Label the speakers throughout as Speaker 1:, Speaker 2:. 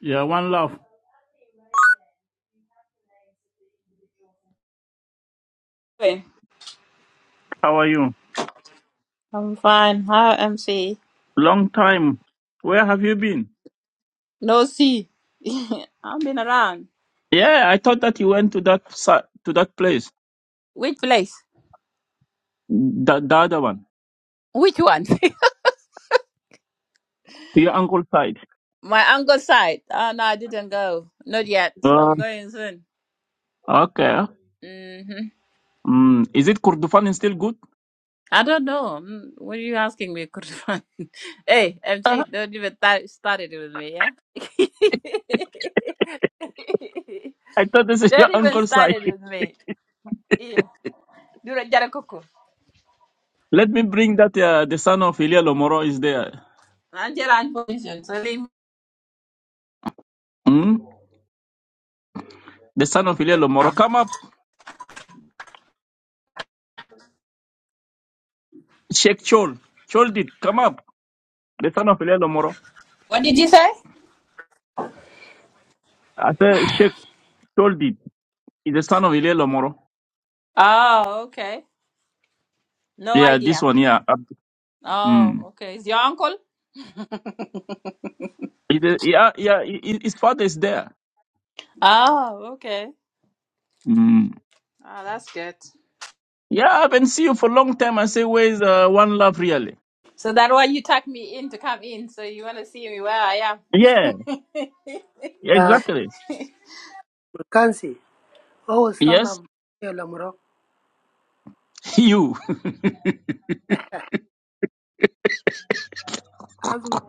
Speaker 1: Yeah, one love.
Speaker 2: Hey,
Speaker 1: How are you?
Speaker 2: I'm fine. Hi, MC.
Speaker 1: Long time. Where have you been?
Speaker 2: No C. I've been around.
Speaker 1: Yeah, I thought that you went to that si- to that place,
Speaker 2: Which place?
Speaker 1: the, the other one,
Speaker 2: Which one?
Speaker 1: to your uncle's side.
Speaker 2: My uncle's side. Oh, no, I didn't go. Not yet.
Speaker 1: Uh,
Speaker 2: I'm going soon.
Speaker 1: okay.
Speaker 2: hmm
Speaker 1: Mm, is it Kurdufan is still good?
Speaker 2: I don't know. Mm, What are you asking me, Kurfan? hey,
Speaker 1: Uh,
Speaker 2: MC, don't even th- start it with me, yeah?
Speaker 1: I thought this is your
Speaker 2: don't even
Speaker 1: uncle's
Speaker 2: start
Speaker 1: side.
Speaker 2: it with me. Yeah. Do the jarakuku.
Speaker 1: Let me bring that uh, the son of Ilya Lomoro is there.
Speaker 2: I'm just position, so leave me.
Speaker 1: Hmm. The son of Ilya Lomoro, come up, Sheikh Chol. Chol did come up. The son of Ilya Lomoro.
Speaker 2: What did you say?
Speaker 1: I said Sheikh Chol did. Is the son of Ilya Lomoro.
Speaker 2: Oh, okay. No
Speaker 1: Yeah, this
Speaker 2: idea.
Speaker 1: one. Yeah. Uh,
Speaker 2: Oh,
Speaker 1: mm.
Speaker 2: okay. Is your uncle?
Speaker 1: It, uh, yeah, yeah, i- his father is there.
Speaker 2: Oh, okay.
Speaker 1: Mm.
Speaker 2: Oh, that's good.
Speaker 1: Yeah, I haven't seen you for a long time. I say, where's uh, one love really?
Speaker 2: So that why you tucked me in to come in. So you want to see me where I
Speaker 1: Yeah,
Speaker 2: am.
Speaker 3: يا
Speaker 1: exactly.
Speaker 3: مكانسي هو
Speaker 1: Yes,
Speaker 3: استنى يا لمرو
Speaker 1: you.
Speaker 3: أزمة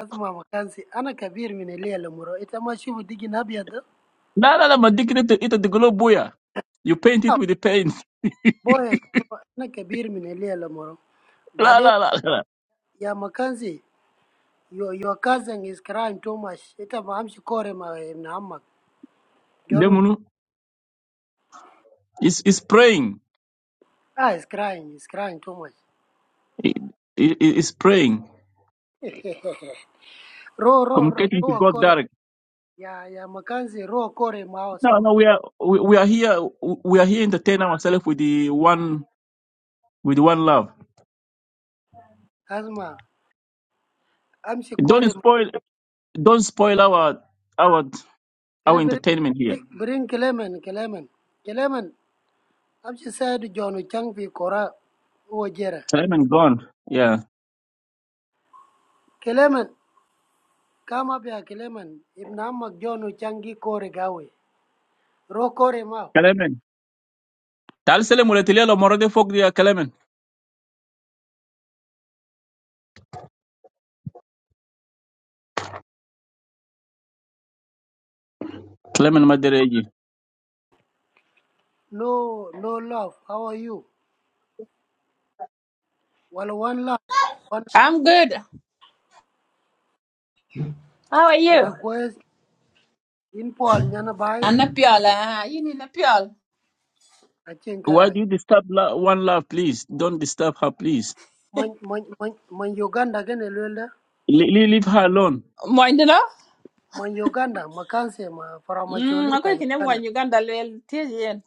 Speaker 3: أزمة مكانسي أنا كبير من اللي يا لمرو إنت ما تشوف ديجي أبيض ده؟
Speaker 1: La la la, my dignity it the globe boya. You paint it
Speaker 3: آه،
Speaker 1: with the paint.
Speaker 3: بويا شوف، أنا كبير من اللي يا لمرو
Speaker 1: La
Speaker 3: بعدين
Speaker 1: la la la.
Speaker 3: يا مكانسي your your cousin is crying too much إنت ما أمشي كوري مع ابن عمك جونو
Speaker 1: Demonu is is praying.
Speaker 3: آه is crying is crying too much
Speaker 1: It is praying.
Speaker 3: رو رو رو
Speaker 1: Communicating to
Speaker 3: رو
Speaker 1: God
Speaker 3: كوري
Speaker 1: direct.
Speaker 3: يا يا مكانسي رو كوري معه
Speaker 1: No,
Speaker 3: سوا
Speaker 1: no, we are we, we are here. We are here entertain ourselves with the one with one love.
Speaker 3: أزمة أمشي
Speaker 1: Don't
Speaker 3: كوري
Speaker 1: spoil. Don't spoil our our
Speaker 3: Can
Speaker 1: our
Speaker 3: beri
Speaker 1: entertainment here.
Speaker 3: bring, bring bring Kelemen, Kelemen, saya I'm John Chang fi Kora Wajera.
Speaker 1: Clement gone. Yeah.
Speaker 3: Kelemen, come up here, Kelemen. If John Changi Kore Gawe, Ro Kore Mao.
Speaker 1: Clement. Tal Selim uletilia lo morode folk dia Clement. Clement Madereji.
Speaker 3: No, no love. How are you? Walau one love. One.
Speaker 2: I'm good. How are
Speaker 3: It a
Speaker 2: you?
Speaker 3: quest in Paul Nyanabai,
Speaker 2: I'm Napiol. Uh, you need Napiol.
Speaker 3: a
Speaker 1: Why
Speaker 3: Chinkaraj.
Speaker 1: do you disturb la- one love, please? Don't disturb her, please.
Speaker 3: Man, man, man, man Uganda gane lwela.
Speaker 1: Le- le- leave her alone.
Speaker 2: Moin, you know?
Speaker 3: Man Uganda, makanse ma from
Speaker 2: Mm,
Speaker 3: Acholi
Speaker 2: I'm
Speaker 3: ta
Speaker 2: going to
Speaker 3: Uganda.
Speaker 2: one Uganda lil Tizian.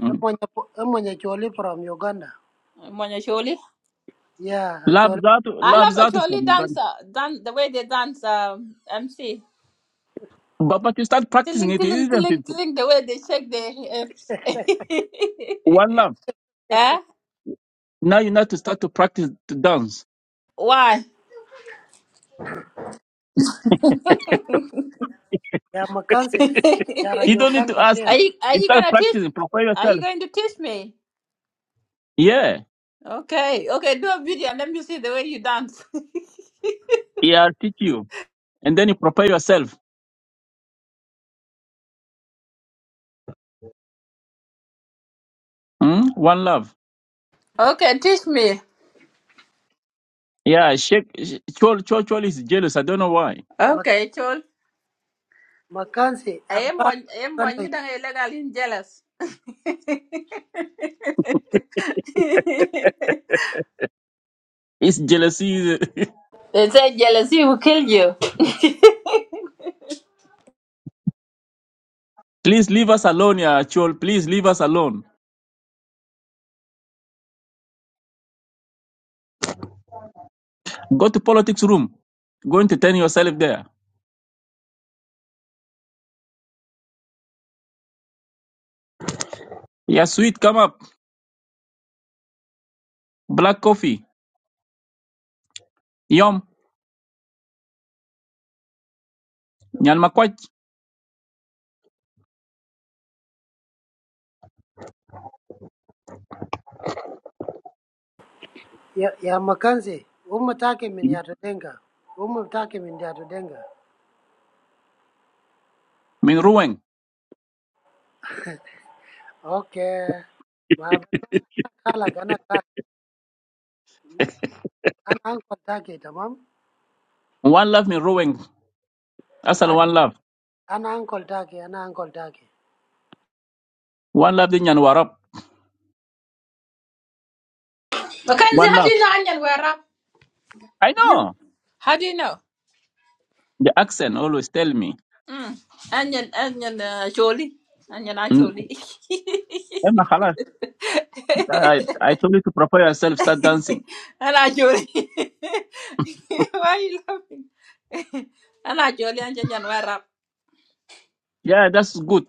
Speaker 1: Mm.
Speaker 3: Emanya, emanya Choli from Uganda.
Speaker 2: Moin, Acholi.
Speaker 3: Yeah, Acholi.
Speaker 1: Love that,
Speaker 2: I
Speaker 1: love
Speaker 2: love
Speaker 1: that from
Speaker 2: a dance,
Speaker 1: Uganda.
Speaker 2: dancer. dan- the way they dance um, MC.
Speaker 1: But, but you start practicing
Speaker 2: Tilling,
Speaker 1: it,
Speaker 2: tilling,
Speaker 1: isn't
Speaker 2: tilling,
Speaker 1: it?
Speaker 2: tilling, the way they shake their hips.
Speaker 1: One love.
Speaker 2: eh?
Speaker 1: Now you need to start to practice to dance.
Speaker 2: Why?
Speaker 3: Yamakanse
Speaker 1: You don't need to
Speaker 3: yarayogana
Speaker 1: ask
Speaker 3: kef
Speaker 2: Are
Speaker 1: me.
Speaker 2: you are
Speaker 1: You
Speaker 2: you
Speaker 1: start
Speaker 2: gonna teach?
Speaker 1: practicing, prepare
Speaker 2: Are you
Speaker 1: yourself.
Speaker 2: going to teach me?
Speaker 1: Yeah.
Speaker 2: Okay, okay, do a video and let me see the way you dance.
Speaker 1: Yeah, I'll teach you. And then you prepare yourself. Mm? One love.
Speaker 2: okay, teach me.
Speaker 1: Yeah, shake. Ch- Chol, Chol, Chol is jealous. I don't know why.
Speaker 2: Okay, chol.
Speaker 3: makanse
Speaker 2: I am
Speaker 3: akbar
Speaker 2: one. I am one.
Speaker 3: yogana
Speaker 2: You don't illegal jealous. they
Speaker 1: It's jealousy.
Speaker 2: say jealousy will kill you.
Speaker 1: Please leave us alone, yeah, Chol. Please leave us alone. Go to politics room. Go entertain yourself there. Yeah, sweet, come up. Black coffee. Yum. Nyan makwach.
Speaker 3: yamakanse umma take min yato denga umma take min yato denga
Speaker 1: Min ruweng.
Speaker 3: okay ma bana kala gana kala ana ankol take tamam
Speaker 1: One love min ruweng. Asal
Speaker 3: Ai,
Speaker 1: one love.
Speaker 3: ana ankol take ana ankol take
Speaker 1: One love di nyan warap.
Speaker 2: Mackenzie,
Speaker 1: One
Speaker 2: how do
Speaker 1: love.
Speaker 2: you know onion were up?
Speaker 1: I
Speaker 2: You.
Speaker 1: know.
Speaker 2: How do you know?
Speaker 1: The accent always tell me.
Speaker 2: Mm. Onion, onion, uh, surely. Onion,
Speaker 1: Mm,
Speaker 2: actually.
Speaker 1: Emma Khalas, I, I told you to prepare yourself, start dancing.
Speaker 2: Ana Jolie. Why are you laughing? Ana Jolie and Jenyan were up.
Speaker 1: Yeah, that's good.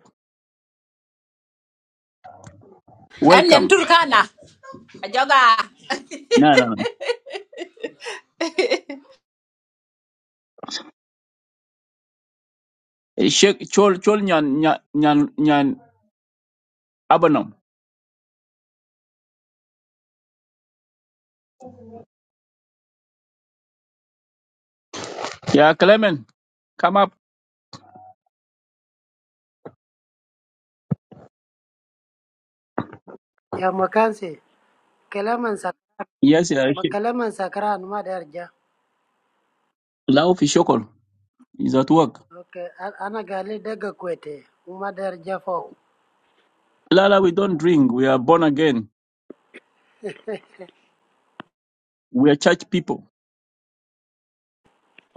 Speaker 2: And then
Speaker 1: Welcome.
Speaker 2: Turkana. Ajoga.
Speaker 1: No, no. Shake Chol Chol Nyan Nyan Nyan Nyan Abanom. Yeah, Clement, come up.
Speaker 3: yamakanse kalaman sak
Speaker 1: Yes, yeah.
Speaker 3: ma-
Speaker 1: she-
Speaker 3: kalaman sakran ma darja
Speaker 1: Lauf is Shokol is at work.
Speaker 3: okay a- ana gali daga kwete ma darja fok
Speaker 1: Lala, we don't drink. We are born again. We are church people.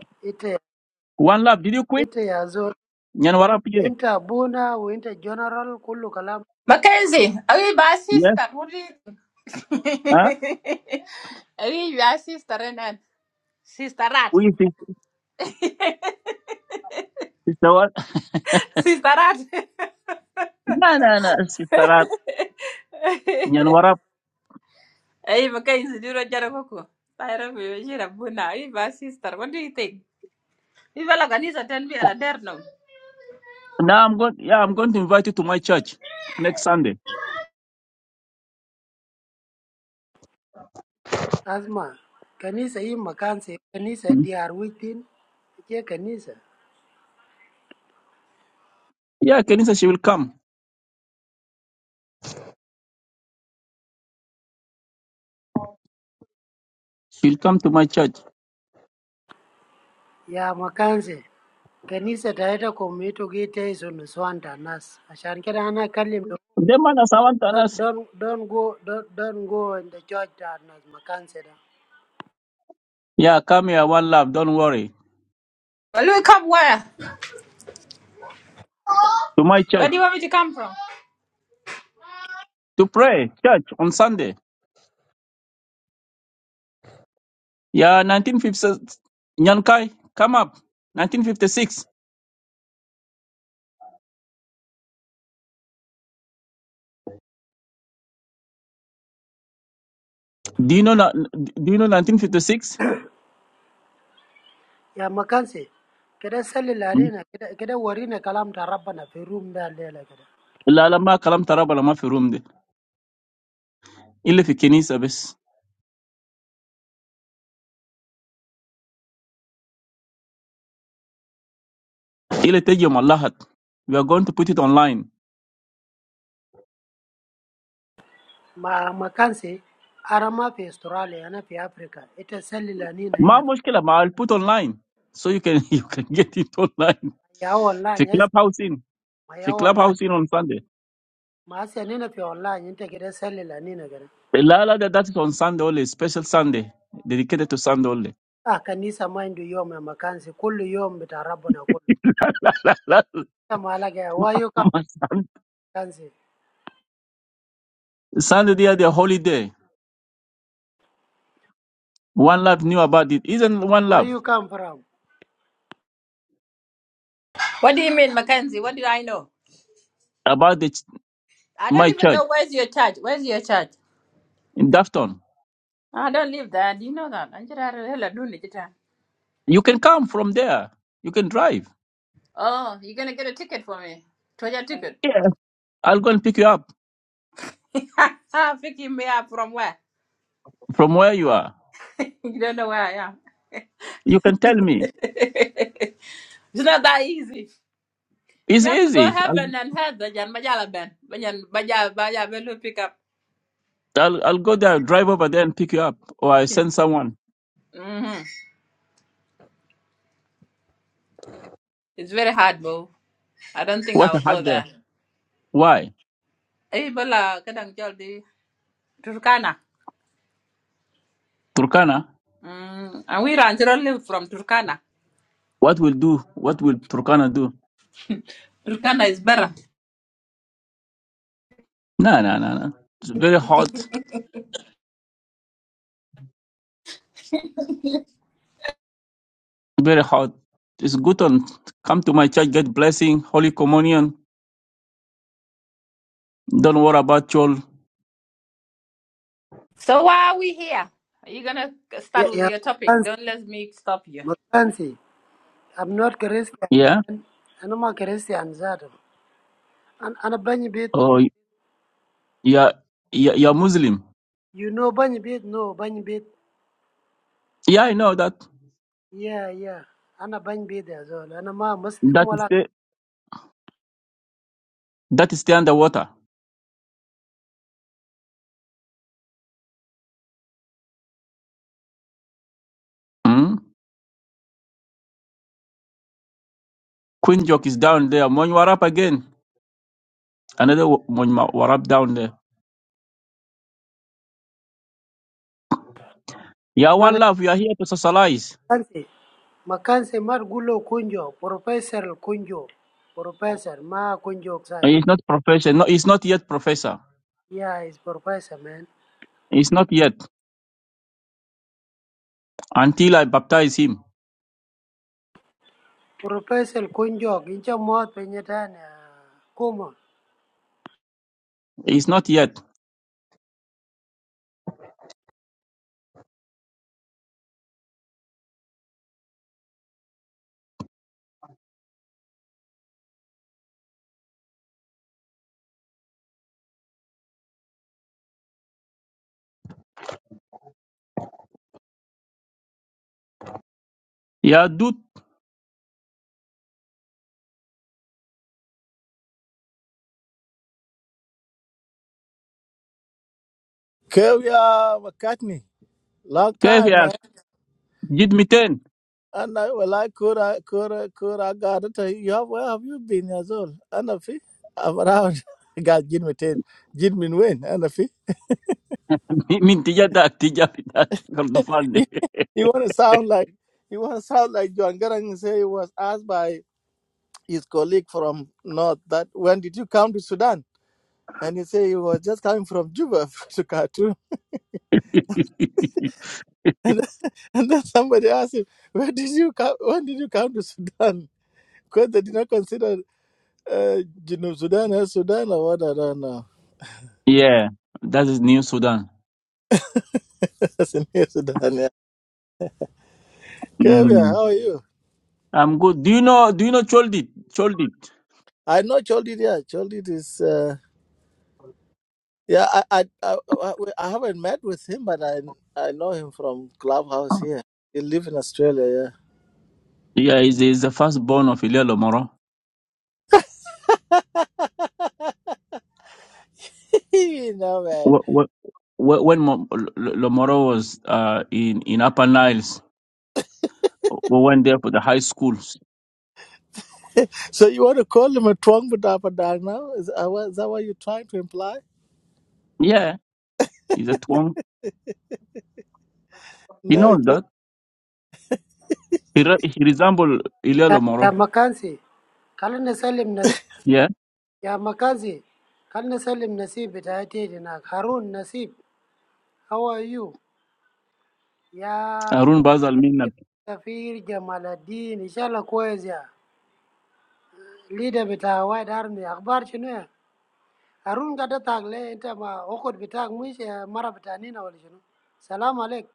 Speaker 3: ite
Speaker 1: One love. Did you quit?
Speaker 3: ite ya zo
Speaker 1: Nyanwarap, yeah.
Speaker 3: inta buna wa inta general kullu kalam
Speaker 2: Mackenzie, are you my
Speaker 1: Yes.
Speaker 2: sister? What is
Speaker 1: Huh?
Speaker 2: Are you my sister and then? Sister Rat.
Speaker 1: We think sister what?
Speaker 2: Sister Rat.
Speaker 1: No, no, no, sister Rab, Nyanwarap.
Speaker 2: Hey, Mackenzie, do you know Jarabuku? I don't know. Are you my sister? What do you think? You feel like a need to tell me and I dare no.
Speaker 1: Now I'm going. Yeah, I'm going to invite you to my church next Sunday.
Speaker 3: Asma, kanisa hii makanse, kanisa
Speaker 1: Mm.
Speaker 3: DR within, je kanisa
Speaker 1: Yeah, Kenisa, she will come. She will come to my church.
Speaker 3: ya makanse, kanisa taita komito gite iso nuswanta nas. Ashan kira ana kalim do,
Speaker 1: Them manners, I want us.
Speaker 3: don't, don't go, don't, don't go in the church ta nas makanse da.
Speaker 1: Yeah, come here. One love. Don't worry.
Speaker 2: Well, you come where?
Speaker 1: To my
Speaker 2: Where do
Speaker 1: church
Speaker 2: you want me to come from?
Speaker 1: to pray church on Sunday. Yeah, 1956. Nyankai, come up. 1956. Do you know na- Do you know 1956?
Speaker 3: Ya makanse, kada sali
Speaker 1: Hmm?
Speaker 3: lalina, kada, kada warina kalam ta rabbana fi room da lela kada.
Speaker 1: La la ma kalam taraba la ma fi room de. Ile fi kenisa bes. Ile teji malahat. We are going to put it online.
Speaker 3: Ma makanse, arama fi Australia, ana fi Africa, ita sali lalina
Speaker 1: Ma
Speaker 3: hina.
Speaker 1: mushkila ma I'll put online so you can you can get it online.
Speaker 3: Ya
Speaker 1: Fi
Speaker 3: wallahi, yes,
Speaker 1: clubhouse in.
Speaker 3: ma
Speaker 1: Fi
Speaker 3: ya wallahi.
Speaker 1: clubhouse in on Sunday.
Speaker 3: Maasi nina fi online inte kide selila nina gana.
Speaker 1: La la that that is on Sunday only, special Sunday dedicated to Sunday only.
Speaker 3: Ah, kanisa mindu yom ya makansi, kullu yom bita rabbuna kullu.
Speaker 1: La la.
Speaker 3: Ya malaga ya, where you come makansi?
Speaker 1: Sunday they are the holy One love knew about it. Isn't one
Speaker 3: Where
Speaker 1: love?
Speaker 3: you come from?
Speaker 2: What do you mean, Mackenzie? What did I know?
Speaker 1: about the, ch-
Speaker 2: I don't
Speaker 1: my
Speaker 2: even
Speaker 1: church
Speaker 2: know where's your church. Where's your church?
Speaker 1: in Dafton.
Speaker 2: I don't live there. Do you know that? I'm just out of hell at noon, it's time.
Speaker 1: You can come from there. You can drive.
Speaker 2: Oh, you're gonna get a ticket for me. Toya ticket.
Speaker 1: Yeah. I'll go and pick you up
Speaker 2: Picking me up from where?
Speaker 1: from where you are.
Speaker 2: You don't know where I am.
Speaker 1: You can tell me.
Speaker 2: It's not that easy. You
Speaker 1: It's
Speaker 2: have to go
Speaker 1: easy. I'll,
Speaker 2: heaven and hell, Bajan Bajala Ben. Bajan Baja Baja Belu pick up.
Speaker 1: I'll, I'll go there, drive over there and pick you up. Or I send someone.
Speaker 2: hmm It's very hard, bro. I don't think
Speaker 1: What a
Speaker 2: I'll go
Speaker 1: had there.
Speaker 2: there.
Speaker 1: Why?
Speaker 2: Hey, Bola, Kadang Joldi. Turkana.
Speaker 1: Turkana?
Speaker 2: Mm. And we run live from Turkana.
Speaker 1: What will do? What will Turkana do?
Speaker 2: Turkana is better.
Speaker 1: No, no, no, no. It's very hot. Very hot. It's good on come to my church, get blessing, holy communion. Don't worry about your
Speaker 2: So why are we here? Are you gonna start
Speaker 3: Ya,
Speaker 2: with
Speaker 3: ya
Speaker 2: your topic?
Speaker 3: makansi,
Speaker 2: Don't let me stop you.
Speaker 3: makansi. I'm not Christian.
Speaker 1: yeah.
Speaker 3: man. Ana ma Christian zato. An, ana banyi bit,
Speaker 1: Oh, yeah, yeah, you're Muslim
Speaker 3: you know banyi bit, no banyi bit.
Speaker 1: Yeah, I know that.
Speaker 3: Yeah, yeah. Ana banyi bit ya zol. Ana ma Muslim
Speaker 1: That is
Speaker 3: wala.
Speaker 1: the that is the underwater. Mm? Queen Jock is down there. Monwarap again. Another Monwarap down there. Yeah, one
Speaker 3: Mada
Speaker 1: love. We are here to socialize.
Speaker 3: makansi. Makansi mar gullo kunjo, professor kunjo. Professor ma kunjo
Speaker 1: And
Speaker 3: ksai.
Speaker 1: He's not professor. No, he's not yet professor.
Speaker 3: Yeah, he's professor, man.
Speaker 1: He's not yet until I baptize him.
Speaker 3: Professor Kunjok, incha mwot penye tane kuma.
Speaker 1: He's not yet. Yeah, dude.
Speaker 4: Kevya McCartney, long
Speaker 1: كيف
Speaker 4: time,
Speaker 1: يا
Speaker 4: man.
Speaker 1: جد 200
Speaker 4: And I, well, I could, I could, I could, I got it. Hey, You have, where have you been as well? And if he- I'm around, I got Jin Mitin, Jin Min Win, and if he-
Speaker 1: من تجدك تجاب كردفان ده.
Speaker 4: you, you want to sound like, you want to sound like John Garang say he was asked by his colleague from North that when did you come to Sudan? And he say he was just coming from Juba to Khartoum. And, then- and then somebody asked him, where did you come, when did you come to Sudan? Because they did not consider. Uh, Junub Sudan, eh, Sudan, or what I don't know.
Speaker 1: Yeah, that is New Sudan.
Speaker 4: Senior Sudan, yeah. Kevia,
Speaker 1: Mm.
Speaker 4: how are you?
Speaker 1: I'm good. Do you know? Do you know Choldit? Choldit.
Speaker 4: I know Choldit, yeah. Choldit is, uh, yeah, I, I, I, I I haven't met with him, but I, I know him from Clubhouse here. He lives in Australia,
Speaker 1: Yeah, he's, he's the firstborn of Ilya Lomoro.
Speaker 4: yeah. No man.
Speaker 1: Wh- wh- wh- When Mo- L- L- Lomoro was uh, in, in Upper Niles, we went there for the high schools.
Speaker 4: So you want to call him a twang Budapadang now? Is, uh, what- is that what you're trying to imply?
Speaker 1: Yeah, he's a twin. He
Speaker 4: No,
Speaker 1: knows
Speaker 4: it's
Speaker 1: that. He, re- he resembles Ilya
Speaker 3: Ya, ya
Speaker 1: Lomoro.
Speaker 3: makansi, kalina salim nasib,
Speaker 1: Yeah,
Speaker 3: ya makansi, kalina salim nasib itatiti na Harun nasib, how are you? Ya
Speaker 1: Harun Bazal Minna.
Speaker 3: Safir Jamaluddin, inshallah kwezi ya. Leader bita White Army, akbar shinu ya. Harun gada tagle, inta ma okot bita mwisha mara bita nina wali shinu. Salamu alaikum.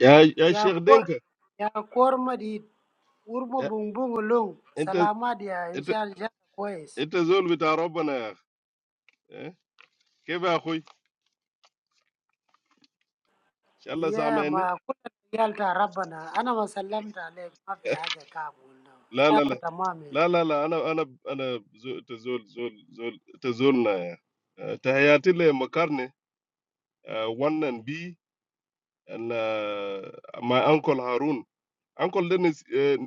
Speaker 5: يا يا شيخ
Speaker 3: Yakor,
Speaker 5: دينك،
Speaker 3: yakor madid wurmo
Speaker 5: يا-
Speaker 3: buŋbuŋo loŋ
Speaker 5: انت
Speaker 3: salamadiya
Speaker 5: انت
Speaker 3: inshallah kwes
Speaker 5: انت زول بتاع ربنا يا اخي. إيه؟ كيف يا اخوي؟ ان شاء الله
Speaker 3: ya ma
Speaker 5: سامعني.
Speaker 3: kula yalta rabbana ana ma sallamta alaik ma fi haja kab wanda
Speaker 5: لا لا
Speaker 3: inshallah
Speaker 5: لا
Speaker 3: tamam ya
Speaker 5: لا لا لا، انا انا انا زو- انت زول زول زول انت زولنا يا أخي. آه، تحياتي لمكارني واحد and B and uh, my uncle هارون. uncle ده نس... آه،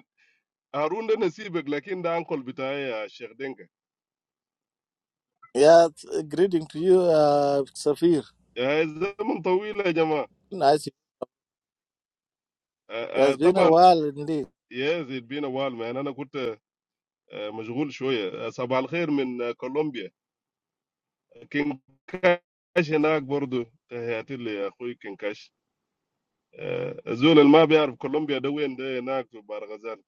Speaker 5: هارون ده نسيبك، لكن ده uncle بتاعي يا شيخ دينك.
Speaker 4: yeah, it's a greeting to you, uh, Safir.
Speaker 5: آه، الزمن طويل يا جماعة.
Speaker 4: Nice. It
Speaker 5: آه، آه،
Speaker 4: has been a
Speaker 5: طبعا
Speaker 4: while indeed.
Speaker 5: yes it been a while man. انا كنت Majhool shoye sab al khair min Colombia kinkash enaq bor do taheytile aqoi kinkash zul ma biar Colombia de weende enaq bar gazan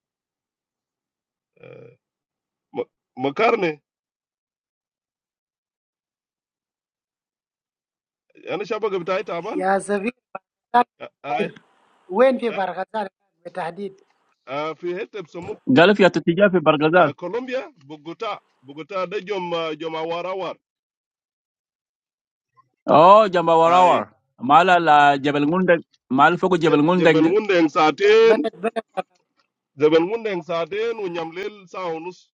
Speaker 5: makarne? Ana shabak bi taite aban?
Speaker 3: ya sabir barakazal sabir
Speaker 5: Aye.
Speaker 3: wen fi barakazal bitahdid
Speaker 5: A fi het ep sumu
Speaker 1: Galif Yatutija fi Bargazal.
Speaker 5: Colombia Bogota Bogota de jom jom awarawar.
Speaker 1: Oh, Jamba
Speaker 5: Aye.
Speaker 1: Warawar. Mala la Jebel Ngundeng. Mal Fogo Jebel
Speaker 5: Jebel
Speaker 1: Ngundeng de.
Speaker 5: Gunde en saatin
Speaker 3: balad balad
Speaker 5: Jebel Gunde en saatin unyamlel saonus.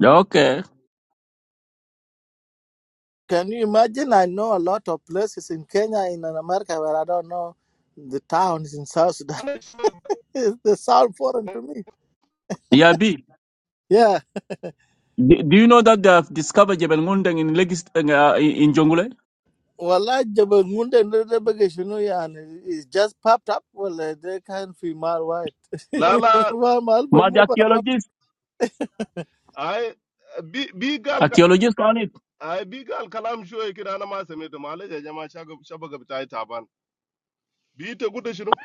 Speaker 1: Yeah, Okay.
Speaker 4: Can you imagine? I know a lot of places in Kenya, in America, where I don't know the towns in South Sudan. they sound foreign to me.
Speaker 1: Yeah, B.
Speaker 4: Yeah.
Speaker 1: Do, do you know that they have discovered Jebel Ngundeng in, Legis- uh, in in Jongule?
Speaker 4: Well, Jabal Munda and Rebecca just popped up. Well, eh, they can't be mal white.
Speaker 5: La la.
Speaker 4: Well, mal ba mu
Speaker 1: Mad
Speaker 5: Aye. Bi bi gal
Speaker 1: archaeologists on it.
Speaker 5: I bi ga alkalam shoye kida ana ma same to male ya jama shaga- shabaga bitai taban. Be it a guda shinu.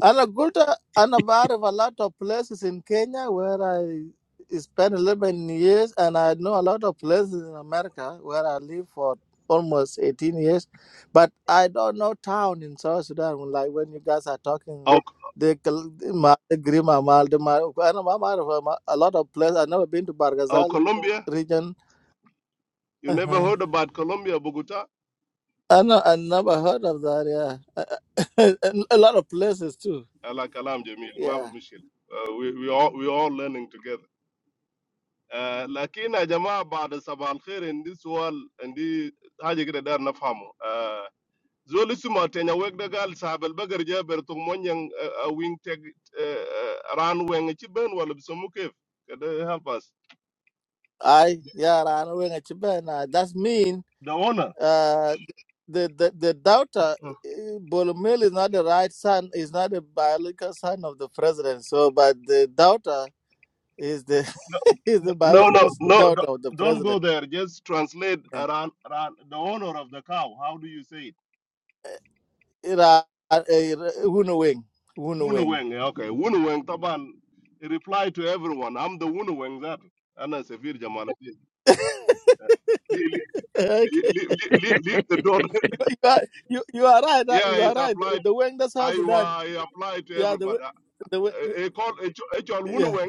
Speaker 4: Anna Gulta, Anna Bar a lot of places in Kenya where I spent 11 years, and I know a lot of places in America where I lived for almost 18 years. But I don't know town in South Sudan. Like when you guys are talking,
Speaker 5: Our
Speaker 4: the Kal- the Ma- the Grima, Mal, the Ma- Anna Ma- Ma- Ma- Ma- a lot of places. I've never been to
Speaker 5: our
Speaker 4: Bargazal
Speaker 5: Colombia,
Speaker 4: region.
Speaker 5: you never
Speaker 4: Uh-huh.
Speaker 5: heard about Colombia Bogota?
Speaker 4: I, know, I never heard of that, yeah. And a lot of places too,
Speaker 5: Ala kalam jamil, ma ba
Speaker 4: yeah.
Speaker 5: mishkil. Uh, we we all we all learning together. Uh, lakini ya jamaa baada sabah alkhair indi sual indi haja kida dar nafahamu. Uh, zoli suma tenya wek da gal sabal bagar jaber to monyang uh, uh, wing tag uh, uh, ran weng ci ben wala bisamu kef. Kada help us.
Speaker 4: I yeah, I know when it's that uh, mean
Speaker 5: The owner.
Speaker 4: uh the the the daughter uh, Bolomil is not the right son, is not the biological son of the president. So but the daughter is the is the
Speaker 5: No, no,
Speaker 4: biological
Speaker 5: no,
Speaker 4: daughter of the
Speaker 5: don't don't go
Speaker 4: president.
Speaker 5: there. Just translate
Speaker 4: Yeah.
Speaker 5: around, around the owner of the cow. How do you say it?
Speaker 4: Ira uh, Wunu Wing. Wunu Wing.
Speaker 5: Wunuweng. eh, Okay, Wunuweng Taban. he Reply to everyone. I'm the Wunuweng that. Anna Severe Jamal. Leave,
Speaker 4: Okay.
Speaker 5: leave, leave, leave the door.
Speaker 4: You, you are you, you are right, uh,
Speaker 5: Yeah,
Speaker 4: you are
Speaker 5: it's
Speaker 4: right. The,
Speaker 5: applied.
Speaker 4: the wing that's how
Speaker 5: I
Speaker 4: Sudan.
Speaker 5: uh, apply to
Speaker 4: Yeah, the
Speaker 5: everybody.
Speaker 4: Wing- the Wing-
Speaker 5: I call it all
Speaker 4: yeah.
Speaker 5: Wunuweng.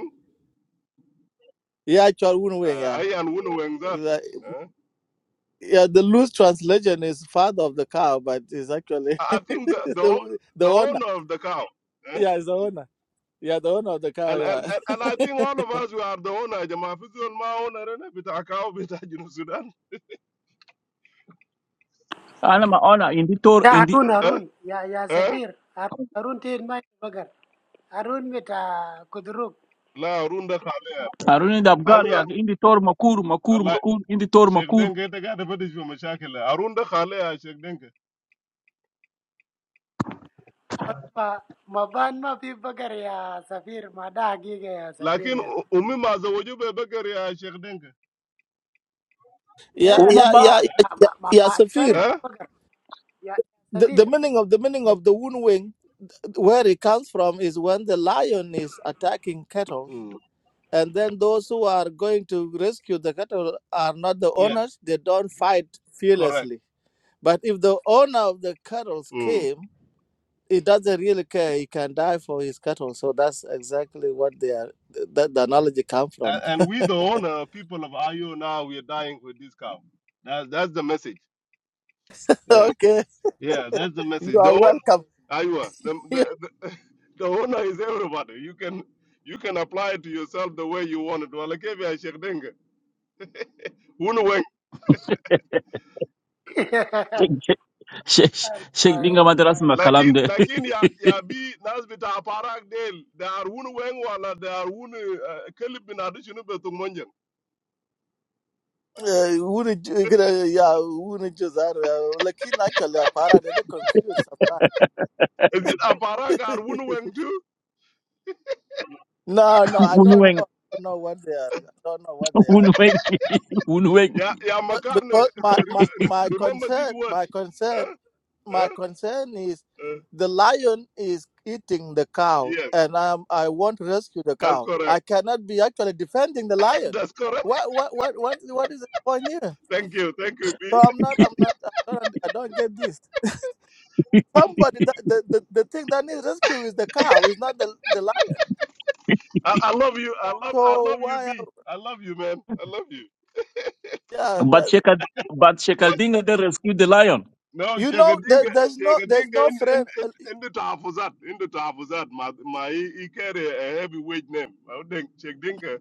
Speaker 4: Yeah, actual Wunu Wing, yeah.
Speaker 5: I am Wunuweng that.
Speaker 4: Like,
Speaker 5: Eh?
Speaker 4: yeah, the loose translation is father of the cow, but it's actually
Speaker 5: I I think the, the o-
Speaker 4: the, the
Speaker 5: the
Speaker 4: owner.
Speaker 5: owner of the cow. eh?
Speaker 4: Yeah, it's the owner. Yeah, the owner of the cow.
Speaker 5: And, and,
Speaker 4: Yeah,
Speaker 5: and, and I think all of us, we are the owner. Jama Fizi on my owner, and bit akao bit ajinu Sudan.
Speaker 1: Ana maona indi tor
Speaker 3: da
Speaker 1: indi
Speaker 3: harun
Speaker 5: Eh?
Speaker 3: harun ya ya
Speaker 5: Eh?
Speaker 3: sabir harun harun tin ma yi bagar harun bita kudruk
Speaker 5: La arunda khal.
Speaker 1: aruni dabgari ya
Speaker 5: Azza.
Speaker 1: indi tor makur makur
Speaker 5: Allah.
Speaker 1: makur indi tor
Speaker 5: Sheikh
Speaker 1: makur.
Speaker 5: Denge te gade badi shwa mashakil. Arunda khale ya Sheikh Denge.
Speaker 3: ma ma ban ma fi bagar ya sabir ma da hagiga ya sabir
Speaker 5: Lakin
Speaker 3: ya
Speaker 5: u- umi maza wajube bakari ya Sheikh Denge.
Speaker 4: yeah,
Speaker 3: Ya,
Speaker 1: Oma
Speaker 4: yeah, yeah,
Speaker 1: ba
Speaker 4: yeah,
Speaker 3: mak
Speaker 4: yeah.
Speaker 3: mak mak
Speaker 4: yeah,
Speaker 3: mak,
Speaker 4: Safir.
Speaker 3: kemarin
Speaker 5: Eh?
Speaker 3: tuh pergi ya
Speaker 4: The, the
Speaker 3: terakhir.
Speaker 4: meaning of the meaning of the wound wing, where it comes from, is when the lion is attacking cattle,
Speaker 5: Mm.
Speaker 4: and then those who are going to rescue the cattle are not the
Speaker 5: Yes.
Speaker 4: owners. They don't fight
Speaker 5: Correct.
Speaker 4: fearlessly. But if the owner of the cattle
Speaker 5: Mm.
Speaker 4: came he doesn't really care. He can die for his cattle. So that's exactly what they are. That the analogy come
Speaker 5: And,
Speaker 4: from.
Speaker 5: and we the owner, people of Ayo now, we are dying with this cow. That's that's the message. Yeah.
Speaker 4: okay,
Speaker 5: Yeah, that's the
Speaker 4: you
Speaker 5: message.
Speaker 4: are
Speaker 5: The
Speaker 4: welcome.
Speaker 5: Aywa, the, the, the, the owner is everybody. You can you can apply it to yourself the way you want it. Wala kevi ya Sheikh Denga. Hunu weng.
Speaker 1: Sheikh Sheikh dinga madras ma kalam
Speaker 5: Lakin
Speaker 1: de
Speaker 5: lakin ya ya bi nas bita aparak del. They are hunu weng wala they are hunu uh, kelib bin adishinu betung monjang.
Speaker 4: Uh, wouldn't you- you know, yeah, wouldn't you that? uh, Like in actually, uh, para they they confused
Speaker 5: Is it aparak are hunu
Speaker 4: sometimes.
Speaker 5: weng too?
Speaker 4: no, no, I don't
Speaker 1: unweng
Speaker 4: know. I don't know what they are. I don't know what they are.
Speaker 1: unweng unweng.
Speaker 5: Ya ya
Speaker 4: But
Speaker 5: makarne.
Speaker 4: because my,
Speaker 5: Re,
Speaker 4: my
Speaker 5: re,
Speaker 4: my
Speaker 5: remember this
Speaker 4: concern,
Speaker 5: word.
Speaker 4: my concern
Speaker 5: Huh? Huh?
Speaker 4: my concern is
Speaker 5: Uh,
Speaker 4: the lion is eating the cow
Speaker 5: yes,
Speaker 4: and i i want to rescue the
Speaker 5: that's
Speaker 4: cow
Speaker 5: correct.
Speaker 4: i cannot be actually defending the lion
Speaker 5: that's correct.
Speaker 4: what what what what, what is the point here
Speaker 5: Thank you, thank you, B.
Speaker 4: so i'm not i'm not i don't, I don't get this somebody that, the, the the thing that needs rescue is the cow is not the, the lion
Speaker 5: I, I love you. I love I
Speaker 4: so
Speaker 5: love you,
Speaker 4: why are-
Speaker 5: B. I love you, man. I love you.
Speaker 4: yeah
Speaker 1: But
Speaker 4: that,
Speaker 1: Sheikh but Sheikh dinga de rescue the lion.
Speaker 5: No,
Speaker 4: you know there,
Speaker 5: Chegadinga,
Speaker 4: there's no
Speaker 5: Chegadinga
Speaker 4: there's no
Speaker 5: in, in,
Speaker 4: friend
Speaker 5: in,
Speaker 4: Uh,
Speaker 5: in the Tafuzat, in the Tafuzat, my, my, he he carry a heavyweight name. I think Chegadinga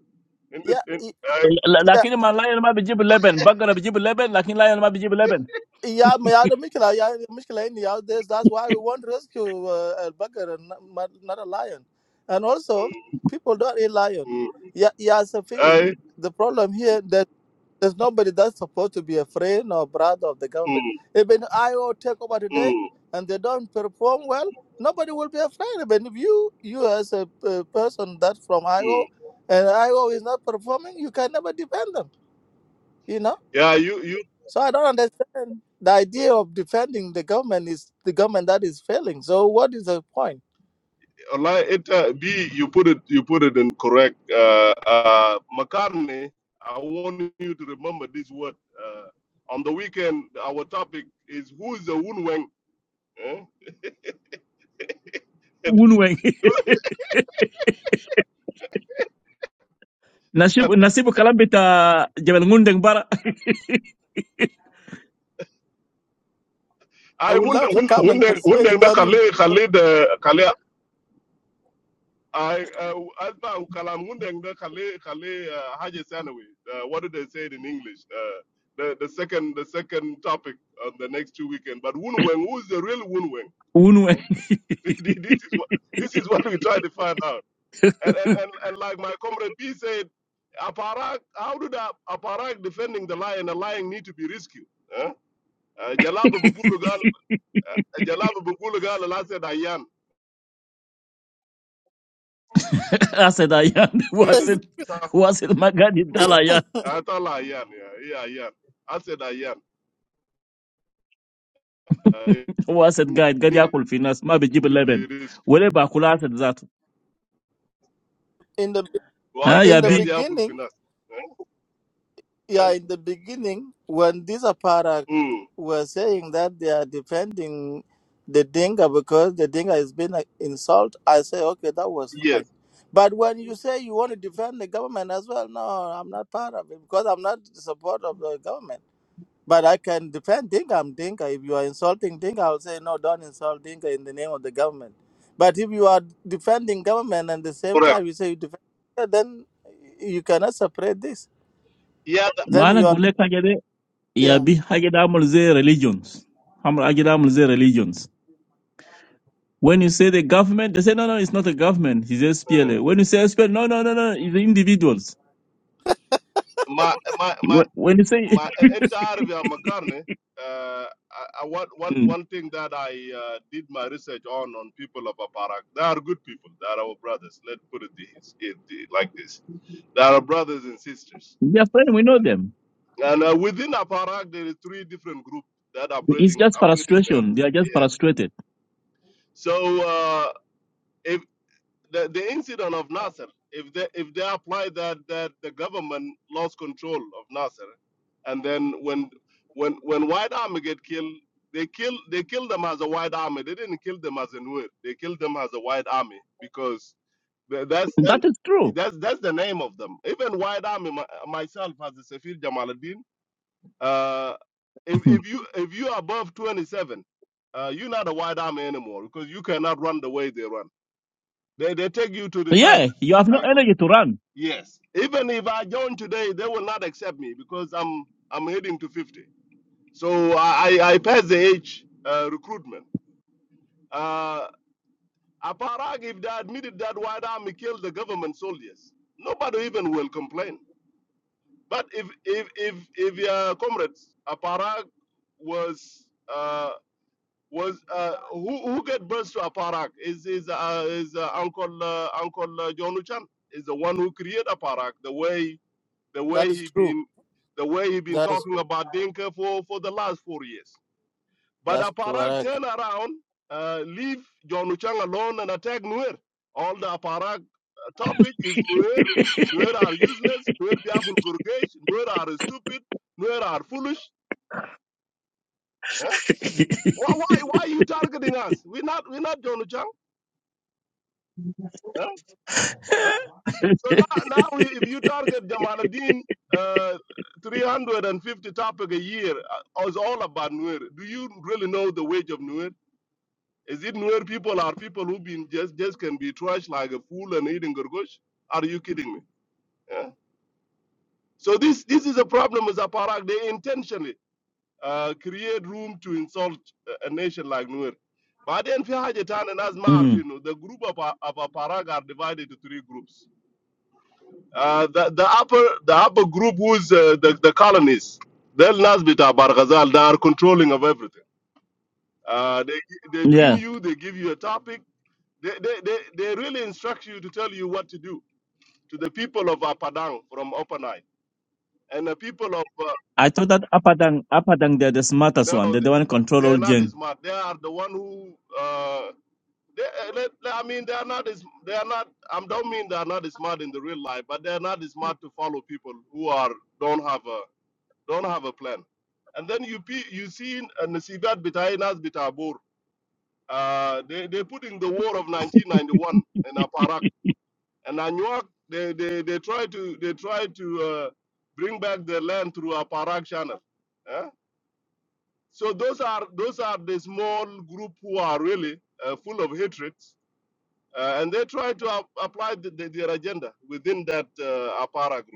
Speaker 5: in
Speaker 4: yeah
Speaker 5: the, in,
Speaker 4: y-
Speaker 5: I,
Speaker 1: L-
Speaker 4: yeah
Speaker 1: lakini ma lion ma bijib leben bagara bijib leben lakini lion ma bijib leben.
Speaker 4: Yeah, my other Mikela, yeah, Mikela, in the out there. that's why we want to rescue uh, a burger and not, not not a lion. And also, people don't eat lion.
Speaker 5: mm,
Speaker 4: Yeah, yeah, Safir,
Speaker 5: I,
Speaker 4: the problem here that there's nobody that's supposed to be a friend or brother of the
Speaker 5: mm,
Speaker 4: government. Even IO take over today
Speaker 5: mm,
Speaker 4: and they don't perform well, nobody will be afraid. Even if you, you as a uh, person that's from
Speaker 5: mm.
Speaker 4: IO and IO is not performing, you can never defend them, you know?
Speaker 5: Yeah, you, you,
Speaker 4: So I don't understand. The idea of defending the government is the government that is failing. So what is the point?
Speaker 5: like it, uh, B, you put it, you put it in correct. Uh, uh, McCartney, I want you to remember this word. Uh, on the weekend, our topic is who is the Wunweng? Eh?
Speaker 1: Unweng. Nasibu nasibu kalam bita Jabal Ngundeng bara
Speaker 4: I
Speaker 5: I
Speaker 4: would
Speaker 5: wouldn't,
Speaker 4: love to
Speaker 5: wouldn't,
Speaker 4: come and
Speaker 5: wouldn't,
Speaker 4: participate in
Speaker 5: wouldn't,
Speaker 4: that room.
Speaker 5: Khalid Khalid I uh, asma ukalamundeng the kale kale uh, haje sanawi. Uh, What did they say it in English? Uh, the the second the second topic on the next two weekend. But Wunweng, who is the real Wunweng?
Speaker 1: unweng.
Speaker 5: this is what this is what we try to find out. And and and, and like my comrade P said, Aparak, how did a- Aparak defending the lion? The lion need to be rescued. Huh? Uh, Jalaba Bugulu uh, Jalaba Bugulu last said Ayan.
Speaker 1: Aseda yan wasit wasit magadi
Speaker 5: Hmm?
Speaker 1: dala
Speaker 5: I thought her, Ayan, yeah, yeah, Ayan. I said, I am. I
Speaker 1: هو اسد قاعد قاعد
Speaker 5: need
Speaker 1: ياكل في الناس ما بيجيب
Speaker 5: to
Speaker 1: اللبن
Speaker 5: be rich.
Speaker 1: ولا باكل اسد ذاته
Speaker 4: in the
Speaker 5: Well, I
Speaker 1: ها
Speaker 5: said,
Speaker 1: يا
Speaker 4: in the
Speaker 5: yeah, they
Speaker 1: بي
Speaker 5: have
Speaker 4: beginning,
Speaker 5: finance. Eh? Eh?
Speaker 4: yeah, in the beginning, when these apparat
Speaker 5: Hmm.
Speaker 4: were saying that they are defending the Dinka because the Dinka has been an insult, I say okay, that was
Speaker 5: Yes,
Speaker 4: fine. But when you say you want to defend the government as well, no, I'm not part of it because I'm not the support of the government. But I can defend Dinka. I'm Dinka. If you are insulting Dinka, I will say no. Don't insult Dinka in the name of the government. But if you are defending government and at the same
Speaker 5: correct.
Speaker 4: time you say you defend, Dinka, then you cannot separate this.
Speaker 5: Yeah, the-
Speaker 4: Then
Speaker 1: ما انا
Speaker 4: you are
Speaker 1: اقول لك حاجه دي يا
Speaker 4: yeah.
Speaker 1: بي حاجه دي عامل زي religions عامل حاجه دي عامل زي religions When you say the government, they say, no, no, it's not a government. It's
Speaker 5: Hmm.
Speaker 1: SPLA. When you say SPLA, no, no, no, no, it's the individuals.
Speaker 5: my, my, my,
Speaker 1: Wh- When you say,
Speaker 5: my entire via Makarne, uh, I, I, one, one
Speaker 1: they
Speaker 5: one thing that I uh, did my research on on people of Aparak, they are good people. They are our brothers. Let's put it this, it, it like this. They are our brothers and sisters
Speaker 1: are friends, we know them.
Speaker 5: And uh, within Aparak, there is three different groups that are
Speaker 1: It's
Speaker 5: operating,
Speaker 1: just
Speaker 5: operating there.
Speaker 1: frustration. They are just
Speaker 5: Yes.
Speaker 1: frustrated.
Speaker 5: So uh, if the, the incident of Nasser, if they if they apply that that the government lost control of Nasser, and then when when when White Army get killed, they kill they kill them as a White Army. They didn't kill them as a Nuer. They killed them as a White Army because tha- that's that,
Speaker 1: That is true.
Speaker 5: that's that's the name of them. Even White Army, my, myself as a Safir Jamaluddin. Uh, if, if you if you are above 27, uh, you're not a white army anymore because you cannot run the way they run. They they take you to the
Speaker 1: yeah,
Speaker 5: time.
Speaker 1: you have
Speaker 5: I
Speaker 1: no
Speaker 5: will.
Speaker 1: energy to run.
Speaker 5: Yes. Even if I join today, they will not accept me because I'm I'm heading to 50. So I I I passed the age uh, recruitment. Uh, Aparag, if they admitted that white army killed the government soldiers, nobody even will complain. But if if if if your comrades Aparag was. uh, was uh, who who get birth to Aparak is is uh, is uh, Uncle uh, Uncle uh, John Luchan is the one who created Aparak the way the
Speaker 4: That
Speaker 5: way
Speaker 4: is
Speaker 5: he
Speaker 4: true.
Speaker 5: been the way he been
Speaker 4: That is
Speaker 5: talking about Dinka for for the last four years. But
Speaker 4: that's
Speaker 5: Aparak
Speaker 4: correct.
Speaker 5: turn around, uh, leave John Luchan alone and attack Nuer. All the Aparak uh, topic is Nuer. Nuer are useless. Nuer biakul gurgesh. Nuer are stupid. Nuer are foolish. Huh? Why, why why are you targeting us? We're not we're not John Luchan. Uh, so now, now we, if you target Jamaluddin, uh, 350 topic a year uh, is all about Nuer. Do you really know the wage of Nuer? Is it Nuer people are people who been just just can be trashed like a fool and eating gorgosh? Are you kidding me? Yeah. So this this is a problem with Aparak. They intentionally uh, create room to insult a a nation like Nuer. But then fi haja tana nas
Speaker 1: Mm.
Speaker 5: ma'arfin, the group of, of Aparak are divided into three groups. Uh, the, the upper the upper group was uh, the, the colonists. They're Nasbita Barghazal. They are controlling of everything. Uh, they they bring you. They give you a topic. They, they, they, they really instruct you to tell you what to do to the people of Apadang from Upper Nile and the people of uh,
Speaker 1: I thought that Apadang, Apadang, they're the smartest
Speaker 5: no
Speaker 1: one. They're the one who control all
Speaker 5: they're not
Speaker 1: Jeng.
Speaker 5: smart. They are the one who uh, they, they, they- I mean they are not as they are not. I don't mean they are not smart in the real life, but they are not smart to follow people who are don't have a don't have a plan. And then you pe- you see uh, Nasibat Bitainas Bitabur. Uh, they they put in the war of 1991 in Aparak and Anuak. They they they try to they try to uh, bring back their land through Aparak channel. Eh? So those are those are the small group who are really uh, full of hatred, uh, and they try to ap- apply the, the, their agenda within that uh, Aparak group.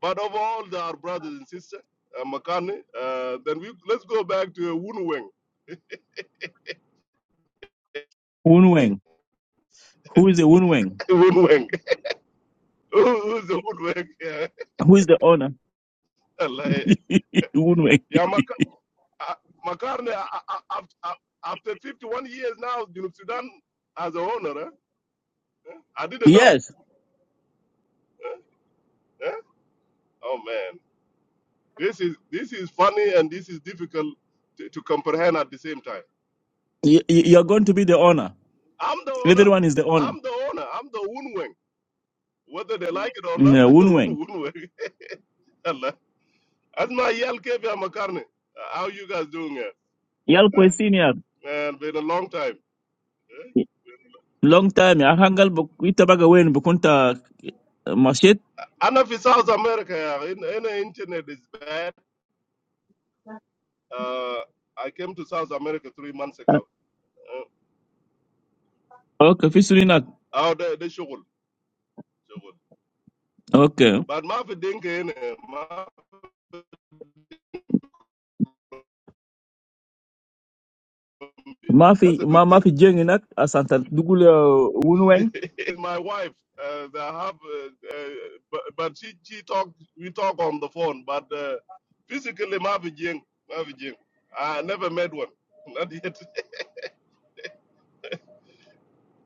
Speaker 5: But of all the, our brothers and sisters, uh, Makani, uh, then we let's go back to Woon Weng.
Speaker 1: Woon Weng. Who is the Woon Weng?
Speaker 5: Woon Weng. Who's the Woon Weng? Yeah,
Speaker 1: Who is the owner?
Speaker 5: Like,
Speaker 1: Woon Weng.
Speaker 5: yeah Maka- uh, Makani, uh, uh, uh, uh, after 51 years now, you know, Sudan as a owner, eh? I didn't know.
Speaker 1: Yes,
Speaker 5: eh? Oh man, this is this is funny and this is difficult to, to comprehend at the same time.
Speaker 1: y- y- you're going to be the owner.
Speaker 5: I'm the owner.
Speaker 1: Everyone is the owner.
Speaker 5: I'm the owner. I'm the Woon Weng. Whether they like it or
Speaker 1: Mm,
Speaker 5: not,
Speaker 1: Yeah, Woon Weng.
Speaker 5: Woon Weng. Asma Yal Kevia Makarni. How you guys doing it?
Speaker 1: Yal
Speaker 5: Huh?
Speaker 1: Kwe Senior.
Speaker 5: Man, been a long time.
Speaker 1: Long time. ya hangal bu itabaga wen bukunta uh, mashit.
Speaker 5: And for South America, yeah, in, in the internet is bad. Uh, I came to South America three months
Speaker 1: Uh,
Speaker 5: ago. Uh,
Speaker 1: Okay, fisurinak.
Speaker 5: oh, they, they struggle, struggle.
Speaker 1: Okay.
Speaker 5: But Mafi Dinka, in it, Mafi- that's
Speaker 1: Mafi,
Speaker 5: a good
Speaker 1: ma
Speaker 5: thing.
Speaker 1: mafi Jeng inak asanta dugule Woon Weng.
Speaker 5: My wife, uh, they have, uh, uh, but, but she, she talk, we talk on the phone, but uh, physically Mafi Jing, Mafi Jing. I never met one, not yet.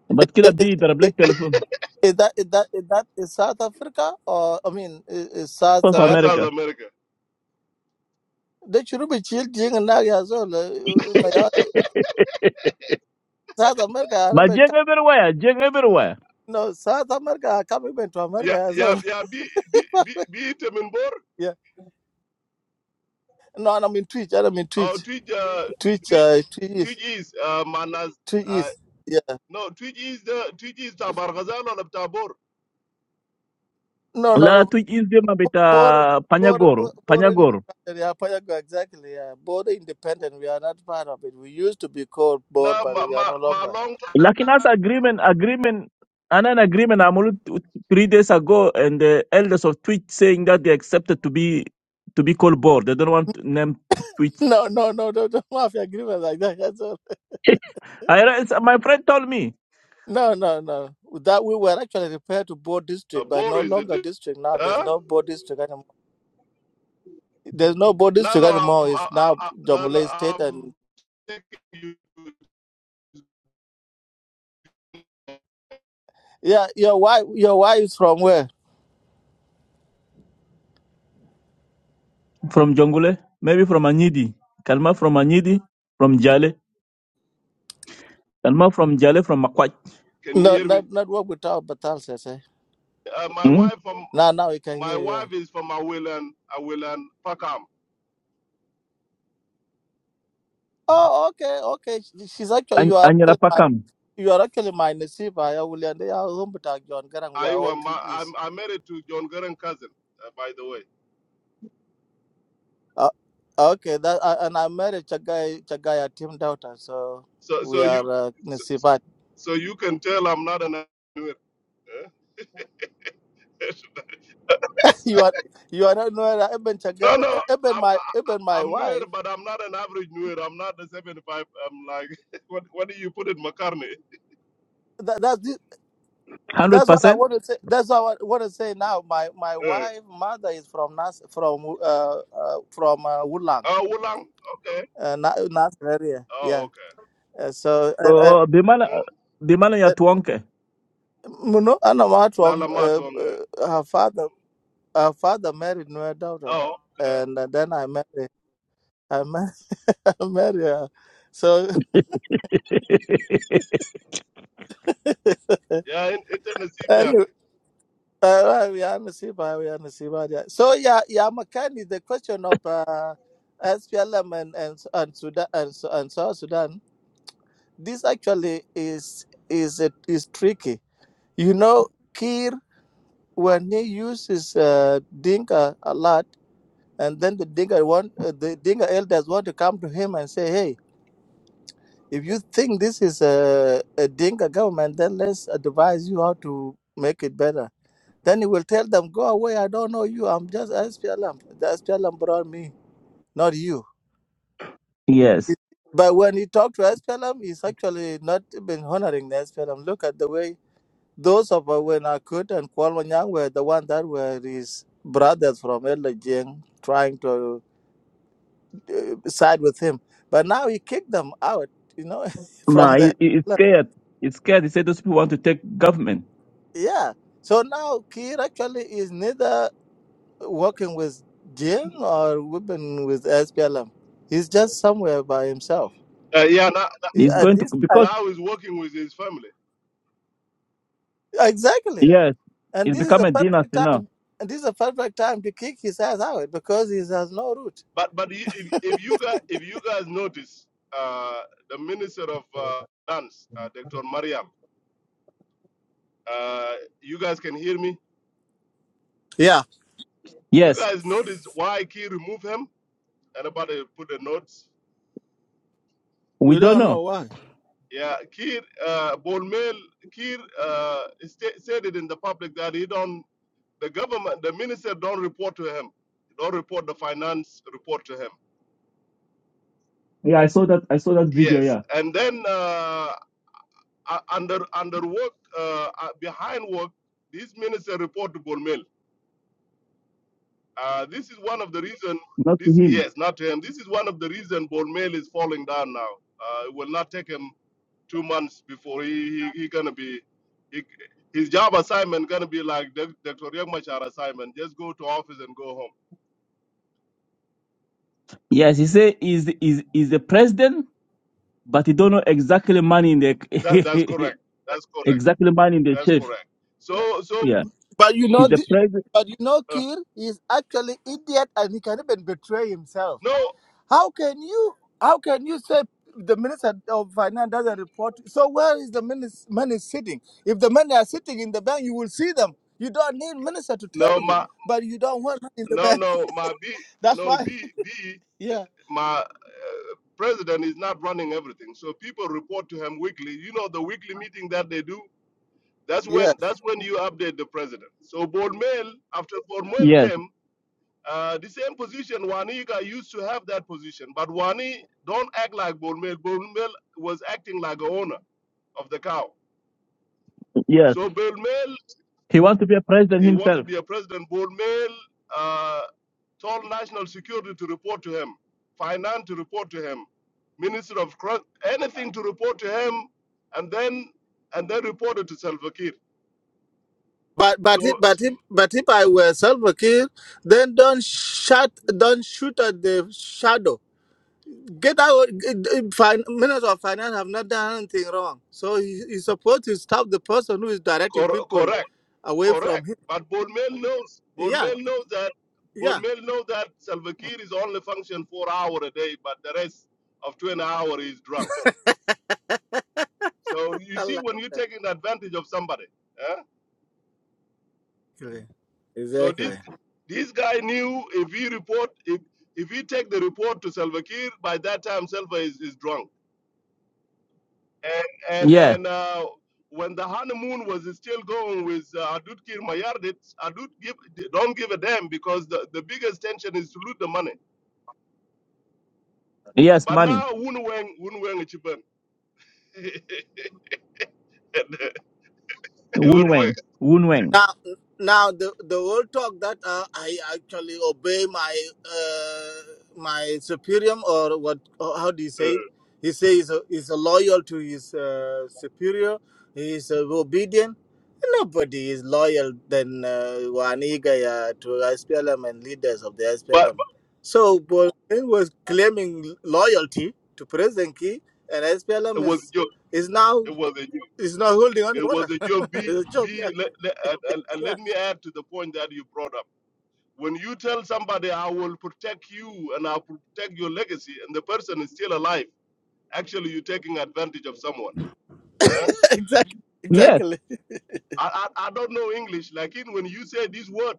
Speaker 1: But kila
Speaker 4: I- I-
Speaker 1: bi darab
Speaker 4: I- I-
Speaker 1: telephone.
Speaker 4: Is that is that is that is South Africa or I mean i- is South
Speaker 1: South
Speaker 5: uh,
Speaker 4: America?
Speaker 5: South
Speaker 1: America.
Speaker 5: America.
Speaker 4: They should be children and now as well. Uh, my God. South America, I
Speaker 1: But
Speaker 4: remember,
Speaker 1: Jeng everywhere. Jeng everywhere.
Speaker 4: no South America, I come even to
Speaker 5: Ya
Speaker 4: America as
Speaker 5: ya ya bi bi
Speaker 4: well.
Speaker 5: bi bi temimbor
Speaker 4: No, I'm in Twitch. I'm in
Speaker 5: uh,
Speaker 4: Twitch.
Speaker 5: twij uh, twi-
Speaker 4: Twitch,
Speaker 5: twi-
Speaker 4: uh, Twitch
Speaker 5: twij
Speaker 4: is.
Speaker 5: is uh, manas
Speaker 4: Twitch
Speaker 5: uh,
Speaker 4: is. Yeah.
Speaker 5: no twij is the twij is tabargazal or tabor.
Speaker 4: No, no,
Speaker 1: la
Speaker 4: no.
Speaker 1: tujiz dema
Speaker 4: Border,
Speaker 1: bita
Speaker 4: border,
Speaker 1: panyagoro
Speaker 4: border
Speaker 1: panyagoro
Speaker 4: independent. Yeah, Payago, exactly. Yeah. Border independent. We are not part of it. We used to be called Bor,
Speaker 5: Na
Speaker 4: but
Speaker 5: ma
Speaker 4: we are
Speaker 5: ma
Speaker 4: no
Speaker 5: ma
Speaker 4: longer.
Speaker 5: long
Speaker 1: lakini as agreement agreement and an agreement amulu t- three days ago and the elders of twitch saying that they accepted to be to be called board they don't want to name twitch
Speaker 4: No, no, no, no, no. Mafia agreement like that. That's all.
Speaker 1: I, read- my friend told me
Speaker 4: No, no, no. That we were actually referred to board
Speaker 5: uh,
Speaker 4: district, but
Speaker 5: bor
Speaker 4: no
Speaker 5: is a
Speaker 4: longer
Speaker 5: di-
Speaker 4: district now. There's
Speaker 5: huh?
Speaker 4: no board district anymore. There's no board
Speaker 5: No
Speaker 4: district
Speaker 5: no
Speaker 4: anymore.
Speaker 5: I'm,
Speaker 4: It's
Speaker 5: I,
Speaker 4: now
Speaker 5: I, no no
Speaker 4: Jonglei state, and
Speaker 5: I'm taking you.
Speaker 4: yeah, your wife, your wife is from where?
Speaker 1: from jongule maybe from anyidi kalma from anyidi from jale kalma from jale from makwach
Speaker 5: Can you
Speaker 4: No,
Speaker 5: hear me?
Speaker 4: not not work without Batal Sese.
Speaker 5: Uh, my
Speaker 1: mm?
Speaker 5: wife from
Speaker 4: Now now we can
Speaker 5: my
Speaker 4: hear you. Yeah.
Speaker 5: wife is from Awilan Awilan Pakam.
Speaker 4: Oh, okay, okay. She- She's actually you
Speaker 1: An-
Speaker 4: are
Speaker 1: anyira
Speaker 4: actually my
Speaker 1: pakam
Speaker 4: you are actually my Nasiba. I will and they are home Batal John Garang. We
Speaker 5: I
Speaker 4: are all
Speaker 5: am
Speaker 4: three
Speaker 5: I'm
Speaker 4: is.
Speaker 5: I'm married to John Garen cousin uh, by the way.
Speaker 4: Uh, okay, that uh, and I married Chagai Chagaya Tim daughter, so
Speaker 5: So
Speaker 4: we
Speaker 5: so you
Speaker 4: are uh,
Speaker 5: so,
Speaker 4: Nasibat.
Speaker 5: so you can tell I'm not an Nuer. eh?
Speaker 4: you are you are not no even Chagai
Speaker 5: no, no,
Speaker 4: uh, even
Speaker 5: I'm
Speaker 4: my even my
Speaker 5: I'm
Speaker 4: wife.
Speaker 5: Nuer, but I'm not an average Nuer. I'm not the 75. I'm like what what do you put it McCartney?
Speaker 4: That, that's the- that's what I
Speaker 1: 100%
Speaker 4: want to say. That's what I want to say now. My my
Speaker 5: Uh,
Speaker 4: wife mother is from Nas from uh, uh from uh, Woodland.
Speaker 5: oh, Wulang. Okay.
Speaker 4: uh, na na area yeah
Speaker 5: Oh, okay.
Speaker 4: uh, so uh, uh,
Speaker 1: oh bimala
Speaker 5: Eh,
Speaker 1: bimala ya
Speaker 4: uh,
Speaker 1: tuonke
Speaker 4: muno ana watu wa,
Speaker 5: Lala
Speaker 4: uh,
Speaker 5: Matong. eh.
Speaker 4: uh, her father her father married my daughter
Speaker 5: Oh, okay.
Speaker 4: and uh, then i married i married, I married her so
Speaker 5: Yeah, in, in Tennessee, yeah.
Speaker 4: anyway uh, we are Nasiba, we are Nasiba, yeah. So yeah, yeah, Makani, the question of uh, SPLM and and and Sudan and, Su- and South Sudan, this actually is is is tricky. You know, Kir. when he uses uh, Dinka a lot, and then the Dinka want uh, the Dinka elders want to come to him and say, "Hey, if you think this is a, a Dinka government, then let's advise you how to make it better." Then he will tell them, "Go away! I don't know you. I'm just SPLM. The SPLM brought me, not you."
Speaker 1: yes
Speaker 4: It- But when he talked to SPLM, he's actually not been honoring the SPLM. Look at the way Those of uh, when Akut and Kwal Wanyang were the one that were his brothers from Elajing trying to uh, side with him. But now he kicked them out, you know, from
Speaker 1: Ma,
Speaker 4: the.
Speaker 1: he, he is scared. He's scared. He said those people want to take government.
Speaker 4: Yeah. So now Kir actually is neither working with Jing or working with SPLM. He's just somewhere by himself.
Speaker 5: Uh, yeah, now,
Speaker 4: He-
Speaker 1: He's
Speaker 4: At
Speaker 1: going to
Speaker 4: this
Speaker 1: because
Speaker 4: time,
Speaker 5: now he's working with his family.
Speaker 4: exactly.
Speaker 5: Yeah.
Speaker 1: yes,
Speaker 4: And
Speaker 1: it's
Speaker 4: this is
Speaker 1: become
Speaker 4: a
Speaker 1: a
Speaker 4: perfect
Speaker 1: dynasty now.
Speaker 4: time. And this is a perfect time to kick his ass out because he has no root.
Speaker 5: But but you- if, if you guys if you guys notice, uh, the minister of uh, dance, uh, Dr. Mariam. Uh, you guys can hear me.
Speaker 4: Yeah.
Speaker 5: You
Speaker 1: Yes,
Speaker 5: guys noticed why Key removed him? Anybody put a notes?
Speaker 1: we
Speaker 4: We
Speaker 1: don't
Speaker 4: don't know
Speaker 1: know.
Speaker 4: why.
Speaker 5: Yeah, Kir, uh, Bonmel, Kir uh, sta said it in the public that he don't, the government, the minister don't report to him. Don't report the finance report to him.
Speaker 1: Yeah, I saw that. I saw that video.
Speaker 5: Yes,
Speaker 1: Yeah,
Speaker 5: and then uh, u- under under work, uh, uh, behind work, this minister report to Bonmel. Uh, this is one of the reason.
Speaker 1: not to
Speaker 5: This
Speaker 1: him.
Speaker 5: yes, not to him. This is one of the reason Bormel is falling down now. Uh, it will not take him two months before he he, he gonna be. He, his job assignment gonna be like Doc- Dr. Riek Machar assignment. Just go to office and go home.
Speaker 1: Yes, he said he's is is the president, but he don't know exactly man in
Speaker 5: That that's
Speaker 1: the
Speaker 5: correct. That's correct.
Speaker 1: exactly man in the
Speaker 5: That's
Speaker 1: chief.
Speaker 5: correct. So so
Speaker 1: Yeah,
Speaker 4: But you know,
Speaker 1: he's the
Speaker 4: th-
Speaker 1: president.
Speaker 4: but you know,
Speaker 5: uh,
Speaker 4: Kir is actually idiot, and he can even betray himself.
Speaker 5: no
Speaker 4: How can you? How can you say the minister of finance doesn't report? So where is the minis- money sitting? If the money are sitting in the bank, you will see them. You don't need minister to tell
Speaker 5: no
Speaker 4: you,
Speaker 5: my
Speaker 4: but you don't want money in the
Speaker 5: no
Speaker 4: bank.
Speaker 5: no my B
Speaker 4: That's
Speaker 5: no
Speaker 4: why.
Speaker 5: B B
Speaker 4: Yeah.
Speaker 5: my uh, president is not running everything. So people report to him weekly. You know the weekly meeting that they do That's
Speaker 4: Yes.
Speaker 5: when that's when you update the president. So Bormel, after Bormel
Speaker 1: Yes,
Speaker 5: came, uh, the same position Waniga used to have that position, but Wani don't act like Bormel. Bormel was acting like a owner of the cow.
Speaker 1: yes,
Speaker 5: So Bormel,
Speaker 1: he wants to be a president
Speaker 5: he wanted to
Speaker 1: himself.
Speaker 5: be a president. Bormel uh, told national security to report to him, finance to report to him, minister of anything to report to him, and then and then reported to Salva Kiir.
Speaker 4: But but if,
Speaker 5: So
Speaker 4: but if, but if I were self Kir, then don't shut don't shoot at the shadow Get out. uh, fin- Minister of Finance have not done anything wrong. So he, he's supposed to stop the person who is directing
Speaker 5: correct.
Speaker 4: people away from
Speaker 5: Correct.
Speaker 4: him.
Speaker 5: But Bonmel knows.
Speaker 4: Yeah,
Speaker 5: Bonmel knows that.
Speaker 4: yeah.
Speaker 5: Bonmel knows that Salva Kiir is only function four hour a day, but the rest of twenty hour is drunk. So you see, when you're taking advantage of somebody, eh?
Speaker 4: Exactly.
Speaker 5: so this
Speaker 4: Exactly.
Speaker 5: this guy knew if he report if if he take the report to Salva Kiir, by that time Salva is, is drunk. And and
Speaker 1: Yeah,
Speaker 5: and uh, when the honeymoon was still going with uh, Adut Kiir Mayardit, Adut give, don't give a damn because the, the biggest tension is to loot the money.
Speaker 1: yes,
Speaker 5: But
Speaker 1: money.
Speaker 5: now Wunweng Wunweng Chiban.
Speaker 1: Woon
Speaker 5: Wunweng.
Speaker 1: Wang, Woon Wang.
Speaker 4: Now, now the the whole talk that uh, I actually obey my uh, my superior or what? or How do you say it? He says he's, a- he's a loyal to his uh, superior. He's uh, obedient. Nobody is loyal than uh, Wanigaya to SPLM and leaders of the
Speaker 5: But,
Speaker 4: SPLM.
Speaker 5: but
Speaker 4: So Bolmel was claiming loyalty to President Key, and
Speaker 5: it
Speaker 4: SPLM
Speaker 5: was a
Speaker 4: is
Speaker 5: joke.
Speaker 4: is now
Speaker 5: It was a joke.
Speaker 4: is not holding on the
Speaker 5: It was
Speaker 4: water.
Speaker 5: a joke. Be
Speaker 4: it's a joke. Yeah.
Speaker 5: be let, let, and, and and
Speaker 4: yeah.
Speaker 5: let me add to the point that you brought up. When you tell somebody I will protect you and I'll protect your legacy and the person is still alive, actually you're taking advantage of someone. Huh?
Speaker 4: exactly,
Speaker 5: Huh?
Speaker 1: Yes,
Speaker 4: exactly.
Speaker 5: I, I, I don't know English. Like in when you say this word,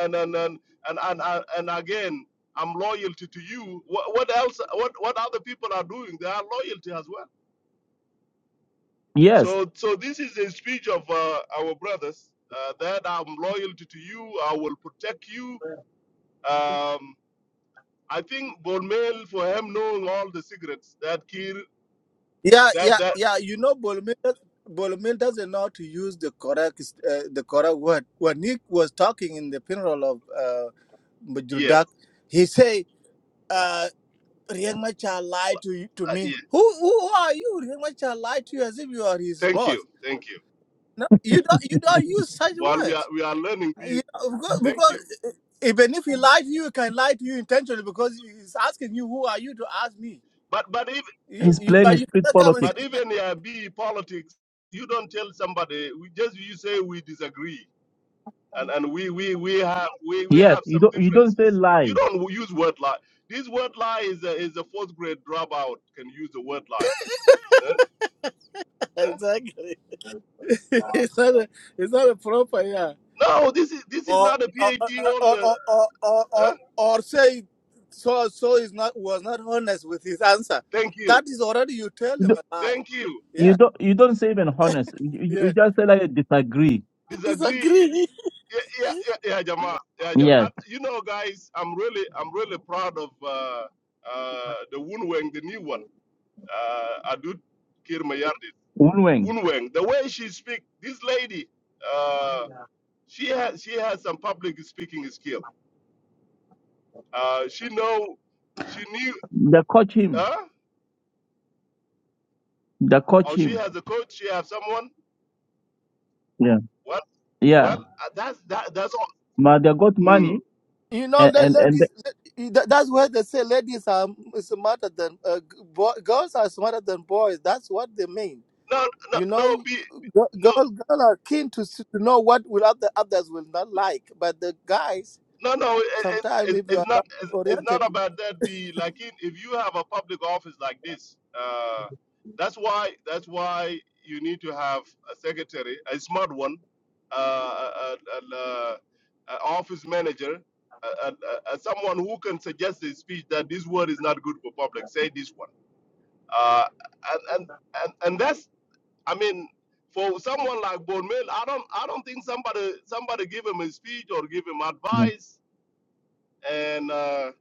Speaker 5: and and and and and, and, and again, I'm loyalty to you. What, what else? What what other people are doing? They are loyalty as well.
Speaker 1: yes,
Speaker 5: So so this is a speech of uh, our brothers uh, that I'm loyalty to you. I will protect you. Um, I think Bonmel for him knowing all the secrets that Kir
Speaker 4: Yeah,
Speaker 5: that
Speaker 4: yeah,
Speaker 5: that
Speaker 4: yeah. You know, Bolomil, Bolomil doesn't know how to use the correct, uh, the correct word. When Nick was talking in the funeral of uh,
Speaker 5: yes
Speaker 4: Majordak, he say, uh, "Riek Machar lied to you, to
Speaker 5: uh,
Speaker 4: me.
Speaker 5: yeah.
Speaker 4: Who, who are you? Riek Machar lied to you as if you are his
Speaker 5: Thank
Speaker 4: boss.
Speaker 5: you, thank you.
Speaker 4: No, you don't, you don't use such
Speaker 5: While we are
Speaker 4: words.
Speaker 5: we are learning,
Speaker 4: You
Speaker 5: these-
Speaker 4: know, because,
Speaker 5: thank you.
Speaker 4: because e, even if he lied to you, he can lie to you intentionally because he's asking you, who are you to ask me?
Speaker 5: But but
Speaker 4: You,
Speaker 1: he's
Speaker 4: you,
Speaker 1: playing a
Speaker 4: but you
Speaker 1: street
Speaker 4: cannot come
Speaker 1: politics.
Speaker 4: and
Speaker 5: But even uh, be politics, you don't tell somebody. We just you say we disagree, and and we we we have we, we
Speaker 1: Yes,
Speaker 5: have
Speaker 1: you
Speaker 5: some
Speaker 1: don't you don't say
Speaker 5: differences. You
Speaker 1: lie.
Speaker 5: don't use word lie. This word lie is a, is a fourth grade dropout can use the word lie. Huh? Huh?
Speaker 4: exactly. It's not a, it's not a proper, yeah.
Speaker 5: No, this is this is
Speaker 4: or
Speaker 5: not a
Speaker 4: or
Speaker 5: PhD
Speaker 4: or
Speaker 5: holder.
Speaker 4: or, or, or, or
Speaker 5: Huh?
Speaker 4: or say so so is not was not honest with his answer.
Speaker 5: Thank you,
Speaker 4: That is already you tell
Speaker 1: You
Speaker 4: him
Speaker 1: don't
Speaker 4: a lie.
Speaker 5: thank you.
Speaker 1: you
Speaker 4: Yeah.
Speaker 1: don't, you don't say even honest. You, you you
Speaker 4: Yeah.
Speaker 1: just say like disagree.
Speaker 5: Disagree,
Speaker 4: Disagree.
Speaker 5: yeah, yeah, yeah, yeah, Jama. Yeah, Jama. Uh,
Speaker 1: Yes.
Speaker 5: You know, guys, I'm really I'm really proud of uh, uh, the Wunweng, the new one. uh, Adut Kirmayardit.
Speaker 1: Unweng.
Speaker 5: Wunweng, the way she speak, this lady, uh, she has she has some public speaking skill. Uh, she know, she knew,
Speaker 1: They coach him.
Speaker 5: huh?
Speaker 1: They coach
Speaker 5: Or she
Speaker 1: him.
Speaker 5: has a coach. She have someone.
Speaker 1: Yeah.
Speaker 5: Well,
Speaker 1: Yeah.
Speaker 5: well, uh, that's that. That's all.
Speaker 1: But they got
Speaker 5: Mm.
Speaker 1: money
Speaker 4: You know,
Speaker 1: and
Speaker 4: let
Speaker 1: and, and they,
Speaker 4: ladies. Let, tha- that's why they say ladies are smarter than uh, g- boy, girls are smarter than boys. That's what they mean.
Speaker 5: No, no,
Speaker 4: You
Speaker 5: no,
Speaker 4: know,
Speaker 5: be
Speaker 4: girl,
Speaker 5: no.
Speaker 4: girl, girl are keen to s- to know what will other others will not like, but the guys
Speaker 5: No, no, it, it,
Speaker 4: Sometimes
Speaker 5: it,
Speaker 4: if you are
Speaker 5: it's not.
Speaker 4: not
Speaker 5: It's, it's
Speaker 4: oriented,
Speaker 5: not about that. Be like in, if you have a public office like this, uh, that's why. That's why you need to have a secretary, a smart one, uh, an uh, uh, office manager, uh, uh, uh, someone who can suggest a speech that this word is not good for public. Say this one, uh, and, and and and that's. I mean, for someone like Bonmel, I don't. I don't think somebody somebody give him a speech or give him advice and uh,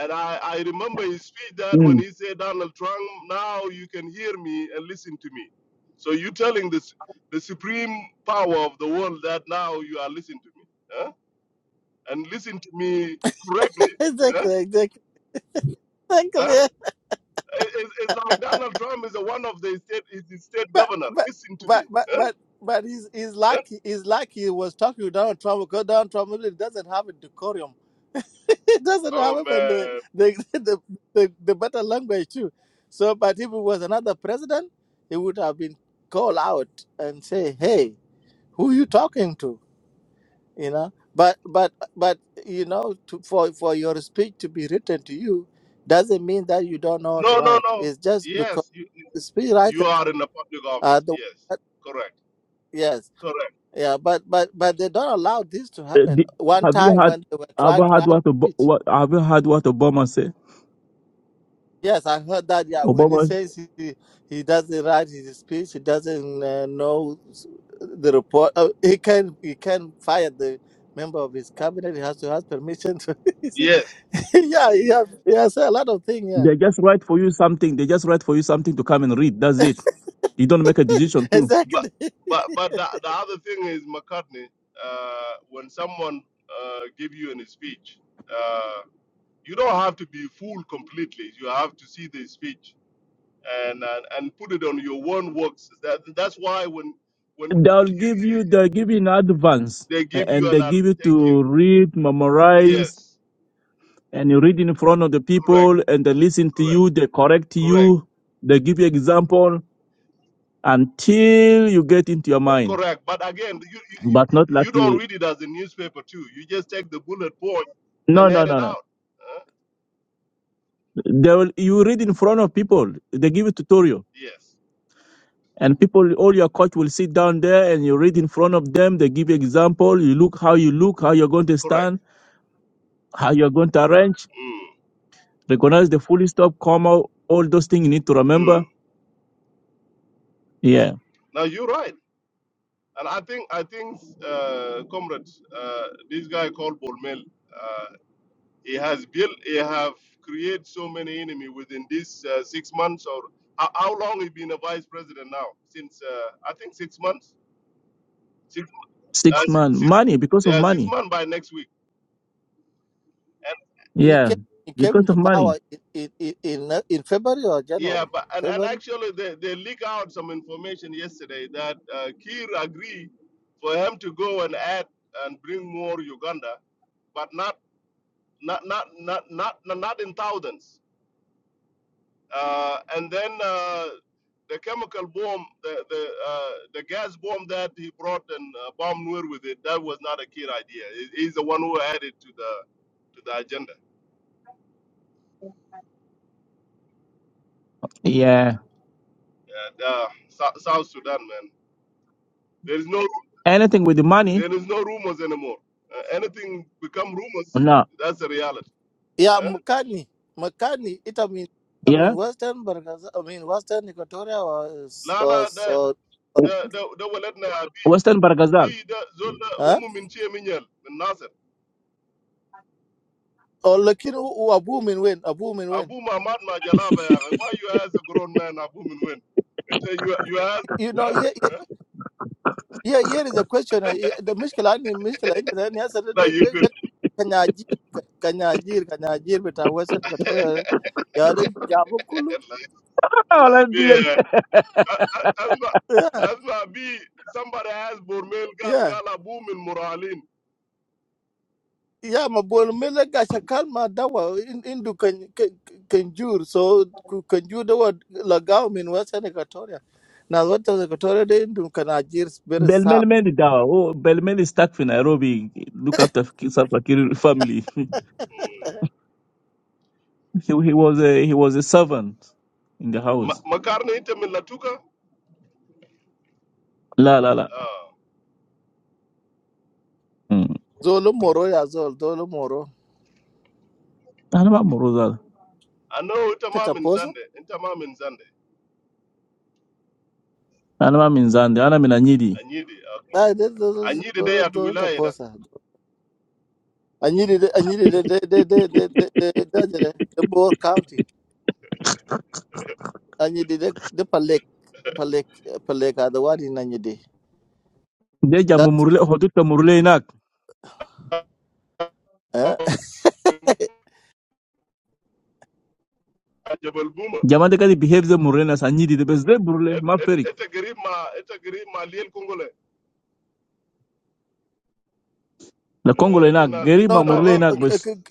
Speaker 5: and I, I remember his speech that when
Speaker 1: Mm.
Speaker 5: he said Donald Trump, now you can hear me and listen to me. So you telling this the supreme power of the world that now you are listening to me, huh? and listen to me correctly. Huh?
Speaker 4: exactly, exactly,
Speaker 5: Huh?
Speaker 4: exactly.
Speaker 5: It- It's, it's like Donald Trump is a one of the state is the state
Speaker 4: But
Speaker 5: governor.
Speaker 4: but
Speaker 5: Listen to
Speaker 4: but
Speaker 5: me.
Speaker 4: but
Speaker 5: Huh?
Speaker 4: but but he's he's
Speaker 5: Huh?
Speaker 4: lucky. He's lucky. He was talking to Donald Trump because Donald Trump really doesn't have a decorum. It doesn't
Speaker 5: Oh
Speaker 4: have even the
Speaker 5: man,
Speaker 4: the, the the the better language too. So, but if it was another president, he would have been called out and say, "Hey, who you talking to?" you know but but but you know to, for for your speech to be written to you doesn't mean that you don't know how to
Speaker 5: no no
Speaker 4: write
Speaker 5: no.
Speaker 4: it's just because
Speaker 5: Yes, you
Speaker 4: the speech
Speaker 5: you
Speaker 4: writers
Speaker 5: are in a public
Speaker 4: are
Speaker 5: office.
Speaker 4: the
Speaker 5: Yes,
Speaker 4: that-
Speaker 5: correct,
Speaker 4: yes
Speaker 5: correct.
Speaker 4: yeah but but but they don't allow this to
Speaker 1: Uh,
Speaker 4: happen
Speaker 1: the-
Speaker 4: one
Speaker 1: have you
Speaker 4: time
Speaker 1: had
Speaker 4: when they were
Speaker 1: have
Speaker 4: trying
Speaker 1: you
Speaker 4: to
Speaker 1: had
Speaker 4: write
Speaker 1: what, Ob-
Speaker 4: speech
Speaker 1: what have you had what Obama say?
Speaker 4: yes i heard that yeah when he
Speaker 1: Obama
Speaker 4: says he he doesn't write his speech he doesn't uh, know s- the report uh, he can he can fire the member of his cabinet he has to ask permission
Speaker 5: Yes.
Speaker 4: yeah, yeah, has, he a lot of things. Yeah,
Speaker 1: they just write for you something. They just write for you something to come and read. That's it. You don't make a decision too.
Speaker 5: But
Speaker 4: exactly.
Speaker 5: but but the, the other thing is McCartney. Uh, when someone uh, give you an speech, uh, you don't have to be fooled completely. You have to see the speech and and, and put it on your own works. That that's why when when
Speaker 1: They'll
Speaker 5: you,
Speaker 1: give you, they give you in advance
Speaker 5: they
Speaker 1: a-
Speaker 5: give
Speaker 1: and
Speaker 5: you an
Speaker 1: they
Speaker 5: ad-
Speaker 1: give you
Speaker 5: thank you.
Speaker 1: to read, memorize,
Speaker 5: Yes,
Speaker 1: and you read in front of the
Speaker 5: correct,
Speaker 1: people and they listen to
Speaker 5: correct,
Speaker 1: you, they correct
Speaker 5: correct,
Speaker 1: you, they give you example until you get into your mind.
Speaker 5: correct. But again, you, you
Speaker 1: But not
Speaker 5: you
Speaker 1: like,
Speaker 5: don't
Speaker 1: a-
Speaker 5: read it as a newspaper too. You just take the bullet point
Speaker 1: no,
Speaker 5: and
Speaker 1: no,
Speaker 5: add it
Speaker 1: no, no.
Speaker 5: out. Huh?
Speaker 1: They will, you read in front of people, they give you tutorial.
Speaker 5: yes,
Speaker 1: And people, all your coach will sit down there and you read in front of them. They give you example. You look how you look, how you're going to
Speaker 5: correct.
Speaker 1: stand, how you're going to arrange.
Speaker 5: Mm,
Speaker 1: recognize the full stop, comma, all those things you need to
Speaker 5: mm.
Speaker 1: remember. Yeah.
Speaker 5: Now you're right, and I think I think, uh, comrades, uh, this guy called Bormel, uh, he has built, he have created so many enemy within this uh, six months or how, how long he been a vice president now? Since uh, I think six months, six, uh,
Speaker 1: Six
Speaker 5: six,
Speaker 1: man.
Speaker 5: six,
Speaker 1: Money because of
Speaker 5: yeah, six
Speaker 1: money.
Speaker 5: months by next week. And
Speaker 4: He
Speaker 1: Yeah.
Speaker 4: came, he came
Speaker 1: Because of
Speaker 4: into
Speaker 1: money.
Speaker 4: power in in in, in uh, in February or
Speaker 5: yeah,
Speaker 4: January.
Speaker 5: but and, and
Speaker 4: February.
Speaker 5: actually they, they leak out some information yesterday that uh, Kiir agreed for him to go and add and bring more Uganda, but not. not not not not not in thousands. Uh, and then uh, the chemical bomb, the the uh, the gas bomb that he brought and uh, bomb Nuer with it, that was not a kid idea. He- He's the one who added to the to the agenda.
Speaker 1: Yeah.
Speaker 5: And, uh, Sou- South Sudan, man, there is no
Speaker 1: Anything with the money.
Speaker 5: there is no rumors anymore. Uh, anything become rumors.
Speaker 1: No.
Speaker 5: That's the reality.
Speaker 4: Yeah,
Speaker 5: Eh?
Speaker 4: Mukani, Mukani. It I mean, I
Speaker 1: Yeah.
Speaker 4: mean Western, Barakaza- I mean Western Equatoria or s- or
Speaker 5: Lala,
Speaker 4: s-
Speaker 5: the
Speaker 4: or
Speaker 5: the the the waletna
Speaker 1: Western Bargazal.
Speaker 5: be the zol
Speaker 4: huh?
Speaker 5: umu minche minyal min
Speaker 4: or Lakin who are booming when a booming when.
Speaker 5: Abu Mahmad Majalaba, yeah. why you as a grown man, Abu Minwin? It, uh, you you as
Speaker 4: You know,
Speaker 5: huh?
Speaker 4: here, here,
Speaker 5: Huh?
Speaker 4: here here is a question. uh, here- The Mishkela, the Mishkela, the answer,
Speaker 5: no,
Speaker 4: the
Speaker 5: you
Speaker 4: the
Speaker 5: good.
Speaker 4: the Kanyajir, Kanyajir, Kanyajir, but I was in Equatoria. eh? Yeah, the Jabu Kulu.
Speaker 1: Oh,
Speaker 5: Let's
Speaker 1: let's be-
Speaker 5: be uh, uh, uh, as ma
Speaker 4: yeah,
Speaker 5: be somebody as Bormel gal
Speaker 4: yeah,
Speaker 5: gal Abu Min Muralin.
Speaker 4: yeah. Ma boy, me lega shakal ma dawa in indu can kanjur so ku kanjur dawa lagao min wasa nekatoria. Na wata nekatoria de indu kanajir very
Speaker 1: Belmel
Speaker 4: sap.
Speaker 1: Meli Dawa. Oh, Belmel is stuck in Nairobi. Look after Salfakir family.
Speaker 5: Mm.
Speaker 1: he, he was a he was a servant in the house.
Speaker 5: Ma- Makarni inta min Latuka.
Speaker 1: La la la.
Speaker 5: Ah,
Speaker 1: Mm.
Speaker 4: Zolo moro ya zol, zolo moro.
Speaker 1: Anama Morozal.
Speaker 5: I know inta ma
Speaker 4: Tata
Speaker 5: min
Speaker 4: posa.
Speaker 5: Zande, inta ma min Zande.
Speaker 1: Anama Minzande. Anama Minanyidi.
Speaker 5: Anyidi, okay.
Speaker 4: Ah, de zolo
Speaker 5: Anyidi day
Speaker 4: zolo
Speaker 5: at
Speaker 4: zolo
Speaker 5: wilaya da.
Speaker 4: taposa. Anyiri de anyiri de de de de de de de de de de de Boer County. Anyiri de de Palek Palek Palek adawari nanyidi.
Speaker 1: Deja
Speaker 4: That's
Speaker 1: Mumurle Hotuta murule
Speaker 4: eh.
Speaker 5: Jabal Buma.
Speaker 1: Jamade kadi behave ze murle na sanyidi de bes de burle ma ferik.
Speaker 5: Ita garib ma ita garib ma lil kungole.
Speaker 1: La Congo la
Speaker 5: Ita
Speaker 1: inak
Speaker 5: na
Speaker 1: geri
Speaker 5: ita
Speaker 1: ma
Speaker 4: No,
Speaker 5: na
Speaker 4: no,
Speaker 1: murle
Speaker 4: uh,
Speaker 5: lil
Speaker 1: inak
Speaker 4: uh, uh,
Speaker 5: kungole.
Speaker 1: bes.
Speaker 4: g-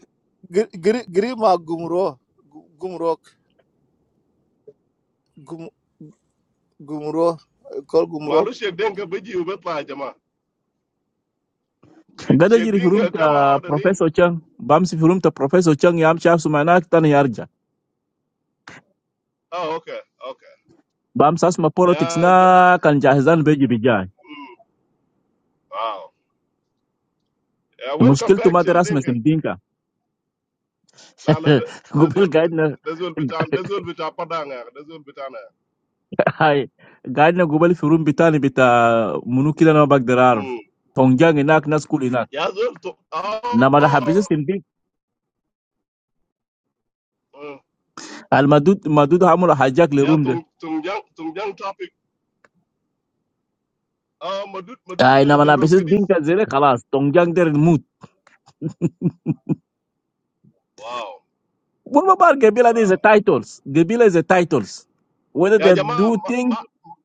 Speaker 4: g- gri- Grima Gumro, Gu- Gumrok, Gum, Gumro, uh, called Gumrok.
Speaker 5: Malu Sheikh Dinka biji ube pa jama. Sheikh
Speaker 1: Gada
Speaker 5: Sheikh
Speaker 1: jiri firum
Speaker 5: Dinka come
Speaker 1: ta
Speaker 5: out and in.
Speaker 1: Professor Chang. Bam si firum ta Professor Chang yam shaf sumanak tan yarja.
Speaker 5: Oh, okay, okay.
Speaker 1: Bam sas ma politics
Speaker 5: Yeah, jo,
Speaker 1: na kan jahizan beji bijay.
Speaker 5: mm, wow. Yeah, welcome
Speaker 1: Mushkil tu
Speaker 5: back Sheikh
Speaker 1: madras
Speaker 5: Dinka.
Speaker 1: mesim dinka.
Speaker 5: Lala,
Speaker 1: Gubel
Speaker 5: dazul bit,
Speaker 1: guide na
Speaker 5: dazul bitan, dazul bita padanga, dazul bitana.
Speaker 1: Hi, guide na gubal firum bitani bita munukila na bagdarar.
Speaker 5: Hmm.
Speaker 1: Tongjang inak na school inak.
Speaker 5: Yeah, zul to.
Speaker 1: Na mada habisi
Speaker 5: Oh.
Speaker 1: sindik.
Speaker 5: mm.
Speaker 1: Al madud madud hamula hajak
Speaker 5: Yeah,
Speaker 1: le
Speaker 5: tung tung jang tung jang topic. Ah, uh, madut madut
Speaker 1: اي
Speaker 5: uh,
Speaker 1: نعم انا
Speaker 5: General
Speaker 1: بس
Speaker 5: kedis.
Speaker 1: دينكا زي خلاص تونجان دير الموت
Speaker 5: Wow,
Speaker 1: والمبار قبيله دي زي
Speaker 5: wow.
Speaker 1: تايتلز قبيله زي تايتلز whether
Speaker 5: Yeah,
Speaker 1: they
Speaker 5: jama
Speaker 1: do
Speaker 5: ma
Speaker 1: thing
Speaker 5: ma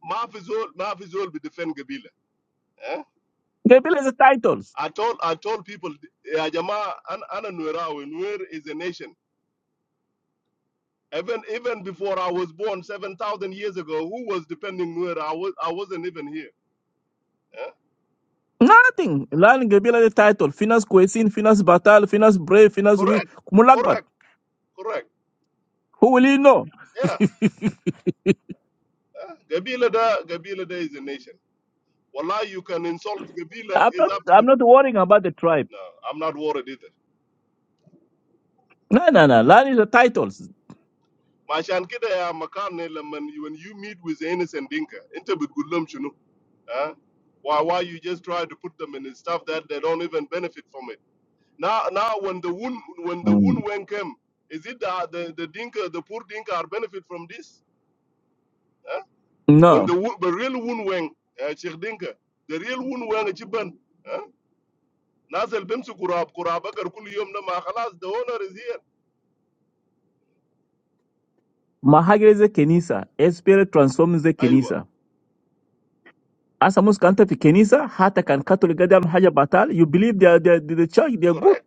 Speaker 5: ma fi zul ma fi zul bi defend gabila. Eh?
Speaker 1: قبيله زي تايتلز
Speaker 5: I told I told people, "Ya Jama, an- ana Nuerawe. Nuer is a nation. Even even before I was born, seven thousand years ago, who was depending Nuer? I was I wasn't even here. eh?
Speaker 1: nothing لان قبيله دي تايتل في ناس كويسين في ناس بطال في ناس brave في ناس weak
Speaker 5: Correct,
Speaker 1: ملخبط
Speaker 5: correct, correct.
Speaker 1: who will you know
Speaker 5: Yeah, eh? Gabila da Gabila da is a nation. Wallahi, you can insult Gabila.
Speaker 1: I'm
Speaker 5: It's
Speaker 1: not
Speaker 5: up to
Speaker 1: I'm
Speaker 5: you.
Speaker 1: not worrying about the tribe
Speaker 5: No, I'm not worried either.
Speaker 1: no no no لان is the titles
Speaker 5: Mashan kida ya makane laman when you meet with the innocent dinka, inte bitgulum chunu. eh? Why why you just try to put them in stuff that they don't even benefit from it? Now, now when the wound when the
Speaker 1: Mm.
Speaker 5: wound when came, is it the the, the dinka the poor dinka are benefit from this? When
Speaker 1: no
Speaker 5: the wo- the real wound when uh, Sheikh Dinka, the real wound when Chiban, huh? Nasel Bemsu Kurab Kurabakar Kuliyom Nama Khalas, the owner is here.
Speaker 1: ما حاجه زي كنيسه spirit transforms زي
Speaker 5: Aywa.
Speaker 1: كنيسه hasa musu kanta fi kenisa hata kan katoli gadam haja batal you believe they are, they are, the church they are good
Speaker 5: Correct,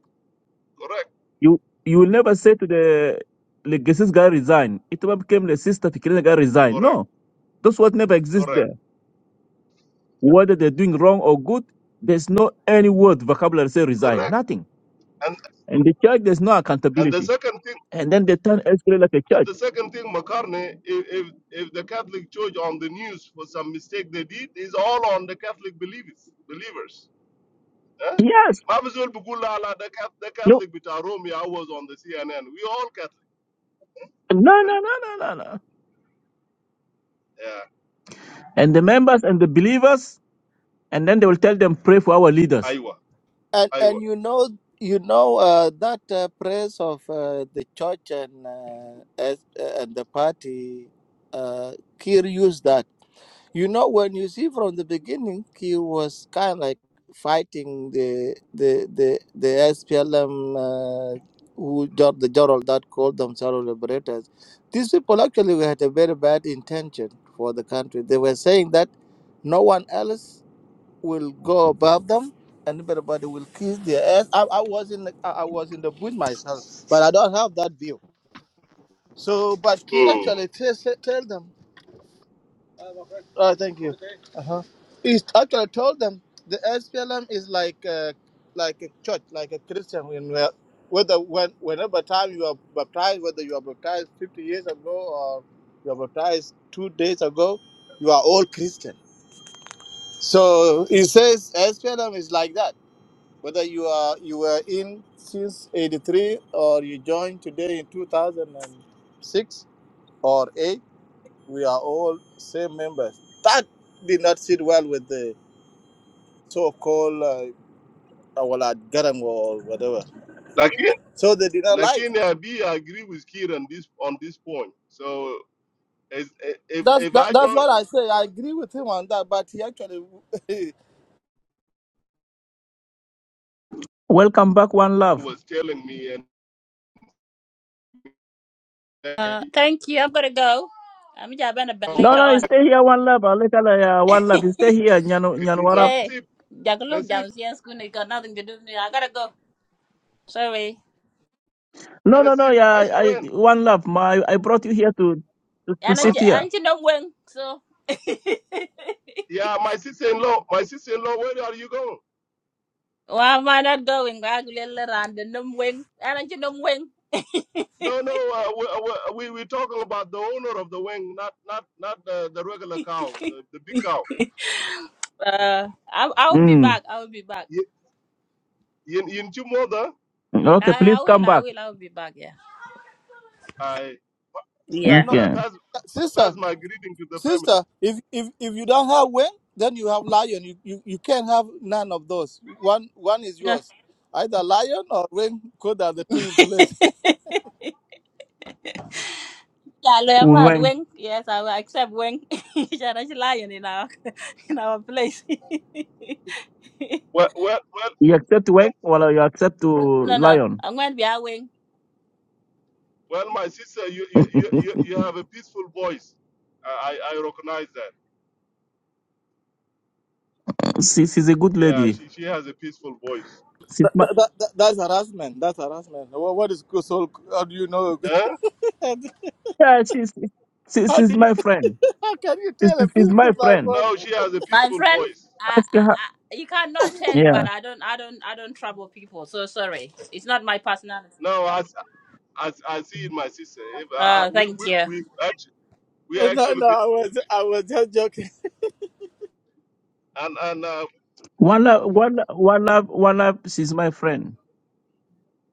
Speaker 5: correct,
Speaker 1: You you will never say to the Legacy's guy resign. It will became the sister Fikirina guy resign.
Speaker 5: correct,
Speaker 1: No, those words never exist
Speaker 5: correct,
Speaker 1: there. Whether they're doing wrong or good, there's no any word vocabulary say resign.
Speaker 5: correct.
Speaker 1: Nothing.
Speaker 5: And
Speaker 1: And the church there's no
Speaker 5: and the
Speaker 1: accountability.
Speaker 5: second thing
Speaker 1: And then they turn escalate like a
Speaker 5: and
Speaker 1: church.
Speaker 5: the second thing, McCartney, if, if if the Catholic Church on the news for some mistake they did, is all on the Catholic believers believers. Eh?
Speaker 1: Yes.
Speaker 5: Mavizul Bugula, the, Cat- the
Speaker 1: You
Speaker 5: Catholic with Rome, I was on the CNN. We all Catholic.
Speaker 1: no no no no no no.
Speaker 5: Yeah,
Speaker 1: And the members and the believers, and then they will tell them pray for our leaders.
Speaker 5: Iowa,
Speaker 4: And
Speaker 5: Iowa.
Speaker 4: and you know you know uh, that uh, praise of uh, the church and uh, as, uh, and the party, uh, Kir used that. You know, when you see from the beginning, he was kind of like fighting the the the the SPLM uh, who jo- the general that called themselves liberators. These people actually had a very bad intention for the country. They were saying that no one else will go above them, and everybody will kiss their ass. I, I was in the, I I was in the boot myself, but I don't have that view. So, but Kid
Speaker 5: Mm.
Speaker 4: actually tell tell them. Oh, thank you. Uh-huh. It's actually I told them the SPLM is like a, like a church, like a Christian. When we are- whether when whenever time you are baptized, whether you are baptized fifty years ago or you are baptized two days ago, you are all Christian. So it says SPLM is like that. Whether you are you were in since eighty three or you joined today in two thousand and six or eight we are all same members. That did not sit well with the so-called uh, our Garang or whatever.
Speaker 5: Lakin,
Speaker 4: So they did not like
Speaker 5: Lakin,
Speaker 4: that.
Speaker 5: uh, I agree with Kiran this on this point. So, as, if
Speaker 4: That's
Speaker 5: if
Speaker 4: that,
Speaker 5: I
Speaker 4: that's what
Speaker 5: join,
Speaker 4: I say. I agree with him on that, but he actually,
Speaker 1: Welcome back, one love.
Speaker 5: was telling me and
Speaker 2: Uh, thank you. I'm gonna go. I'm just gonna bed
Speaker 5: Katiba,
Speaker 1: No,
Speaker 2: later
Speaker 1: no, you
Speaker 2: on.
Speaker 1: stay here, one love. Alekala, yeah, one love. You stay here, Nyanwarab.
Speaker 2: hey,
Speaker 5: Nasib,
Speaker 2: just look
Speaker 5: Nasib,
Speaker 2: down. See, school you got nothing to do. with me. I gotta go. Sorry.
Speaker 1: No, no, no.
Speaker 5: Nasib,
Speaker 1: Yeah,
Speaker 5: Mashi
Speaker 1: I
Speaker 5: when,
Speaker 1: one love. My, I brought you here to to, to
Speaker 2: And I,
Speaker 5: my, si-
Speaker 1: sit here.
Speaker 2: and you know when? So
Speaker 5: yeah, my sister-in-law, my sister-in-law, where are you going?
Speaker 2: why am I not going? I'm little and the numb wing. And you know when?
Speaker 5: No, no, uh, we, uh, we, uh, we- are talking about the owner of the wing, not not not the, the regular cow, the, the big cow.
Speaker 2: Uh, I I'll be
Speaker 1: Mm.
Speaker 2: back. I'll be back.
Speaker 5: Y- Yin Yin Chumoda,
Speaker 1: Okay,
Speaker 2: I,
Speaker 1: please
Speaker 2: I
Speaker 1: come
Speaker 2: will. I
Speaker 1: back.
Speaker 2: will. I'll be back. Yeah.
Speaker 5: I
Speaker 4: I
Speaker 2: Yeah.
Speaker 4: know,
Speaker 5: pa-
Speaker 1: Okay.
Speaker 5: pass pass
Speaker 4: sister,
Speaker 5: my greeting to the family.
Speaker 4: sister. If if if you don't have wing, then you have lion. You, you you can't have none of those. One one is
Speaker 2: No.
Speaker 4: yours. Either lion or wing. Could are the two in place.
Speaker 2: Yeah, learn mad
Speaker 1: When
Speaker 2: wing. Yes, I will accept wing. yeah, that's lying in our in our place.
Speaker 5: Well, well, well,
Speaker 1: you
Speaker 5: well,
Speaker 1: accept
Speaker 5: well
Speaker 1: Wang, well, you accept to
Speaker 2: no, no,
Speaker 1: Lion.
Speaker 2: I'm going to be a wing.
Speaker 5: well, my sister, you you, you, you you have a peaceful voice. I, I I recognize that.
Speaker 1: she, she's a good
Speaker 5: Yeah,
Speaker 1: lady.
Speaker 5: she, she has a peaceful voice.
Speaker 1: She's
Speaker 4: that,
Speaker 1: my
Speaker 4: that, that, that- that's harassment. That's harassment. What, what is so? How do you know?
Speaker 5: Eh?
Speaker 4: how
Speaker 1: yeah. She's she,
Speaker 4: do you?
Speaker 1: she's my friend.
Speaker 4: How can you
Speaker 1: She's,
Speaker 4: tell a
Speaker 1: she's
Speaker 4: fish
Speaker 1: my
Speaker 4: from my
Speaker 1: friend.
Speaker 4: voice?
Speaker 5: No, she has a
Speaker 2: My
Speaker 5: peaceful
Speaker 2: friend,
Speaker 5: voice.
Speaker 2: I,
Speaker 1: Ask her.
Speaker 2: I, I, you cannot tell, but
Speaker 1: Yeah.
Speaker 2: I don't, I don't, I don't trouble people. So sorry, it's not my personality.
Speaker 5: No, I, s- I, s- I see it, my sister. If, uh, uh,
Speaker 2: Uh,
Speaker 5: we,
Speaker 2: thank
Speaker 5: we,
Speaker 2: you.
Speaker 5: we, actually, we
Speaker 4: Uh, No,
Speaker 5: actually
Speaker 4: no,
Speaker 5: be,
Speaker 4: I was, I was just joking.
Speaker 5: and and uh,
Speaker 1: One love. One One love. One love. She's my friend.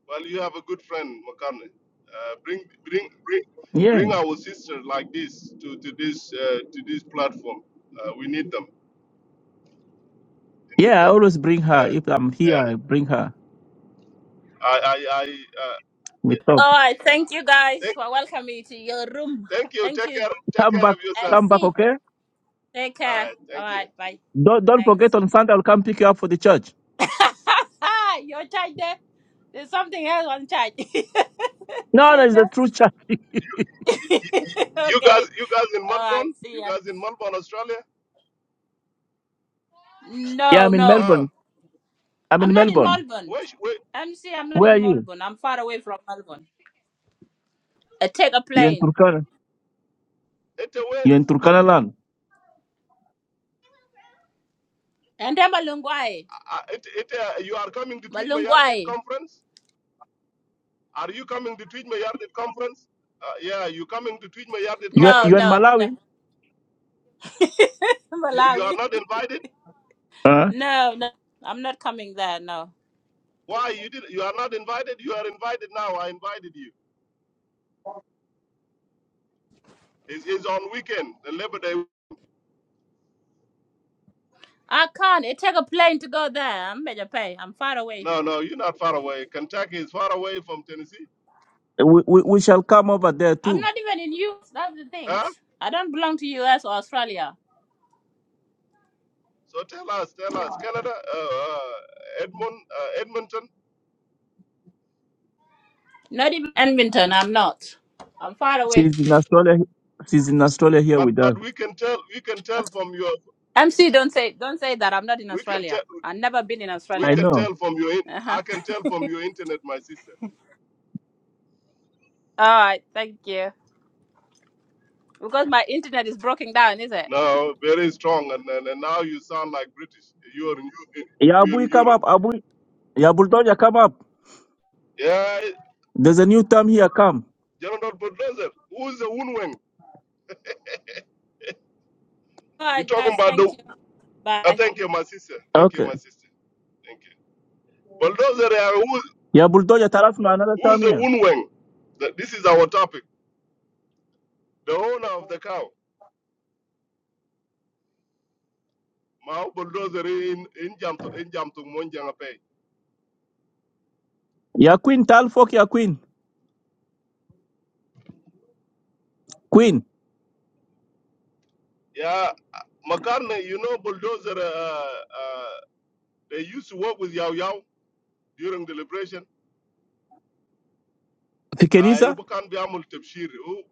Speaker 5: Well, you have a good friend, McCartney. Uh, bring, bring, bring,
Speaker 1: Yeah.
Speaker 5: bring our sister like this to to this uh, to this platform. Uh, we need them. We need
Speaker 1: Yeah. I
Speaker 5: them.
Speaker 1: always bring her.
Speaker 5: Yeah,
Speaker 1: If I'm here,
Speaker 5: yeah.
Speaker 1: I bring her.
Speaker 5: I, I, I. Uh,
Speaker 1: We
Speaker 5: th-
Speaker 1: talk.
Speaker 2: All right, thank you guys
Speaker 5: thank,
Speaker 2: for welcoming me to your room.
Speaker 5: thank you.
Speaker 2: Thank
Speaker 5: Take
Speaker 2: you,
Speaker 5: care. Take
Speaker 1: Come
Speaker 5: care
Speaker 1: back.
Speaker 5: of yourself.
Speaker 1: Come back.
Speaker 2: MC.
Speaker 1: Okay.
Speaker 2: Take
Speaker 5: All
Speaker 2: care.
Speaker 5: right.
Speaker 2: All
Speaker 5: Thank you.
Speaker 2: right, bye.
Speaker 1: Don't, don't forget
Speaker 2: Thanks.
Speaker 1: on Sunday I'll come pick you up for the church.
Speaker 2: Your charge there. There's something else on charge. See
Speaker 1: No, no, it's
Speaker 2: ya.
Speaker 1: the true church.
Speaker 5: Y- You guys,
Speaker 2: okay.
Speaker 5: you guys in
Speaker 2: All right.
Speaker 5: Melbourne.
Speaker 2: See
Speaker 5: You
Speaker 2: ya.
Speaker 5: guys in Melbourne, Australia.
Speaker 1: Yeah,
Speaker 2: No,
Speaker 1: I'm in
Speaker 2: no.
Speaker 5: Ah,
Speaker 1: Melbourne. I'm
Speaker 2: I'm
Speaker 1: in
Speaker 2: not in
Speaker 1: Melbourne.
Speaker 2: Melbourne.
Speaker 5: wait, wait.
Speaker 2: MC, I'm not
Speaker 1: Where are
Speaker 2: in
Speaker 1: you?
Speaker 2: Melbourne. I'm far away from Melbourne. I take a
Speaker 1: You're in
Speaker 2: plane.
Speaker 1: Turkana.
Speaker 5: It uh, when?
Speaker 1: You're in Turkana land.
Speaker 2: And then Malungwai.
Speaker 5: Uh, it, it, uh, you are coming to Tweet My Yarded
Speaker 2: Malungwai.
Speaker 5: conference? Are you coming to Tweet My Yarded conference? Uh, yeah, you coming to Tweet My Yarded
Speaker 1: You're,
Speaker 2: No,
Speaker 1: you're
Speaker 5: conference?
Speaker 1: in
Speaker 2: no, no.
Speaker 1: Malawi.
Speaker 5: You, you
Speaker 2: Malawi.
Speaker 5: are not invited.
Speaker 1: Huh?
Speaker 2: No, no. I'm not coming there. No.
Speaker 5: Why you did? You are not invited. You are invited now. I invited you. It's, it's on weekend, the Labor Day.
Speaker 2: I can't. It take a plane to go there. I'm major pay. I'm far away.
Speaker 5: No, no, you're not far away. Kentucky is far away from Tennessee,
Speaker 1: We, we, we shall come over there
Speaker 2: I'm
Speaker 1: too.
Speaker 2: not even in US. That's the
Speaker 5: huh?
Speaker 2: things. I don't belong to US or Australia.
Speaker 5: So tell us, tell us, Canada, uh, uh, Edmund, uh, Edmonton.
Speaker 2: Not even Edmonton. I'm not. I'm far away.
Speaker 1: She's in Australia. She's in Australia here
Speaker 5: But
Speaker 1: with us.
Speaker 5: but we can tell, we can tell from your,
Speaker 2: MC, don't say don't say that. I'm not in
Speaker 5: we can
Speaker 2: Australia.
Speaker 5: tell,
Speaker 2: I've never been in
Speaker 5: we
Speaker 1: I
Speaker 2: Australia.
Speaker 5: can
Speaker 1: know.
Speaker 5: tell from your. in-
Speaker 2: Uh-huh.
Speaker 5: I can tell from your internet, my sister.
Speaker 2: All right, thank you. Because my internet is broken down, is it?
Speaker 5: No, very strong, and and, and now you sound like British. You are in,
Speaker 1: Yeah,
Speaker 5: you in
Speaker 1: Abui, come
Speaker 5: Europe.
Speaker 1: up. Abui. Yeah, Bulldozer, come up.
Speaker 5: Yeah,
Speaker 1: There's a new term here. Come.
Speaker 5: General Bulldozer, who is the Unwen?
Speaker 2: All
Speaker 5: We're
Speaker 2: right,
Speaker 5: talking
Speaker 2: guys,
Speaker 5: about the.
Speaker 2: thank you.
Speaker 5: Uh,
Speaker 2: Bye.
Speaker 5: thank you, my sister. Thank you,
Speaker 1: Okay.
Speaker 5: my sister. Thank you. Bulldozer, uh, who,
Speaker 1: Yeah, Bulldozer, tell us another term
Speaker 5: who's the
Speaker 1: here.
Speaker 5: Unwen? That This is our topic. The owner of the cow. Ma bulldozer in in jam to in jam to monjanga pay.
Speaker 1: Yeah, Queen, tell folk, yeah, Queen. Queen.
Speaker 5: Yeah, Makarne, you know bulldozer. Uh, uh, they used to work with Yao Yao during the liberation. I can't
Speaker 1: Fikenisa.
Speaker 5: ubakan bi amul tebshir.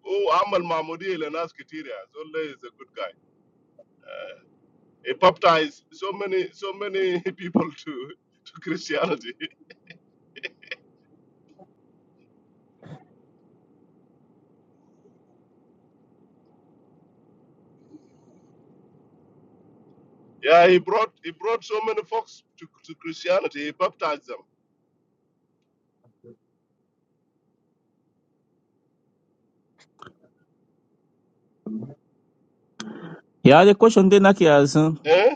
Speaker 5: Oh, amal mamudi elenas kitiria. Zolle is a good guy. He baptized so many so many people to to Christianity. Yeah, he brought he brought so many folks to, to Christianity. He baptized them.
Speaker 1: Yeah, the question then, Aki, as, uh,
Speaker 5: Eh?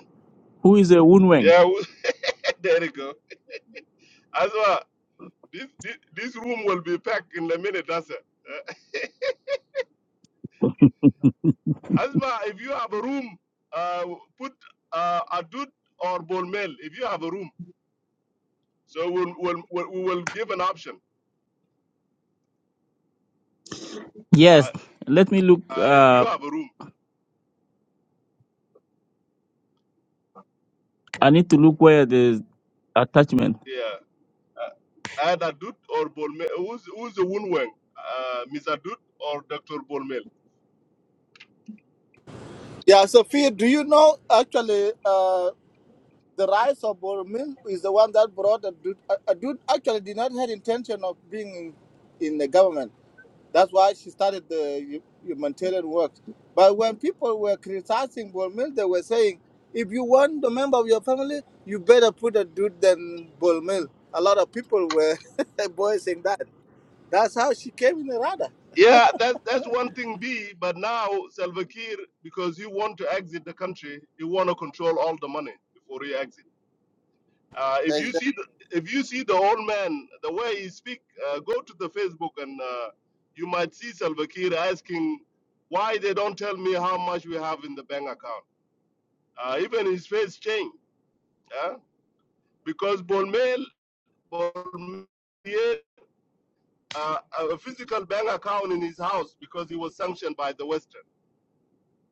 Speaker 1: who is a Wunweng?
Speaker 5: Yeah, we- there you go. Asma, this, this this room will be packed in a minute. That's it. Eh? Asma, if you have a room, uh, put uh, Adut or Bolmel. If you have a room, so we'll, we'll, we'll we will give an option.
Speaker 1: Yes,
Speaker 5: Uh,
Speaker 1: let me look.
Speaker 5: uh, if you
Speaker 1: Uh,
Speaker 5: have a room.
Speaker 1: I need to look where the attachment.
Speaker 5: yeah. Uh, either Dut or Bolmel. Uh, Who's, who's the Wunweng? Uh, Mr. Dut or Dr. Bolmel?
Speaker 4: Yeah, Sophia, do you know actually uh, the rise of Boromir is the one that brought a dude, a dude actually did not have intention of being in, in the government. That's why she started the hu- humanitarian work. But when people were criticizing Boromir, they were saying, if you want the member of your family, you better put a dude than Boromir. A lot of people were voicing that. That's how she came in the radar
Speaker 5: Yeah, that's, that's one thing B, but now Salva Kiir, because he want to exit the country, he want to control all the money before he exit. Uh, if you see the, if you see the old man, the way he speak, uh, go to the Facebook and uh, you might see Salva Kiir asking why they don't tell me how much we have in the bank account. Uh, even his face changed. Yeah? because Bolmel Bormier uh, a physical bank account in his house because he was sanctioned by the Western.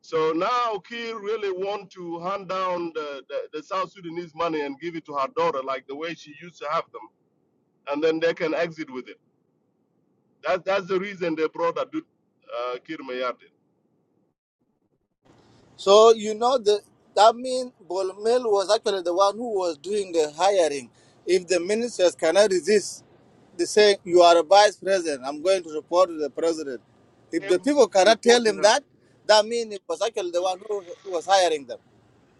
Speaker 5: So now Kiir really want to hand down the, the, the South Sudanese money and give it to her daughter like the way she used to have them, and then they can exit with it. That, that's the reason they brought Adut uh, Kiir Mayardit.
Speaker 4: So you know the that means Bolmel was actually the one who was doing the hiring. If the ministers cannot resist, they say you are a vice president. I'm going to report to the president. If the
Speaker 5: Every
Speaker 4: people cannot
Speaker 5: report
Speaker 4: tell
Speaker 5: to
Speaker 4: him
Speaker 5: him.
Speaker 4: that, that means it was actually the one who, who was hiring them.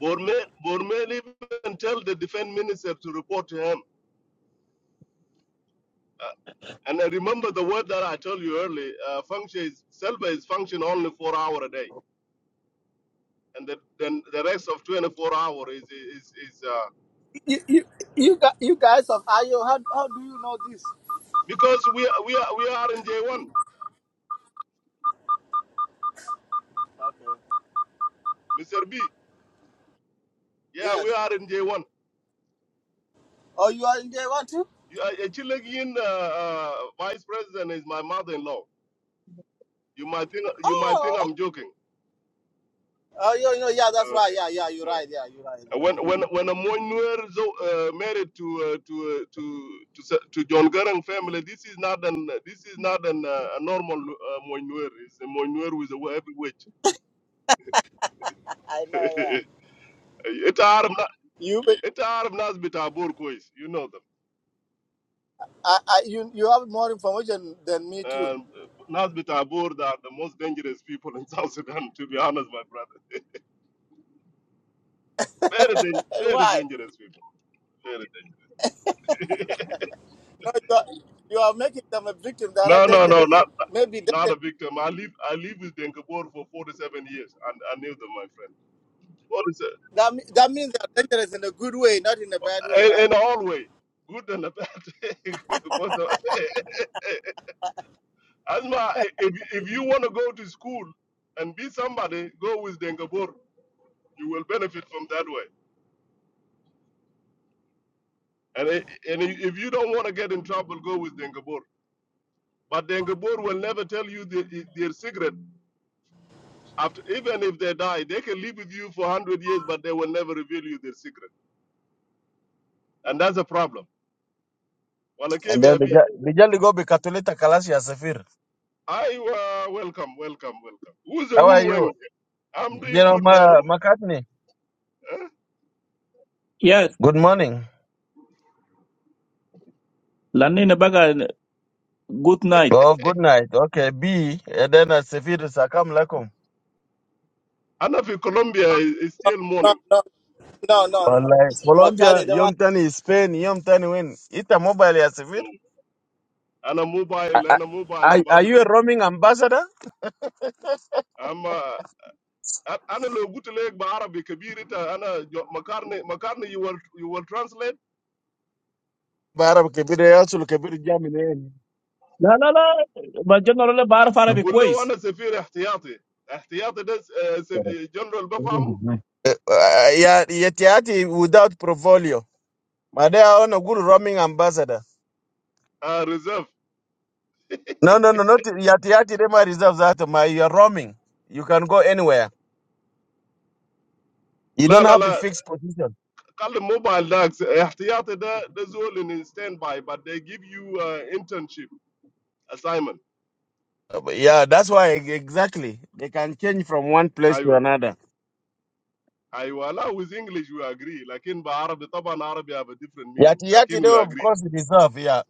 Speaker 5: Bormel, Bormel even tell the defense minister to report to him. Uh, and I remember the word that I told you earlier, uh, function is, Selva is function only four hour a day. and the, then the rest of 24 hours is is, is uh,
Speaker 4: You you you, gu- you guys of IO, how, how do you know this?
Speaker 5: because we are- we are we are in J1,
Speaker 4: Okay.
Speaker 5: Mr. B. Yeah, we
Speaker 4: Yes.
Speaker 5: are in J1.
Speaker 4: Oh, you are in there one too.
Speaker 5: You are- a Chilean uh, uh, vice president is my mother-in-law. You might think you might think
Speaker 4: Oh. okay.
Speaker 5: I'm joking.
Speaker 4: Oh, you know, yeah, that's
Speaker 5: Uh,
Speaker 4: right.
Speaker 5: Okay.
Speaker 4: Yeah, yeah, you're
Speaker 5: Uh,
Speaker 4: right. Yeah, you're right.
Speaker 5: When when when a Moinuer is uh, married to uh, to uh, to to se- to John Garang family, this is not an this is not an uh, a normal uh, Moinuer. It's a Moinuer with a heavy witch.
Speaker 4: I know, yeah.
Speaker 5: It's hard.
Speaker 4: You.
Speaker 5: It's out of Nasbit Abur, Kois. You know them.
Speaker 4: I, I, you, you have more information than me too.
Speaker 5: Um, Nasbit they are the most dangerous people in South Sudan, to be honest, my brother. Very, dan-
Speaker 4: Hey,
Speaker 5: very
Speaker 4: Why?
Speaker 5: dangerous people. Very dangerous.
Speaker 4: No, you are, you are making them a victim. They are
Speaker 5: no,
Speaker 4: not
Speaker 5: no, no,
Speaker 4: dangerous.
Speaker 5: not
Speaker 4: Maybe
Speaker 5: not
Speaker 4: that,
Speaker 5: a victim. I live I live with Denkabur for 47 years, and I knew them, my friend. What is
Speaker 4: that, me- that means they are dangerous in a good way, not in a bad way,
Speaker 5: it? In,
Speaker 4: right?
Speaker 5: in all way, good and a bad. Both of- Asma, if, if you want to go to school and be somebody, go with Denkabur. You will benefit from that way. And, i- and i- if you don't want to get in trouble, go with Dengabur. But Dengabur will never tell you the, their secret. After, even if they die, they can live with you for 100 years, but they will never reveal you their secret. And that's a problem.
Speaker 6: And then
Speaker 5: Walakevia
Speaker 6: the
Speaker 5: I
Speaker 6: girl, the girl go be Katolita Kalasia Safir.
Speaker 5: uh, welcome, welcome, welcome. Who's the
Speaker 6: How are
Speaker 5: Woon Wang?
Speaker 6: you?
Speaker 5: I'm
Speaker 6: You
Speaker 5: doing
Speaker 6: know,
Speaker 5: good, man.
Speaker 6: Ma
Speaker 5: Who-
Speaker 6: McCartney.
Speaker 5: eh?
Speaker 1: Yes,
Speaker 6: Good morning.
Speaker 1: lande ne baga. Good night.
Speaker 6: Oh, good night. Okay, B. And then uh, Safir Sakam Lakum.
Speaker 5: And if in Colombia, i- it's still
Speaker 4: No,
Speaker 5: morning.
Speaker 4: no, no, no,
Speaker 6: Well,
Speaker 4: no.
Speaker 6: like Colombia,
Speaker 4: Makani, they were-
Speaker 6: Yom Tani, Spain, Yom Tani win. Ita mobile ya Safir.
Speaker 5: Mm. And a
Speaker 6: A-
Speaker 5: mobile,
Speaker 6: a-
Speaker 5: am a mobile
Speaker 6: Are, are you
Speaker 5: ambassador.
Speaker 6: a roaming ambassador?
Speaker 5: I'm uh, I- أنا لو قلت لك بعربي كبير انت انا جو- مكارني مكارني you will you will translate
Speaker 6: Barab kebiri yasul kebiri jamine.
Speaker 1: La la la, ma chano rola bar fara
Speaker 5: اقول له
Speaker 1: vikois.
Speaker 5: انا سفير احتياطي احتياطي ده س- آه، س- آه، جنرال بفهمه
Speaker 6: Uh, ya yeti yati without portfolio. Madea ono good roaming ambassador.
Speaker 5: آه ريزيرف
Speaker 6: No, no, no, not Yati Yati Rema Reserve that uh, my you are roaming. You can go anywhere. You
Speaker 5: لا
Speaker 6: don't
Speaker 5: لا
Speaker 6: have a
Speaker 5: لا
Speaker 6: fixed position.
Speaker 5: خلي موبايل ده احتياطي ده ده زول ان ستاند باي but they give you uh, internship assignment
Speaker 6: Uh, but Yeah, that's why e- exactly. They can change from one place to
Speaker 5: ايوه
Speaker 6: another.
Speaker 5: ايوه لا with English we agree لكن بعربي طبعا عربي have a different meaning
Speaker 6: Yati Yati
Speaker 5: لكن
Speaker 6: though,
Speaker 5: we
Speaker 6: of
Speaker 5: agree
Speaker 6: course reserve, yeah.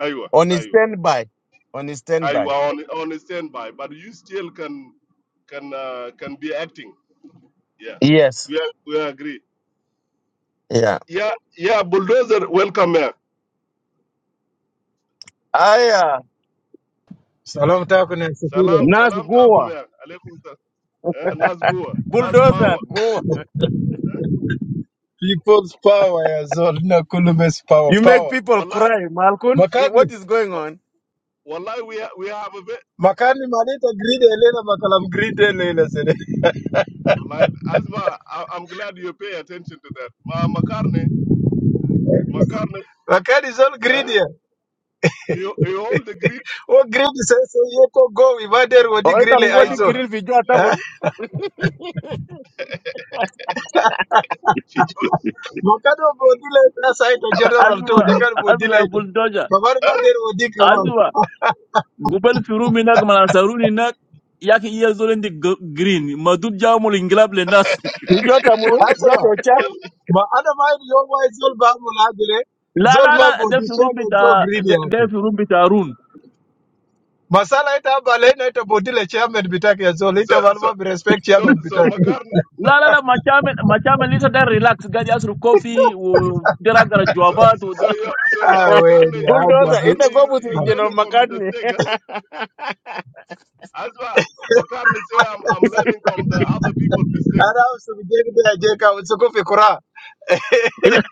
Speaker 5: ايوه
Speaker 6: On a
Speaker 5: ايوه
Speaker 6: standby. On a standby.
Speaker 5: ايوه on on stand by but you still can can uh, can be acting yeah
Speaker 6: Yes.
Speaker 5: we we agree
Speaker 6: Yeah.
Speaker 5: yeah yeah bulldozer welcome here
Speaker 6: Aya.
Speaker 7: Salamu taku na
Speaker 5: Salam,
Speaker 7: Sefire.
Speaker 6: Nas
Speaker 5: salam takum
Speaker 6: Goa.
Speaker 5: ya. Alaikum salam. Eh, Nas Gua, Nas
Speaker 6: Bulldozer
Speaker 5: Power.
Speaker 6: Goa.
Speaker 7: People's power as all Nakulume's power,
Speaker 6: You make
Speaker 7: power.
Speaker 6: people
Speaker 5: Wallahi,
Speaker 6: cry, Malkun. Eh,
Speaker 7: Makani,
Speaker 6: What is going
Speaker 5: wa-
Speaker 6: on?
Speaker 5: wallahi, we, ha- we have a bit.
Speaker 7: makani Malita greedy Elena Makalam greedy Elena Sede.
Speaker 5: Wallahi, Asma, I, I'm glad you pay attention to that. Ma, Makarne, Makarne,
Speaker 7: Makani zol all
Speaker 5: eh?
Speaker 7: greedy.
Speaker 5: You, you hold the grip.
Speaker 7: O greedy sese yeko go Ivader
Speaker 6: Oh,
Speaker 7: Wadi Grille
Speaker 6: I'm going
Speaker 5: La,
Speaker 6: to
Speaker 5: la, la.
Speaker 7: Ison.
Speaker 6: grill Vijota Kun.
Speaker 5: She just,
Speaker 7: Makado Bodile aside to General too,
Speaker 1: Azuma,
Speaker 7: they can bodile.
Speaker 1: azuma boltoja,
Speaker 7: Babar
Speaker 5: eh?
Speaker 7: Mader Wadi Kamal.
Speaker 1: azuma gupelu furu mina kama saruni nak yak iya zoleni green madut jamo linglab le nas.
Speaker 6: Vijota Mulu. Jota
Speaker 7: Aswa.
Speaker 6: Ochang.
Speaker 7: Ma ana mind your wise all Bamulagre.
Speaker 1: La la
Speaker 7: Zolma
Speaker 1: la, dem furu
Speaker 7: Bodishan to so
Speaker 1: bita
Speaker 7: greedy.
Speaker 1: dem furu bita arun.
Speaker 7: Masala ita hapa lena ita bodile chairman bitaki ya zoli
Speaker 5: So,
Speaker 7: ita
Speaker 5: so,
Speaker 7: maluma bi respect
Speaker 5: so,
Speaker 7: chairman
Speaker 5: so
Speaker 7: bitaki.
Speaker 5: Makarne, Ma-
Speaker 1: La la la, ma chame ma chame lisha dem relax gadi asro kofi dera gara
Speaker 5: so,
Speaker 1: juabat.
Speaker 5: so, yeah, so, yeah,
Speaker 7: Ah we
Speaker 5: Makarne,
Speaker 7: ni haja
Speaker 6: bulldozer
Speaker 7: vi.
Speaker 5: Makarne,
Speaker 6: ita go
Speaker 5: you,
Speaker 6: with you,
Speaker 5: you
Speaker 6: general
Speaker 5: learning from the
Speaker 6: mccartney
Speaker 5: mistake, eh? Asma, Makarne say, I'm, I'm learning from the other people's mistake.
Speaker 7: Ara usubijeki bila jeka usukufi kura.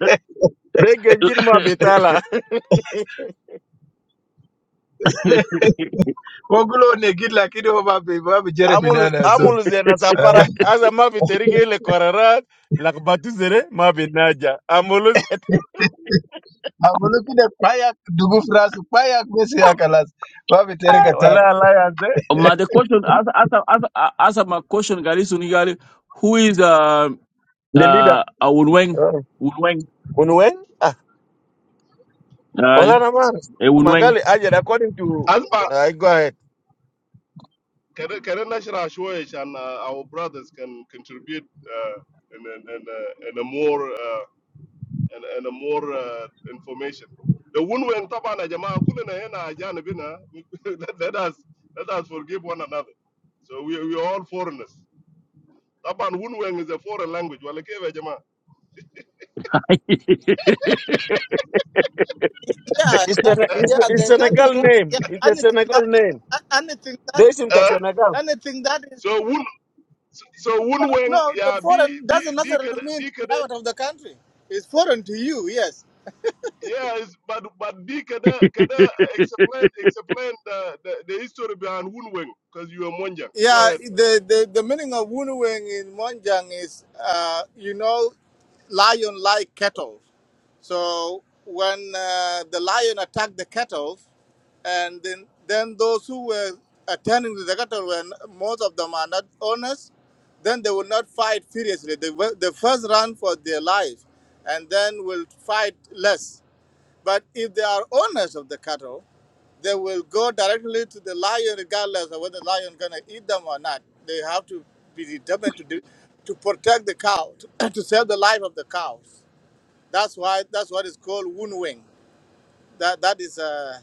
Speaker 6: Regenjir ma bitala
Speaker 7: Wogulo ne gid lakini ho babi babi Jeremy
Speaker 6: amul
Speaker 7: nana ya zoli.
Speaker 6: amul zena sapara.
Speaker 7: Ah,
Speaker 6: aza ma biterige ile korara lakbatu zere ma binaja amul zena
Speaker 7: Abulu kide paya dugu frasu paya kwesi ya kalas. Babi terika
Speaker 6: wala
Speaker 7: tani.
Speaker 6: ala yaze
Speaker 1: My the question, as answer, answer, answer my question, Gary Sunigali, who is uh
Speaker 6: the leader
Speaker 1: uh a Wunweng?
Speaker 6: oh.
Speaker 1: Wunweng,
Speaker 6: unwen ah
Speaker 1: uh,
Speaker 6: wala na man
Speaker 1: a Wunweng.
Speaker 6: magali Ajed. according to
Speaker 5: Asma,
Speaker 6: i go ahead
Speaker 5: Can can I nashra shwish and uh, our brothers can contribute uh, in, in, in, uh, in a more uh, in, in a more uh, information. The one when tabana jamaa kulena hena ajana bina. Let let us let us forgive one another. So we we are all foreigners. Taban Wunweng is a foreign language. Walakeva jamaa.
Speaker 4: yeah,
Speaker 6: it's,
Speaker 4: that,
Speaker 6: Sene-
Speaker 5: Eh,
Speaker 6: it's, the-
Speaker 4: yeah.
Speaker 6: it's
Speaker 4: There's nothing
Speaker 6: senegal
Speaker 4: wrong.
Speaker 6: name
Speaker 4: Yeah,
Speaker 6: it's a
Speaker 4: anything
Speaker 6: senegal
Speaker 4: that,
Speaker 6: name
Speaker 4: a- anything that,
Speaker 6: they seem to
Speaker 5: eh,
Speaker 6: senegal
Speaker 4: anything that is
Speaker 5: So Wun so
Speaker 4: no,
Speaker 5: Wunweng
Speaker 4: no. The
Speaker 5: yeah be
Speaker 4: foreign
Speaker 5: be
Speaker 4: doesn't necessarily mean to be
Speaker 5: be
Speaker 4: out of the country. It's foreign to you, yes.
Speaker 5: Yes, but but B can I can I explain explain the, the, the history behind Wunweng because you are Monjang. Go
Speaker 4: Yeah,
Speaker 5: ahead.
Speaker 4: the, the, the meaning of Wunuweng in Monjang is, uh, you know, lion like cattle. So when uh, the lion attacked the cattle, and then, then those who were attending to the cattle, when most of them are not owners, then they will not fight furiously. They, will- they first run for their life and then will fight less. But if they are owners of the cattle, they will go directly to the lion regardless of whether the lion is going to eat them or not. They have to be determined to do, to protect the cow, to, to save the life of the cows. That's why that's what is called wound wing. That that is a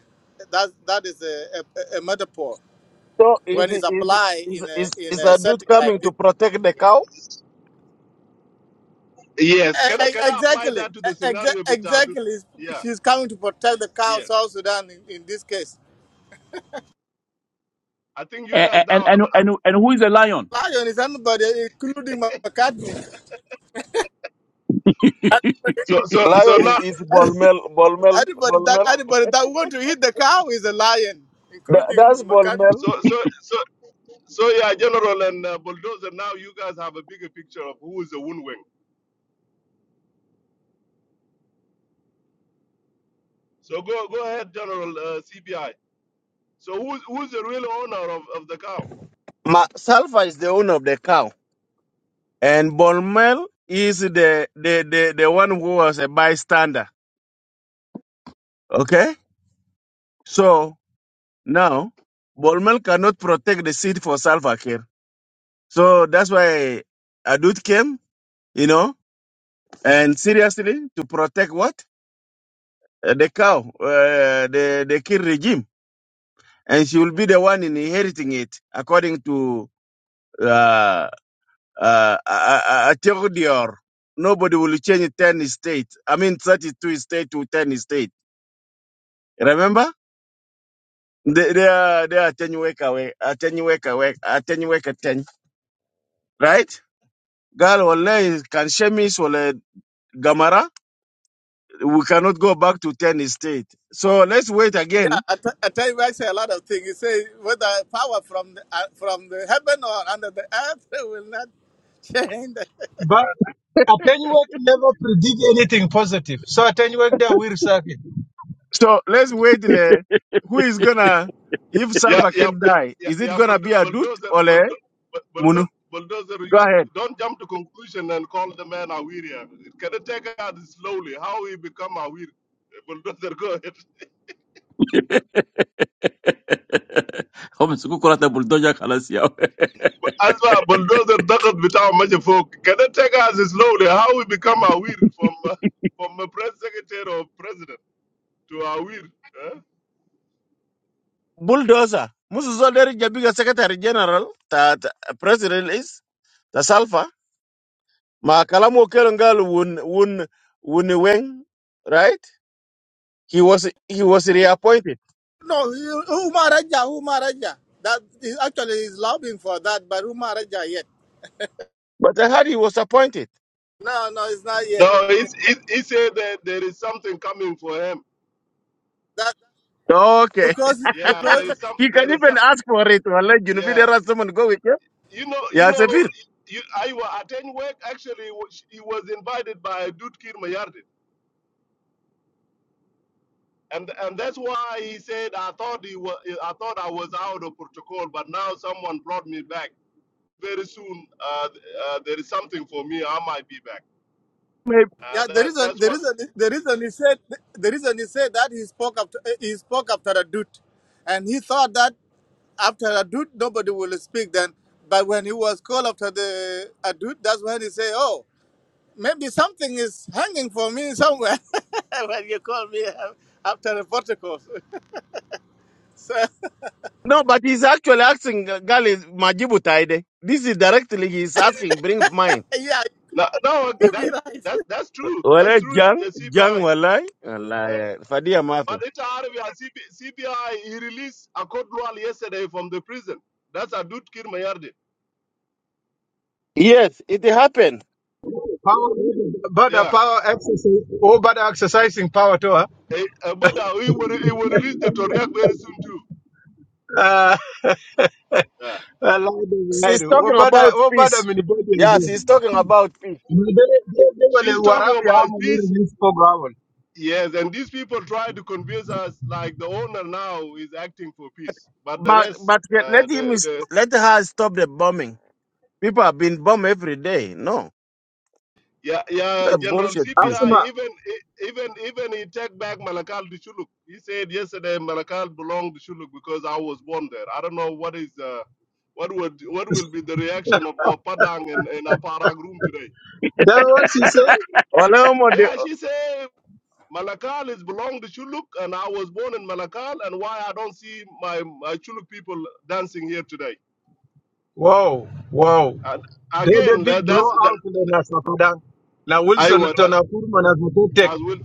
Speaker 4: that that is a, a, a metaphor
Speaker 6: so
Speaker 4: when
Speaker 6: is
Speaker 4: it's
Speaker 6: is
Speaker 4: applied
Speaker 6: is
Speaker 4: in a
Speaker 6: is
Speaker 4: in
Speaker 6: is
Speaker 4: a
Speaker 6: a dude
Speaker 4: setting like
Speaker 6: coming
Speaker 4: this
Speaker 6: to protect the
Speaker 4: one.
Speaker 6: cow
Speaker 5: Yes, can
Speaker 4: Yeah.
Speaker 5: I
Speaker 4: E- e-
Speaker 5: can I apply
Speaker 4: Exactly.
Speaker 5: that to
Speaker 4: E-
Speaker 5: the
Speaker 4: exa-
Speaker 5: scenario bitadu.
Speaker 4: Exactly.
Speaker 5: Yeah,
Speaker 4: She's coming to protect the cow,
Speaker 5: yes.
Speaker 4: South Sudan in, in this case.
Speaker 5: I think you guys
Speaker 1: and, and
Speaker 5: now have
Speaker 1: and
Speaker 5: uh,
Speaker 1: and and who is a lion?
Speaker 4: lion is anybody, including McCartney.
Speaker 5: so so so
Speaker 6: Lion
Speaker 5: now
Speaker 6: is Bolmel, Bolmel,
Speaker 4: Anybody that
Speaker 6: Bolmel.
Speaker 4: anybody that want to eat the cow is a lion,
Speaker 6: Th- That's
Speaker 4: including McCartney.
Speaker 6: Bolmel.
Speaker 5: so so so so yeah, General and uh, Bulldozer. Now you guys have a bigger picture of who is the Wunweng. So go go ahead, General uh, CBI. So who's who's the real owner of, of the cow?
Speaker 6: Ma- Salva is the owner of the cow, and Bolmel is the, the the the one who was a bystander. Okay, so now Bolmel cannot protect the seat for Salva Kiir, so that's why Adut came, you know, and seriously to protect what Uh, the cow, uh, the the Kiir regime, and she will be the one inheriting it according to. uh, Uh, I a- a- Atekho Dior, nobody will change 10 state. I mean, 32 state to 10 state. Remember? They, they are, they are 10 wake away, uh, 10 wake away, uh, 10 wake at 10. Right? Girl, wallahi, can Shemis, wallahi, Gamara, we cannot go back to 10 state. So let's wait
Speaker 4: Yeah,
Speaker 6: again.
Speaker 4: I t- I tell you, I say a lot of things. You say whether power from the, uh, from the heaven or under the earth will not change.
Speaker 7: But Attenuate never predict anything positive. So attenuate there will circuit.
Speaker 6: So let's wait. Le, who is gonna, if
Speaker 5: Yeah,
Speaker 6: Salva
Speaker 5: yeah,
Speaker 6: can
Speaker 5: yeah,
Speaker 6: die,
Speaker 5: yeah,
Speaker 6: is it
Speaker 5: yeah.
Speaker 6: gonna
Speaker 5: bulldo-
Speaker 6: be a Adut
Speaker 5: Bulldozer,
Speaker 6: or le,
Speaker 5: bulldo- bu-
Speaker 6: Munu?
Speaker 5: bulldo- bulldozer.
Speaker 6: Go
Speaker 5: You
Speaker 6: ahead.
Speaker 5: don't jump to conclusion and call the man Awiria. Can it take out slowly? How he become Awir? Bulldozer, go ahead.
Speaker 1: هم يمسكوا كرة البلدوجة خلاص يا
Speaker 5: As well, bulldozer doesn't without much folk. Can it take us slowly? How we become Awir from uh, from a press secretary or president to Awir? Huh?
Speaker 6: bulldozer. Musu Zolder Jabiga Secretary General that President is the Salva? Ma Kalamu Kerengal Wun Wun Wuniweng, right? He was he was reappointed.
Speaker 4: no, you- Umaraja, Umaraja. That is actually is lobbying for that, but Umaraja yet.
Speaker 6: But I heard he was appointed.
Speaker 4: No, no, it's not yet.
Speaker 5: No, he, he, he said that there is something coming for him.
Speaker 4: That
Speaker 6: Okay.
Speaker 4: because
Speaker 5: Yeah, there
Speaker 4: because
Speaker 5: is some.
Speaker 6: He
Speaker 5: There
Speaker 6: can
Speaker 5: is
Speaker 6: even
Speaker 5: some.
Speaker 6: ask for it to allow you know,
Speaker 5: yeah.
Speaker 6: there are someone go with you.
Speaker 5: you know, you
Speaker 6: Yeah,
Speaker 5: know,
Speaker 6: Safir.
Speaker 5: you, I wa- attend work. Actually, wa- sh- he was invited by Dutkir Mayardin, and and that's why he said I thought he was, I thought I was out of protocol, but now someone brought me back. Very soon, uh, th- uh, there is something for me. I might be back.
Speaker 6: Maybe.
Speaker 5: Uh,
Speaker 4: Yeah, the
Speaker 5: that
Speaker 4: reason,
Speaker 5: that's
Speaker 4: the
Speaker 5: what.
Speaker 4: reason, the reason he said, the reason he said that he spoke after, eh, he spoke after a dude, and he thought that after a dude nobody will speak then. But when he was called after the a that's when he say, "Oh, maybe something is hanging for me somewhere." when you call me uh, after the protocol, so
Speaker 6: No, but he's actually asking uh, Gali Majibu Taide. This is directly he's asking, bring mine.
Speaker 4: yeah,
Speaker 5: No, no,
Speaker 4: you be
Speaker 5: that's
Speaker 4: right.
Speaker 5: that's that's true. That's
Speaker 6: Walai
Speaker 5: true. s-
Speaker 6: Jang,
Speaker 5: uh,
Speaker 6: Jang
Speaker 5: CPI.
Speaker 6: Walai.
Speaker 5: Uh,
Speaker 6: Walai. Fadia Mafi.
Speaker 5: but it's out of CPI. He released a code yesterday from the prison. That's a Dutkir Mayardit.
Speaker 6: Yes, it happened.
Speaker 7: Power, but the
Speaker 5: Yeah.
Speaker 7: power exercise, oh, but exercising power to her.
Speaker 5: Eh, eh, But uh, we will, it will reach the Toriak very soon too.
Speaker 7: Ah,
Speaker 5: Yeah.
Speaker 7: wallahi dai
Speaker 6: She's
Speaker 7: gaido wo
Speaker 6: talking
Speaker 7: bada
Speaker 6: about
Speaker 7: wo bada
Speaker 6: peace. Yeah, she's talking about peace.
Speaker 5: She's talking
Speaker 7: warabi
Speaker 5: about
Speaker 7: hamu ni
Speaker 5: peace.
Speaker 7: release program
Speaker 5: Yes, and these people try to convince us like the owner now is acting for peace, but the
Speaker 6: But
Speaker 5: rest,
Speaker 6: but
Speaker 5: uh,
Speaker 6: let him
Speaker 5: the
Speaker 6: is-
Speaker 5: the
Speaker 6: let her stop the bombing. People have been bombed every day. No,
Speaker 5: yeah yeah
Speaker 6: that
Speaker 5: General
Speaker 6: bullshit too.
Speaker 7: asma
Speaker 5: CPI even e, even even he take back Malakal to Shuluk. He said yesterday Malakal belonged to Shuluk because I was born there. I don't know what is uh, what would what will be the reaction of, of Padang and, and Aparag room today.
Speaker 7: that what she said.
Speaker 6: Wala mo de-
Speaker 5: Yeah, she said Malakal is belong to Chuluk, and I was born in Malakal, and why I don't see my, my Chuluk people dancing here today.
Speaker 7: wow wow
Speaker 5: And
Speaker 7: they the
Speaker 5: again,
Speaker 7: big
Speaker 5: that, that's that,
Speaker 7: blowout in the na Sudan. na
Speaker 5: I
Speaker 7: wilson
Speaker 5: was
Speaker 7: to
Speaker 5: that
Speaker 7: na kurma na zutu tek
Speaker 5: as well.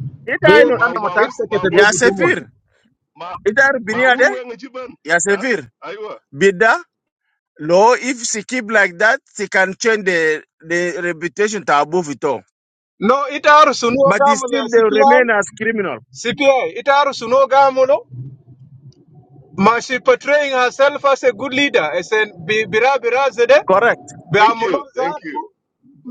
Speaker 5: I
Speaker 6: ita
Speaker 7: they
Speaker 5: was
Speaker 6: ino-
Speaker 5: my
Speaker 7: ana matak
Speaker 6: it-
Speaker 5: my my
Speaker 7: sekete go
Speaker 6: Ya
Speaker 7: gutumon
Speaker 6: Sefir,
Speaker 5: my
Speaker 6: ita ar
Speaker 5: my
Speaker 6: binia de
Speaker 5: unweng achievement.
Speaker 6: Ya
Speaker 5: Huh?
Speaker 6: Sefir.
Speaker 5: I was.
Speaker 6: Bida No, If she keep like that, she can change the the reputation to above it all.
Speaker 7: no itaru suno
Speaker 6: But he
Speaker 7: gamu le
Speaker 6: still they
Speaker 7: cpi
Speaker 6: remain as criminal.
Speaker 7: cpi itaru suno gamu But she portraying herself as a good leader. As in, Bi- Bira Bira Zede,
Speaker 6: Correct.
Speaker 5: Thank you,
Speaker 7: Biamulon
Speaker 5: thank
Speaker 7: Zatu
Speaker 5: you,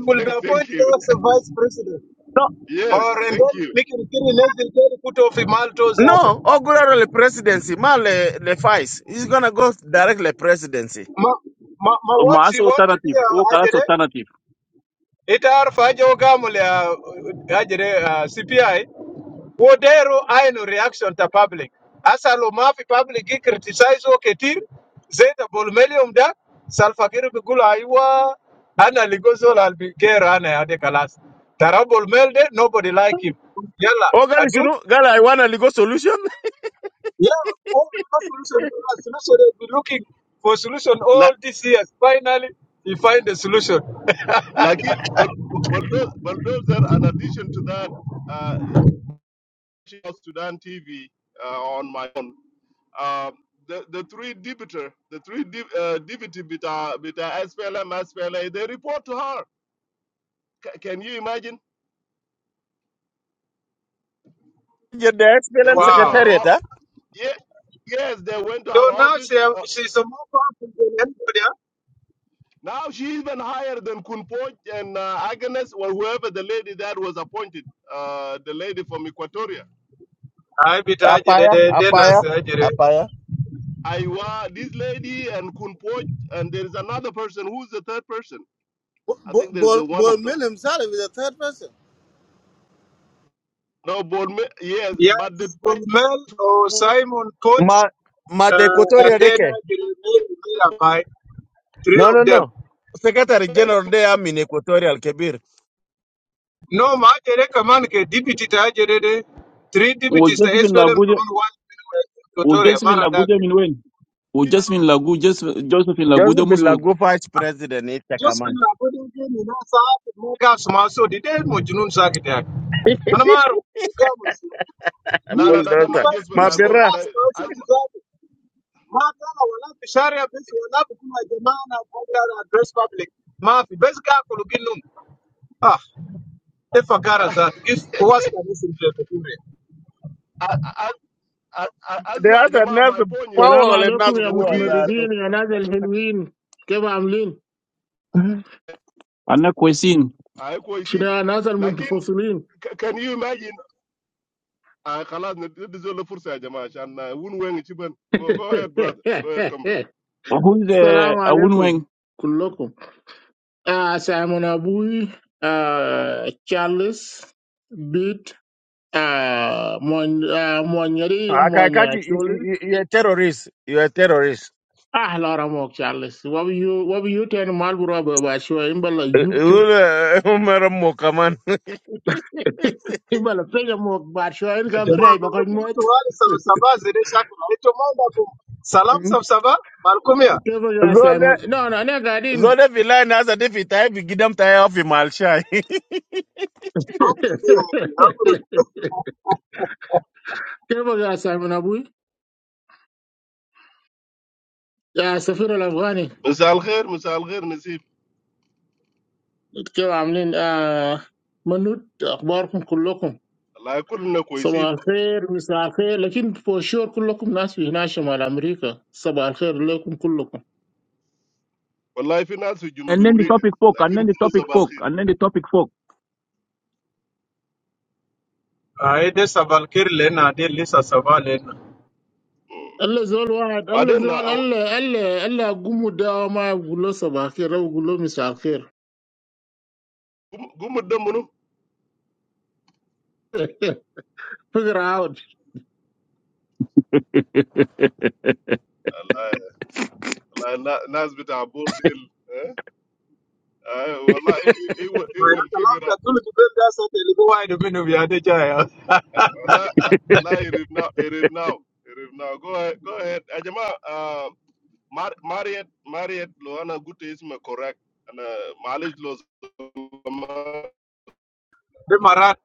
Speaker 7: be
Speaker 5: thank thank
Speaker 7: appointed
Speaker 5: you.
Speaker 7: as a vice president.
Speaker 6: So,
Speaker 7: Or
Speaker 5: Yes,
Speaker 7: and
Speaker 5: thank
Speaker 7: then
Speaker 5: you.
Speaker 7: making Kiri Nezil kiri put off Malto
Speaker 6: No,
Speaker 7: Zatu.
Speaker 6: Oguraro presidency, ma le, le vice. He's gonna go directly presidency.
Speaker 7: Ma, ma, ma what
Speaker 1: معاه
Speaker 7: she want to be
Speaker 1: alternative هو خلاص
Speaker 7: a
Speaker 1: alternative
Speaker 7: Ajede, it are Fajo Gamule Ajede uh, CPI. Wodero aino reaction ta public. Asa lo mafi public gi criticize o ketir, zeta bolmelium da, salfakiru bigulu aywa, ana ligozo la albigero ana ya de kalas. Tara bolmelde, nobody like him. Yala,
Speaker 6: Oh, gali
Speaker 7: adut,
Speaker 6: sunu, gali I want a legal solution.
Speaker 7: yeah, all the solution, the solution they've been looking for solution
Speaker 5: La,
Speaker 7: all these years. Finally, he find the solution.
Speaker 5: like it, but bulldozer. In addition to that, uh, of Sudan TV uh, on my own. Um, the, the three debater, the three deb uh, deputy bita, bita SPLM, SPLA, they report to her. C- can you imagine?
Speaker 6: Get the
Speaker 5: They
Speaker 6: SPLM
Speaker 5: went to
Speaker 7: Wow.
Speaker 5: her
Speaker 6: secretariat,
Speaker 5: office.
Speaker 6: huh?
Speaker 5: Yeah, yes, they went to
Speaker 7: So
Speaker 5: her
Speaker 7: now
Speaker 5: office.
Speaker 7: she
Speaker 5: Uh,
Speaker 7: she's a more powerful than anybody. Else.
Speaker 5: now she even higher than Kunpoch and uh, Agnes or whoever the lady that was appointed, uh, the lady from Equatoria.
Speaker 7: I be tired bit ajere
Speaker 6: Apaya,
Speaker 7: de
Speaker 6: apaya,
Speaker 7: denas
Speaker 6: apaya.
Speaker 5: Iwa, this lady and Kunpoch, and there is another person. Who's the third person? I
Speaker 4: Bol
Speaker 5: think there's
Speaker 4: Bol
Speaker 5: uh, one
Speaker 4: Bol
Speaker 5: of them.
Speaker 4: Mill himself is a third person.
Speaker 5: No, but yes, but the
Speaker 7: Yes,
Speaker 5: time
Speaker 7: Guzmel or
Speaker 5: is.
Speaker 7: Simon Cohen,
Speaker 6: Ma, ma
Speaker 7: uh,
Speaker 6: de
Speaker 7: and
Speaker 6: Equatorial
Speaker 7: then
Speaker 6: deke.
Speaker 7: I will Mirabai, three
Speaker 6: No,
Speaker 7: of
Speaker 6: no,
Speaker 7: them.
Speaker 6: no. Secretary General de am in Equatorial Kebir.
Speaker 7: No, my command ke deputy ta jerede, three deputies ta
Speaker 1: وجوزفين
Speaker 7: SPLM
Speaker 1: لاجودة
Speaker 7: command one Equatoria,
Speaker 1: وجوزفين
Speaker 7: Maradak.
Speaker 1: لاجودة من وين؟ وجوزفين لاجودة جوزفين لاجودة
Speaker 6: Joseph
Speaker 1: مسعود
Speaker 6: Lagu vice president ita
Speaker 7: Just been
Speaker 6: kaman.
Speaker 7: a good game in Asa, Mogas Maso, the day Mojunun Sakitak. Anamaro, Ugamus.
Speaker 5: La la
Speaker 7: Mimi
Speaker 5: la, the
Speaker 6: Bulldozer.
Speaker 7: kutuba
Speaker 5: major is for
Speaker 6: Ma
Speaker 7: president
Speaker 5: Lagos.
Speaker 6: birra.
Speaker 7: Mas Maso
Speaker 5: As
Speaker 7: Tizabi. Matana wala Fisharia Bis wala Kuma Jamana, Bogara, address public. Mafi, best Gakulugin. Ah, taifa gara zatu if huwasi kabisa mtu yako kule
Speaker 5: as as as as
Speaker 6: They
Speaker 5: my
Speaker 6: have a
Speaker 5: jamah,
Speaker 6: nice
Speaker 5: my point is
Speaker 8: Assalamu
Speaker 6: power le
Speaker 8: alaikum
Speaker 6: nas
Speaker 8: ya
Speaker 5: the
Speaker 6: guwa
Speaker 5: three.
Speaker 6: za
Speaker 8: mutmridin ya nasrul hulwain. Keba amlin.
Speaker 6: to.
Speaker 1: انا كويسين
Speaker 5: I couldn't see.
Speaker 8: Shina nasrul
Speaker 5: Like,
Speaker 8: muntfacalin.
Speaker 5: can you imagine? I'm clear. This is the first jamah, and I won't wait. Go ahead, brother. Go ahead, come here.
Speaker 1: who is
Speaker 8: Assalamu
Speaker 1: a
Speaker 8: alaikum
Speaker 1: Wunweng
Speaker 8: kulokum. Ah, saya monabui Charles bid mon monyari
Speaker 6: Akakati, you-
Speaker 8: monyakoli.
Speaker 6: you- you- you're a terrorist. You're a terrorist.
Speaker 8: Ah, lara mo Charles. What you what you turn malburabu basho. Imbalo yup yup.
Speaker 6: Ule Umar Muka man.
Speaker 8: Imbalo fena mo basho. El
Speaker 7: Na jamaa
Speaker 8: gabri baqal
Speaker 7: malukumi
Speaker 8: mo.
Speaker 7: tuwali sabasaba zile shaka naitwa manda ku salam sabasaba malkumia
Speaker 8: Hello guys, no,
Speaker 6: Zole
Speaker 8: no, I'm not kidding.
Speaker 6: zole vilai nasa de fitai bigidam tai au fi malshai.
Speaker 7: hakurudi wapi hakurudi
Speaker 8: Hello guys, Simon Abui. Yeah, so far the funny.
Speaker 5: Miss Algher, Miss Algher, Nizim.
Speaker 8: Hello, I'm Lin. Ah, manut, akbar kum, kullo kum.
Speaker 5: I couldn't
Speaker 8: Sabah
Speaker 5: see.
Speaker 8: al-fir, misa al-fir. But for sure, kullo kum, nasi hina shema la America. Sabah al-fir, laikum kullo kum.
Speaker 5: But I finance with you in
Speaker 1: And then the
Speaker 5: America.
Speaker 1: topic folk,
Speaker 5: Like,
Speaker 1: and
Speaker 5: I'm
Speaker 1: then the
Speaker 5: cool. So
Speaker 1: topic folk,
Speaker 5: banhiet.
Speaker 1: and then the topic folk.
Speaker 7: ai de sabalkir lena de lisa saba lena
Speaker 8: Allah zual wahad,
Speaker 5: But
Speaker 8: Allah
Speaker 5: then now,
Speaker 8: zual, Allah, Allah, Allah, akumu daama abulah sabah al-fir, abulah misa al-fir.
Speaker 5: go go meet them.
Speaker 8: Figure out.
Speaker 5: La na Nazbita abur del, eh? I will he
Speaker 7: ma ya
Speaker 5: will
Speaker 7: kalam
Speaker 5: figure
Speaker 7: ta
Speaker 5: out.
Speaker 7: tulu kibel da sa te libo wai do minu ya de jaya
Speaker 5: La, la, la. Irivna, irivna, irivna. Go ahead, go ahead. Ajema, mar, marret, marret. Lo ana gute isme correct. Ana malij lozva.
Speaker 7: de marat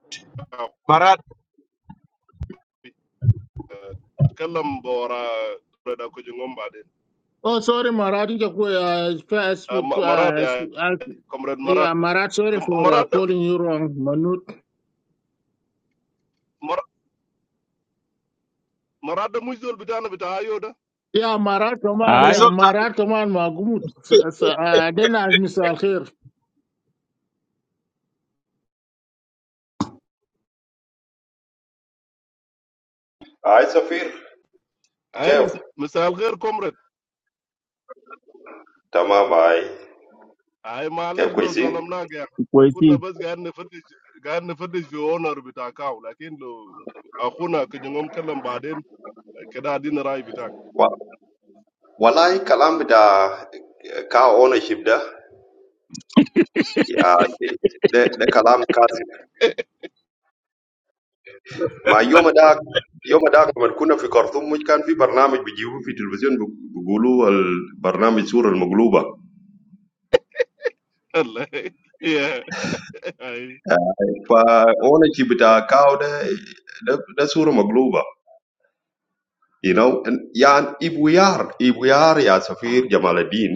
Speaker 7: marat
Speaker 5: Kalem boora. Pre da kujungumbade.
Speaker 8: Oh, sorry, my radio is
Speaker 5: Ma marad ya
Speaker 8: fast.
Speaker 5: komrad marad.
Speaker 8: Yeah, Marat, sorry for uh,
Speaker 5: Marad,
Speaker 8: calling you wrong, Manut.
Speaker 5: mar, marad muizul bita na bita ayoda.
Speaker 8: Yeah, Marat, come on,
Speaker 1: Aye.
Speaker 7: esol ta
Speaker 8: Marat, come on, my good. Then ask Mr. Alkhair.
Speaker 9: Hi, Sufir.
Speaker 5: Ay
Speaker 9: Kev.
Speaker 5: mu, misal gher komrad.
Speaker 9: Tama mai.
Speaker 5: اي معلش
Speaker 9: Kev, kwa
Speaker 5: لو
Speaker 9: zi.
Speaker 5: ظلمناك يا أخي. كنا بس قاعد نفتش قاعد نفتش في اونر بتاع كاو لكن لو اخونا كجنون كلم بعدين كده عدينا راي بتاعك
Speaker 9: Wa walai kalam da cow ownership da ya de de kalam kazi. Ma yom da yom da kama kuna fikar tumu yakan vi programu bijiwa fi televizion bogo lu al programu sura magluba.
Speaker 5: الله yeah أي.
Speaker 9: Fa ownership da cow da de sura magluba. You know, and yon if we are if we are yon Sufir Jamaaladin.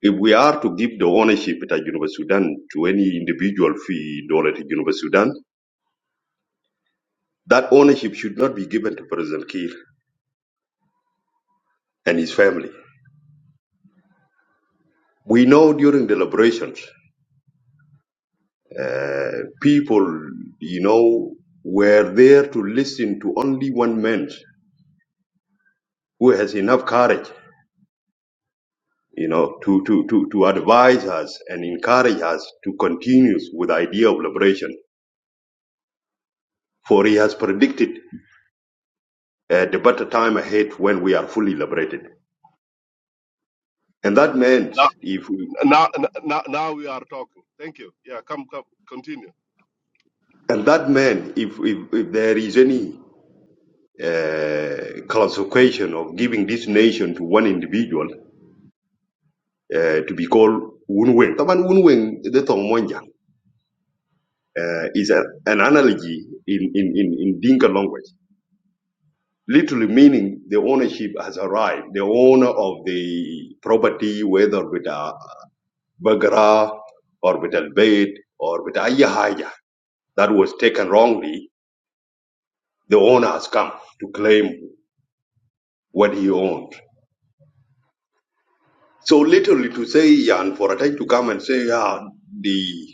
Speaker 9: if we are to give the ownership at University Sudan to any individual fee dollar to University Sudan, that ownership should not be given to President Kiir and his family. We know during the deliberations, uh, people, you know, were there to listen to only one man who has enough courage, you know, to, to, to, to advise us and encourage us to continue with the idea of liberation. For he has predicted uh, the better time ahead when we are fully liberated. And that
Speaker 5: now,
Speaker 9: meant if we,
Speaker 5: now, now, now we are talking thank you yeah come come continue
Speaker 9: and that meant if, if, if there is any uh, classification of giving this nation to one individual uh, to be called Wunweng. Taban Wunweng the Tong Monjang uh, is a, an analogy in, in, in, in Dinka language, literally meaning the ownership has arrived, the owner of the property, whether with a Bagara or with a Bait or with a Ayahaja that was taken wrongly, the owner has come to claim what he owned. So literally to say, yeah, and for a time to come and say, yeah, the,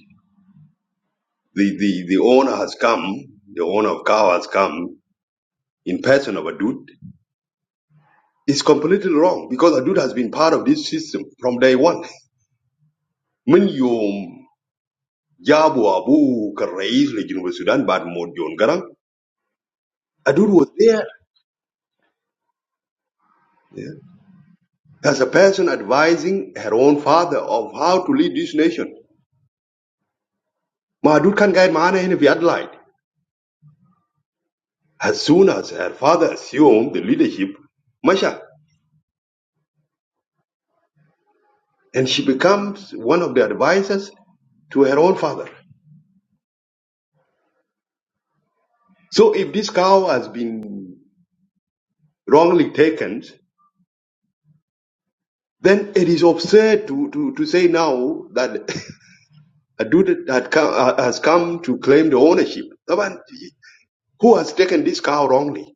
Speaker 9: the, the, the owner has come, the owner of cow has come in person of Adud is completely wrong because Adud has been part of this system from day one. When you Jabu Abu Karais, Legion Sudan, but Modion Garang, Adud was there yeah, as a person advising her own father of how to lead this nation. Ma Adud can guide Mahana in the light. As soon as her father assumed the leadership, Masha, and she becomes one of the advisors to her own father. So if this cow has been wrongly taken, then it is absurd to, to, to say now that a dude that come, uh, has come to claim the ownership. The one who has taken this cow wrongly?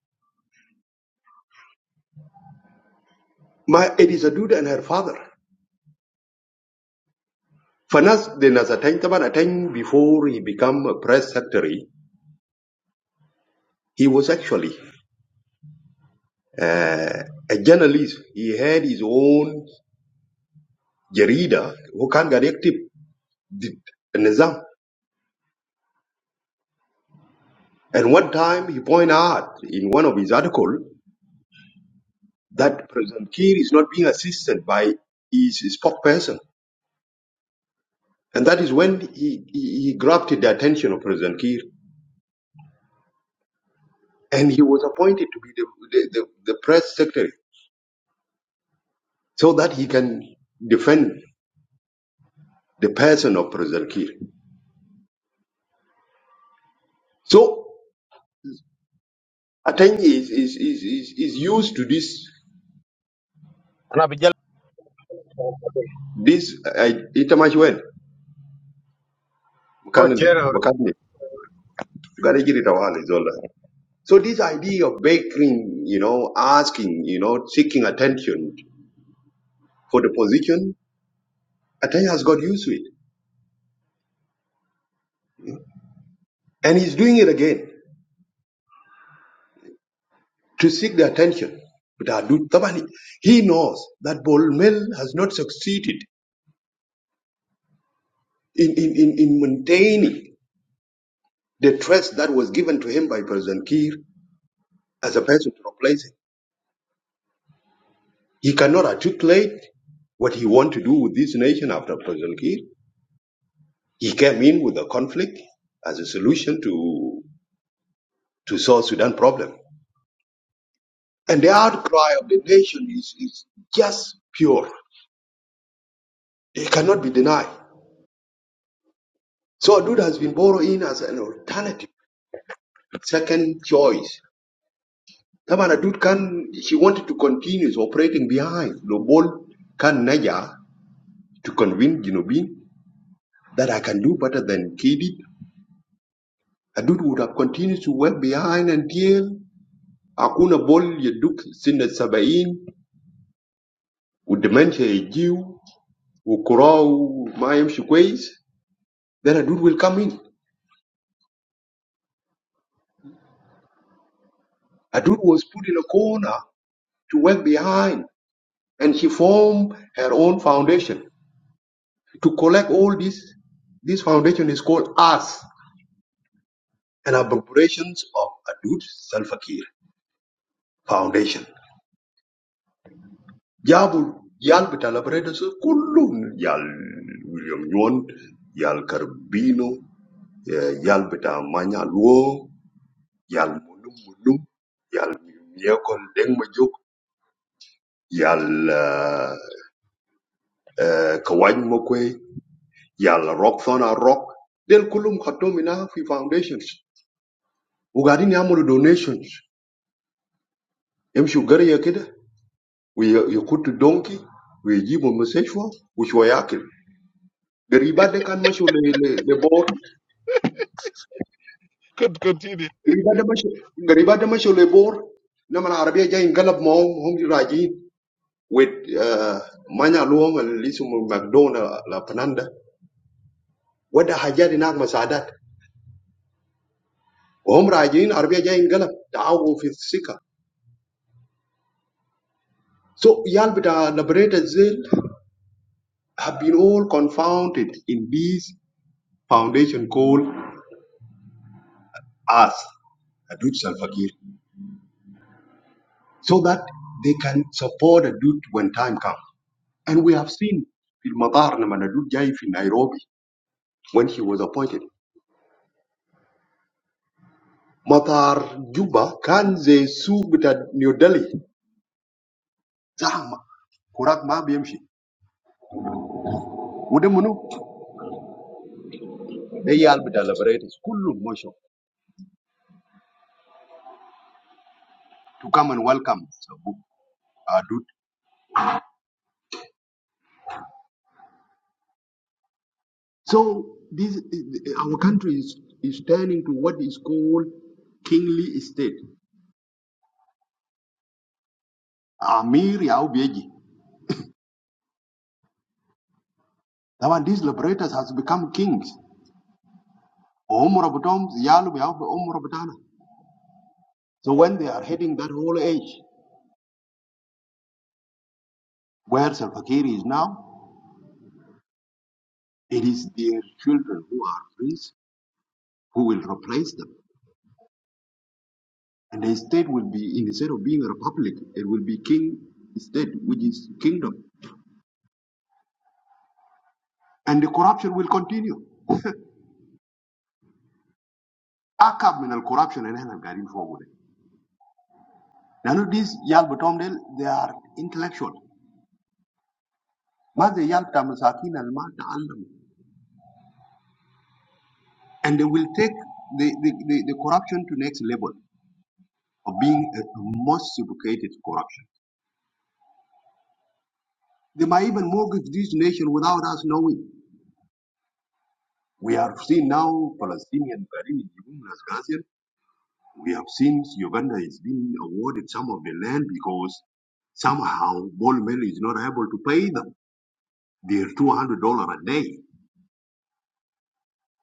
Speaker 9: My, it is a dude and her father. Fanas the Nazateng Taban Ateng, before he became a press secretary, he was actually uh, a journalist. He had his own jarida who can get active the Nizam. And one time he pointed out in one of his articles that President Kiir is not being assisted by his spokesperson. And that is when he, he, he grabbed the attention of President Kiir. And he was appointed to be the, the, the, the press secretary so that he can defend the person of President Kiir. So Ateng is, is, is, is, is used to this This uh, ita mashi
Speaker 7: ko
Speaker 9: mechanic,
Speaker 7: jera ore
Speaker 9: mechanic. Gare giri tawali zola. So this idea of begging, you know, asking, you know, seeking attention for the position, Atanya has got used to it, and he's doing it again to seek the attention. But Adu Tabani, he knows that Bolmel has not succeeded in, in, in, in maintaining the trust that was given to him by President Kiir as a person to replace him. He cannot articulate what he wants to do with this nation after President Kiir. He came in with a conflict as a solution to, to South Sudan problem. And the outcry of the nation is, is just pure. It cannot be denied. So Adud has been borrowed in as an alternative, second choice. Taman Adud can, she wanted to continue operating behind Lobol Kan Naja to convince Ginobin that I can do better than Kidid. Adud would have continued to work behind until Akuna Bol Yaduk Sinat Sabain والدمنشيا يجيو وكراو ما يمشي كويس then a dude will come in a dude was put in a corner to work behind and she formed her own foundation to collect all this this foundation is called us and abbreviations of a dude Salfakir foundation جابوا يال بتاع liberators كلهم يال ويليام يون يال كاربينو يال بتاع مانيا yal munum munum yal miyekon deng majuk yal uh, kawany mokwe yal rock thona rock del kulum khatomina fi foundations ugadini amulu donations emshu gariya kida we yakutu donkey we jibu mseshwa ushwa yake gariba de kan mashu le le, le bor
Speaker 5: could continue
Speaker 9: gariba de mashu gariba de mashu le bor nama arabia jay galab mom hom raji with uh, manya luom lisum mcdonald la pananda What the hundred nags are said at? Homradians, Arabicians, Gallop, the Anglophile seeker. So, y'all be da liberated zeal have been all confounded in this foundation called us a Dud Salva Gil, so that they can support a Dud when time comes. And we have seen, Filmatar, na ma a Dud Jaye in Nairobi when he was appointed. Matar Juba kanze su be da New Delhi. Zama kurat ma BMS. Wode manu? They y'all be da liberated. Kulu musho. to come and welcome uh, Dut. So this our country is, is turning to what is called kingly state, Amir Yaubieji. Now and these liberators has become kings. Omurabutom, Yalu Yaub- Omurabutana. So when they are heading that whole age where Salfakiri is now, it is their children who are prince who will replace them. And the state will be instead of being a republic, it will be king state, which is kingdom. And the corruption will continue. Akab min al-corruption اللي احنا قاعدين فوقه ده. لأنه these يال بتوعهم ديل they are intellectual. ما زي يال بتاع مساكين اللي ما تعلموا. And they will take the, the, the, the corruption to next level of being a most sophisticated corruption. They might even mortgage this nation without us knowing. We have seen now Palestinian Bahrain is giving us Gazian. We have seen Uganda is being awarded some of the land because somehow Bol is not able to pay them their $200 a day.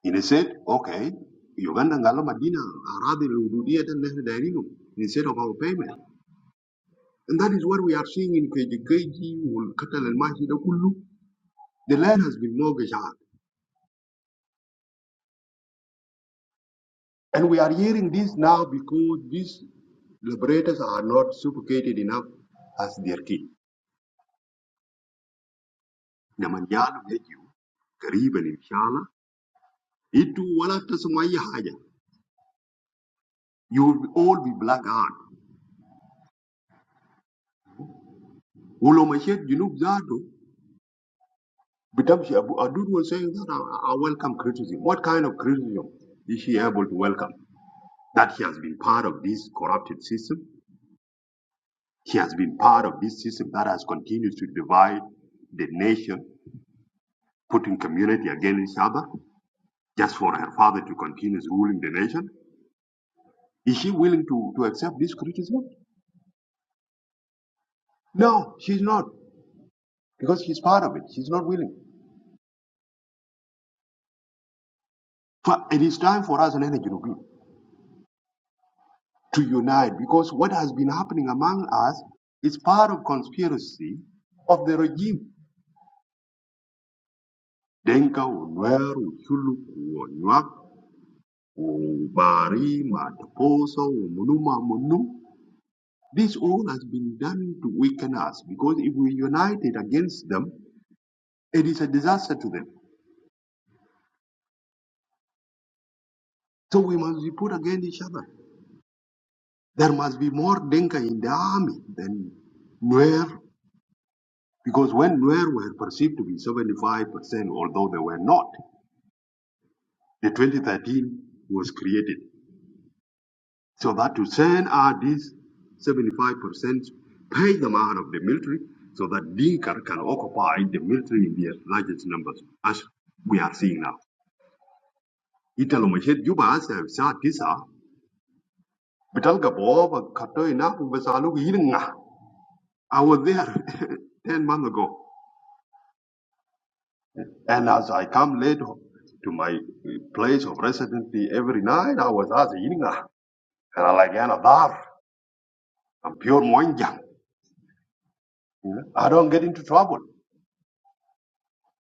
Speaker 9: And he said, okay, Uganda Ngalo Madina Aradi Lududia and Dairino instead of our payment. And that is what we are seeing in KGKG, Katal and Mahida Kulu. The land has been mortgaged out. And we are hearing this now because these liberators are not suffocated enough as their king. Namanyana Meju, Kariban Inshallah, Itu Walata Sumaya Haja. You will all be black out. Ulomachet Junub Zato, Bitamshi Abu Adud was saying that I, I welcome criticism. What kind of criticism is he able to welcome? That he has been part of this corrupted system. He has been part of this system that has continued to divide the nation, putting community against each other, just for her father to continue ruling the nation. Is she willing to, to accept this criticism? No, she's not, because she's part of it. She's not willing. But it is time for us, Nene Junubin. to unite because what has been happening among us is part of conspiracy of the regime. Denka, Unwer, Uchulu, Uonyak, Ubari, Mataposa, Umunuma, Munu. This all has been done to weaken us because if we united against them, it is a disaster to them. So we must be put against each other. There must be more Denka in the army than Nuer because when Nuer were perceived to be 75%, although they were not, The 2013 was created so that to send out these 75 percent, pay them out of the military so that Dinka can occupy the military in their largest numbers, as we are seeing now. Italomachet Juba as a sa tisa, Bitalga Bob, Katoina, Basalu Yinga. I was there 10 months ago. And as I come late to my uh, place of residency every night, I was asked Yinga. And I like, Anadar, I'm pure Moinjang. you know, I don't get into trouble.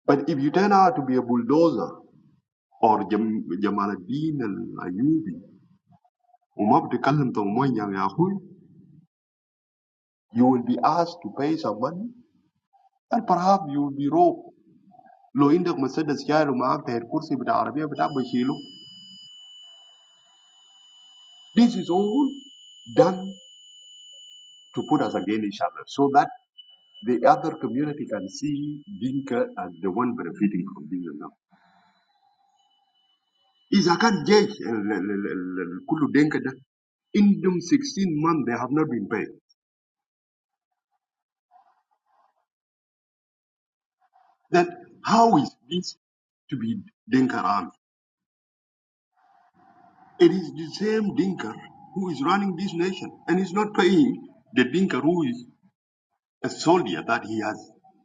Speaker 9: But if you turn out to be a bulldozer or Jam- Jamal Adin and Ayubi, وما بتكلم طموين يا أخوي, you will be asked to pay some money and perhaps you will be robbed. لو عندك مسدس جاي ومعك تاير كرسي بتاع عربية بتاع بشيله. This is all done to put us against each other so that the other community can see Dinka as the one benefiting from Dinka now. إذا كان جيش ال- ال- ال- ال- كله Dinka ده in them 16 months they have not been paid. That how is this to be Dinka army? It is the same Dinka who is running this nation and is not paying the Dinka who is a soldier that he has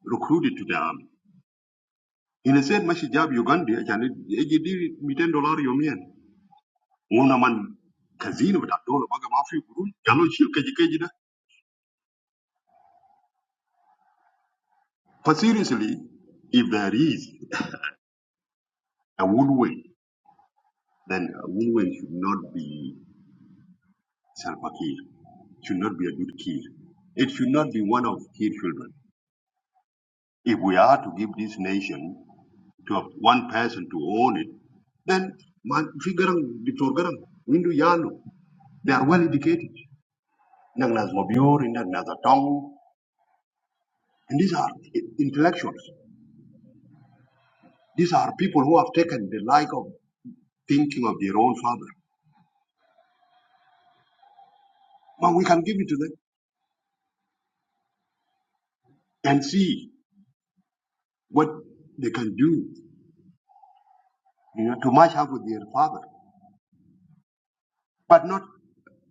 Speaker 9: recruited to the army. In a said Mashijab Uganda, Ejidi Miten Dollar Yomian, Wona man Kazino with Abdullah Bagamafi Guru, Yalo Shilkajikajida. But seriously, if there is a woodwind, then a woodwind should not be Salpakir. should not be a good key. It should not be one of key children. If we are to give this nation to one person to own it, then man figurang Victor Garang, Yalu, they are well educated. Nang Nas Mobiori, Nang Nas and these are intellectuals. These are people who have taken the like of thinking of their own father. But we can give it to them and see what they can do, you know, to match up with their father, but not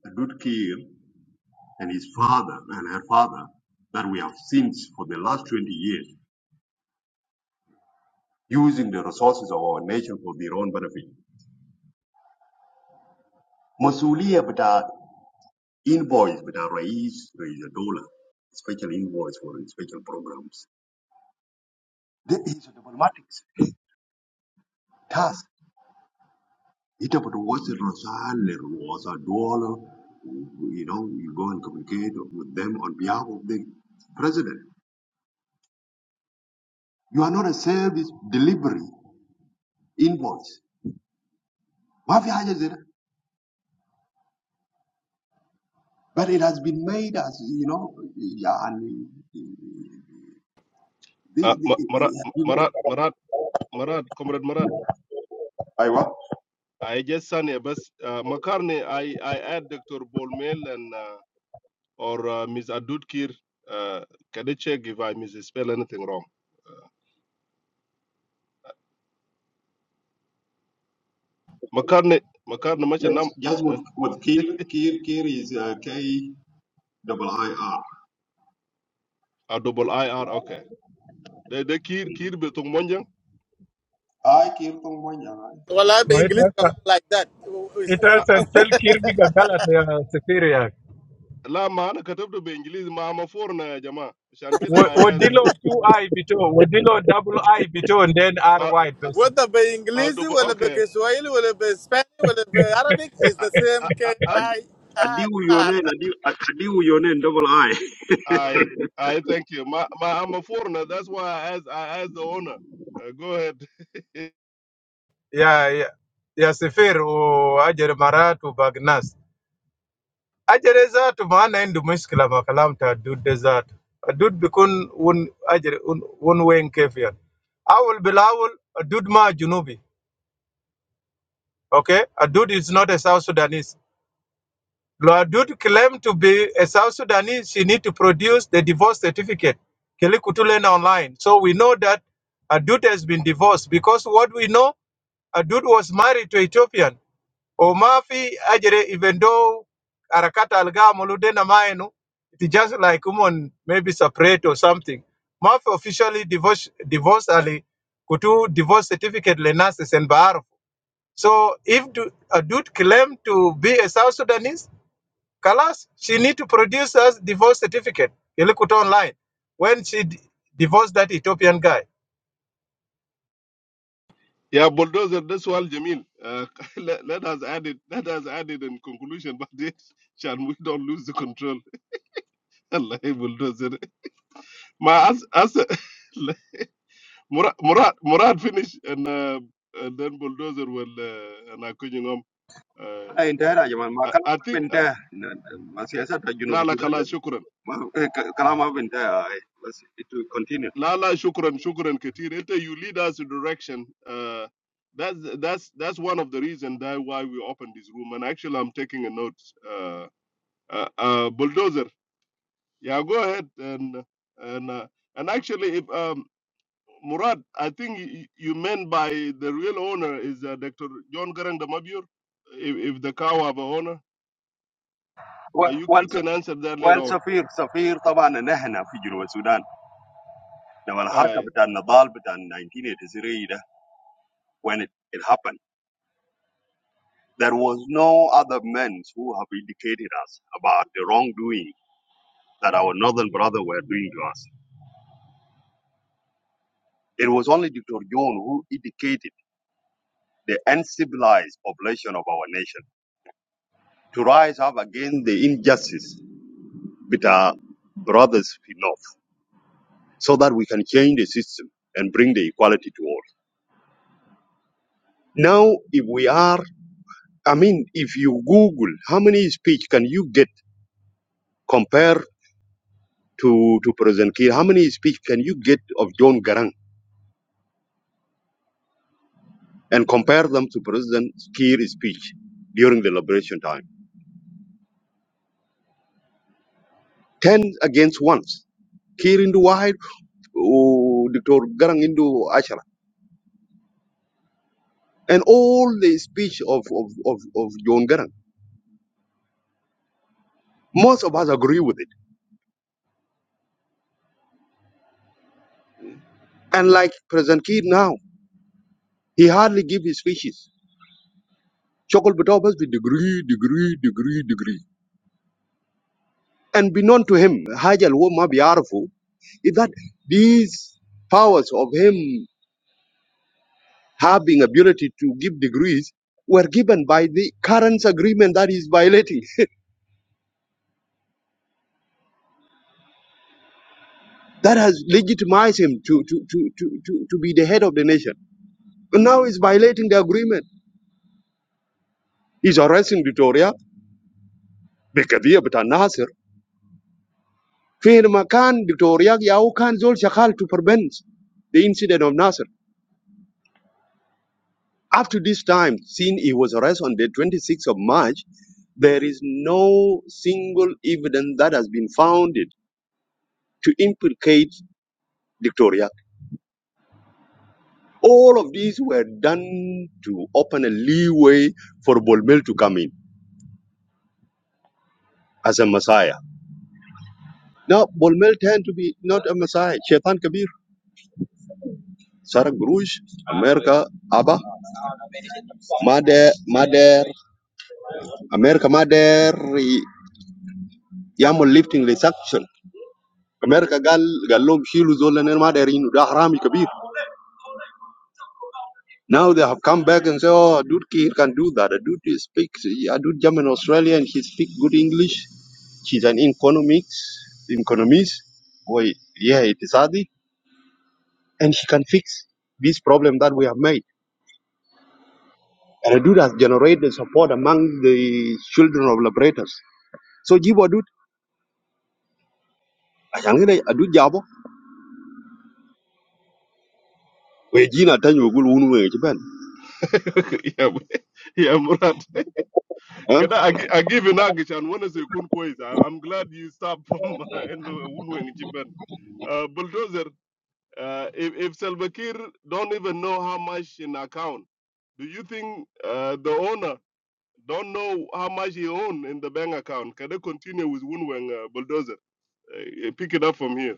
Speaker 9: a good kid. and his father and her father that we have seen for the last 20 years using the resources of our nation for their own benefit. Masulia bata invoice bata raise rais dollar, special invoice for special programs. That is a diplomatic task. It about what's the Rosal was a dollar. You know, you go and communicate with them on behalf of the president. You are not a service delivery invoice. Why have you Mafia But it has been made as, you know, yeah, and the, the,
Speaker 5: uh,
Speaker 9: it,
Speaker 5: Marat
Speaker 9: it has been made.
Speaker 5: Marat Marat Marat comrade Marat
Speaker 9: I what?
Speaker 5: I just Sunny but uh, Makarni I I add Dr. Bolmel and uh, or uh, Ms. Adudkir uh, can you check if I misspell anything wrong makarne makarne macha
Speaker 9: Yes,
Speaker 5: nam
Speaker 9: just with,
Speaker 5: eh,
Speaker 9: with Kir, Kir, Kir is uh, K double I R.
Speaker 5: a double ir okay de de kir kir be tung monjang
Speaker 9: I Kir Tongwanyang.
Speaker 4: Well, I
Speaker 7: ma
Speaker 4: be English
Speaker 7: ita sa
Speaker 4: command like
Speaker 7: ita
Speaker 4: that.
Speaker 5: A-
Speaker 7: sa
Speaker 5: a-
Speaker 7: spell kirbi ga galata ya sefiri ya.
Speaker 5: la maana katabdo be inglizi mama forna ya jamaa shan kida
Speaker 7: Wa-
Speaker 5: i ask for
Speaker 7: Wadilo two I bito, wodilo double I bito, and then R
Speaker 5: a,
Speaker 7: Y bas.
Speaker 4: whether by
Speaker 5: a
Speaker 4: English,
Speaker 5: double
Speaker 4: whether by
Speaker 5: okay
Speaker 4: Kiswahili, whether by Spanish, whether by Arabic, is
Speaker 5: I,
Speaker 4: the same
Speaker 5: I,
Speaker 4: K
Speaker 5: I,
Speaker 9: Ad-
Speaker 4: I I
Speaker 9: Adiu
Speaker 4: R.
Speaker 9: yonen, adiu, ad- adiu yonen double I.
Speaker 5: I, I thank you ma, ma i'm a foreigner that's why i asked i asked the owner uh, go ahead
Speaker 7: yeah, yeah. ya sefir o ajere maratu bagnas. Ajere zatu maana ndu muskila makalam ta dudde zatu. Dud bikun un ajere un un wen kefian. Awul bilawul dud ma junubi. Okay, a dude is not a South Sudanese. Loadud claimed to be a South Sudanese. She need to produce the divorce certificate. Kelikutulen online. So we know that Adud has been divorced because what we know, Adud was married to Ethiopian. Omafi Ajere, even though Arakata Alga Muludena Maenu, it's just like woman maybe separate or something. Mafi officially divorced divorced Ali Kutu divorce certificate Lenasis and Baarfu. So if Adud claimed to be a South Sudanese, Kalas, she need to produce us divorce certificate. You look it online. When she d- divorced that Ethiopian guy.
Speaker 5: yeah bulldozer this one jamil uh, let, let us add it let us add it in conclusion but it shan we don't lose the control allah bulldozer ma as as Murad, Murad, Murad finished, and uh, and then bulldozer will uh, and I couldn't um, uh,
Speaker 9: Era jaman
Speaker 5: I,
Speaker 9: makan
Speaker 5: I think uh,
Speaker 9: dah. Na- na- Masih ada junub
Speaker 5: Lala
Speaker 9: Sudan.
Speaker 5: Kala
Speaker 9: dah.
Speaker 5: Shukran,
Speaker 9: Ma- eh, ke- Kalam apa benda ini?
Speaker 5: Lala Shukran, Shukran Katir. Ete, You lead us in direction. Uh, that's that's that's one of the reasons that why we opened this room. And actually, I'm taking a note. Uh, uh, uh, bulldozer, yeah, go ahead and and uh, and actually, if um, Murad, I think y- you meant by the real owner is uh, Dr. John Garang Damabior. If, if the cow have a owner, uh, you you
Speaker 9: Once
Speaker 5: can answer that later
Speaker 9: وين
Speaker 5: on.
Speaker 9: سفير سفير طبعا نحن في جنوب السودان لما الحركه
Speaker 5: Aye.
Speaker 9: بتاع النضال بتاع 1983 when it, it happened. There was no other men who have indicated us about the wrongdoing that our northern brother were doing to us. It was only Dr. John who indicated the uncivilized population of our nation to rise up against the injustice with our brothers in North so that we can change the system and bring the equality to all. Now, if we are, I mean, if you Google how many speech can you get Compare. to, to President Kiir. How many speech can you get of John Garang and compare them to President Kiir's speech during the liberation time? Ten against one. Kiir into Wahid, oh, Dr. Garang into Ashara. And all the speech of, of, of, of John Garang. Most of us agree with it. And like President Kiir now, he hardly give his speeches. Shokol Bitobas with degree, degree, degree, degree. And be known to him, Hajal Woma Biarfu, is that these powers of him having ability to give degrees were given by the current agreement that is violating that has legitimized him to, to, to, to, to, to be the head of the nation. But now he's violating the agreement. He's arresting Victoria بقضية بتاع Nasser فين ما كان دكتوريا ياو كان زول شغال to prevent the incident of Nasser. Up to this time, since he was arrested on the 26th of March, there is no single evidence that has been founded to implicate Victoria. All of these were done to open a leeway for Bolmel to come in as a messiah. Now, Bolmel turned to be not a messiah, Shaitan Kabir, Sarah Gurush, America, Abba, Mader, Mader, America, Mader, Yamal lifting the sanction. America gal galom shilu zolaner maderin da harami kabir. Now they have come back and say, oh, dude Kiir can do that. A dude he speaks, a dude German Australian, he speaks good English. She's an economics, economist, or yeah, Itisadi, and she can fix this problem that we have made. And a dude has generated support among the children of liberators. So Jibo dude, I can get a dude jabo. We jina tanyo gulu unu we jiban.
Speaker 5: yeah, Mu- yeah, Murad. Can I, I, gi- I give you Nagish and when I say kun kwezi, I- I'm glad you stopped from uh, and uh, Wunweng Chiban. Uh, Bulldozer, uh, if, if Salva Kiir don't even know how much in account, do you think uh, the owner? don't know how much he own in the bank account. Can they continue with Wunweng uh, bulldozer? Uh, uh, pick it up from here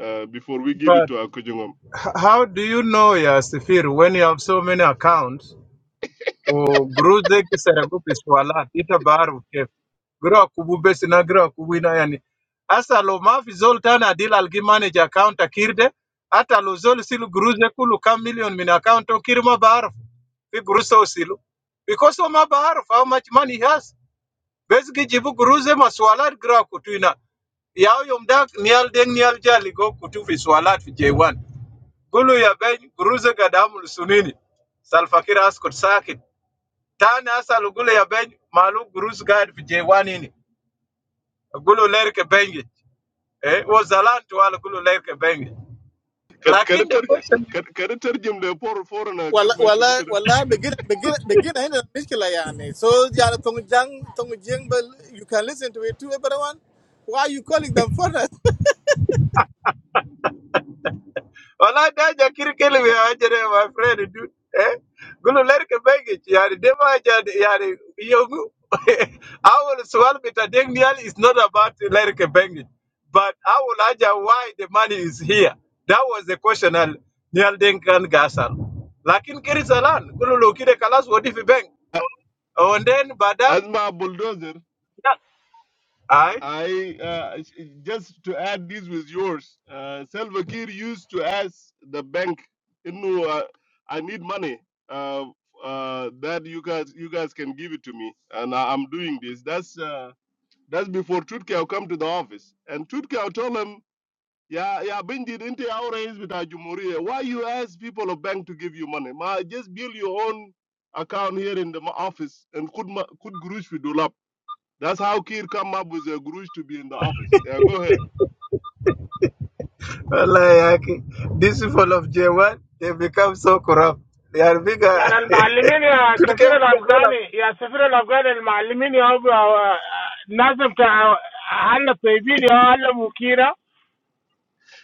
Speaker 5: uh, before we give it
Speaker 7: But
Speaker 5: to our Kujungom.
Speaker 7: h- how do you know, yeah, Sifir, when you have so many accounts, or Gruze Kisaragup is Walat, Ita Baru Kef, Gura Kubu Besina, Gura Kubu ina yani. Asa lo mafi zol tana adil algi manage account akirde, ata lo zol silu Gruze kulu kam million min account okirma barf, fi Gruso silu. Because Oma barf, how much money he has. Basically, jibu guruze maswalat swalat gra kutu ina. Yao yom dak nial deng nial jali go kutu fi swalat fi J1. Gulu ya ben guruze gadamu sunini. Salfakir askot sakit. Tani asalu gulu ya ben malu guruze gad fi J1 ini. Gulu lerke bengi. Eh, wo zalan tuwala gulu lerke bengi.
Speaker 5: Can can I
Speaker 7: Lakin the
Speaker 5: tell you?
Speaker 7: question
Speaker 5: Can can I tell you the poor foreigner
Speaker 4: Well,
Speaker 5: government?
Speaker 4: well, well, begin, begin, begin. I know مشكلة يعني. So, yeah, Tongjang, Tongjang, but you can listen to it too, everyone. Why are you calling them foreigners?
Speaker 7: When I die, I can't kill my friend. dude. Eh? Go to learn the bank. I mean, the money. I mean, young. Our question today, Niall, is not about learning the bank. But our answer, why the money is here, that was the question. Niall, Niall, can guess it. But in case you learn, go to look in the class. What if the bank? And then, but that,
Speaker 5: As my bulldozer,
Speaker 7: I.
Speaker 5: I uh, just to add this with yours. Uh, Salva Kiir used to ask the bank, you know, uh, I need money. Uh, uh, that you guys, you guys can give it to me, and I, I'm doing this. That's. uh, That's before Tutkau come to the office. And Tutkau told him, yeah, yeah, Bindi, into our raise with our Jumuria. Why you ask people of bank to give you money? Ma, just build your own account here in the ma- office and could ma- could Gurush we do up. That's how Kir come up with a Gurush to be in the office. Yeah, go ahead.
Speaker 7: Wallahi, yake. These people of J1, they become so corrupt. They are bigger.
Speaker 8: Yeah, the Malimini,
Speaker 7: to become
Speaker 8: the
Speaker 7: bigger talent.
Speaker 8: Afghani, yeah, the Afghani, the Malimini, have, uh, Nazmka, all the teachers, yeah, all the mukina.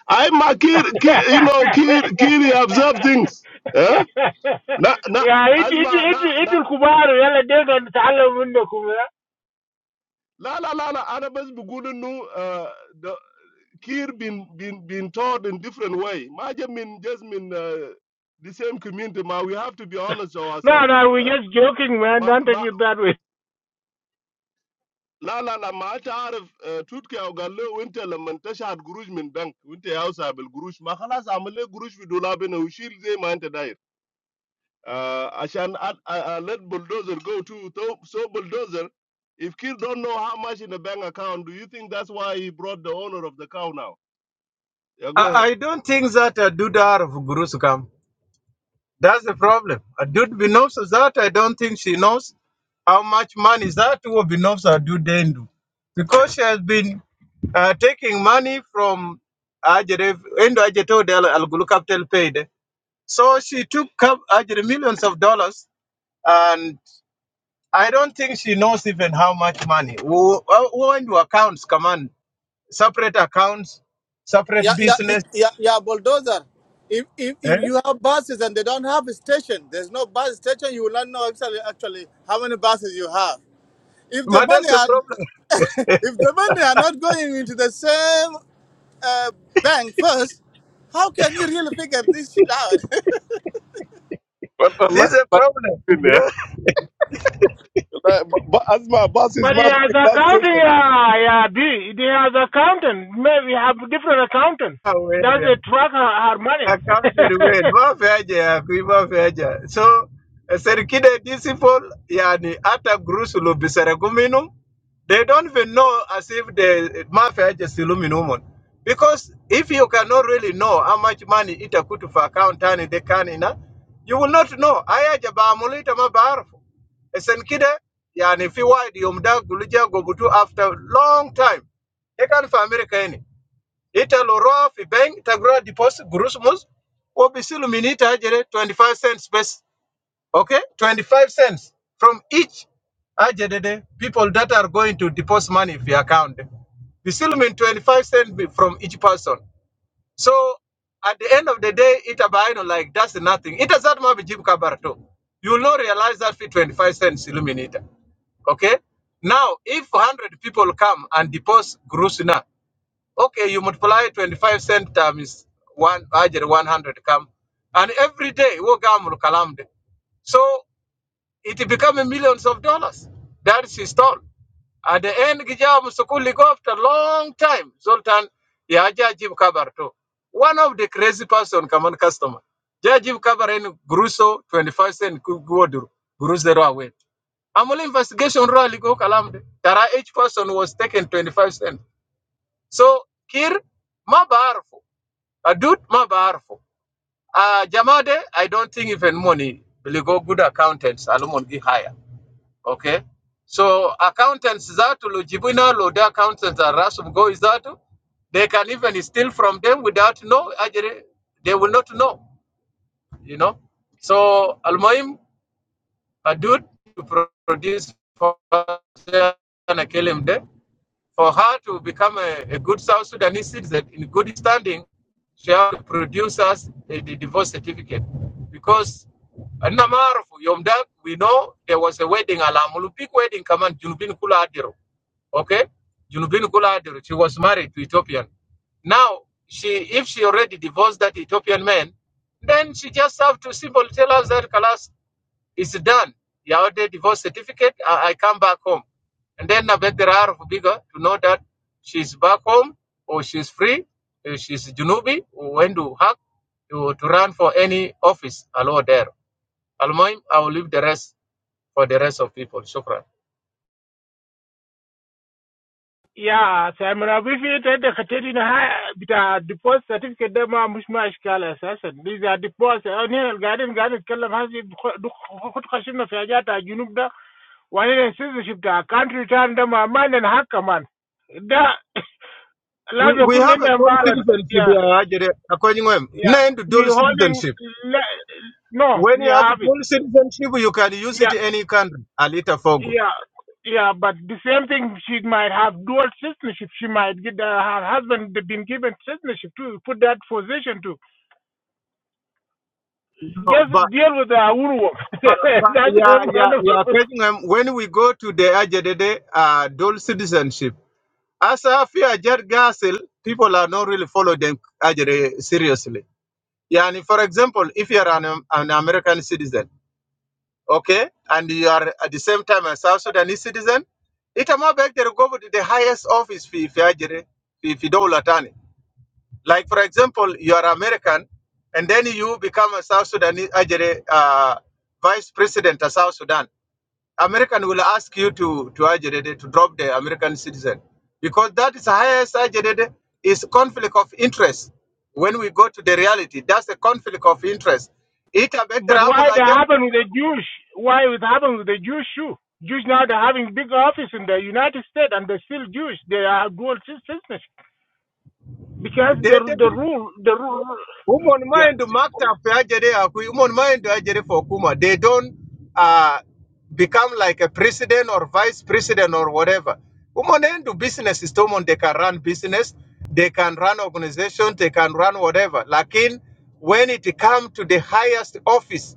Speaker 5: I ma Kir, Kir you know, Kir, Kir he observe things. Yeah? Na, na,
Speaker 8: Yeah,
Speaker 5: as
Speaker 8: come,
Speaker 5: ma, na,
Speaker 8: come,
Speaker 5: na,
Speaker 8: come, come, the elders, and let's learn from them, come on.
Speaker 5: la, la, la, la, Arabas Bugudunu, Kir been been been taught in different way. Maja mean just mean uh, the same community. Ma, we have to be honest to
Speaker 8: No,
Speaker 5: ourselves.
Speaker 8: no, we're
Speaker 5: Eh?
Speaker 8: just joking, man.
Speaker 5: Ma
Speaker 8: Don't take
Speaker 5: ma
Speaker 8: it badly.
Speaker 5: la la la ma ta arif tutke au galle winter la man tashad guruj min bank winter house abel guruj ma khalas amale guruj fi dola bena ushil zay ma anta dair. Uh, ashan ad, uh, uh, let bulldozer go too. So, so bulldozer, if Kir don't know how much in the bank account, do you think that's why he brought the owner of the cow now? Yeah, go
Speaker 7: I,
Speaker 5: ahead.
Speaker 7: I don't think that a dudar out of Gurus come. That's the problem. A dude Binobs that I don't think she knows how much money that will Binobs are due Dendu. Because she has been uh, taking money from Ajere, Endo Ajeto del Al Gulu Capital paid. So she took cap- Ajere millions of dollars and. I don't think she knows even how much money. Who uh, who into accounts? Come on, separate accounts, separate
Speaker 4: yeah, yeah,
Speaker 7: business.
Speaker 4: yeah, yeah, bulldozer. If, if,
Speaker 7: Eh?
Speaker 4: if you have buses and they don't have a station, there's no bus station, you will not know actually actually how many buses you have. If the
Speaker 7: But that's
Speaker 4: money
Speaker 7: the
Speaker 4: are
Speaker 7: problem.
Speaker 4: if the money are not going into the same uh, bank first, how can you really figure this shit out?
Speaker 5: Well, well, let-
Speaker 7: This is a problem.
Speaker 5: let-
Speaker 7: You
Speaker 5: Uh, bu- bu- As my bus is
Speaker 8: But he
Speaker 5: my
Speaker 8: has
Speaker 5: big bus
Speaker 8: accounting,
Speaker 5: station.
Speaker 8: yeah, yeah, B. He has accountant. Maybe have different accountant.
Speaker 7: know.
Speaker 8: Does they track her, her money?
Speaker 7: accounted with mafeja kui mafeja so eh, serikide these people yani hata grusulu biseregu they don't even know as if the mafeja silu minumon because if you cannot really know how much money itakutu for account tani de kanina you will not know ayaja baamulu itama baarfu esenkide yani fi wide yomda guluja gobutu after long time They can for america any italorawa fi bank tagrowa deposit gurush mus wobisilu minita ajere 25 cents best okay 25 cents from each ajere the people that are going to deposit money fi account bisilu min 25 cents from each person so at the end of the day itabaino like that's nothing ita zat ma jib kabarto you will not realize that fi 25 cents iluminita okay now if 100 people come and deposit grusina, Okay, you multiply 25 cent times one, ajere 100 come. And every day, wo gamul kalam de. So it become a millions of dollars. That is his story. At the end, Gijam Sukuli go after long time. Zoltan, yeah, Jajib Kabar too. One of the crazy person, common customer. Jajib Kabar and Gruso, 25 cent Guodur, Gruzero away. Amul investigation really go kalamde. Tara each person was taken 25 cent. So Kir Mabarfo. Adut Mabarfo. Uh Jamade, I don't think even money will go good accountants. Alumon gi hire. Okay. So accountants that lo Loda accountants are Rasum go is that they can even steal from them without know. ajere- they will not know, you know. So Almoim Adut to pro- produce for and kill him there. For her to become a, a good South Sudanese citizen in good standing, she has to produce us a, the divorce certificate. Because Anamarufu, Yomdak, we know there was a wedding, a big wedding, Kaman, Junubin Kula Adiro. Okay? Junubin Kula Adiro. She was married to Ethiopian. Now, she if she already divorced that Ethiopian man, then she just have to simply tell us that, Kalas, it's done. You have the divorce certificate. I, I come back home. And then I beg the Rar Biga to know that she's back home or she's free, uh, she's Junubi, or when to hack, to, to run for any office, allow there. Almoim, I will leave the rest for the rest of people. Shukran.
Speaker 8: Yeah, so I mean, if you take the Katerina high, with a deposit certificate, them are much more scale assassin. These are deposits. And here, garden, garden, kill has it, what question of Yajata, Junubda, one in a citizenship, the country return them a man and hacker man. That,
Speaker 7: We
Speaker 8: Lazo
Speaker 7: we have a
Speaker 8: Kunenda
Speaker 7: dual
Speaker 8: Malat,
Speaker 7: citizenship
Speaker 8: yeah,
Speaker 7: here, Ajere. According to him,
Speaker 8: yeah.
Speaker 7: nine to
Speaker 8: We
Speaker 7: dual
Speaker 8: holding,
Speaker 7: citizenship.
Speaker 8: le- no,
Speaker 7: When
Speaker 8: we
Speaker 7: you have a
Speaker 8: have it.
Speaker 7: dual citizenship, you can use it
Speaker 8: yeah,
Speaker 7: in any country, Alita Fogo.
Speaker 8: yeah, yeah. But the same thing, she might have dual citizenship. She might get uh, her husband been given citizenship to Put that position to.
Speaker 7: No, but.
Speaker 8: Just deal with the Aurwa.
Speaker 7: But, but
Speaker 8: That's
Speaker 7: yeah, yeah,
Speaker 8: one of
Speaker 7: yeah.
Speaker 8: the.
Speaker 7: Pagenham, When we go to the Ajedede uh, dual citizenship, as a fear Gasil, people are not really following them Ajede seriously. Yeah, and for example, if you are an, an American citizen, okay, and you are at the same time a South Sudanese citizen, it am back there go to the highest office fee if Ajede, if you don't attorney. Like for example, you are American, and then you become a South Sudanese Ajede uh, vice president of South Sudan American will ask you to to ajedede, to drop the American citizen because that is highest ajedede, is conflict of interest. When we go to the reality, that's a conflict of interest. It abek the
Speaker 8: But why that
Speaker 7: ramulajet.
Speaker 8: happened with the Jewish? Why it happened with the Jewish too? Jews now they're having big office in the United States and they're still Jewish. They are dual citizenship because the the rule the rule.
Speaker 7: Women
Speaker 8: yeah.
Speaker 7: mind to maktab ajere akui. Women mind to ajere for Kuma. They don't uh, become like a president or vice president or whatever. Women end to business is women. They can run business. They can run organization. They can run whatever. Lakin when it come to the highest office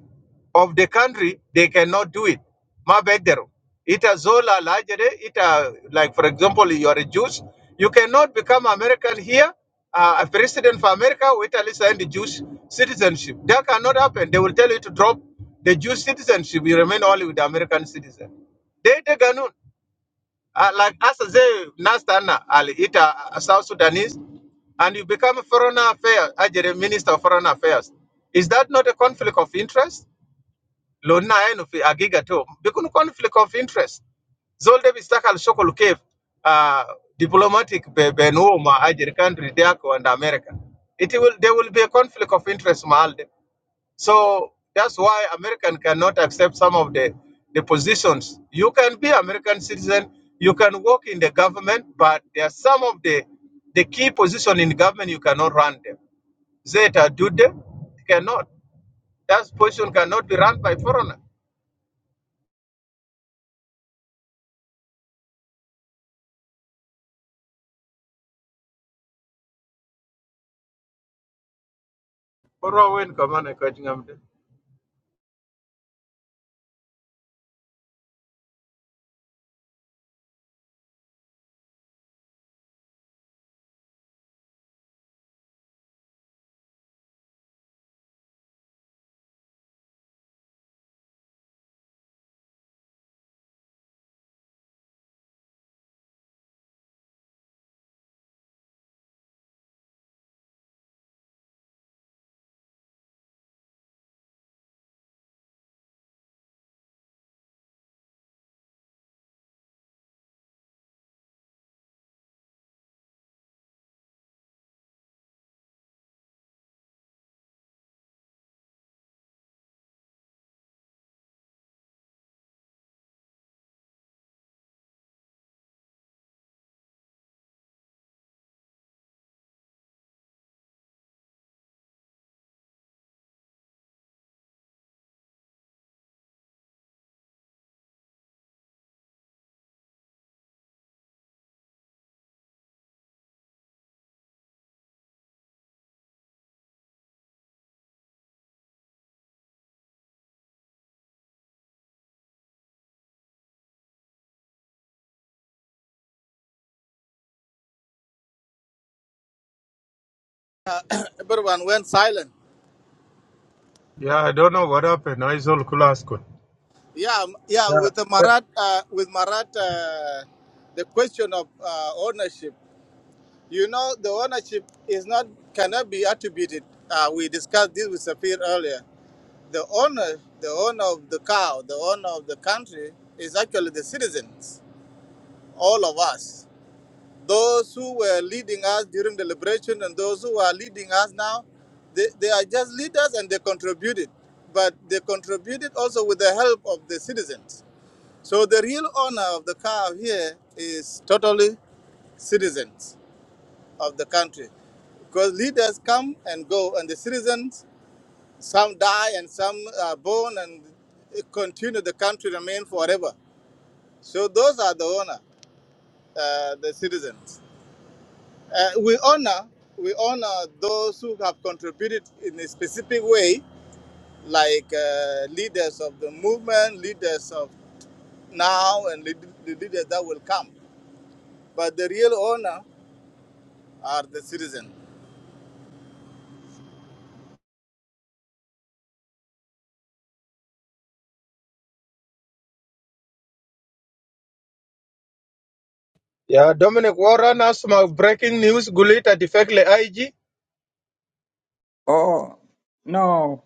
Speaker 7: of the country, they cannot do it. Ma begdero. Ita zola lajere, ita, like for example, you are a Jews, you cannot become American here, uh, a president for America, with at least and the Jewish citizenship. That cannot happen. They will tell you to drop the Jewish citizenship, you remain only with the American citizen. They the ganun. Uh, like as they nastana al ita uh, South Sudanese, and you become a foreign affairs, ajere minister of foreign affairs. Is that not a conflict of interest? لو لنا عينه في حقيقة تو بيكون conflict of interest زول ده بيشتغل شغل كيف آه diplomatic ب- بين هو ومع أجر country دياك and America it will there will be a conflict of interest مع ال ده. so that's why American cannot accept some of the the positions you can be American citizen you can work in the government but there are some of the the key position in government you cannot run them Zeta Dude cannot that position cannot be run by foreigner Bora wen kamane kaj
Speaker 4: Everyone went silent.
Speaker 7: Yeah, I don't know what happened. Aizol kulaskun.
Speaker 4: Yeah, m- yeah.
Speaker 7: Yeah.
Speaker 4: With the
Speaker 7: eh,
Speaker 4: Marat, uh, with Marat, uh, the question of uh, ownership. You know, the ownership is not cannot be attributed. Uh, we discussed this with Safir earlier. The owner, the owner of the cow, the owner of the country is actually the citizens, all of us. Those who were leading us during the liberation and those who are leading us now, they, they are just leaders and they contributed. But they contributed also with the help of the citizens. So the real honor of the cow here is totally citizens of the country. Because leaders come and go, and the citizens, some die and some are born and continue the country remain forever. So those are the honor, uh, the citizens. Uh, we honor we honor those who have contributed in a specific way, like uh, leaders of the movement, leaders of now, and lead, the leaders that will come. But the real honor are the citizens.
Speaker 7: Yeah, Dominic Warren has my breaking news. Gulita defectly IG.
Speaker 10: Oh, no.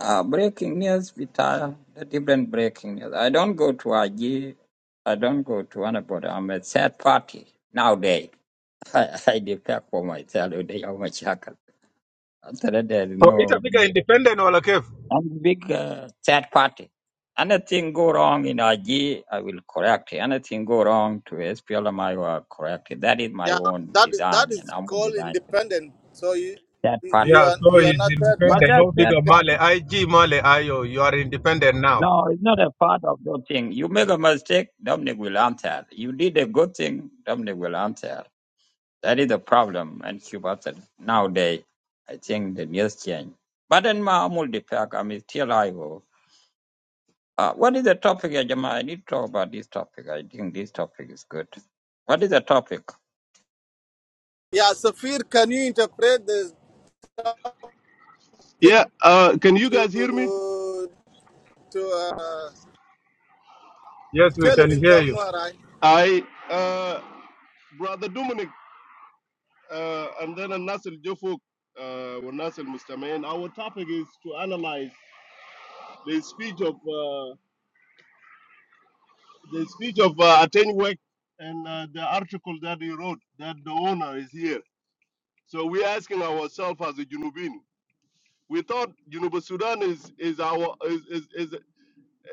Speaker 10: Uh, breaking news, Vital, the different breaking news. I don't go to IG. I don't go to anybody. I'm a third party nowadays. I, I depend for myself. They are my shackle. After that, there is
Speaker 7: So it's a
Speaker 10: no.
Speaker 7: bigger independent or cave.
Speaker 10: I'm a big uh, third party. Anything go wrong in IG, I will correct it. Anything go wrong to SPLM, I will correct it. That is my
Speaker 4: Yeah,
Speaker 10: own
Speaker 4: that is that
Speaker 10: design, and
Speaker 4: is
Speaker 10: I'm a
Speaker 4: called
Speaker 10: design for it.
Speaker 4: independent. So you
Speaker 10: third
Speaker 4: you
Speaker 10: party.
Speaker 4: you
Speaker 7: Yeah,
Speaker 4: are
Speaker 7: so
Speaker 4: you are
Speaker 7: he's
Speaker 4: not third
Speaker 10: But
Speaker 7: independent.
Speaker 4: party.
Speaker 10: that
Speaker 7: No
Speaker 10: third
Speaker 7: bigger
Speaker 10: party.
Speaker 7: Male IG, Male IO. You are independent now.
Speaker 10: No, it's not a part of those things. You make a mistake, Dominic will answer. You did a good thing, Dominic will answer. That is the problem in Cuba that nowadays. I think the news change. But in my old pack, I'm still I Uh, what is the topic, Ajama? I need to talk about this topic. I think this topic is good. What is the topic?
Speaker 4: Yeah, Safir, can you interpret this speak
Speaker 5: Yeah, uh, can you guys hear me?
Speaker 4: to to uh,
Speaker 7: Yes, we
Speaker 4: tell him
Speaker 7: can
Speaker 4: in
Speaker 7: hear you.
Speaker 4: Tongwara?
Speaker 5: I, uh, Brother Dominic, uh, and then Nasir Jofuk, uh, or Nasir Mustamain, our topic is to analyze the speech of uh, the speech of uh, Atenwek and uh, the article that he wrote that the owner is here. So we're asking ourselves as a Junubin, we thought Junuba Sudan is, is our is, is, is,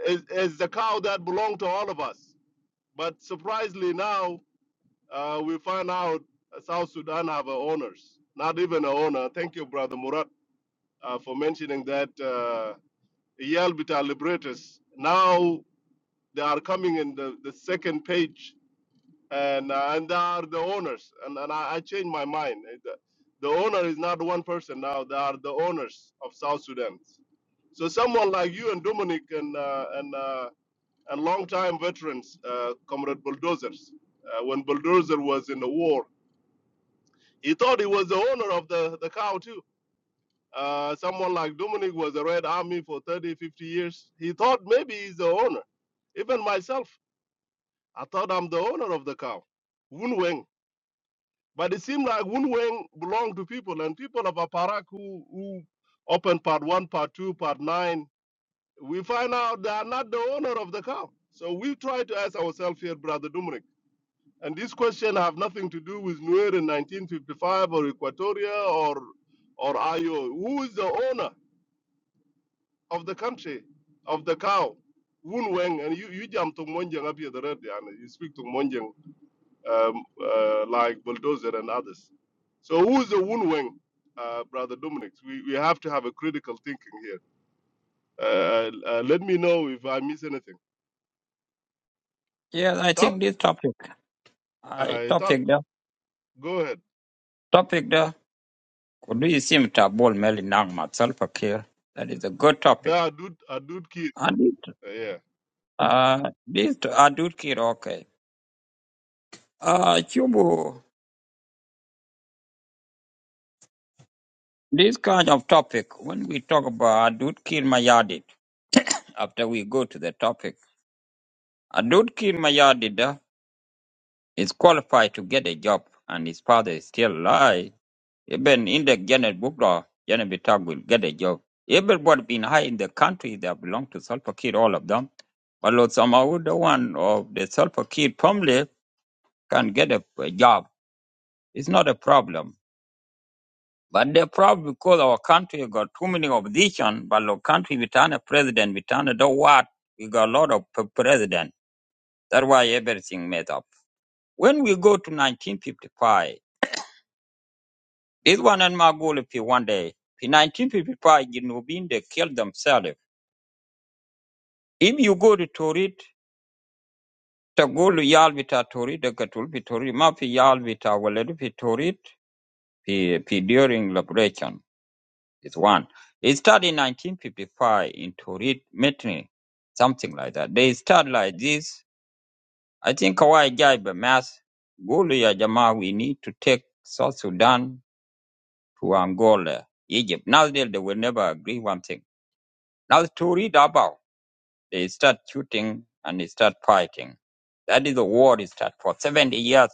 Speaker 5: is, is the cow that belonged to all of us. But surprisingly, now uh, we find out South Sudan have a owners, not even a owner. Thank you, brother Murat, uh, for mentioning that. Uh, Yelbita liberators now they are coming in the, the second page, and uh, and they are the owners. And and I, I changed my mind. The, the owner is not one person now. They are the owners of South Sudan. So someone like you and Dominic and uh, and uh, and longtime veterans, uh, Comrade Bulldozers. Uh, when Bulldozer was in the war, he thought he was the owner of the, the cow, too. Uh, someone like Dominic was a Red Army for 30, 50 years. He thought maybe he's the owner. Even myself, I thought I'm the owner of the cow, Woon Weng. But it seemed like Woon Weng belonged to people, and people of Aparak who, who opened part one, part two, part nine, we find out they are not the owner of the cow. So we try to ask ourselves here, Brother Dominic And this question have nothing to do with Nuer in 1955 or Equatoria or or Ayo. Who is the owner of the country, of the cow? Woon Weng, and you, you jump to Monjang up here the red, yeah, and you speak to Monjang um, uh, like Bulldozer and others. So who is the Woon Weng, uh, Brother Dominic? We, we have to have a critical thinking here. Uh, uh, let me know if I miss anything.
Speaker 10: Yes, I
Speaker 5: Top,
Speaker 10: think this topic. I
Speaker 5: uh, top,
Speaker 10: topic the
Speaker 5: go ahead.
Speaker 10: topic the could you seem to have ball melly nang myself here? That is a good topic.
Speaker 5: There, Adud, Adud Kid,
Speaker 10: And it
Speaker 5: uh, yeah.
Speaker 10: Uh, this I kid okay. Uh, Chubu, this kind of topic when we talk about Adut Kir Mayadit, after we go to the topic, Adut Kir Mayadit uh, is qualified to get a job, and his father is still alive. Even in the Janet Bukla, Janet Bitag will get a job. Everybody been high in the country that belong to Sulfur Kid, all of them. But Lord Samawu, the one of the Sulfur Kid family, can get a, a job. It's not a problem But the problem because our country got too many opposition, but our country we turn a president, we turn a do what, we got a lot of p- president. That's why everything made up. When we go to 1955, this one and Magolipi one day, in 1955, Ginubin, they killed themselves. If you go to Torit, to go to Yalvita Torit, the Katulpi Torit, Mafi Yalvita, Waledupi Torit, pi- pi- during liberation. is one. It started in 1955 in Turin, Metni, something like that. They start like this. I think Kawai Jaiba Mas, Gulu ya Jamaa, we need to take South Sudan to Angola, Egypt. Now they, they will never agree one thing. Now Turin about, they start shooting and they start fighting. That is the war is start for 70 years.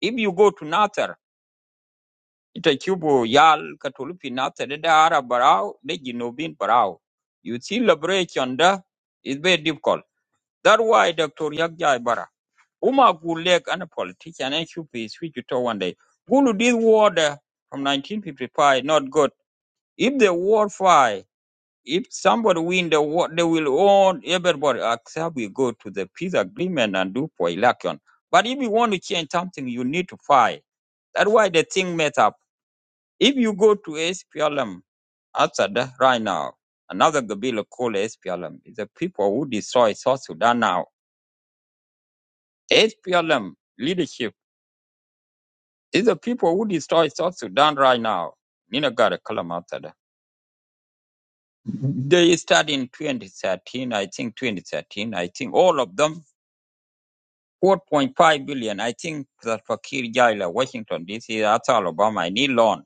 Speaker 10: If you go to Nasser, ita cubo yal katolu pinata de da ara barau de ginobin Barao. you see liberation da is very difficult That's why dr yakja bara uma gulek and a politician and should be switch to one day gulu did war da from 1955 not good if the war fight if somebody win the war they will own everybody except we go to the peace agreement and do for election but if you want to change something you need to fight that's why the thing matter if you go to SPLM Assad right now, another Gabila called SPLM, is the people who destroy South Sudan now. SPLM leadership is the people who destroy South Sudan right now. Nina got a column after that. They started in 2013, I think 2013, I think all of them, 4.5 billion. I think that Fakir Jaila, Washington DC, that's Alabama, I need loan.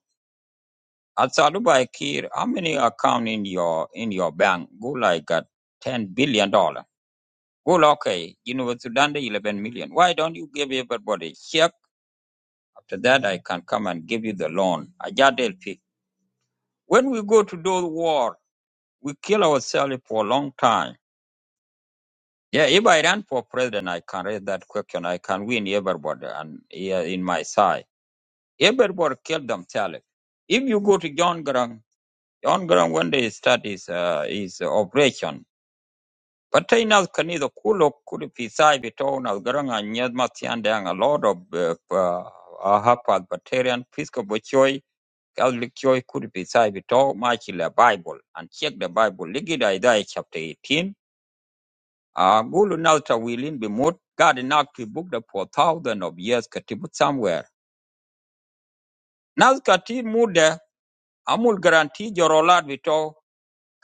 Speaker 10: Asalubai Kir, how many account in your in your bank? Go like got ten billion dollar. Go like, okay, you know Sudan the eleven million. Why don't you give everybody check? After that I can come and give you the loan. Ajadel pick. When we go to those war, we kill ourselves for a long time. Yeah, if I run for president, I can raise that question. I can win everybody and yeah, in my side. Everybody kill themselves. If you go to John Grant, John Grant when they start his uh, his operation, But in as can either inaz kani the kulok kuli pisai bito na garanga nyadma tiande ang a lot of uh, uh, hapad Batarian pisco bochoi Catholic choi could be side with pisai bito machi la Bible and check the Bible ligida idai chapter 18 uh, gulu nalta wilin bimut God in to book the for thousand of years katibut somewhere naz kati mude amul garanti jorolad bito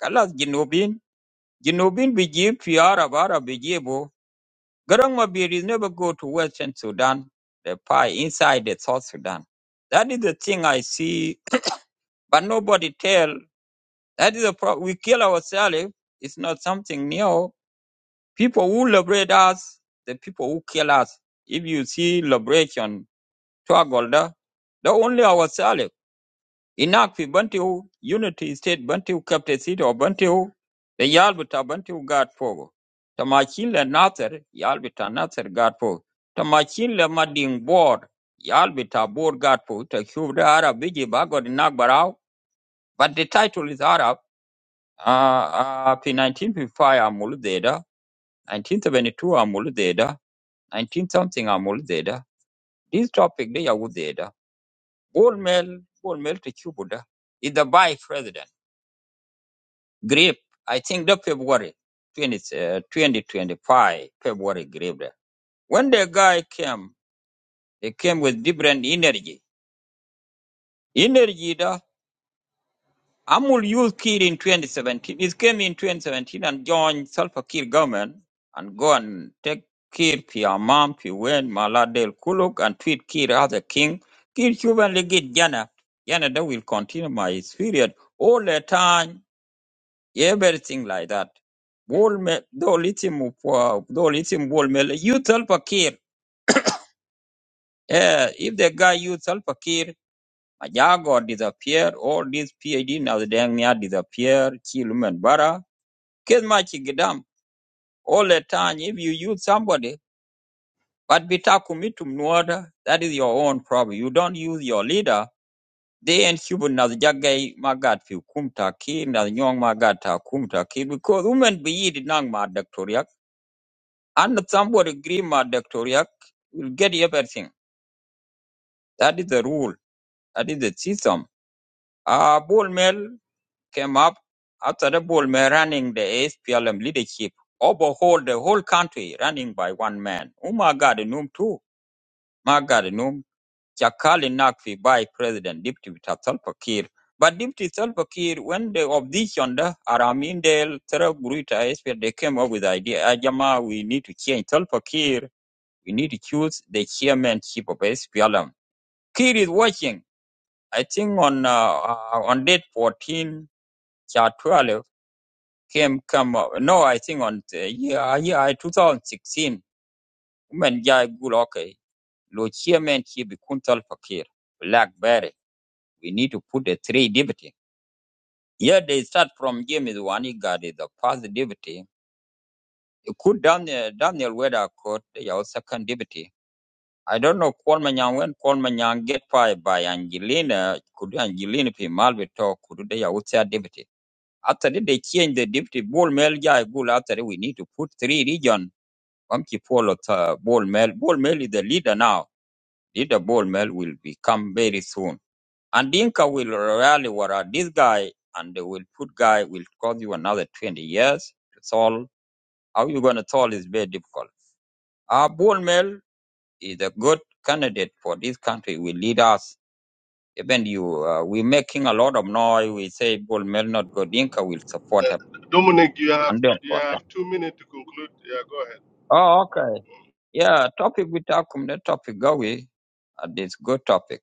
Speaker 10: kalas jinubin jinubin bijib fiara bara bijibu Garang is never go to Western Sudan, the pie inside the South Sudan. That is the thing I see, but nobody tell. That is the problem. We kill ourselves. It's not something new. People who liberate us, the people who kill us. If you see liberation, struggle, the only ourselves. Inak fi Bantu Unity State Bantu Capital City of Bantu the yal bita Bantu God for. Tamakin le Nasser yal bita Nasser God for. Tamakin le Mading Board yal bita Board God for. The Cuba Arab biji bagod inak barau. But the title is Arab. Uh, uh, fi 1955 amul zeda. 1972 amul zeda. 19 something amul zeda. This topic they are with zeda. Bold male, bold male to Cuba da. is the vice president. Grip, I think the February 20, uh, 2025, February grip. there. When the guy came, he came with different energy. Energy, the Amul used Kir in 2017. He came in 2017 and joined Salva Kiir government and go and take Kir Piamam, Piwen, Maladel Kuluk and treat Kir as a king. Kir Chuban Legit Jana. Jana, they will continue my period all the time everything like that. Wall me, do lithium, do lithium wall me. You tell Pakir, eh, if the guy you tell Pakir, Majago disappear, all these PhD now the dang near disappear, Chiluman Bara, Kesmachi Gidam, all the time if you use somebody, but bitakumitum nuada, that is your own problem. You don't use your leader. They and Cuban as jagay magat fi kumta ki na nyong magat ta kumta because women be yid nang ma And somebody agree with Dr. Yak, will get everything. That is the rule. That is the system. Uh, Bull Mel came up after the Bull Mel running the SPLM leadership, overhaul the whole country running by one man. Oh my God, Noom too. My God, Noom. Chakali Nakfi by President Deputy Salva Kiir. But Deputy Salva Kiir, when the opposition, the Aramindel, Terra Guruta, SPL, they came up with the idea, "Ah, Jama, we need to change Salva Kiir We need to choose the chairman chief of SPLM. Kid is watching. I think on uh, uh, on date 14, chart 12 came come up. No, I think on uh, yeah yeah 2016. Women Jai Gul okay. Lo chairman chief Kuntal Fakir Blackberry. We need to put the three deputy. Yeah, they start from James Wanigadi, the first deputy. Could Daniel Daniel Weather court your second deputy. I don't know Kwon Manyang when Kwon Manyang get fired by Angelina, could Angelina be Malvito, could they outside deputy? After that, they change the deputy ball mail guy bull after that, we need to put three region. Monkey Polo uh, ball mail. Ball mail is the leader now. Leader ball mail will become very soon. And Dinka will rally where this guy and they will put guy will cost you another twenty years to solve. How you gonna solve is very difficult. Our ball mail is a good candidate for this country will lead us Even you, uh, we're making a lot of noise. We say Paul Melnot Godinka will support him,
Speaker 5: Dominic, you have
Speaker 10: 100%.
Speaker 5: you have two minutes to conclude. Yeah, go ahead.
Speaker 10: Oh, okay. Yeah, topic we talk on the topic, Gawi. Uh, it's good topic.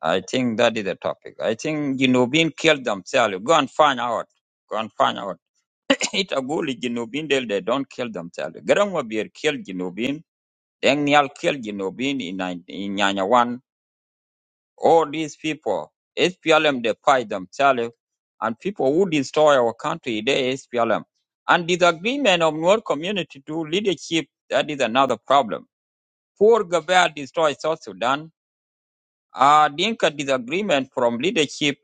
Speaker 10: I think that is the topic. I think Jinubin killed themselves. Go and find out. Go and find out. It a good Jinubin, they, they don't kill themselves. Gerangwa Beer killed Jinubin. Deng Nial killed Jinubin in, nine- in Nyanya 1. all these people, SPLM, they fight themselves, and people who destroy our country, they SPLM. And disagreement of Nuer community to leadership, that is another problem. Poor Gabel destroy South Sudan. Uh, Dinka disagreement from leadership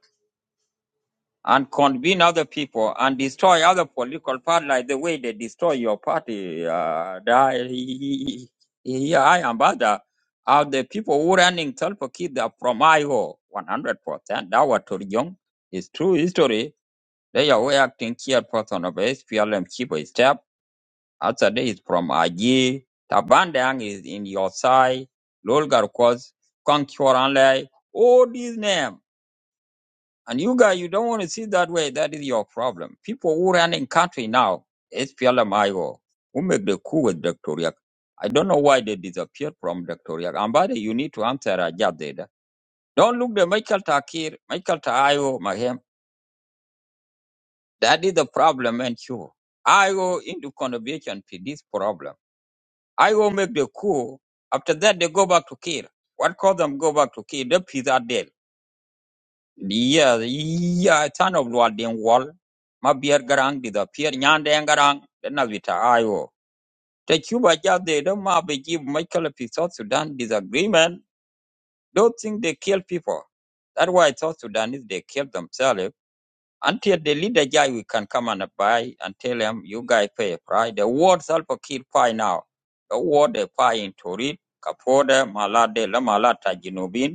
Speaker 10: and convene other people and destroy other political party like the way they destroy your party. Uh, the, here I am, but uh, are the people who running Tulpakid are from Iowa, 100%. That was Turjong. It's true history. They are way acting chairperson of SPLM Chiba Step. After that is from Aji. Tabandang is in your side. Lolgar Kos, Kong Choranlai. All these names. And you guys, you don't want to see that way. That is your problem. People who running country now, SPLMIO, who make the coup with Dr. Yak. I don't know why they disappeared from Dr. Yak. And by the way, you need to answer Rajab Deda. Don't look the Michael Takir, Michael Tayo, Mahem. That is the problem and you. I go into contribution to this problem. I go make the coup. After that, they go back to Kir. What caused them go back to Kir? The peace are dead. Yeah, yeah, tan of lual den wal. Ma bier garang di da pier nyan den garang den na vita ayo. The Cuba just they don't ma be give Michael P. South Sudan disagreement. Don't think they kill people. That's why South Sudanese they kill themselves. Until the leader guy we can come and buy and tell him you guys pay a price. The world self kill pie now. The world they pie in Torit, Kapoda, Malade, La Malata, Jinubin.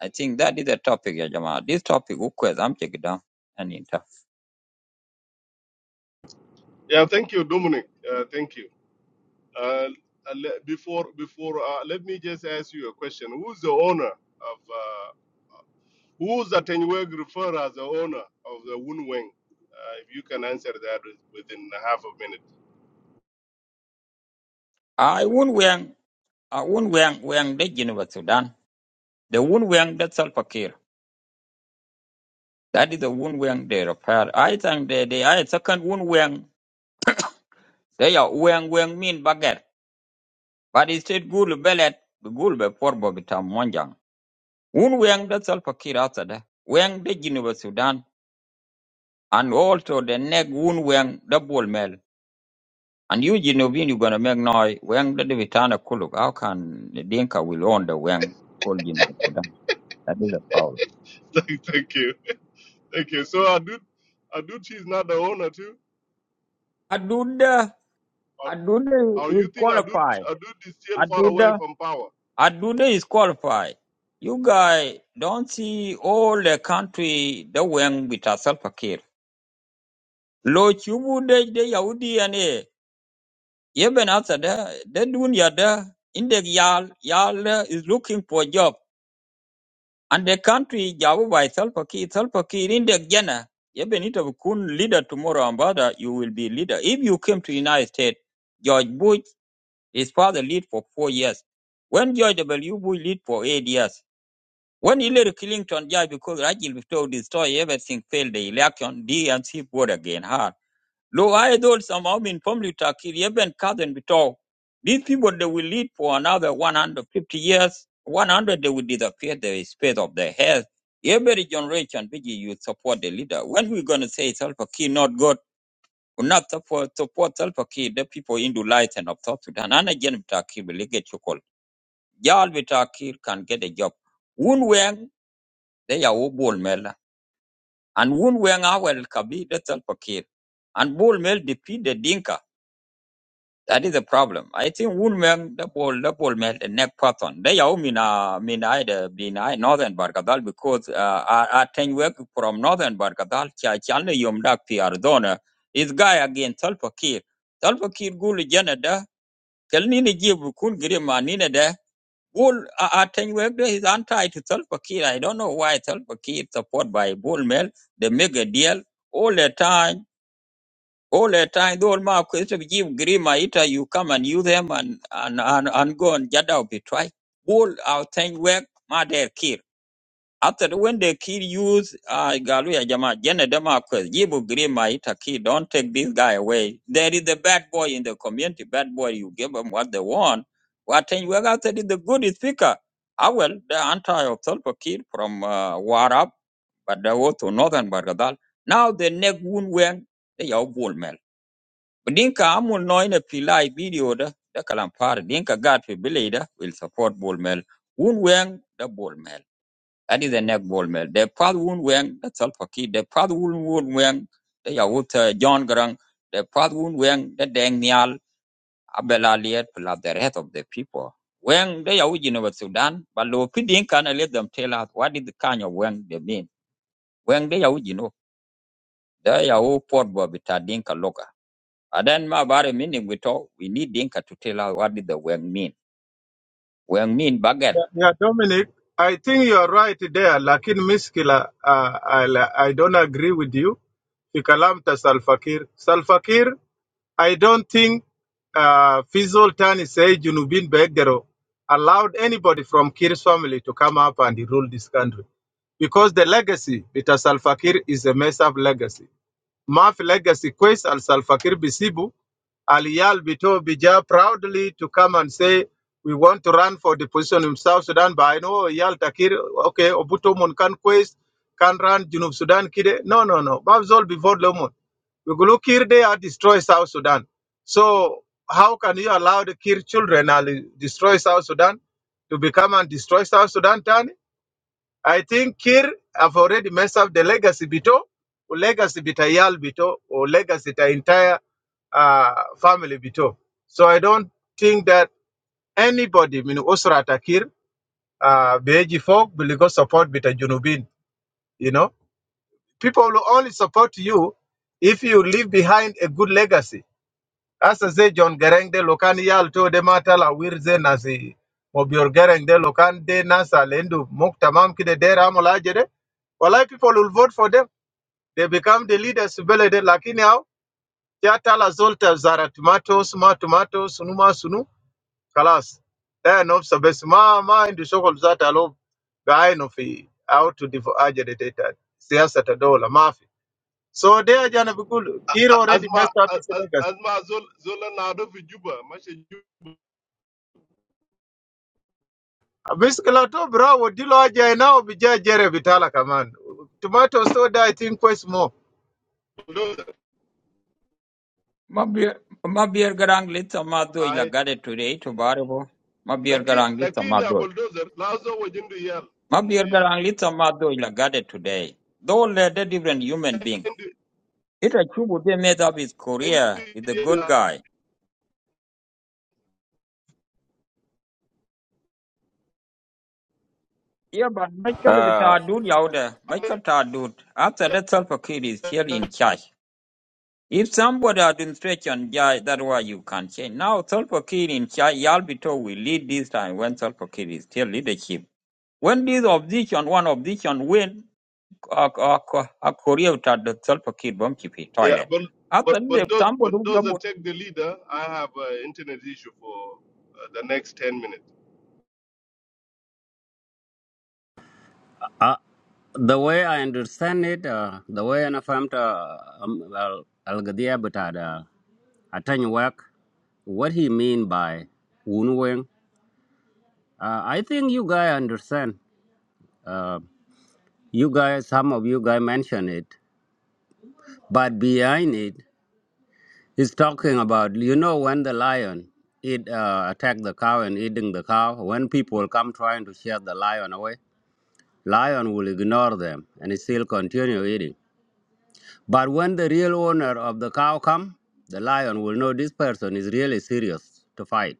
Speaker 10: I think that is the topic, ya jamaa. This topic ukweza amchekida yani tough.
Speaker 5: Yeah, thank you, Dominic. Uh, thank you. Uh, uh, le- before before uh, let me just ask you a question. Who's the owner of uh, who's Atenweg referred as the owner of the Woon Wing? Uh, if you can answer that with- within a half a minute.
Speaker 10: I won wang I won wang wang de Geneva Sudan. The won wang that Salpakir. That is the won wang they repair. I think they they I second won wang they are wang wang mean baget. But it's still good bellet the good be poor bobitam monjang. Won wang that Salpakir outside. that. Wang de Geneva Sudan and also the neck won wang double mel. And you Genovese, you're gonna make noise. Wang the Vitana Kuluk. How can the Dinka will own the Wang called Genova to them? That is a problem.
Speaker 5: thank thank you. Thank you. So Adut Adut is not the owner too,
Speaker 10: Aduda
Speaker 5: or,
Speaker 10: Aduda
Speaker 5: or
Speaker 10: is
Speaker 5: you think Adut
Speaker 10: qualified.
Speaker 5: Adut is still far away
Speaker 10: Aduda
Speaker 5: from power?
Speaker 10: Aduda is qualified. You guys don't see all the country the Wang with a self care. Lo chubu de de Yahudi and eh. Even after that, the dunya there, in the yal, yal is looking for job. And the country Jabu by Salva Kiir. Salva Kiir in the Ghana. You need to become leader tomorrow, and brother, you will be leader. If you came to United States, George Bush, his father lead for four years. When George W. Bush lead for eight years. When Hillary Clinton died because Rajiv Victor destroyed everything, failed the election, DNC vote again hard. Lo I thought somehow in family Takir, even cousin Bitao. These people they will live for another one hundred fifty years. One hundred they will disappear the space of their health. Every generation Biggie you support the leader. When we gonna say self Kiir not God, we not support support self Kiir, the people in the light and of South Sudan. And again Takir will get you call. Y'all Takir can get a job. Woon Wang, they are all ball mela. And Woon Wang our Kabi, that's self Kiir. And ball mel defeat the Dinka. That is a problem. I think woolman the pole the pole melt a neck pattern. They are mean uh mean I the mean I northern Barkadal because uh I I think work from northern Barkadal cha chana yum dak pi Arizona is guy again Tolpakir. Tolpakir gul janada kalnini give kun grima nina De Bull I I think work there is anti to Tolpakir. I don't know why Tolpakir support by bull melt. They make a deal all the time all the time, the old man give grima ita you come and use them and and and, and go and get out be try. All our thing work ma they kill. After when they kill use uh Galuya Jama Jene Dema give grima ita key, don't take this guy away. There is a bad boy in the community, bad boy you give them what they want. What thing work after this, the good is speaker. I will the anti of Tulpa kid from uh, Warab, but they go to northern Bargadal. Now the neck wound where they are bull men. Dinka amul noine pilai video da da kalampar dinka gat fi bile da will support ball mill. Wun weng da ball mill. That is the neck ball mill. The path wun weng da salfa ki. The path wun wun weng da yawut uh, John Grang. The path wun weng da deng nial abela liet plus the rest of the people. Weng da yawut Geneva Sudan. But lo pi dinka na let them tell us what is the kind of weng they mean. Weng da yawut Geneva. Da yawut port bo bita dinka and then ma about meaning we talk, we need Dinka to tell us what did the Wang mean. Wang mean bagat.
Speaker 7: Yeah, yeah, Dominic, I think you're right there. Lakin miskila, uh, I, I don't agree with you. Fi kalam ta Salfakir. Salfakir, I don't think uh, Fizol Tani say Junubin Begdero allowed anybody from Kir's family to come up and rule this country because the legacy, with Peter Salfakir, is a mess up legacy. Mafi legacy quest al Salva Kiir Bisibu, Aliyal Bito Bija proudly to come and say, we want to run for the position in South Sudan, but I know Yal Takir, okay, Obuto Mun can quest, can run Junub Sudan Kide. No, no, no. Babzol before Lomon. We go look here, they are destroy South Sudan. So how can you allow the Kir children and destroy South Sudan to become and destroy South Sudan, Tani? I think Kir have already messed up the legacy bito, or legacy bita bitayal bito, or legacy the entire uh, family bito. So I don't think that anybody, minu Usra Takir, uh, Beji folk, will go support bita Junubin. You know, people will only support you if you leave behind a good legacy Asa ze John Gereng de lokan yal to de matala wirze nasi. Mobior Gereng de lokan de nasa lendu muktamam kide de ramola jede. Walai people will vote for them. They become the leaders bele de lakini au. Ya tala zolta zara tomatoes, ma tomatoes, sunu ma sunu. Kalas. Then of sabes ma ma indu shokol zata lo. Gaino fi out to divo ajede data. Siyasa tadola mafi. So they are jana bikulu. Kiro already
Speaker 5: Asma
Speaker 7: messed up his
Speaker 5: Asma Zola Nado Juba,
Speaker 7: Bisikila to bra wo dilo aja na obija jere bitala kaman. Tomato soda I think was more.
Speaker 5: bulldozer
Speaker 10: Ma bier ma bier garang lita ma doi la
Speaker 5: ai
Speaker 10: gade today to baribo. Ma bier
Speaker 5: lakin
Speaker 10: garang lita
Speaker 5: lakin
Speaker 10: ma
Speaker 5: ya
Speaker 10: doi.
Speaker 5: bulldozer lazo wa yal
Speaker 10: Ma bier
Speaker 5: indu yal
Speaker 10: garang lita ma doi la gade today. Though they're the different human being.
Speaker 5: indu
Speaker 10: It a chubu they made up his
Speaker 5: indu
Speaker 10: career is a good
Speaker 5: ya
Speaker 10: guy. Yeah, but Michael
Speaker 11: Uh,
Speaker 10: Vitadud Yauda, Michael Tadud, after that self kid is still in charge. If somebody administration yeah, that way you can change. Now Solpakir in Chai Yalbito will lead this time when Solpakir is still leadership. When this opposition, one opposition win uh, uh, uh, Korea at the Solpakir Bomchipi
Speaker 5: yeah,
Speaker 10: toilet.
Speaker 5: bull,
Speaker 10: After
Speaker 5: bull,
Speaker 10: the
Speaker 5: bulldozer,
Speaker 10: somebody who
Speaker 5: bulldozer
Speaker 10: go-
Speaker 5: take the leader i have an internet issue for uh, the next 10 minutes
Speaker 11: uh, the way I understand it, uh, the way I found Al-Gadia Butada, Atany work, what he mean by Wunweng, uh, I think you guys understand. Uh, you guys, some of you guys mention it, but behind it is talking about, you know, when the lion it uh, attack the cow and eating the cow, when people come trying to chase the lion away, lion will ignore them and it still continue eating. But when the real owner of the cow come, the lion will know this person is really serious to fight.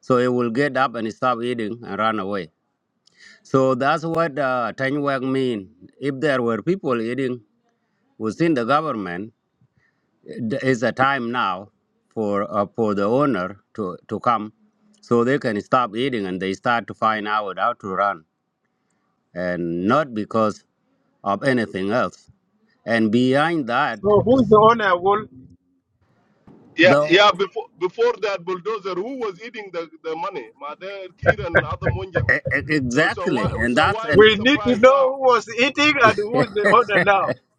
Speaker 11: So he will get up and stop eating and run away. So that's what uh, Tanyuak mean. If there were people eating within the government, it is a time now for uh, for the owner to, to come so they can stop eating and they start to find out how to run and not because of anything else. And behind that,
Speaker 7: So
Speaker 11: to,
Speaker 7: who's
Speaker 11: s-
Speaker 7: the owner? Well,
Speaker 5: yeah
Speaker 11: the
Speaker 5: yeah before before that bulldozer who was eating the the money mother kid and other monjang
Speaker 11: E- e-
Speaker 5: so so why
Speaker 11: Exactly, and
Speaker 5: so
Speaker 11: that's
Speaker 5: why we
Speaker 11: an
Speaker 7: we need to
Speaker 5: surprised now
Speaker 7: know who was eating and who's the owner now.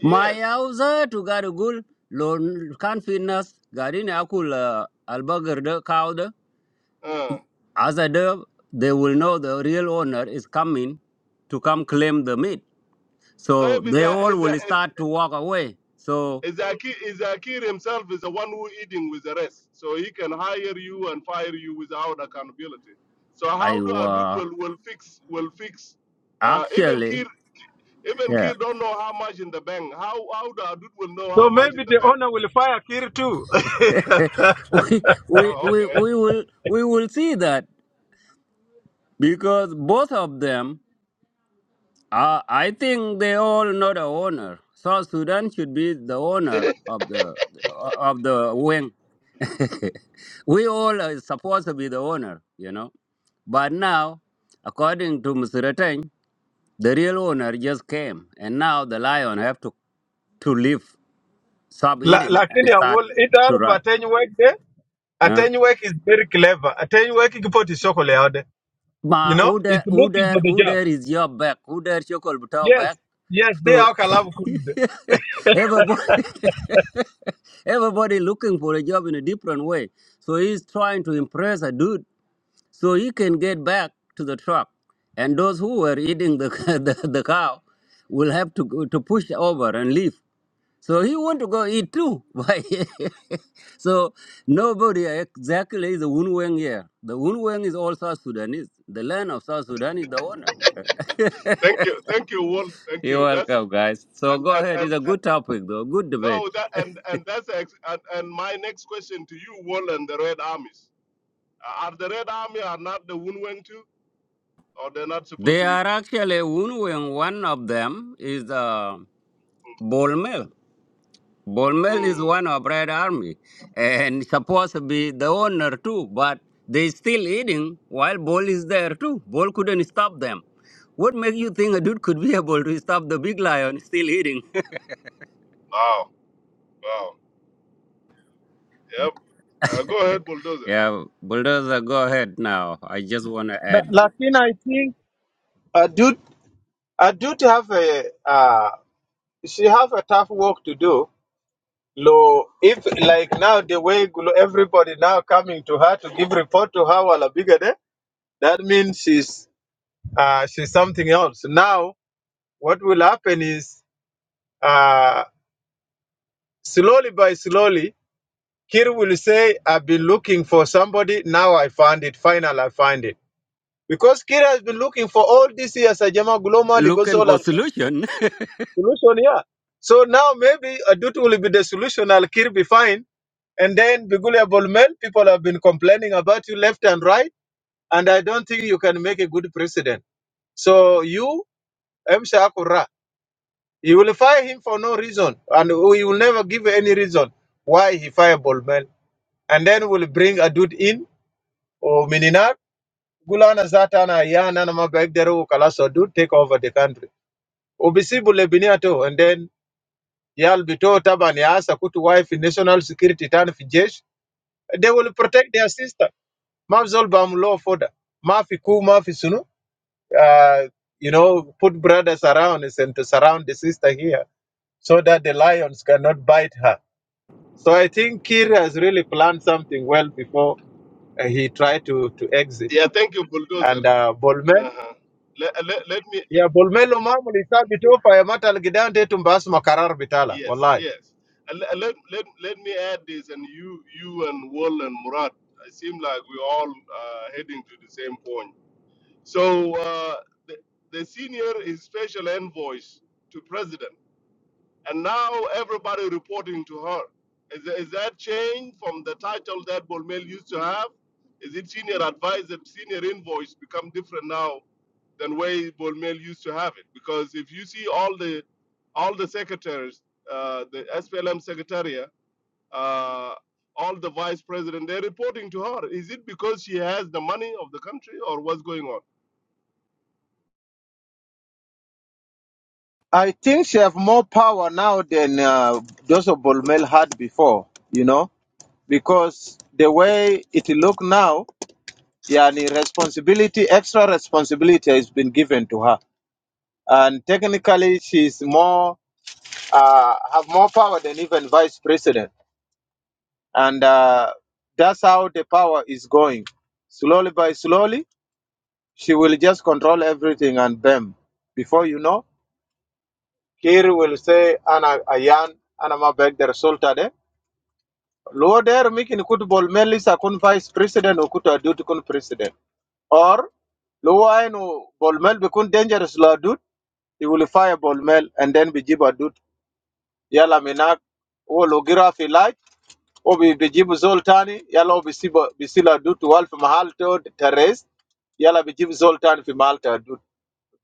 Speaker 11: my
Speaker 5: yes
Speaker 11: yauza to garugul lon confidence garin akul uh, albagar de cow
Speaker 5: uh
Speaker 11: as a de they will know the real owner is coming to come claim the meat. So
Speaker 5: Tayyip is
Speaker 11: they
Speaker 5: a,
Speaker 11: all
Speaker 5: is a,
Speaker 11: will
Speaker 5: is
Speaker 11: start to walk away. So
Speaker 5: Zakir, Zakir himself is the one who eating with the rest, so he can hire you and fire you without accountability. So
Speaker 11: I
Speaker 5: how do Adud
Speaker 11: uh,
Speaker 5: will will fix will fix? Uh, even
Speaker 11: actually
Speaker 5: Kir even
Speaker 11: yeah
Speaker 5: Kir don't know how much in the bank. How how do Adud will know how
Speaker 7: So
Speaker 5: much in
Speaker 7: maybe
Speaker 5: the
Speaker 7: the
Speaker 5: bank?
Speaker 7: owner will fire Kir too.
Speaker 11: we, we
Speaker 5: Oh,
Speaker 11: we
Speaker 5: okay.
Speaker 11: we will we will see that because both of them Uh, I think they all know the owner. South Sudan should be the owner of the of the wing. we all are supposed to be the owner, you know. But now, according to Mr. Rateng, the real owner just came, and now the lion have to to leave, stop
Speaker 7: La-
Speaker 11: eating, and
Speaker 7: Lakini I
Speaker 11: start
Speaker 7: will
Speaker 11: to
Speaker 7: either
Speaker 11: run.
Speaker 7: but anyway there.
Speaker 11: huh?
Speaker 7: Atenuwek is very clever. Atenuwek is put his chocolate out there. You
Speaker 11: Ma
Speaker 7: know,
Speaker 11: order,
Speaker 7: it's looking
Speaker 11: order,
Speaker 7: for the job.
Speaker 11: order is your back. Order chokol butao
Speaker 7: Yes,
Speaker 11: back.
Speaker 7: yes, they
Speaker 11: So
Speaker 7: are Kalavu Kunde.
Speaker 11: everybody, everybody looking for a job in a different way. So he's trying to impress a dude so he can get back to the truck. And those who were eating the the, the cow will have to go, to push over and leave. So he want to go eat too. Why? so nobody exactly the Unweng here. The Unweng is all South Sudanese. The land of South Sudan is the owner.
Speaker 5: Thank you, thank you, Wal. Thank
Speaker 11: You're
Speaker 5: you. That's
Speaker 11: welcome, guys. So
Speaker 5: and
Speaker 11: go
Speaker 5: and
Speaker 11: ahead. It's
Speaker 5: and
Speaker 11: a good topic, though. Good debate.
Speaker 5: no that and and that's ex- and, and my next question to you, Wal, and the Red Armies. Are the Red Army are not the Wunweng too, or they're not supposed
Speaker 11: They
Speaker 5: to eat?
Speaker 11: are actually Unweng. One of them is uh, Bolmel. Bolmel is
Speaker 5: Hmm.
Speaker 11: one of Red Army and supposed to be the owner too, but they still eating while Bol is there too. Bol couldn't stop them. What make you think a dude could be able to stop the big lion still eating?
Speaker 5: Wow. Wow. Yep. Uh, go ahead, bulldozer.
Speaker 11: yeah, bulldozer, go ahead now. I just want to add that.
Speaker 7: Lakini I think I do, I do have a, uh, she have a tough work to do. Lo, if like now the way glo- everybody now coming to her to give report to her while bigger day, that means she's uh, she's something else. Now what will happen is uh, slowly by slowly, Kir will say, "I've been looking for somebody. Now I found it. Final, I find it." Because Kir has been looking for all these years. Ajama Global
Speaker 11: Looking for solution.
Speaker 7: Solution, yeah. So now maybe Adut will be the solution. Al Kir be fine. And then Bigulia Bolmel, people have been complaining about you left and right. And I don't think you can make a good president. So you, M. Shakura, you will fire him for no reason. And we will never give any reason why he fired Bolmel. And then we'll bring Adut in or Mininar. Gulana Zatana Yana Mabegderu Kalaso Adut take over the country. Obisibu Lebiniato. And then yal bito taban ya kutu wife national security tan fi jesh they will protect their sister ma zol bam law ma fi ku ma fi sunu uh, you know put brothers around us and to surround the sister here so that the lions cannot bite her so i think kir has really planned something well before uh, he tried to to exit
Speaker 5: Yeah, thank you, bulldozer.
Speaker 7: and uh, bolmel
Speaker 5: Uh-huh. Let, let, let me. Let,
Speaker 7: yeah bolmel lo mamul isa bito fa ya matal gidan de tumbas makarar bitala
Speaker 5: yes,
Speaker 7: wallahi
Speaker 5: yes. And Let, let, let, let me add this, and you you and Wal and Murat. It seems like we're all uh, heading to the same point. So uh, the, the senior is special envoy to president, and now everybody reporting to her. Is, is that change from the title that Bolmel used to have? Is it senior advisor, senior invoice become different now than way Bolmel used to have it. Because if you see all the all the secretaries, uh, the SPLM secretariat, uh, all the vice president, they're reporting to her. Is it because she has the money of the country or what's going on?
Speaker 7: I think she have more power now than uh, Joseph Bolmel had before, you know, because the way it look now, yeah, the responsibility, extra responsibility has been given to her, and technically she's more uh, have more power than even vice president, and uh, that's how the power is going. Slowly by slowly, she will just control everything, and bam, before you know, Kiri will say, "Ana ayan, ana ma beg the result Luo der mikin kutu bol melis akun vice president o kutu adut kun president. Or Luo ainu bol mel bikun dangerous lo adut, he will fire bol mel and then bijibu adut. Yala minak o logira fi light o bi bijibu zoltani yala o bisiba bisila adut wal fi mahal to teres yala bijibu zoltani fi mahal ta adut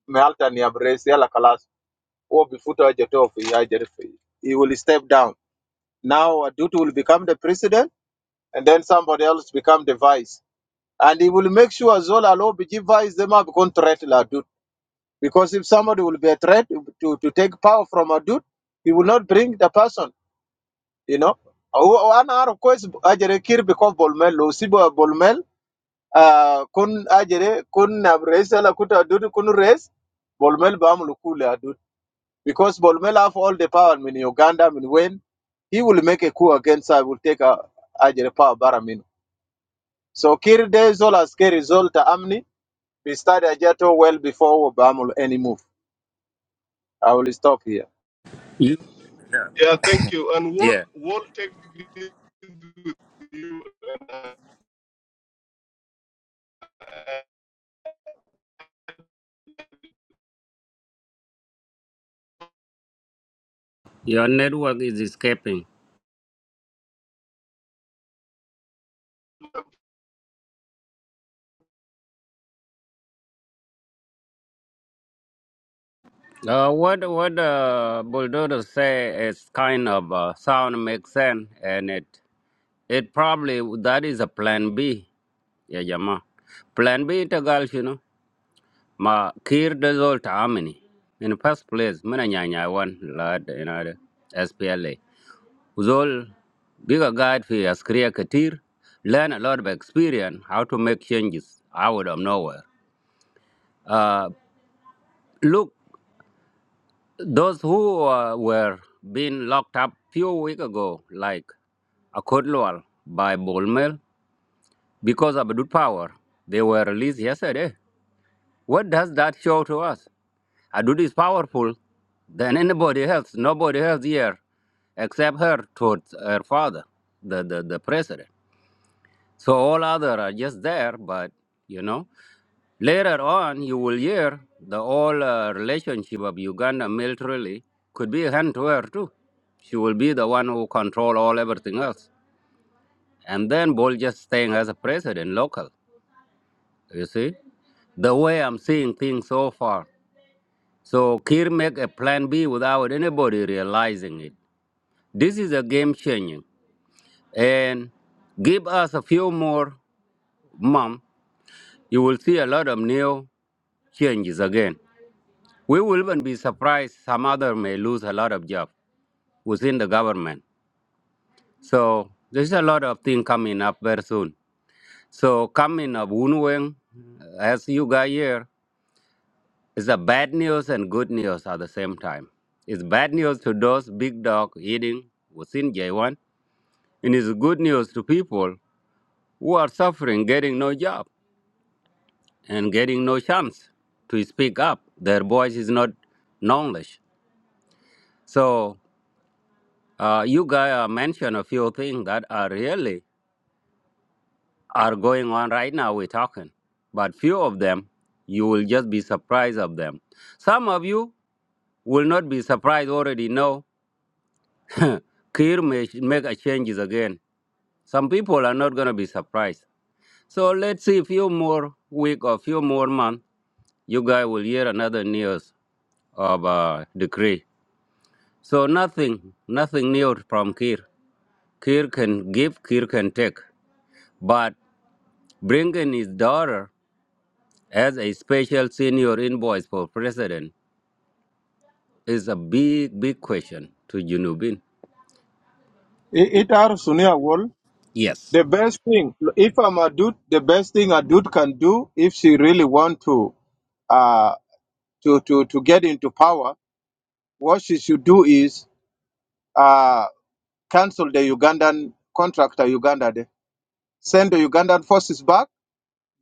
Speaker 7: mahal ta ni abres yala kalas o bifuta ajeto fi ajer fi. He will step down. Now adut will become the president and then somebody else become the vice. and he will make sure Zola Lobby gives them become threat la dude. Because if somebody will be a threat to, to take power from a dude, he will not bring the person, you know. One hour of course Ajere Kir because Bolmel, Lucibo Bolmel, uh, Kun Ajere, Kun Race la Kuta Dud, Kun Res, Bolmel Bam Lukula dude. Because Bolmel have all the power in Uganda, in when he will make a coup against I will take a Ajere power Baramin. So Kir De Zola scary Zolta Amni We started Ajato well before Obama any move. I will stop here.
Speaker 11: You-
Speaker 5: Yeah, thank you. And we'll,
Speaker 11: yeah,
Speaker 5: we'll take this with you. Uh,
Speaker 11: your network is escaping. Uh, what what uh, bulldozer say is kind of uh, sound makes sense and it. It probably that is a plan B. Yeah, Jama. Plan B to girls, you know. Ma kir result amini. In the first place, mina nyanya one lad in other SPLA. Uzol bigger guide for as career katir. Learn a lot of experience how to make changes out of nowhere. Uh, look, those who uh, were being locked up few weeks ago, like Akodlwal by Bolmel. because of Adud power. They were released yesterday. What does that show to us? Adud is powerful than anybody else. Nobody else here except her towards her father, the, the, the president. So all other are just there, but you know. Later on, you will hear the whole uh, relationship of Uganda militarily could be a hand to her too. She will be the one who control all everything else. And then Bol just staying as a president local, you see. the way I'm seeing things so far. So Kir make a plan B without anybody realizing it. This is a game changing. And give us a few more months, you will see a lot of new changes again. We will even be surprised some other may lose a lot of jobs within the government. So there's a lot of things coming up very soon. So coming up Wunweng, as you got here, It's the bad news and good news at the same time. It's bad news to those big dog eating within J1, and it's good news to people who are suffering, getting no job and getting no chance to speak up. Their voice is not knowledge. So uh, you guys uh, mentioned a few things that are really are going on right now. We're talking, but few of them you will just be surprised of them. Some of you will not be surprised already know Kir may sh- make a changes again. Some people are not going to be surprised. So let's see a few more week or few more month, you guys will hear another news of uh, decree. So nothing, nothing new from Kir. Kir can give, Kir can take. But bringing his daughter as a special senior invoice for president is a big, big question to Junubin.
Speaker 7: It, it are Sunia Wall.
Speaker 11: Yes.
Speaker 7: The best thing, if I'm a dude, the best thing a dude can do if she really want to, uh, to, to, to get into power, what she should do is uh, cancel the Ugandan contractor Uganda de. Send the Ugandan forces back.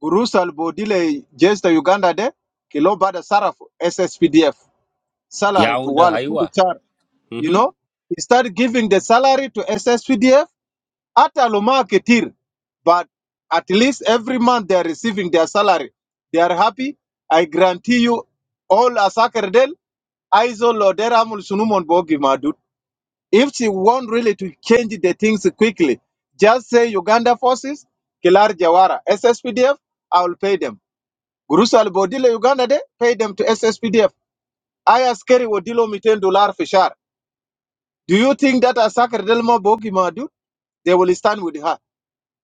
Speaker 7: Gurusal Bodile just the Uganda de. Kilo Bada Saraf, SSPDF. Salary to
Speaker 11: Yaounde
Speaker 7: Wal Kulu
Speaker 11: Haiwa.
Speaker 7: you know, he started giving the salary to SSPDF at Aluma Ketir. But at least every month they are receiving their salary. They are happy. I guarantee you, all Asakerdel, Aizo Loderamul Sunumon Bogi Madut. If she want really to change the things quickly, just say Uganda forces, Kilar Jawara, SSPDF, I will pay them. Gurusal Bodile Uganda de, pay them to SSPDF. I askeri Wodilo Miten Dollar Fishar. Do you think that Asakar Delmo Bogi they will stand with her?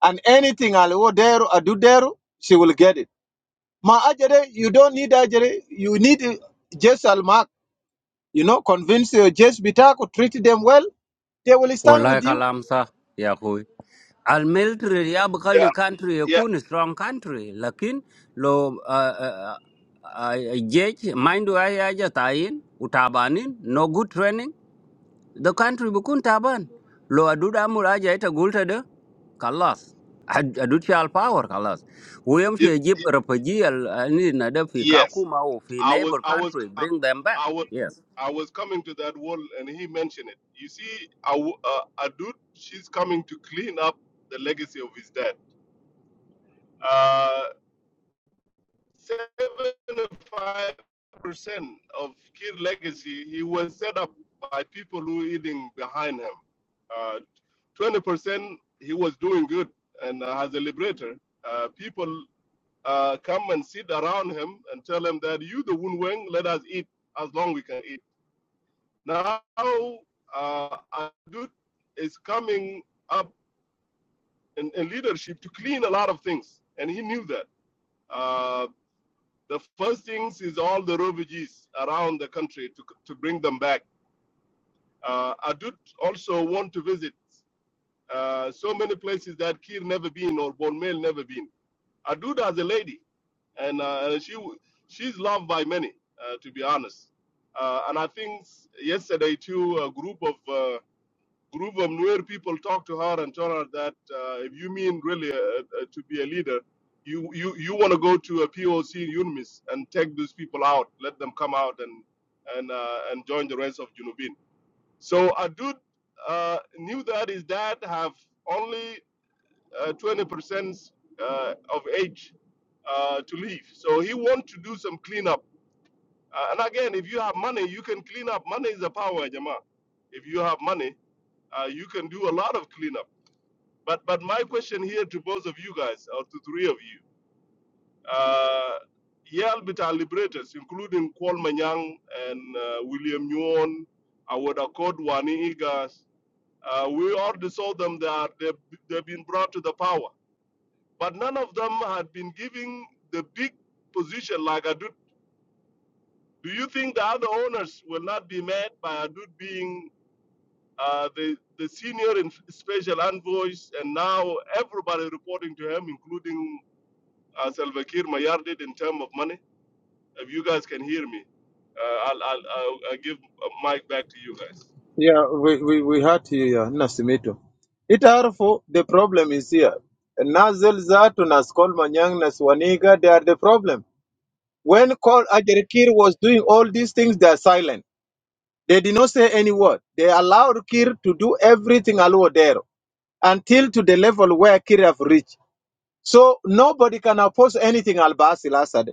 Speaker 7: And anything Alwodero Adudero, she will get it. Ma Ajere, you don't need Ajere, you need uh, just Almak, you know, convince your just Bitako, treat them well, they will stand
Speaker 11: Walay
Speaker 7: with you.
Speaker 11: kalamsa yah koi. Al military ab
Speaker 5: yeah,
Speaker 11: kali country
Speaker 5: yeah,
Speaker 11: yekun strong country. Lakin lo ah ah ah judge mindu aja tain utabaning no good training. The country yekun taban. Lo aduda mur aja ita gul tado. Kalas ad adutyal power kalas. Huamsho
Speaker 5: it,
Speaker 11: Egypt
Speaker 5: it,
Speaker 11: rupaji al ni nade fi
Speaker 5: yes.
Speaker 11: kaku mau fi
Speaker 5: I was
Speaker 11: neighbor
Speaker 5: I was
Speaker 11: country
Speaker 5: I,
Speaker 11: bring them back.
Speaker 5: I was
Speaker 11: Yes.
Speaker 5: I was coming to that wall and he mentioned it. You see, a, w- a- a dude, she's coming to clean up the legacy of his dad. Uh, 75% of Kir legacy, he was set up by people who were eating behind him. Uh, 20%, he was doing good and uh, as a liberator. Uh, people uh, come and sit around him and tell him that you, the Wun Weng, let us eat as long we can eat. Now, uh, Adut is coming up in, in leadership to clean a lot of things, and he knew that. Uh, the first things is all the refugees around the country to, to bring them back. Uh, Adut also want to visit uh, so many places that Kir never been or Bonmel never been. Adut as a lady, and uh, she she's loved by many, uh, to be honest. Uh, and I think yesterday too, a group of uh, group of Nuer people talked to her and told her that uh, if you mean really uh, uh, to be a leader, you, you, you want to go to a POC in UNMIS and take these people out, let them come out and, and, uh, and join the rest of Junubin. So Adud uh, knew that his dad have only uh, 20% uh, of age uh, to leave. So he want to do some cleanup. Uh, and again, if you have money, you can clean up. Money is a power, Jama. If you have money, uh, you can do a lot of cleanup but but my question here to both of you guys, or to three of you, uh, Yale Bita liberators, including Kwal Manyang and uh, William Nguyen, Awad Akod, Wani Igas, uh, we already saw them they They've, they've been brought to the power. But none of them had been giving the big position like Adut. Do you think the other owners will not be mad by Adut being uh, the, the senior and special envoys and now everybody reporting to him, including uh, Salva Kiir Mayar did in terms of money. If you guys can hear me, uh, I'll, I'll, I'll, I'll give uh, mic back to you guys.
Speaker 7: Yeah, we, we, we had here, Nasimito. It harmful, the problem is here. Nazel Zatu, Naskol Manyang, Naswaniga, they are the problem. When Kol Ajere Kir was doing all these things, they are silent They did not say any word. They allowed Kir to do everything Aluodero until to the level where Kir have reached. So nobody can oppose anything Al-Basil Assad.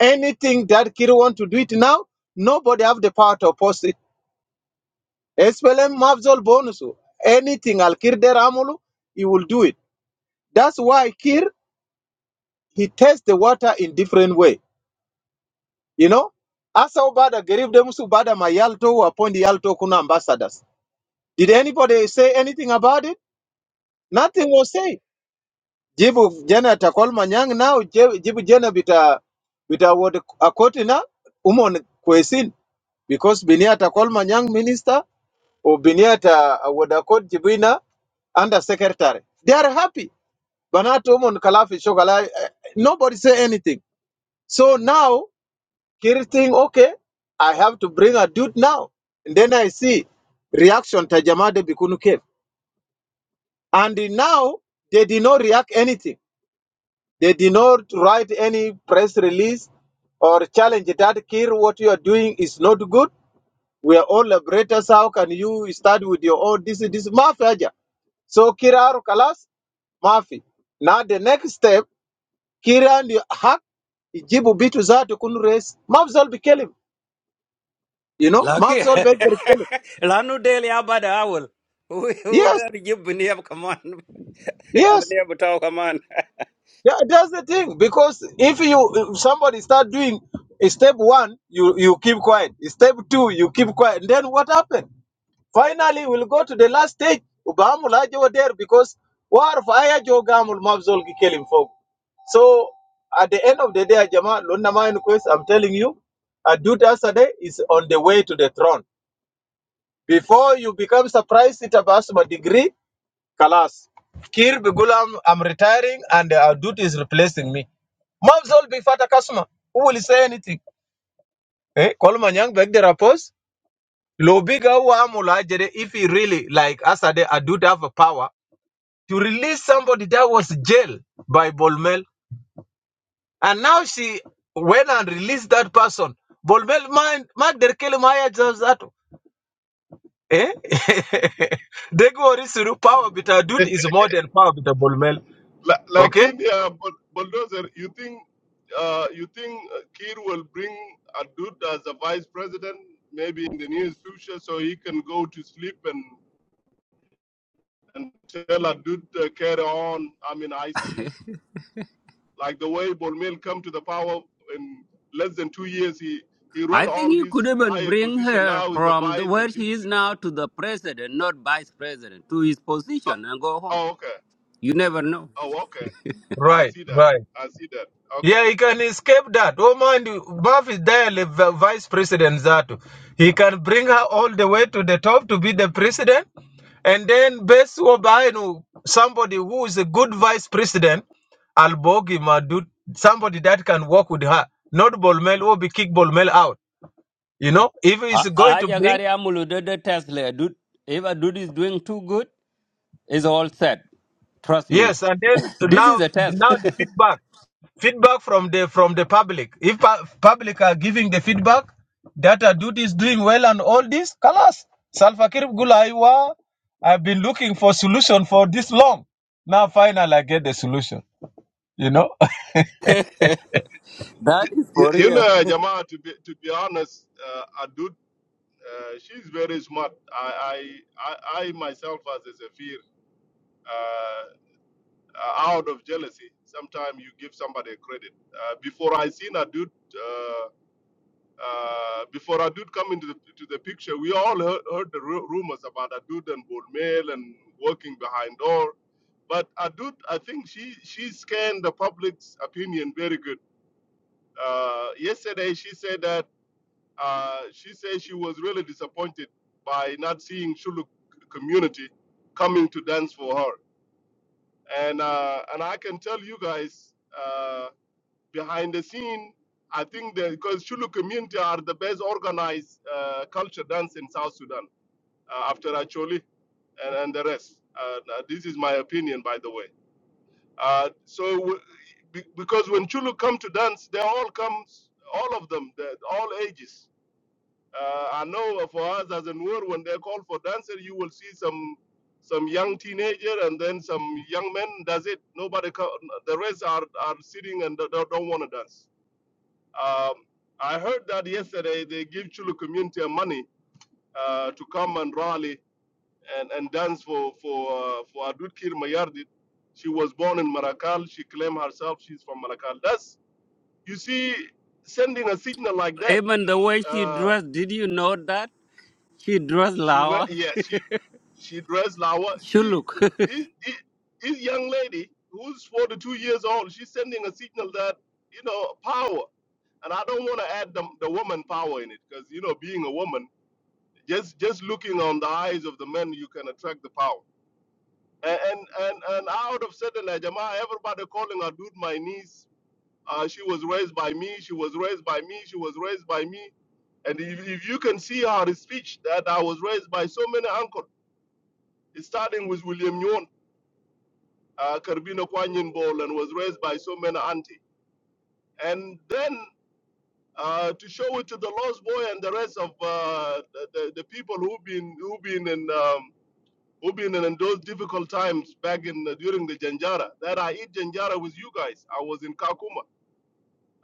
Speaker 7: Anything that Kir want to do it now, nobody have the power to oppose it. SPLM Mavzol Bonusu. Anything Al-Kir der Amulu, he will do it. That's why Kir, he tests the water in different way. You know? Asa Obada Gerib Demusu Bada Mayalto who appoint Yalto Kuna ambassadors. Did anybody say anything about it? Nothing was said. jibu jana ta kolma nyang now jibu jana bita bita wod akoti na umon kwesin because binia ta kolma nyang minister o binia ta wod akot jibina under secretary they are happy banatu umon kalafi shogala eh, eh, nobody say anything so now kiri think okay i have to bring a dude now and then i see reaction Tajamade bikunu cave and now they did not react anything They did not write any press release or challenge that Kir, what you are doing is not good. We are all liberators. How can you start with your own? This this mafia. haja. So Kira Kalas, Mafi. Now the next step, Kira and Hak, Ijibu Bitu Zatu Kun race. Mafzal be kill him. You know,
Speaker 11: Lucky.
Speaker 7: Mafzal be kill him.
Speaker 11: Lanu del Who bada awul.
Speaker 7: Yes,
Speaker 11: Udar jib bniab kaman.
Speaker 7: yes.
Speaker 11: Bniab tau kaman.
Speaker 7: Tha- that's the thing because if you if somebody start doing uh, step one, you you keep quiet. Step two, you keep quiet. Then what happened? Finally, we'll go to the last stage. Ubamul aje wa there because war fire jo gamul mabzol ki kelim fog. So at the end of the day, Jama Lunda Mayan Quest, I'm telling you, Adut Asade is on the way to the throne. Before you become surprised, it about my degree, Kalas. Kir Bigulam, I'm retiring, and Adut is replacing me. Mafzol bifata customer who will say anything. Eh? Coleman Young back there oppose. Lobiga Wamula Jede, if he really like Asade Adud have a power to release somebody that was jailed by Bolmel. And now she went and released that person. Bolmel mind mark their Kelimaya Zazato. Eh? They go Risuru power bit Adud is more than power bit Bolmel.
Speaker 5: La-
Speaker 7: Okay?
Speaker 5: Lakin, yeah, but bulldozer, you think uh, you think uh, Kiir will bring Adud as a vice president, maybe in the near future, so he can go to sleep and and tell Adud uh, carry on. I'm in ICU, like the way Bolmel come to the power in less than two years. He he
Speaker 11: I
Speaker 5: run
Speaker 11: think
Speaker 5: all
Speaker 11: you could
Speaker 5: these
Speaker 11: even
Speaker 5: higher
Speaker 11: bring
Speaker 5: position
Speaker 11: her
Speaker 5: now he's a
Speaker 11: from the,
Speaker 5: vice
Speaker 11: where
Speaker 5: and
Speaker 11: she is
Speaker 5: deputy.
Speaker 11: now to the president, not vice president, to his
Speaker 5: Uh,
Speaker 11: position and go home.
Speaker 5: Oh, okay.
Speaker 11: You never know.
Speaker 5: Oh, okay. I
Speaker 7: Right,
Speaker 5: see that.
Speaker 7: right.
Speaker 5: I see that. Okay.
Speaker 7: Yeah, he can escape that. Oh, mind you, Buff is there, the v- vice president Zato. He can bring her all the way to the top to be the president. And then Bess Wabainu, somebody who is a good vice president, Albogi Madut, somebody that can work with her. Not Bolmel or be kick Bolmel out. You know, if
Speaker 11: Ha-
Speaker 7: he's going to
Speaker 11: Haja
Speaker 7: bring
Speaker 11: gari amulu did the Tesla. Dude, if a dude is doing too good, it's all set. Trust me.
Speaker 7: Yes, and then
Speaker 11: this is
Speaker 7: now
Speaker 11: a test.
Speaker 7: now the feedback feedback from the from the public. If pu- public are giving the feedback that Adud is doing well and all this, kalas. Salva Kiir Gulaiwa, I've been looking for solution for this long. Now finally I get the solution. You know.
Speaker 11: That
Speaker 5: okay.
Speaker 11: is
Speaker 5: You,
Speaker 11: for
Speaker 5: you
Speaker 11: real.
Speaker 5: know, Jamal, to be to be honest, uh, Adud, uh, she's very smart. I I I, I myself as a Zafir, uh, out of jealousy, sometimes you give somebody credit. Uh, before I seen Adud. Uh, before Adud come into the, to the picture, we all heard, heard the ru- rumors about Adud and Bolmel and working behind door. But Adud, I think she, she scanned the public's opinion very good. Uh, yesterday, she said that uh, she said she was really disappointed by not seeing Shuluk community coming to dance for her. And, uh, and I can tell you guys, uh, behind the scene, I think the because Shulu community are the best organized uh, culture dance in South Sudan uh, after Acholi and, and the rest. Uh, now this is my opinion, by the way. Uh, so w- be- because when Chulu come to dance, they all come, all of them, the- all ages. Uh, I know for us as in war, when they call for dancer, you will see some some young teenager and then some young men. Does it? Nobody. co- The rest are are sitting and don't, don't want to dance um, I heard that yesterday they give Chulu community money uh, to come and rally and, and dance for for uh, for Adut Kir Mayardit. She was born in Marakal. She claimed herself she's from Marakal. That's you see sending a signal like that.
Speaker 11: even the way she
Speaker 5: Uh,
Speaker 11: dressed, did you know that? She draws
Speaker 5: she
Speaker 11: lava.
Speaker 5: wear yes she she dressed lawa.
Speaker 11: She
Speaker 5: She
Speaker 11: look.
Speaker 5: this, this this young lady who's 42 years old. She's sending a signal that you know power. And I don't want to add the, the woman power in it because you know being a woman Just just looking on the eyes of the men, you can attract the power. And and and, and out of sudden, like, Jama, everybody calling her dude my niece. Uh, she was raised by me. She was raised by me. She was raised by me. And if, if you can see her speech, that I was raised by so many uncle, starting with William Nyon, uh, Karbino Kwanyin Bol, and was raised by so many auntie. And then uh, to show it to the lost boy and the rest of uh, the, the, the people who've been who've been in um, We've been in those difficult times back in the, during the Janjara. That I eat Janjara with you guys. I was in Kakuma.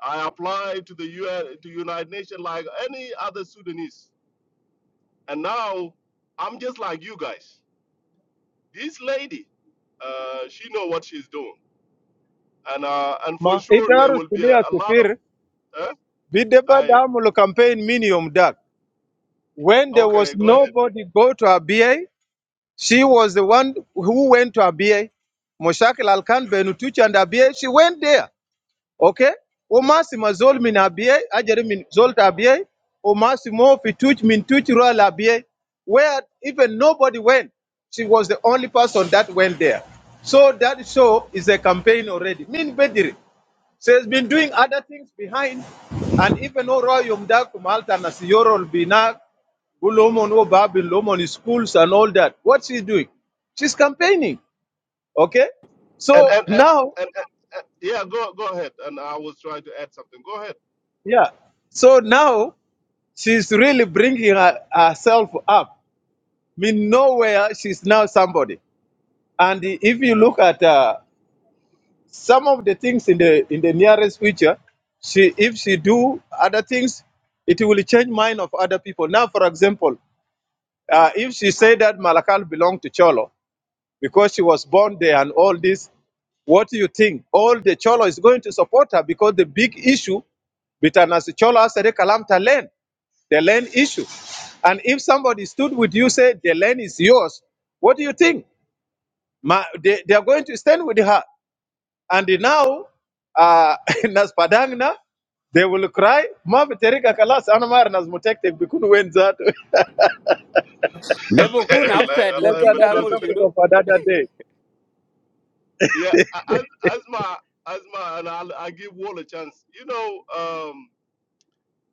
Speaker 5: I applied to the UN, to United Nations like any other Sudanese. And now I'm just like you guys. This lady, uh, she know what she's doing, and uh, and for
Speaker 7: Ma
Speaker 5: sure there
Speaker 7: itaru
Speaker 5: will be a,
Speaker 7: sulia
Speaker 5: a lot of.
Speaker 7: sifir
Speaker 5: Huh?
Speaker 7: bideba
Speaker 5: I
Speaker 7: damulu campaign minimum dak. When there was
Speaker 5: okay, go ahead.
Speaker 7: nobody go to ABA She was the one who went to Abyei. Moshakil Alkan Benutuch and Abyei. She went there. Okay? Umasima zol min Abyei. Ajere min zol ta Abyei. Umasimo fituch min tuch rural Abyei. Where even nobody went. She was the only person that went there. So that show is a campaign already. Min Bediri. She has been doing other things behind. And even though Royum Dakum Altan Nasiyorol Bina Ulomon, oh, Babi, Lomon, his schools and all that. What's she doing? She's campaigning. Okay.
Speaker 5: And
Speaker 7: So
Speaker 5: and and. and,
Speaker 7: now,
Speaker 5: and and- yeah, go go ahead, and I was trying to add something. Go ahead.
Speaker 7: yeah. So now she's really bringing her, herself up. I mean, nowhere she's now somebody. And if you look at uh, some of the things in the in the nearest future, she if she do other things, it will change mind of other people. Now, for example, uh, if she say that Malakal belong to Cholo, because she was born there and all this. What do you think? All the Cholo is going to support her because the big issue between us Cholo Asere Kalamta land, the land issue. And if somebody stood with you, say the land is yours, what do you think? Ma, they, they are going to stand with her. And now, uh, Nas Padangna, they will cry, Ma Viterika Kalas Anamar Nas Mutekte Bikun Wenzat.
Speaker 11: They were kun upset,
Speaker 7: That's
Speaker 11: lakin
Speaker 7: another
Speaker 11: amul
Speaker 7: topic
Speaker 11: shinu.
Speaker 7: of another day.
Speaker 5: Yeah, as asma, my and I'll, I give Wall a chance. You know, um,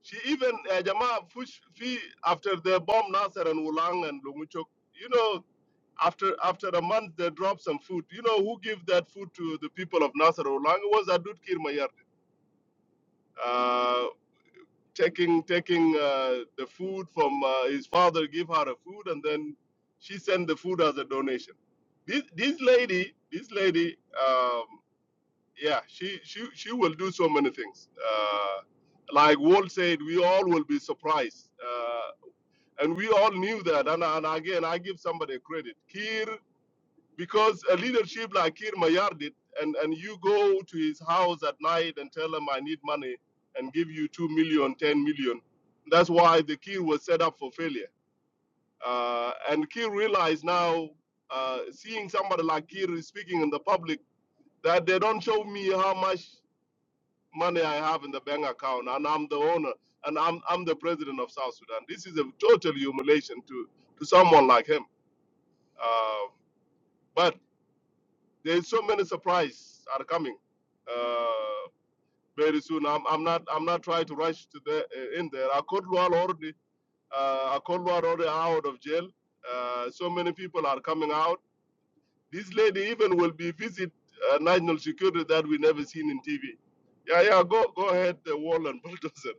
Speaker 5: she even uh, Jama Fush Fi after they bomb Nasser and Wulang and Lunguchok. You know, after after a month they drop some food. You know who give that food to the people of Nasser and Wulang? It was Adut Kirmayar. Uh, taking taking uh, the food from uh, his father, give her a food, and then she sent the food as a donation. This this lady, this lady. Um, yeah she she she will do so many things uh like walt said we all will be surprised uh and we all knew that and, and again i give somebody credit kir because a leadership like kir mayar did and and you go to his house at night and tell him i need money and give you two million ten million that's why the kir was set up for failure uh and kir realized now uh seeing somebody like kir speaking in the public that they don't show me how much money I have in the bank account, and I'm the owner, and I'm I'm the president of South Sudan. This is a total humiliation to to someone like him. Uh, but there's so many surprises are coming uh, very soon. I'm, I'm not I'm not trying to rush to the uh, in there. Akodlual already uh, Akodlual already out of jail. Uh, so many people are coming out. This lady even will be visit uh, national security that we never seen in TV. Yeah, yeah. Go go ahead, the wall and bulldozer.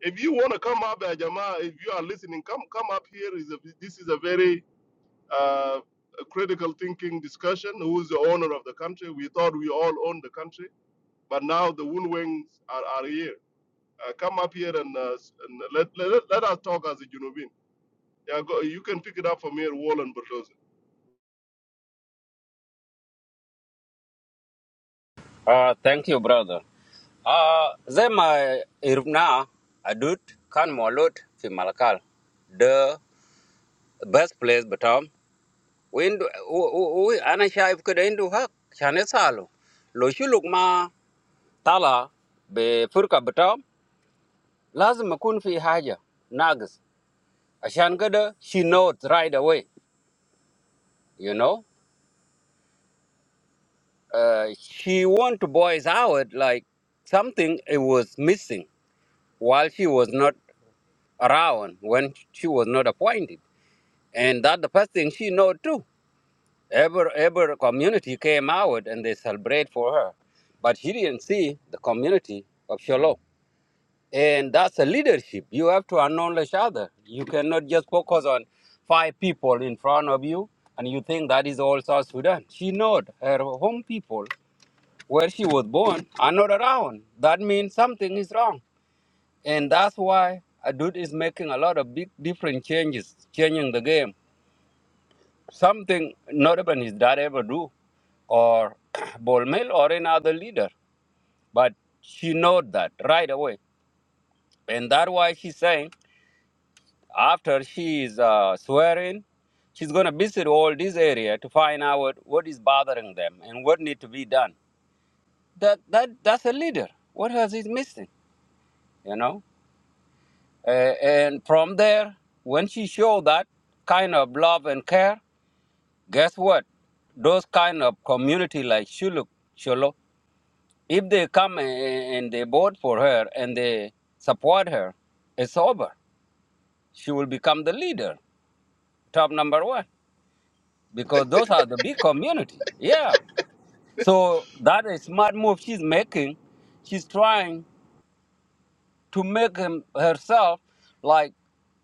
Speaker 5: if you want to come up, uh, Jama, if you are listening, come come up here. Is a, this is a very uh, a critical thinking discussion. Who is the owner of the country? We thought we all owned the country, but now the Woon are, are here. Uh, come up here and, uh, and let, let let us talk as a Junubin. Yeah, go, you can pick it up from here, Wall and Bulldozer.
Speaker 11: Ah, thank you, brother. Ah, zema irna adut kan molut fi malakal. The best place batam. Windu, u u u ana shaif kada indu hak shane salo. Lo shuluk ma tala be furka batam. Lazim makun fi haja nagis. Ashan kada she knows right away, you know. uh, she want to voice out like something it was missing while she was not around when she was not appointed and that the first thing she know too ever ever community came out and they celebrate for her but she didn't see the community of shalom and that's a leadership you have to acknowledge other you cannot just focus on five people in front of you and you think that is all south sudan she know her home people where she was born are not around. That means something is wrong. And that's why Adut is making a lot of big different changes, changing the game. Something not even his dad ever do, or Bolmel or any other leader. But she know that right away. And that's why she's saying after she is uh, swearing, she's going to visit all this area to find out what, what is bothering them and what need to be done. That, that That's a leader. What has he missing, you know? Uh, and from there, when she showed that kind of love and care, guess what? Those kind of community like Shuluk, Sholo, if they come a- a- and they vote for her and they support her, it's over. She will become the leader, top number one, because those are the big community. Yeah. So that is smart move she's making. She's trying. to make him, herself like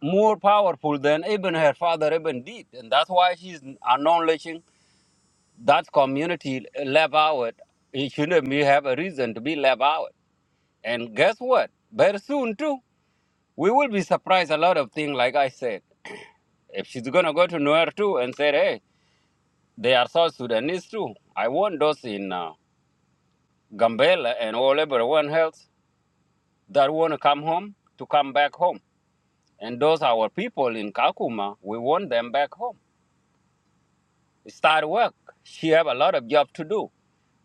Speaker 11: more powerful than even her father even did. And that's why she's acknowledging that community left out. It shouldn't be have a reason to be left out. And guess what? Very soon too, we will be surprised a lot of things, like I said. If she's gonna go to Nuer too and say, hey, they are South Sudanese too. I want those in uh, Gambela and all everyone else that want to come home to come back home And those our people in Kakuma, we want them back home. Start work. She have a lot of job to do.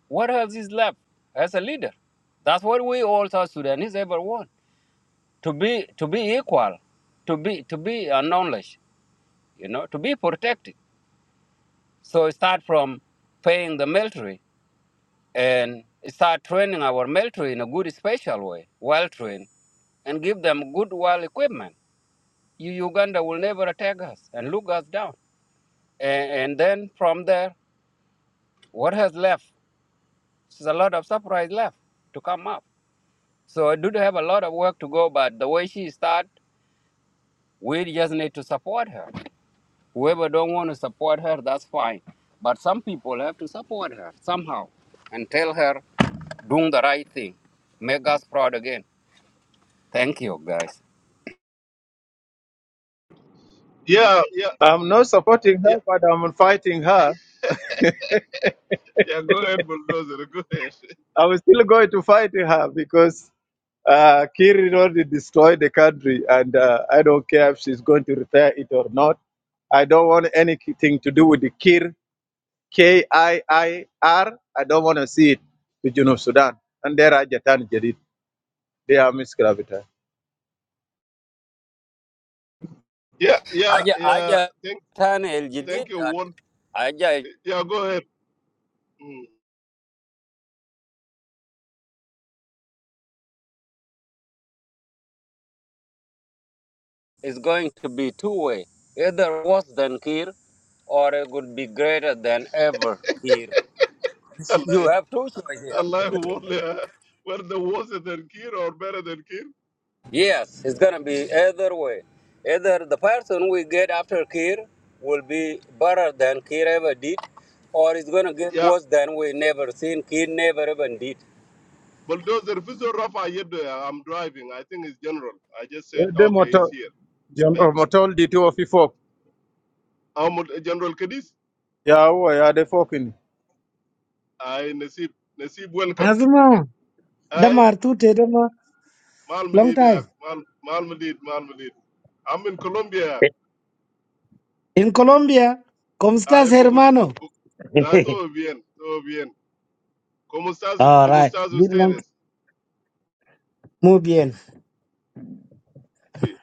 Speaker 11: What else is left as a leader? That's what we all South Sudanese ever want. To be to be equal, to be to be acknowledged, you know, to be protected. So start from paying the military and start training our military in a good special way, well trained, and give them good well equipment. You Uganda will never attack us and look us down. And, and then from there What has left? There's a lot of surprise left to come up. So I do have a lot of work to go, but the way she start, we just need to support her. Whoever don't want to support her, that's fine. But some people have to support her somehow and tell her doing the right thing. Make us proud again. Thank you, guys.
Speaker 5: Yeah, yeah,
Speaker 7: I'm not supporting
Speaker 5: yeah,
Speaker 7: her, but I'm fighting her
Speaker 5: yeah. Go ahead, Bulldozer. Go ahead.
Speaker 7: I was still going to fight her because uh, Kiri already destroyed the country, and uh, I don't care if she's going to retire it or not. I don't want anything to do with the Kir, K I I R. I don't want to see it with Junub Sudan. And there are Jatan Jadid. They are Miss Gravita.
Speaker 5: Yeah, yeah,
Speaker 11: Aja,
Speaker 5: yeah.
Speaker 11: Aja,
Speaker 5: Thank,
Speaker 11: Tan El Jadid,
Speaker 5: thank you,
Speaker 11: uh,
Speaker 5: Wall.
Speaker 11: Aja
Speaker 5: Yeah, go ahead.
Speaker 11: is going to be two way, either worse than Kir or it would be greater than ever Kir.
Speaker 5: Mm.
Speaker 11: You have two choice here.
Speaker 5: Allah wole Were the worse than Kir or better than Kir.
Speaker 11: Yes, it's gonna be either way. Either the person we get after Kir will be better than Kir ever did, or it's gonna get
Speaker 5: Yeah.
Speaker 11: worse than we never seen. Kir never even did.
Speaker 5: Bulldozer Fizo Rafa Yedo, I'm driving. I think it's general. I just
Speaker 7: Eh,
Speaker 5: said
Speaker 7: They
Speaker 5: okay,
Speaker 7: motor,
Speaker 5: he's here.
Speaker 7: Jam- uh, motor the two of the folk.
Speaker 5: Um General Kadis?
Speaker 7: Yeah, who are they fucking?
Speaker 5: I Nasib Nasib welcome.
Speaker 12: Asma,
Speaker 5: Aye,
Speaker 12: Damar Tute, Dama,
Speaker 5: Mal
Speaker 12: long
Speaker 5: Madid
Speaker 12: time.
Speaker 5: Mal Mal Madid Mal Madid. I'm in Colombia.
Speaker 12: In Colombia, ¿cómo
Speaker 5: I
Speaker 12: estás,
Speaker 5: Bogot
Speaker 12: hermano?
Speaker 5: Bo- Ah, todo bien, todo bien. ¿Cómo estás,
Speaker 12: All
Speaker 5: cómo
Speaker 12: right,
Speaker 5: estás
Speaker 12: been long.
Speaker 5: ustedes?
Speaker 12: Muy bien.
Speaker 5: Sí.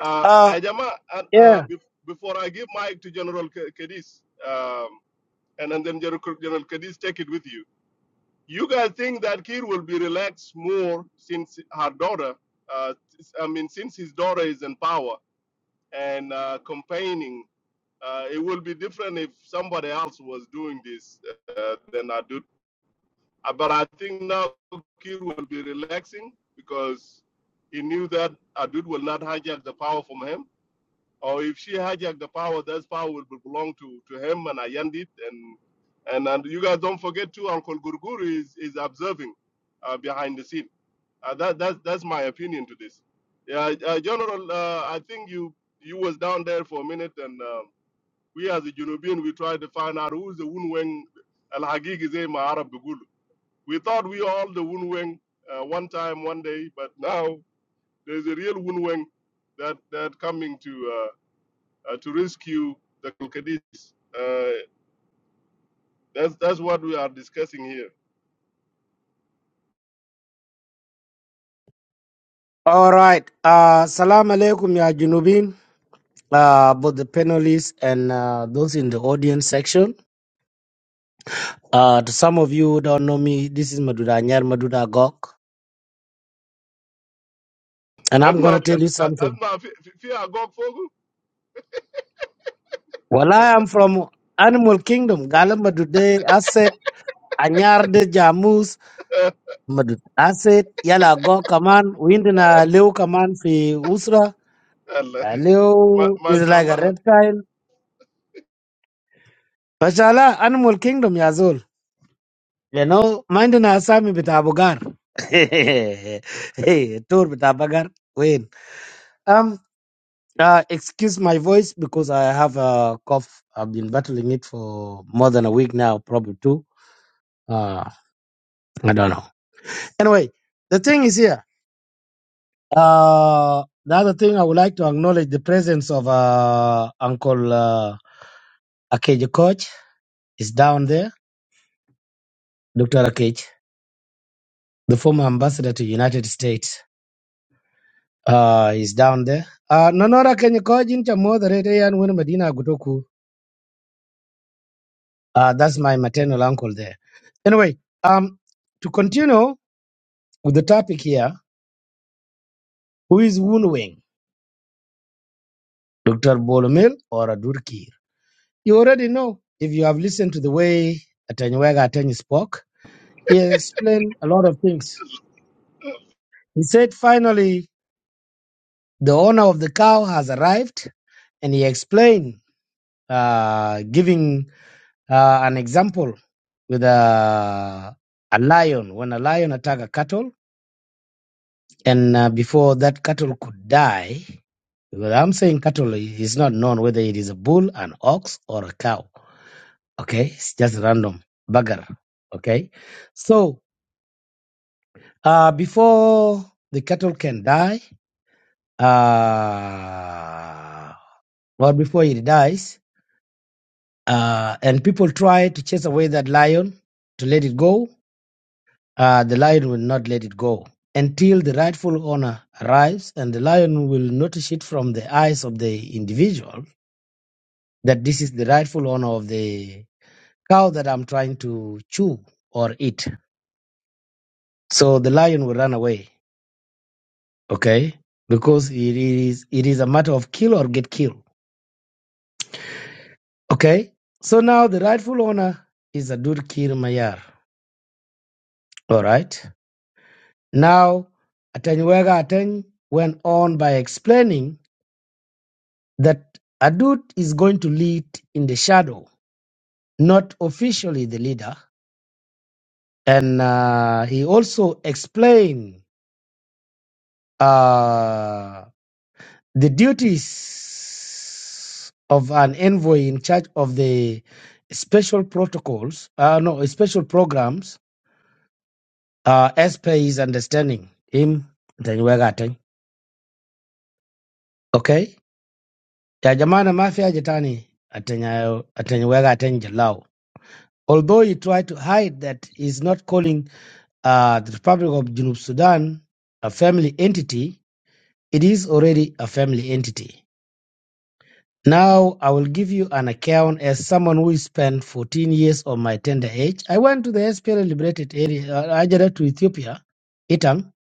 Speaker 5: Ah,
Speaker 12: Uh,
Speaker 5: Ayama, ah, ah,
Speaker 12: yeah,
Speaker 5: bef- before I give mic to General Kedis, and, and then General, General Cadiz take it with you. You guys think that Kir will be relaxed more since her daughter, uh, I mean, since his daughter is in power and uh, campaigning. Uh, it will be different if somebody else was doing this uh, than I do. Uh, But I think now Kir will be relaxing because he knew that Adud will not hijack the power from him or if she hijacked the power, that power will belong to, to him and Ayandit. And, and and you guys don't forget too, Uncle Gurguru is, is observing uh, behind the scene. Uh, that that's that's my opinion to this. Yeah, uh, General, uh, I think you you was down there for a minute, and uh, we as a Junubian, we tried to find out who's the Wunweng Al Hagig is a Arab Bugulu. We thought we all the Wunweng uh, one time, one day, but now there's a real Wunweng that that coming to. uh, uh, to rescue the Kalkadis. Uh, that's that's what we are discussing here.
Speaker 12: all right. Uh, salam alaikum, ya Junubin, uh, both the panelists and uh, those in the audience section. Uh, to some of you who don't know me, this is Maduda Nyar Maduda Gok, and I'm going
Speaker 5: Asma,
Speaker 12: to tell you
Speaker 5: fi-
Speaker 12: something.
Speaker 5: asma, fi fi agog fogo.
Speaker 12: Well, I am from Animal Kingdom, Gala Madude, Asset, Anyar de Jamus,
Speaker 5: Allah,
Speaker 12: Madud. Asset yala go kaman windina leo kaman fi usra
Speaker 5: Allah.
Speaker 12: uh,
Speaker 5: Ma-
Speaker 12: leo is like a
Speaker 5: mashallah.
Speaker 12: reptile. Mashallah, animal kingdom yazol. You know, mindina asami bitabugar. hey, tour bitabugar. Wait. Um, uh, excuse my voice because I have a cough. I've been battling it for more than a week now, probably two. Uh, I don't know. Anyway, the thing is here. Uh, the other thing I would like to acknowledge the presence of uh, Uncle uh, Akeji Koch is down there. Dr. Akeji, the former ambassador to United States, uh, is down there. Uh, Nonora Akeji Koch in moderate and when Medina Gutoku. Uh, that's my maternal uncle there. Anyway, um, to continue with the topic here, who is Woon Wing, Dr. Bolomil or Adur Kir? You already know if you have listened to the way Atanyuega Atenyi spoke. He explained a lot of things. He said finally the owner of the cow has arrived, and he explained, uh, giving uh, an example with a, a lion. When a lion attack a cattle, and uh, before that cattle could die, because I'm saying cattle is not known whether it is a bull, an ox, or a cow. Okay, it's just random bugger. Okay, so uh, before the cattle can die. Uh, well before it dies. Uh, and people try to chase away that lion to let it go. Uh, the lion will not let it go until the rightful owner arrives, and the lion will notice it from the eyes of the individual that this is the rightful owner of the cow that I'm trying to chew or eat. So the lion will run away, okay? Because it is it is a matter of kill or get killed, okay? So now the rightful owner is Adur Kir Mayar, all right? Now, Atanyuega Ateng went on by explaining that Adut is going to lead in the shadow, not officially the leader. And uh, he also explained uh, the duties of an envoy in charge of the special protocols, uh, no, special programs, uh, as per his understanding, him, Atanyuega Ateng. Okay? Ya Jamana Mafia Jitani atenyayo Atenyewega Ateny Jalau. Although he tried to hide that he's not calling uh, the Republic of Junub Sudan a family entity, it is already a family entity. Now I will give you an account as someone who spent 14 years of my tender age. I went to the SPLA liberated area, uh, Ajara to Ethiopia, Itang,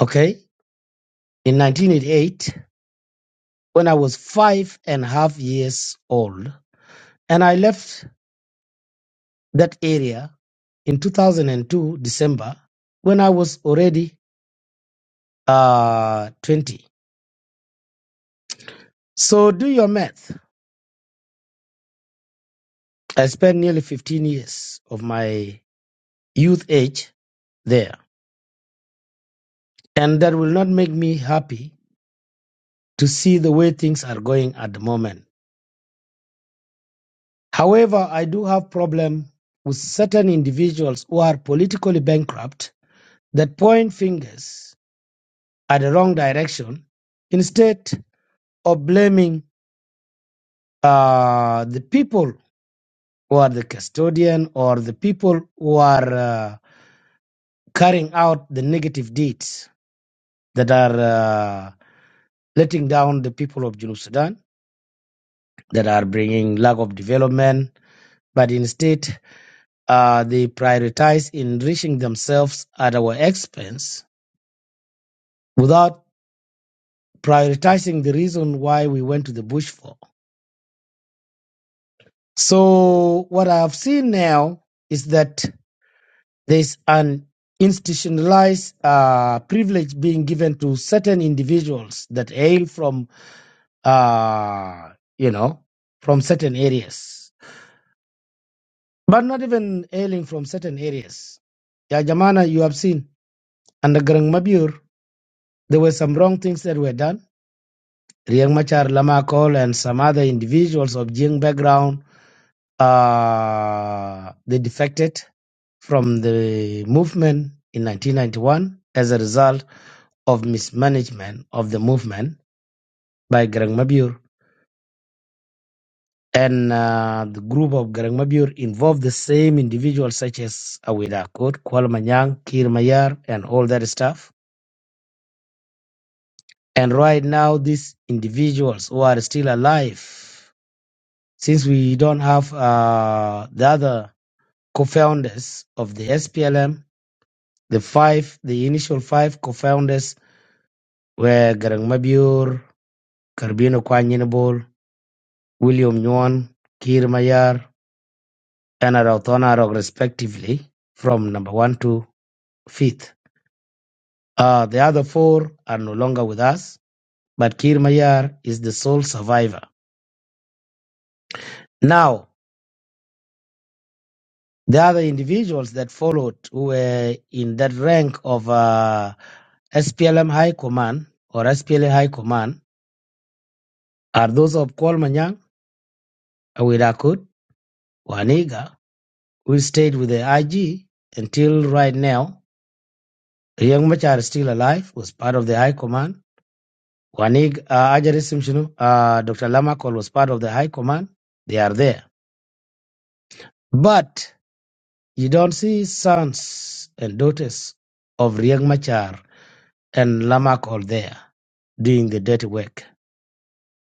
Speaker 12: okay, in 1988 when I was five and a half years old. And I left that area in 2002 December when I was already uh 20. So do your math. I spent nearly 15 years of my youth age there, and that will not make me happy to see the way things are going at the moment. However, I do have problem with certain individuals who are politically bankrupt that point fingers at the wrong direction instead of blaming uh, the people who are the custodian or the people who are uh, carrying out the negative deeds that are uh, letting down the people of Junub Sudan, that are bringing lack of development, but instead uh, they prioritize enriching themselves at our expense without prioritizing the reason why we went to the bush for. So what I've seen now is that There's an institutionalized uh, privilege being given to certain individuals that hail from, uh, you know, from certain areas, but not even hailing from certain areas. Ya Jamana, you have seen under Garang Mabur, there were some wrong things that were done. Riek Machar Lamakol and some other individuals of Jing background, uh, they defected from the movement in 1991. As a result, of mismanagement of the movement by Garang Mabur. And uh, the group of Garang Mabur involved the same individuals such as Awida Kot, Kwal Manyang, Kir Mayar, and all that stuff. And right now, these individuals who are still alive, since we don't have uh, the other co-founders of the SPLM, the five, the initial five co-founders were Garang Mabur, Carbino Kwanyinabol, William Nguyen, Kir Mayar, And Anarok respectively, from number one to fifth. Uh, the other four are no longer with us, but Kir Mayar is the sole survivor. Now, the other individuals that followed who were in that rank of uh, SPLM High Command or SPLA High Command are those of Kualmanyang, Awirakut, Waniga, who stayed with the IG until right now. Young Machar is still alive, was part of the High Command. Wanig, uh, Ajarisim Shinu, uh, Dr. Lamakol was part of the High Command. They are there. But you don't see sons and daughters of Riek Machar and Lamakol there doing the dirty work.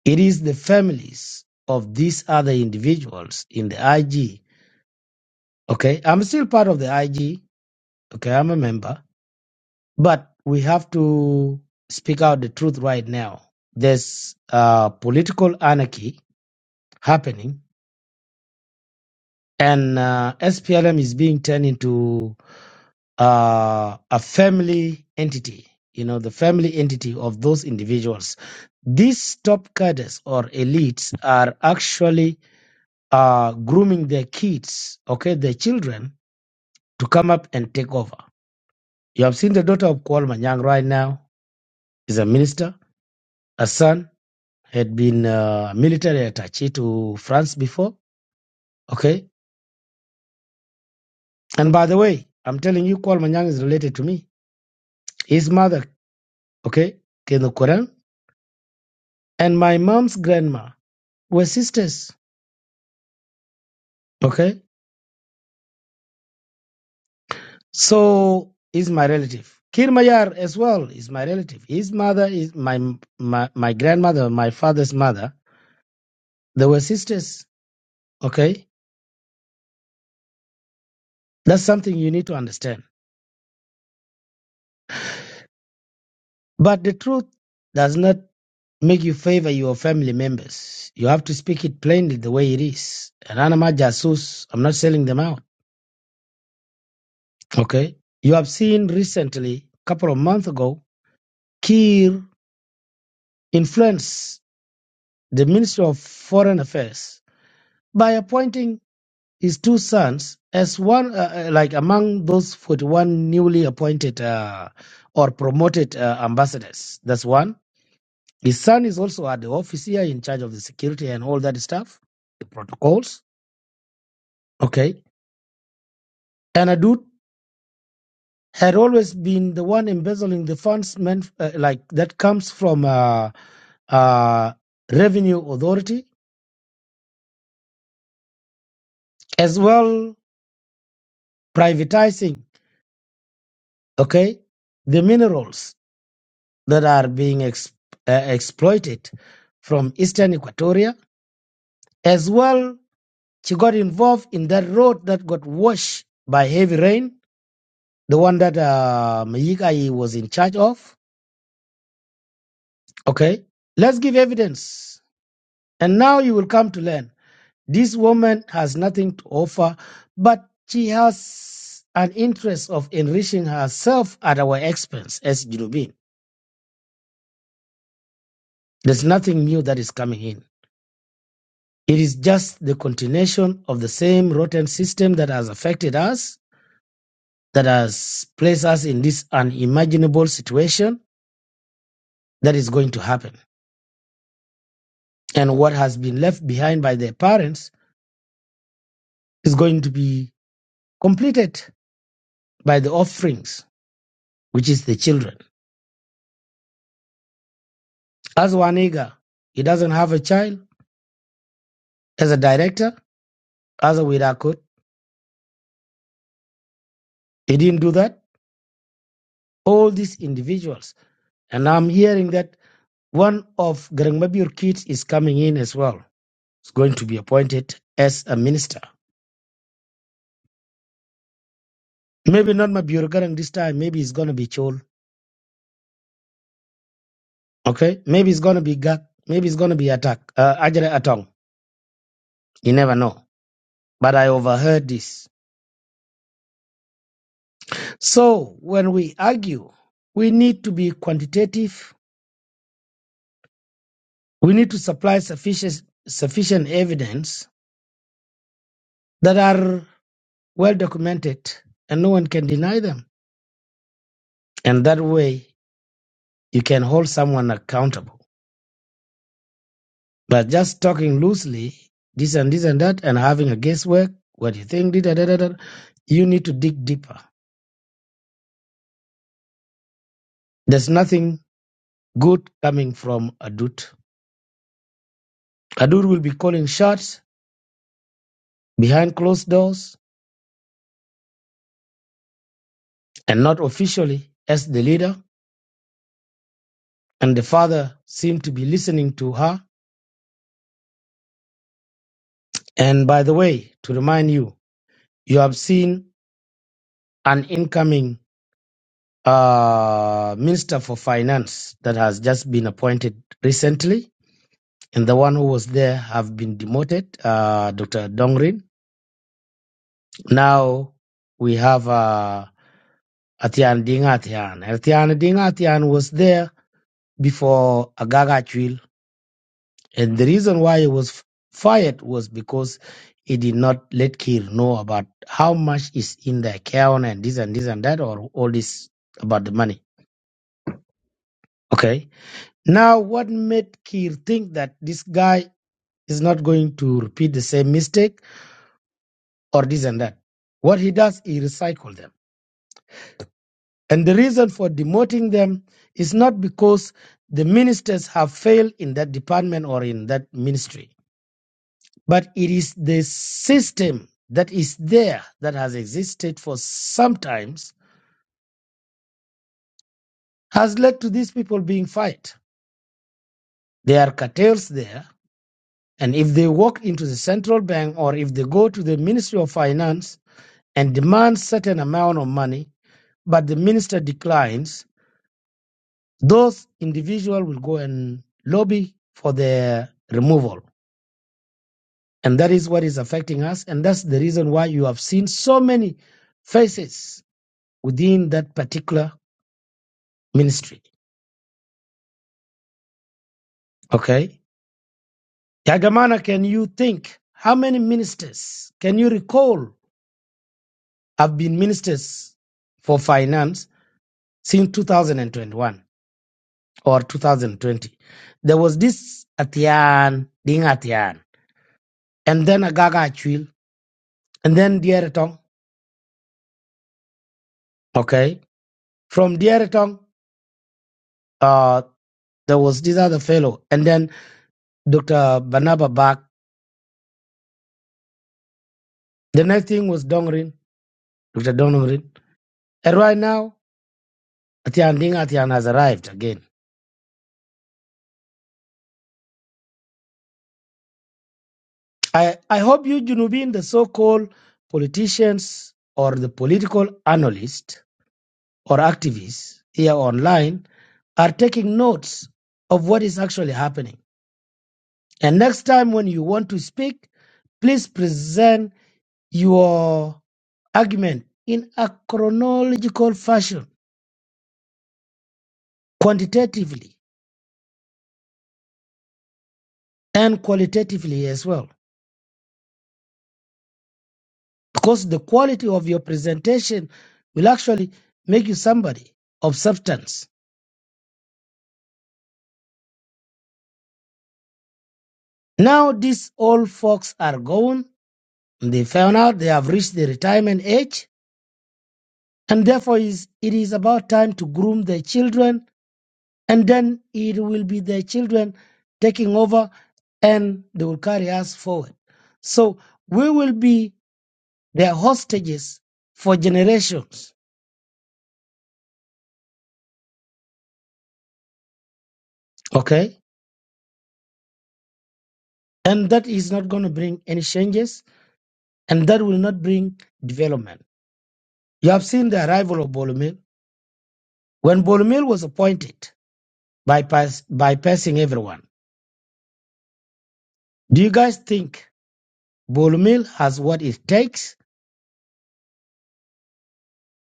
Speaker 12: It is the families of these other individuals in the IG. Okay, I'm still part of the IG. Okay, I'm a member. But we have to speak out the truth right now. There's uh, political anarchy happening and uh, SPLM is being turned into uh, a family entity. You know, the family entity of those individuals. These top cadres or elites are actually uh, grooming their kids, okay, their children, to come up and take over. You have seen the daughter of Kwal Manyang right now is a minister. A son had been a military attaché to France before, okay. And by the way, I'm telling you, Kwal Manyang is related to me. His mother okay, in the Quran. And my mom's grandma were sisters, okay? So is my relative. Kirmayar as well is my relative. His mother is my my, my grandmother, my father's mother. They were sisters, okay? That's something you need to understand. But the truth does not make you favor your family members. You have to speak it plainly the way it is. And Anama Jasus, I'm not selling them out, okay? You have seen recently, a couple of months ago, Kir influenced the Ministry of Foreign Affairs by appointing his two sons as one, uh, uh, like among those 41 newly appointed uh, or promoted uh, ambassadors. That's one. His son is also at the office here in charge of the security and all that stuff, the protocols. Okay. And Adut had always been the one embezzling the funds meant uh, like that comes from uh, uh, revenue authority as well privatizing okay the minerals that are being ex- uh, exploited from eastern equatoria as well she got involved in that road that got washed by heavy rain the one that uh, Mayigai was in charge of okay let's give evidence and now you will come to learn this woman has nothing to offer but she has an interest of enriching herself at our expense as Junubin. There's nothing new that is coming in. It is just the continuation of the same rotten system that has affected us, that has placed us in this unimaginable situation that is going to happen. And what has been left behind by their parents is going to be completed by the offerings, which is the children. As Wanega, he doesn't have a child as a director, as a Wirakot, he didn't do that. All these individuals. And I'm hearing that one of Garangmabir kids is coming in as well is going to be appointed as a minister. Maybe not Mabior Garang this time. Maybe it's going to be Chol. Okay. Maybe it's going to be Gak. Maybe it's going to be Attack. Uh, Ajere Atong. You never know. But I overheard this. So when we argue, we need to be quantitative. We need to supply sufficient, sufficient evidence that are well documented and no one can deny them. And that way you can hold someone accountable. But just talking loosely, this and this and that, and having a guesswork, what do you think, da, da, da, da, you need to dig deeper. There's nothing good coming from Adut. Adut will be calling shots behind closed doors and not officially as the leader. And the father seemed to be listening to her. And by the way, to remind you, you have seen an incoming uh, minister for finance that has just been appointed recently and the one who was there have been demoted, uh, Dr. Dongrin. Now we have uh, Atian Ding Atian. Atian Ding Atian was there before Agaga and the reason why he was fired was because he did not let Kir know about how much is in the account and this and this and that, or all this about the money. Okay. Now, what made Kir think that this guy is not going to repeat the same mistake? or this and that. What he does, he recycles them. And the reason for demoting them is not because the ministers have failed in that department or in that ministry, but it is the system that is there that has existed for some times has led to these people being fired. There are cartels there, and if they walk into the central bank or if they go to the Ministry of Finance and demand certain amount of money, but the minister declines, those individuals will go and lobby for their removal. And that is what is affecting us. And that's the reason why you have seen so many faces within that particular ministry. Okay. Yagamana, can you think how many ministers can you recall have been ministers for finance since 2021 or 2020? There was this Atian, Ding Atian, and then Agaga Achwil, and then Dieretong. Okay From Diaritong, uh, there was this other fellow, and then Dr. Banaba back. The next thing was Dongrin, Dr. Dongrin. And right now, Atian Ding Atian has arrived again. I, I hope you, Junubin, the so called politicians or the political analysts or activists here online, are taking notes of what is actually happening. And next time when you want to speak, please present your argument in a chronological fashion, quantitatively and qualitatively as well. Because the quality of your presentation will actually make you somebody of substance. Now, these old folks are gone. They found out they have reached the retirement age, and therefore is, it is about time to groom their children, and then it will be their children taking over and they will carry us forward. So, we will be They are hostages for generations. Okay? And that is not going to bring any changes and that will not bring development. You have seen the arrival of Bolomil. When Bolomil was appointed, bypass, bypassing everyone, do you guys think Bolomil has what it takes?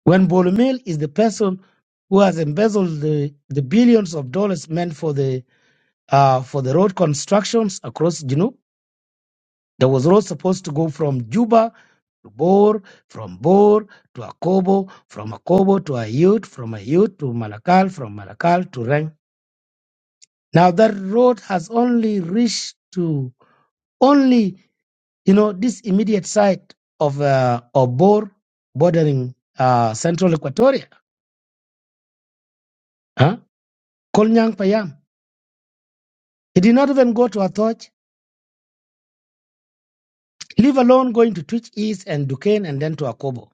Speaker 12: When Bolomil is the person who has embezzled the, the billions of dollars meant for the uh, for the road constructions across Junub, there was road supposed to go from Juba to Bor, from Bor to Akobo, from Akobo to Ayut, from Ayut to Malakal, from Malakal to Rang. Now that road has only reached to only, you know, this immediate side of, uh, of Bor bordering uh, central Equatoria, huh? Kolnyang Payam. He did not even go to Atoch, leave alone going to Twitch East and Duquesne and then to Akobo.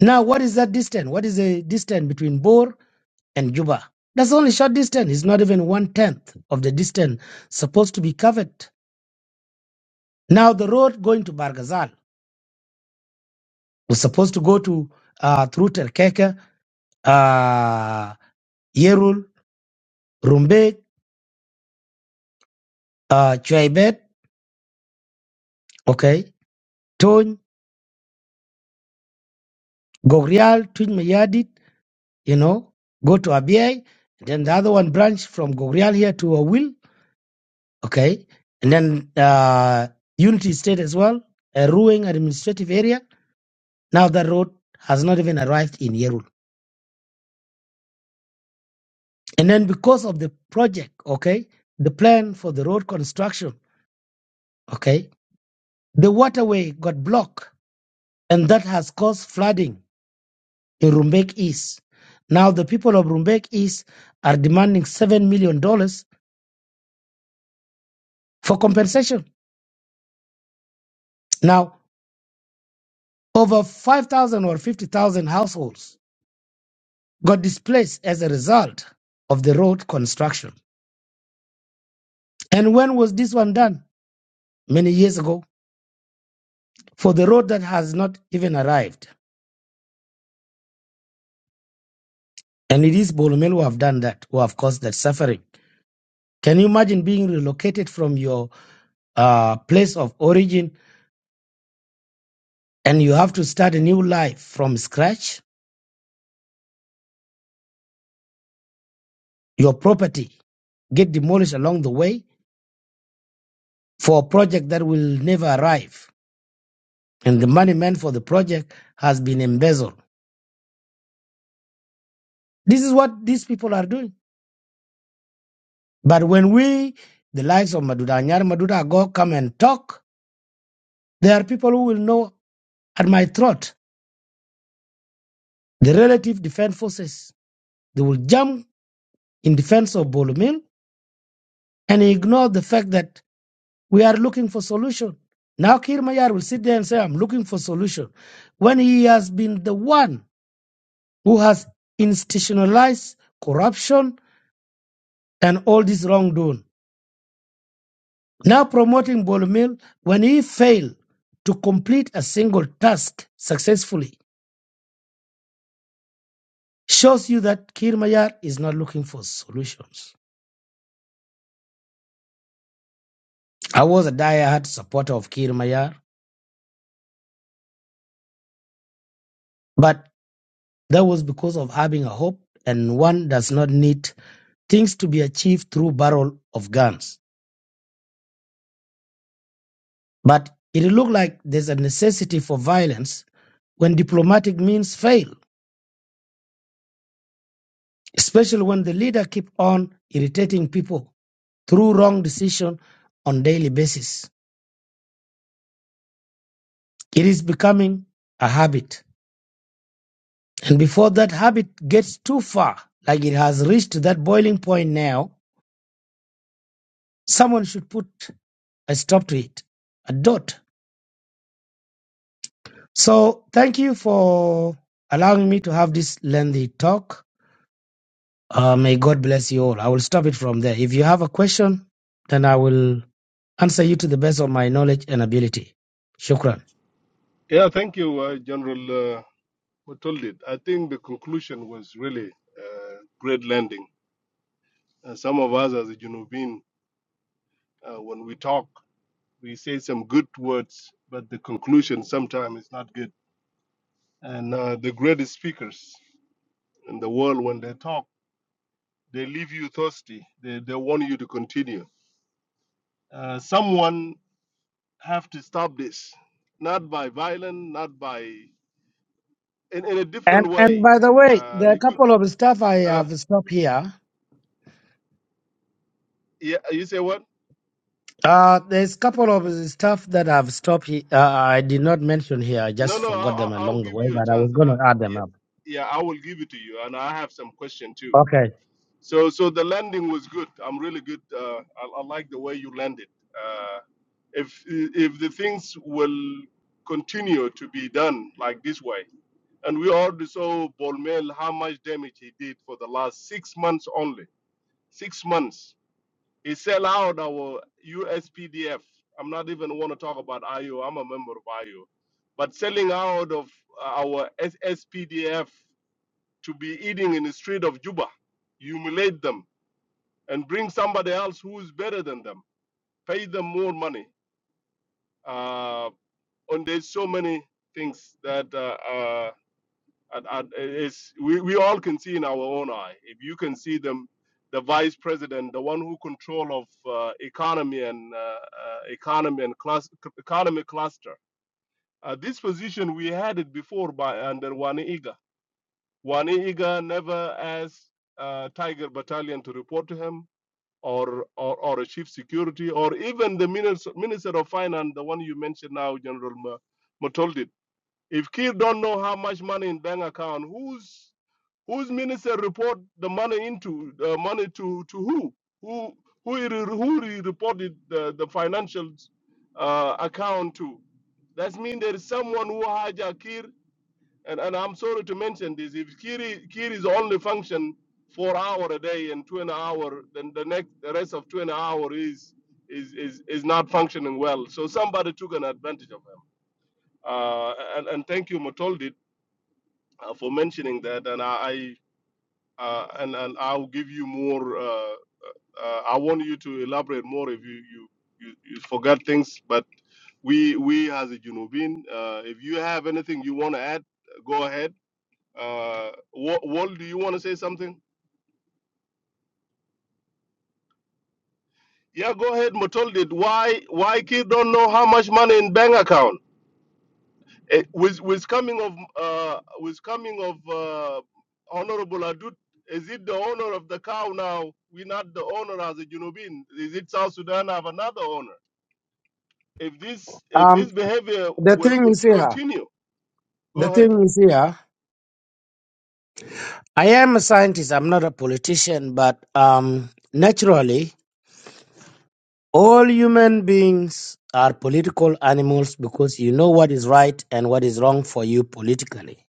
Speaker 12: Now, what is that distance? What is the distance between Bor and Juba. That's only short distance. It's not even one tenth of the distance supposed to be covered. Now the road going to Bargazal was supposed to go to uh, through Terkeke, uh, Yerul, Rumbek, uh, Chuaibet, okay, Tony, Gogrial, Twin Mayadit, you know, go to Abiay, then the other one branch from Gogrial here to Awil, okay, and then uh, Unity State as well, a ruling administrative area Now the road has not even arrived in Yerul. And then because of the project, okay, the plan for the road construction, okay, the waterway got blocked and that has caused flooding in Rumbek East. Now the people of Rumbek East are demanding $7 million dollars for compensation. Now over 5,000 or 50,000 households got displaced as a result of the road construction. And when was this one done? Many years ago for the road that has not even arrived. And it is Bolomel who have done that, who have caused that suffering. Can you imagine being relocated from your uh, place of origin and you have to start a new life from scratch? Your property get demolished along the way for a project that will never arrive. And the money meant for the project has been embezzled. This is what these people are doing. But when we, the likes of Maduda Anyar, Maduda Agok, come and talk, there are people who will know at my throat. The relative defense forces, they will jump in defense of Bolumil, and he ignored the fact that we are looking for solution. Now Kir Mayar will sit there and say, I'm looking for solution, when he has been the one who has institutionalized corruption and all this wrongdoing. Now promoting Bolumil, when he failed to complete a single task successfully, shows you that Kir Mayar is not looking for solutions. I was a diehard supporter of Kir Mayar, but That was because of having a hope and one does not need things to be achieved through barrel of guns. But it looked like there's a necessity for violence when diplomatic means fail, especially when the leader keep on irritating people through wrong decision on daily basis. It is becoming a habit. And before that habit gets too far, like it has reached that boiling point now, someone should put a stop to it. A dot So thank you for allowing me to have this lengthy talk. Uh, may God bless you all. I will stop it from there. If you have a question, then I will answer you to the best of my knowledge and ability. Shukran.
Speaker 5: Yeah, thank you, uh, General uh, Matoldit. I think the conclusion was really uh, great landing. Uh, some of us, as a Junubin, uh, when we talk, we say some good words, but the conclusion sometimes is not good. And uh, the greatest speakers in the world, when they talk. They leave you thirsty. They, they want you to continue. Uh, someone have to stop this, not by violence, not by in, in a different
Speaker 12: And and
Speaker 5: way.
Speaker 12: by the way,
Speaker 5: Uh,
Speaker 12: there are a
Speaker 5: you could,
Speaker 12: couple of stuff I
Speaker 5: uh,
Speaker 12: have stopped here.
Speaker 5: yeah. You say what?
Speaker 12: Uh, there's a couple of stuff that I've stopped. He- uh, I did not mention here. I
Speaker 5: No,
Speaker 12: just
Speaker 5: no. I,
Speaker 12: forgot
Speaker 5: I,
Speaker 12: them
Speaker 5: I'll
Speaker 12: along the
Speaker 5: give
Speaker 12: way,
Speaker 5: you a
Speaker 12: but I was
Speaker 5: chance.
Speaker 12: going
Speaker 5: Uh,
Speaker 12: to add them
Speaker 5: yeah,
Speaker 12: up.
Speaker 5: yeah. I will give it to you, and I have some question too.
Speaker 12: Okay.
Speaker 5: So, so the landing was good. I'm really good. Uh, I, I like the way you landed. Uh, if if the things will continue to be done like this way. And we already saw Bolmel how much damage he did for the last six months only. Six months. He sell out our USPDF. I'm not even want to talk about IO. I'm a member of IO. But selling out of our SSPDF to be eating in the street of Juba, humiliate them and bring somebody else who is better than them, pay them more money. Uh, and there's so many things that uh, uh, And, and it's, we, we all can see in our own eye. If you can see them, the vice president, the one who control of uh, economy and uh, uh, economy and class, economy cluster. Uh, this position we had it before by under Wani Iga. Wani Iga never asked uh, Tiger Battalion to report to him, or or, or a chief security, or even the minister, minister of finance, the one you mentioned now, General Ma- If Kir don't know how much money in bank account, who's Whose minister report the money into the money to to who? Who who he re- who he reported the the financial uh, account to? That means there is someone who hijacked Kir, and, and I'm sorry to mention this. If Kir is, Kir is only function four hour a day and two and hour, then the next the rest of two and hour is is is is not functioning well. So somebody took an advantage of him. Uh, and and thank you, Matoldit, uh, for mentioning that. And I uh, and and I'll give you more. Uh, uh, I want you to elaborate more if you you you, you forgot things. But we we as a Junubin, uh, if you have anything you want to add, go ahead. Uh, Wa- Wal, do you want to say something? Yeah, go ahead, Matoldit. Why why kids don't know how much money in bank account? Eh, with with coming of uh, with coming of uh, Honorable Adut. Is it the owner of the cow now? We're not the owner as a Junubin. Is it South Sudan have another owner? if this if
Speaker 12: Um,
Speaker 5: this behavior
Speaker 12: the
Speaker 5: will
Speaker 12: thing
Speaker 5: con-
Speaker 12: is here.
Speaker 5: continue go
Speaker 12: The
Speaker 5: ahead
Speaker 12: thing is here. I am a scientist, I'm not a politician, but um, naturally, all human beings are political animals because you know what is right and what is wrong for you politically.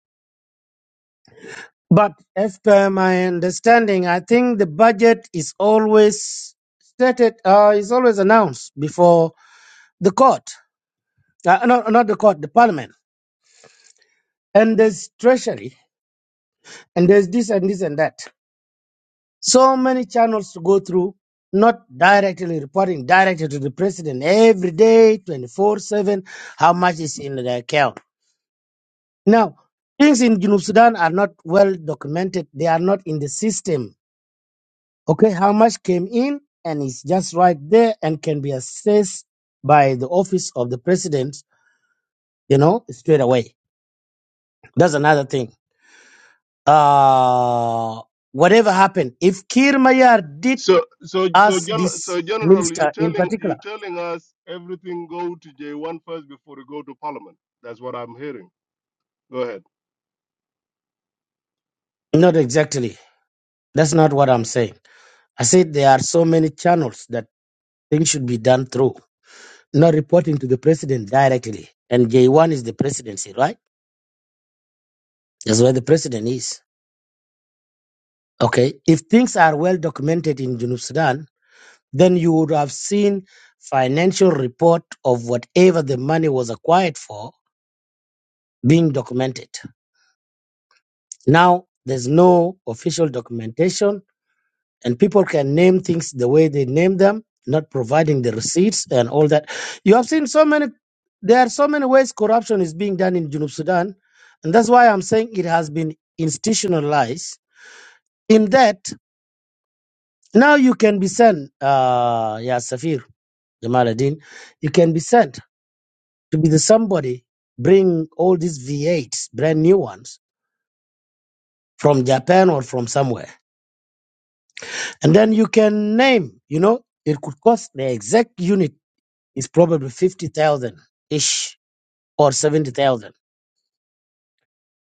Speaker 12: But as per my understanding, I think the budget is always stated, uh, is always announced before the court, uh, no, not the court, the parliament. And there's treasury, and there's this and this and that. So many channels to go through, not directly reporting directly to the president every day, 24 7, how much is in the account. Now, things in Junub Sudan are not well documented, they are not in the system. Okay, how much came in, and it's just right there and can be assessed by the office of the president, you know, straight away. That's another thing. Uh, whatever happened, if Kir Mayar did
Speaker 5: so so so
Speaker 12: ask
Speaker 5: gen-
Speaker 12: this
Speaker 5: so general you
Speaker 12: minister in
Speaker 5: telling
Speaker 12: particular,
Speaker 5: you telling us everything go to j1 first before you go to parliament that's what i'm hearing go ahead
Speaker 12: Not exactly. That's not what I'm saying. I said there are so many channels that things should be done through, not reporting to the president directly. And J1 is the presidency, right? That's where the president is. Okay. If things are well documented in Junub Sudan, then you would have seen financial report of whatever the money was acquired for being documented. Now, there's no official documentation and people can name things the way they name them, not providing the receipts and all that. You have seen so many. There are so many ways corruption is being done in Junub Sudan, and that's why I'm saying it has been institutionalized. In that now you can be sent, uh, yeah, Safir Jamal Adin, you can be sent to be the somebody bring all these V8s, brand new ones from Japan or from somewhere, and then you can name. You know, it could cost the exact unit Is probably 50,000 ish or 70,000.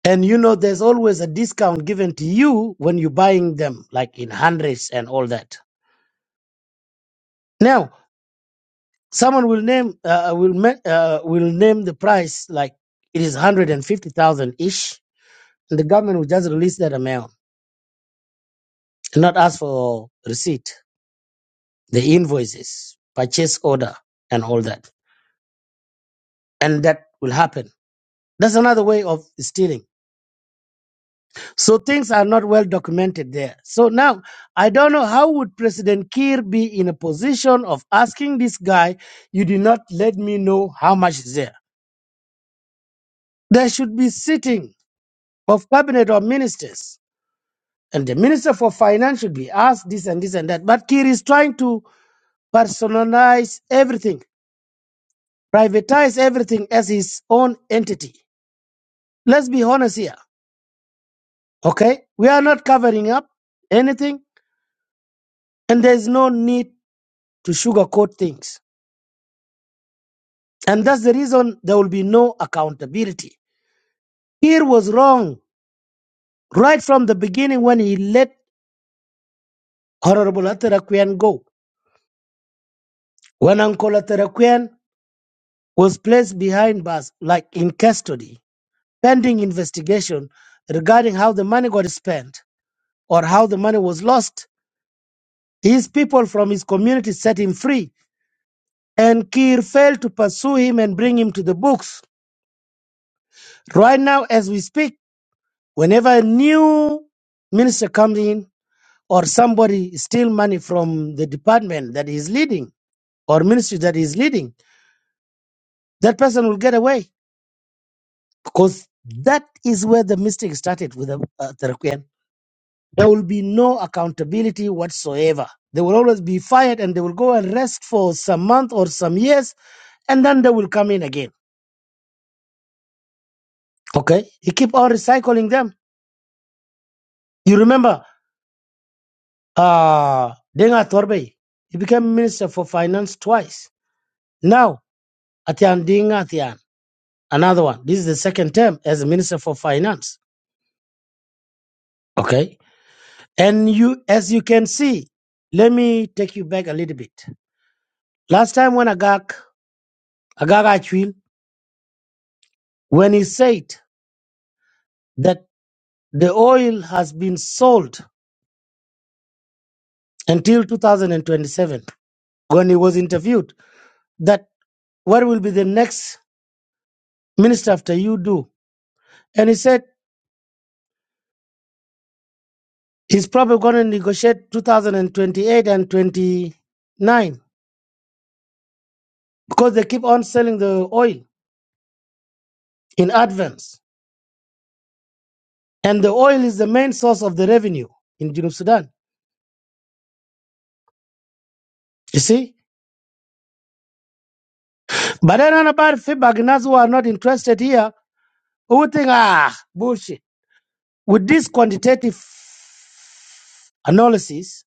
Speaker 12: And you know, there's always a discount given to you when you're buying them, like in hundreds and all that. Now, someone will name uh, uh, will ma- uh, will name the price like it is 150,000 ish, and the government will just release that amount and not ask for receipt, the invoices, purchase order, and all that. And that will happen. That's another way of stealing So things are not well documented there. So now I don't know how would President Kiir be in a position of asking this guy, you did not let me know how much is there. There should be sitting of cabinet or ministers. And the minister for finance should be asked this and this and that. But Kiir is trying to personalize everything, privatize everything as his own entity. Let's be honest here. Okay? We are not covering up anything, and there's no need to sugarcoat things And that's the reason there will be no accountability. Kir was wrong right from the beginning when he let Honorable Ataraquian go. When Uncle Ataraquian was placed behind bars, like in custody, pending investigation regarding how the money got spent or how the money was lost, his people from his community set him free. And Kir failed to pursue him and bring him to the books. Right now, as we speak, whenever a new minister comes in, or somebody steal money from the department that he's leading or ministry that he's leading, that person will get away because that is where the mistake started with the uh, Tarquin. There will be no accountability whatsoever. They will always be fired and they will go and rest for some month or some years and then they will come in again. Okay? You keep on recycling them. You remember uh Denga Torbe, he became minister for finance twice. Now, Atian Dinga Another one. This is the second term as Minister for Finance. Okay. And you, as you can see, let me take you back a little bit. Last time when Agag, Agag Achwil, when he said that the oil has been sold until 2027, when he was interviewed, that what will be the next minister after you do? And he said he's probably going to negotiate 2028 and 29 because they keep on selling the oil in advance. And the oil is the main source of the revenue in Junub Sudan. You see? But I don't know about feedback. and who are not interested here, who think, ah, bullshit. With this quantitative analysis,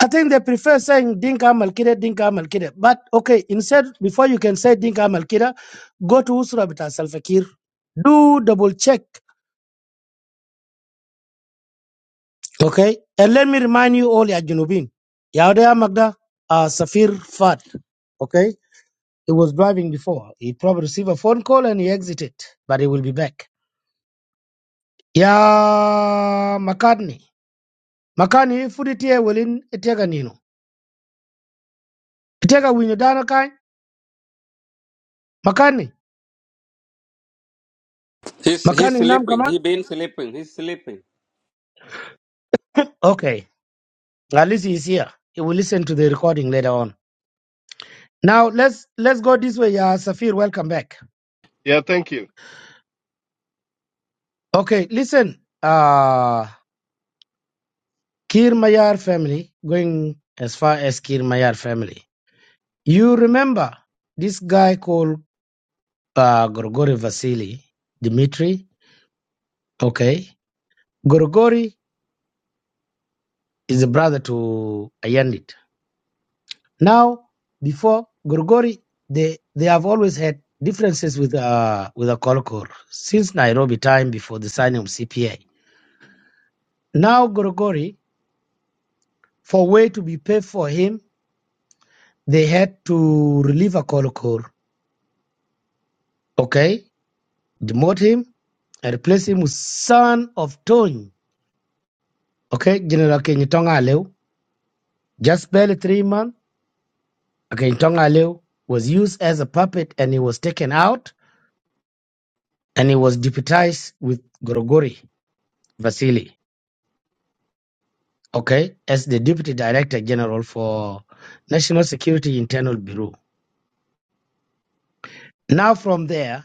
Speaker 12: I think they prefer saying Dinka Malkida, Dinka Malkida. But okay, instead, before you can say Dinka Malkida, go to Usra Bita Salfakir. Do double check. Okay? And let me remind you all, Ya Junubin. Yaudea Magda, uh, Safir Fat. Okay? He was driving before. He probably received a phone call and he exited, but he will be back. Yeah, McCartney. McCartney, if you tie well in Itega Nino. Itega Wino Dano Kai. McCartney.
Speaker 11: He's he's
Speaker 12: McCartney Nam
Speaker 11: sleeping.
Speaker 12: Kama.
Speaker 11: He been sleeping. He's sleeping.
Speaker 12: Okay. At least he's here. He will listen to the recording later on. Now let's let's go this way. Yeah, Safir, welcome back.
Speaker 5: yeah thank you
Speaker 12: Okay, listen. Uh Kir Mayar family, going as far as Kir Mayar family. You remember this guy called uh, Gorgori Vasily, Dmitry. Okay. Gorgori is the brother to Ayanit. Now, before Gorgori, they, they have always had differences with uh, with Akolkor since Nairobi time before the signing of CPA. Now, Gorgori, for way to be paid for him, they had to relieve Akolkor. Okay. Demote him and replace him with son of Tony. Okay. General Kenyatonga Aleu. Just barely three months Okay, Tongaleu was used as a puppet and he was taken out and he was deputized with Gorogori Vasili, okay, as the deputy director general for National Security Internal Bureau. Now from there,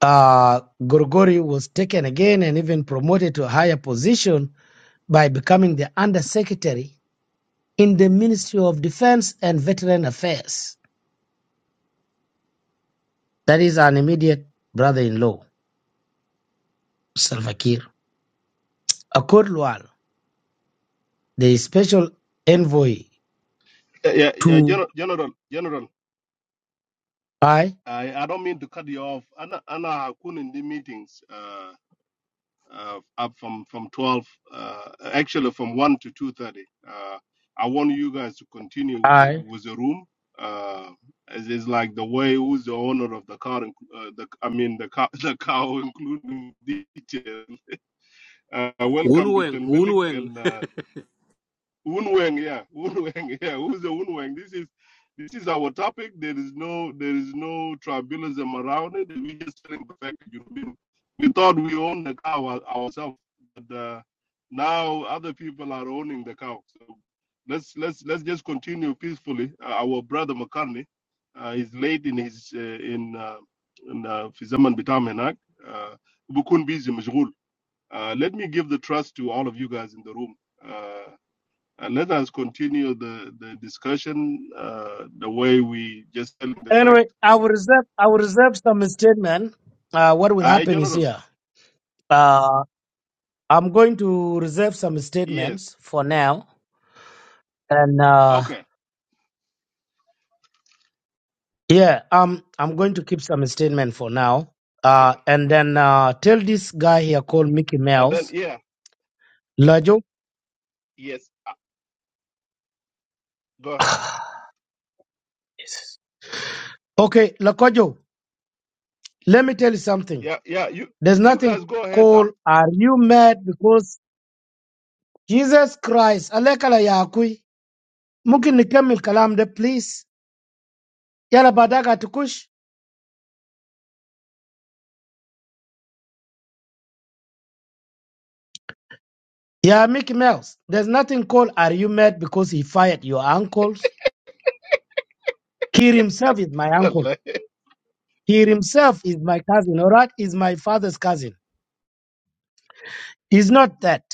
Speaker 12: uh, Gorogori was taken again and even promoted to a higher position by becoming the undersecretary in the Ministry of Defense and Veteran Affairs. That is an immediate brother-in-law, Salva Kiir. Akur Lual, the special envoy
Speaker 5: Uh, yeah yeah
Speaker 12: two,
Speaker 5: general general general
Speaker 12: I,
Speaker 5: i i don't mean to cut you off ana ana hakuna in the meetings uh, uh, up from from 12 uh, actually from 1 to 2.30 uh, i want you guys to continue with, the-
Speaker 12: I.
Speaker 5: with the room uh, it's, it's like the way who's the owner of the car inc- uh, the i mean the cow the cow including detail uh, welcome
Speaker 11: Unweng,
Speaker 5: Bitel Malik
Speaker 11: unweng.
Speaker 5: and uh, Unweng, yeah, Unweng, yeah. Who's the Unweng? This is this is our topic. There is no there is no tribalism around it. We just telling the fact that you know, we thought we owned the cow our- ourselves, but uh, now other people are owning the cow. So let's let's let's just continue peacefully. Uh, our brother McCartney uh, is late in his uh, in uh, in uh, Fizaman Bitamenak. Uh, Bukun busy, مشغول. Uh, let me give the trust to all of you guys in the room. Uh, uh, let us continue the, the discussion uh, the way we just tell the fact.
Speaker 12: Anyway, I will reserve. I will reserve some statement. Uh, what will
Speaker 5: I
Speaker 12: happen is
Speaker 5: general,
Speaker 12: here. Uh, I'm going to reserve some
Speaker 5: yes,
Speaker 12: statements for now, and uh,
Speaker 5: okay,
Speaker 12: yeah, um, I'm going to keep some statement for now. Uh,
Speaker 5: Okay.
Speaker 12: and then uh, tell this guy here called Mickey
Speaker 5: and then
Speaker 12: Mouse,
Speaker 5: yeah,
Speaker 12: Lajo.
Speaker 5: yes, uh, go ahead.
Speaker 12: Jesus. okay, Lakojo, let me tell you something.
Speaker 5: Yeah, yeah, you
Speaker 12: There's
Speaker 5: you guys
Speaker 12: nothing
Speaker 5: go ahead.
Speaker 12: called. Are you mad because Jesus Christ? Alekala yakui. Mungkin nikemmel kalam de, please. Yala badaga tukush. Yeah, Mickey Mouse. There's nothing called are you mad because he fired your uncles? He himself is my uncle.
Speaker 5: Uh,
Speaker 12: He himself is my cousin. All right, is my father's cousin. He's not that.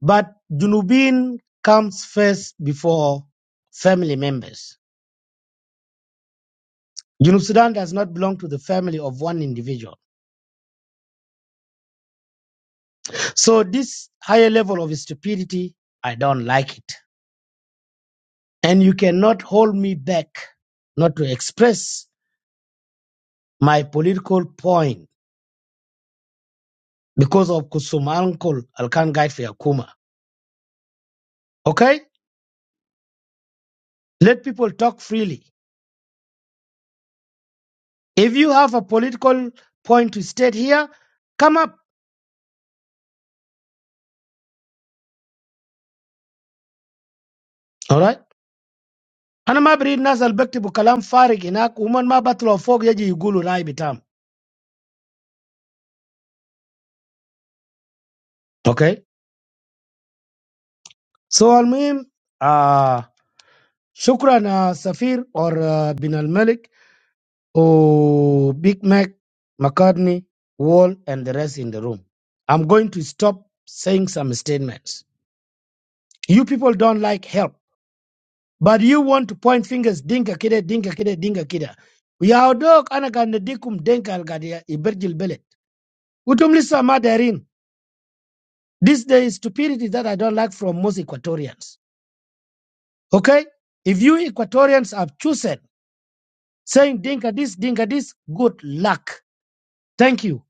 Speaker 12: But Junubin comes first before family members. Junub Sudan does not belong to the family of one individual. So this higher level of stupidity, I don't like it. And you cannot hold me back not to express my political point because of Kusum uncle Alkan Guide for Yakuma. Okay? Let people talk freely. If you have a political point to state here, come up. All right? أنا ما بريد ناس البكت بكلام فارغ هناك ومن ما بطلوا فوق يجي يقولوا راي بتام. Okay? So المهم uh, شكرا uh, سفير or uh, Bin Al Malik or Big Mac McCartney Wall and the rest in the room. I'm going to stop saying some statements. You people don't like help, but you want to point fingers. Dinka kida, dinka kida, dinka kida. Ya dog anakan dikum denka algadia iberjil belet. Utum lisa madarin. This day is stupidity that I don't like from most Equatorians. Okay? If you Equatorians have chosen saying dinka this, dinka this, good luck. Thank you.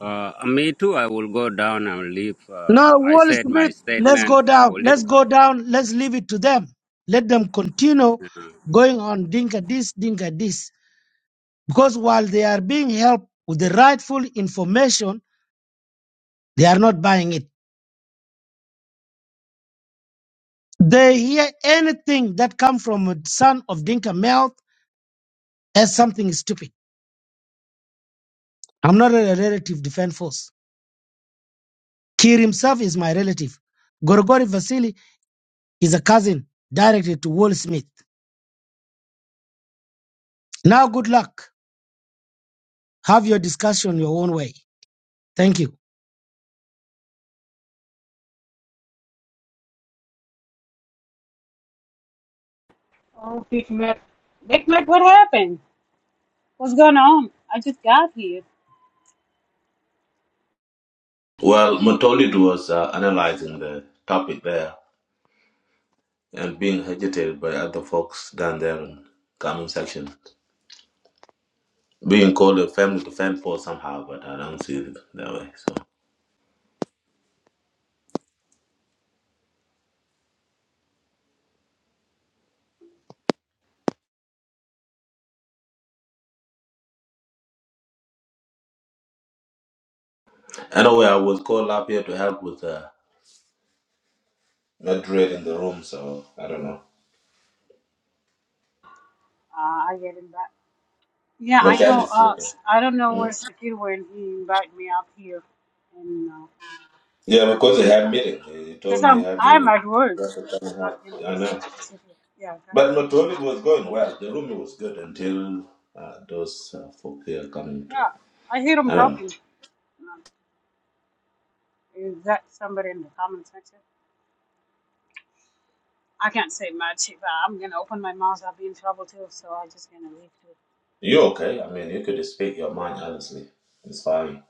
Speaker 11: Uh, me too. I will go down and leave. Uh,
Speaker 12: Now,
Speaker 11: I
Speaker 12: Wall
Speaker 11: said my
Speaker 12: Smith, let's
Speaker 11: statement
Speaker 12: go down. Let's go
Speaker 11: political.
Speaker 12: down. Let's leave it to them. Let them continue going on dinka this, dinka this. Because while they are being helped with the rightful information, they are not buying it. They hear anything that comes from a son of Dinka mouth as something stupid. I'm not a relative defense force. Kir himself is my relative. Gorgori Vasili is a cousin directly to Wall Smith. Now good luck. Have your discussion your own way. Thank you.
Speaker 13: Oh, Big Mac. Big Mac, what happened? What's going on? I just got here.
Speaker 14: Well, Motolit was uh, analyzing the topic there and being agitated by other folks down there in comment section, being called a family to fan for somehow, but I don't see it that way. So anyway, I was called up here to help with uh, moderating the room, so I don't know.
Speaker 13: Uh, I get him back. Yeah, I
Speaker 14: McCann
Speaker 13: know.
Speaker 14: is
Speaker 13: Uh,
Speaker 14: sleeping.
Speaker 13: s- I don't know
Speaker 14: Hmm?
Speaker 13: where Sakir went. He invited me up here, and uh,
Speaker 14: Yeah,
Speaker 13: I don't
Speaker 14: because
Speaker 13: know
Speaker 14: they had meeting. He
Speaker 13: because
Speaker 14: told me he
Speaker 13: I'm
Speaker 14: had
Speaker 13: I'm
Speaker 14: meeting.
Speaker 13: at work.
Speaker 14: That's what
Speaker 13: Like I'm
Speaker 14: time
Speaker 13: not gonna
Speaker 14: he had. I
Speaker 13: just
Speaker 14: know.
Speaker 13: sit here. Yeah, guys.
Speaker 14: But Motolit was going well. The room was good until uh, those uh, folk here coming to.
Speaker 13: Yeah, I hear him
Speaker 14: I don't know.
Speaker 13: talking. Um, Is that somebody in the comment section? I can't say much. If I'm gonna open my mouth, I'll be in trouble too. So I'm just gonna leave. Too.
Speaker 14: You're okay. I mean, you could speak your mind honestly. It's fine.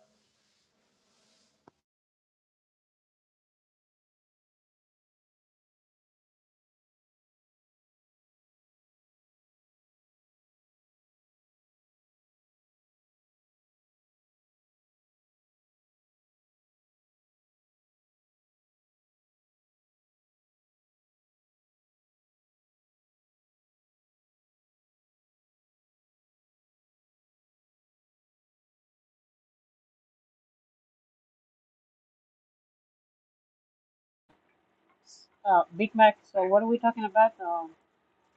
Speaker 13: Uh, Big Mac. So what are we talking about? Um,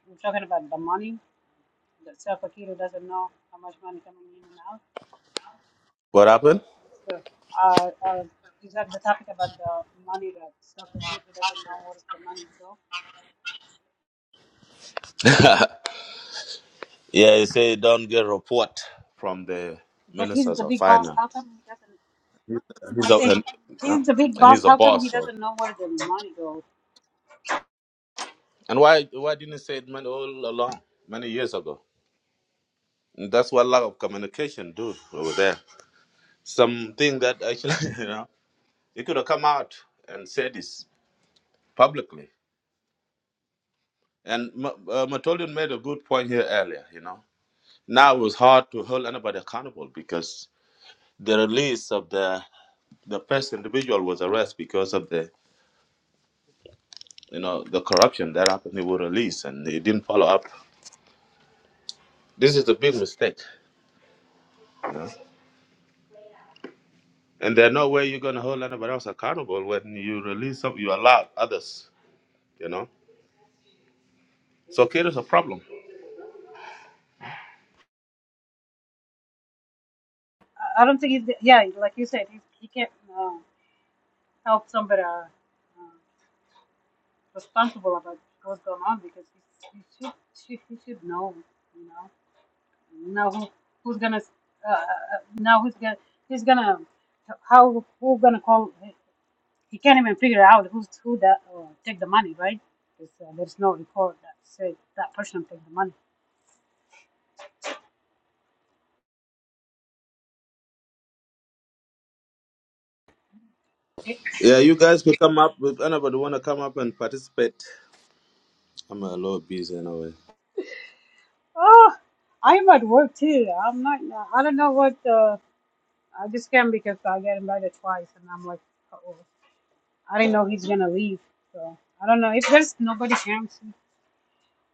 Speaker 13: we're talking about the money. that Safakiro doesn't know how much money coming in and out.
Speaker 14: What happened?
Speaker 13: So uh, uh, is that the topic about the money that Safakiro doesn't know where's the money go?
Speaker 14: yeah, you say you don't get report from the
Speaker 13: But he's
Speaker 14: ministers
Speaker 13: the
Speaker 14: of
Speaker 13: big boss.
Speaker 14: finance.
Speaker 13: How come he doesn't?
Speaker 14: And
Speaker 13: I
Speaker 14: he's a
Speaker 13: say
Speaker 14: and, yeah,
Speaker 13: he's the big
Speaker 14: and
Speaker 13: boss.
Speaker 14: he's a
Speaker 13: How come
Speaker 14: boss.
Speaker 13: he
Speaker 14: So
Speaker 13: doesn't know where the money goes?
Speaker 14: and why why didn't he say it many, all along many years ago? And that's what lack of communication do over there. Something that actually you know he could have come out and said this publicly. And Ma- uh, Matolian made a good point here earlier. You know now it's hard to hold anybody accountable because the release of the the first individual was arrested because of the you know the corruption that happened. He was released and he didn't follow up. This is a big mistake. You know? And there's no way you're gonna hold anybody else accountable when you release some you allow others, you know. So kid is a problem.
Speaker 13: I, I don't think he's yeah, like you said, he, he can't uh, help somebody uh, uh, responsible about what's going on because he, he should, should he should know, you know. Now who, who's gonna? Uh, uh, now who's gonna? Who's gonna? How who gonna call? He can't even figure out who's who that uh, take the money, right? 'Cause, uh, there's no record that say that person took the money. Eh,
Speaker 14: Yeah, you guys could come up if anybody wanna come up and participate. I'm a little busy anyway.
Speaker 13: Oh, I'm at work too. I'm not. I don't know what. Uh, I just came because I got invited twice, and I'm like, oh, I didn't know he's gonna leave. So I don't know if there's nobody comes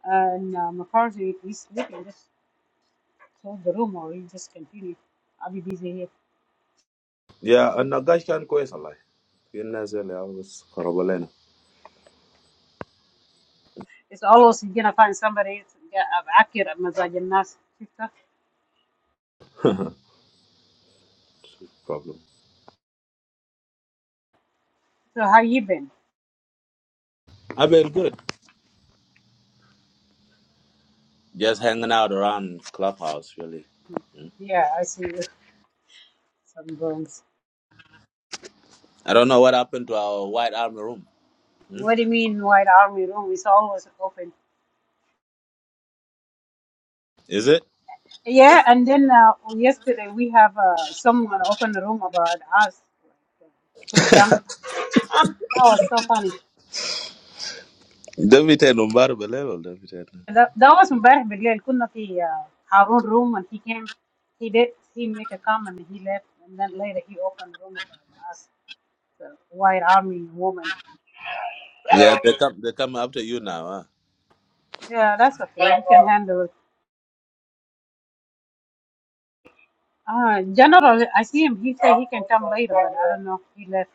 Speaker 13: and uh, McCarthy he's sleeping. Just Close the room or you just continue. I'll be busy here.
Speaker 14: Yeah, and Nagash can go like in Nazareth, I was Korobalena
Speaker 13: It's always you're gonna find somebody it's- yeah, I've accurate massage nurse.
Speaker 14: problem.
Speaker 13: So how you been?
Speaker 14: I've been good. Just hanging out around Clubhouse really.
Speaker 13: Yeah, I see you. Some rooms.
Speaker 14: I don't know what happened to our white army room. Hmm?
Speaker 13: What do you mean white army room? It's always open.
Speaker 14: Is it?
Speaker 13: Yeah, and then uh, yesterday we have uh, someone open the room about us. Some young. That was so funny.
Speaker 14: David and Umbar level, David. and-
Speaker 13: That, that was امبارح بالليل كنا في uh, Harun room and he came he did he make a comment and he left and then later he opened the room about us. white army woman.
Speaker 14: Yeah, they come they come after you now. Huh?
Speaker 13: Yeah, that's okay. He can handle it. Uh, General, I see him. He said he can come later, but I don't know he left.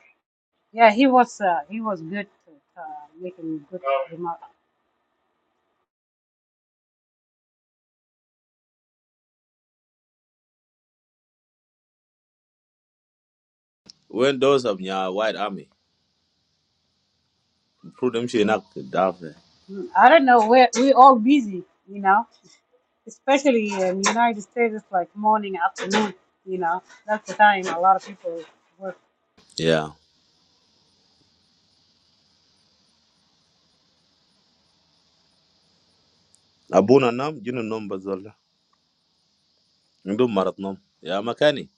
Speaker 13: Yeah, he was uh, he was good to, uh, making good remarks.
Speaker 14: When those of your white army, prove them she not dafe.
Speaker 13: Mm, I don't know. we we all busy, you know. Especially in United States, it's like morning, afternoon. You know, that's the time a lot of people work.
Speaker 14: Yeah. Abuna nam, you know numbers all. Ndu marat nam. Yeah, makani.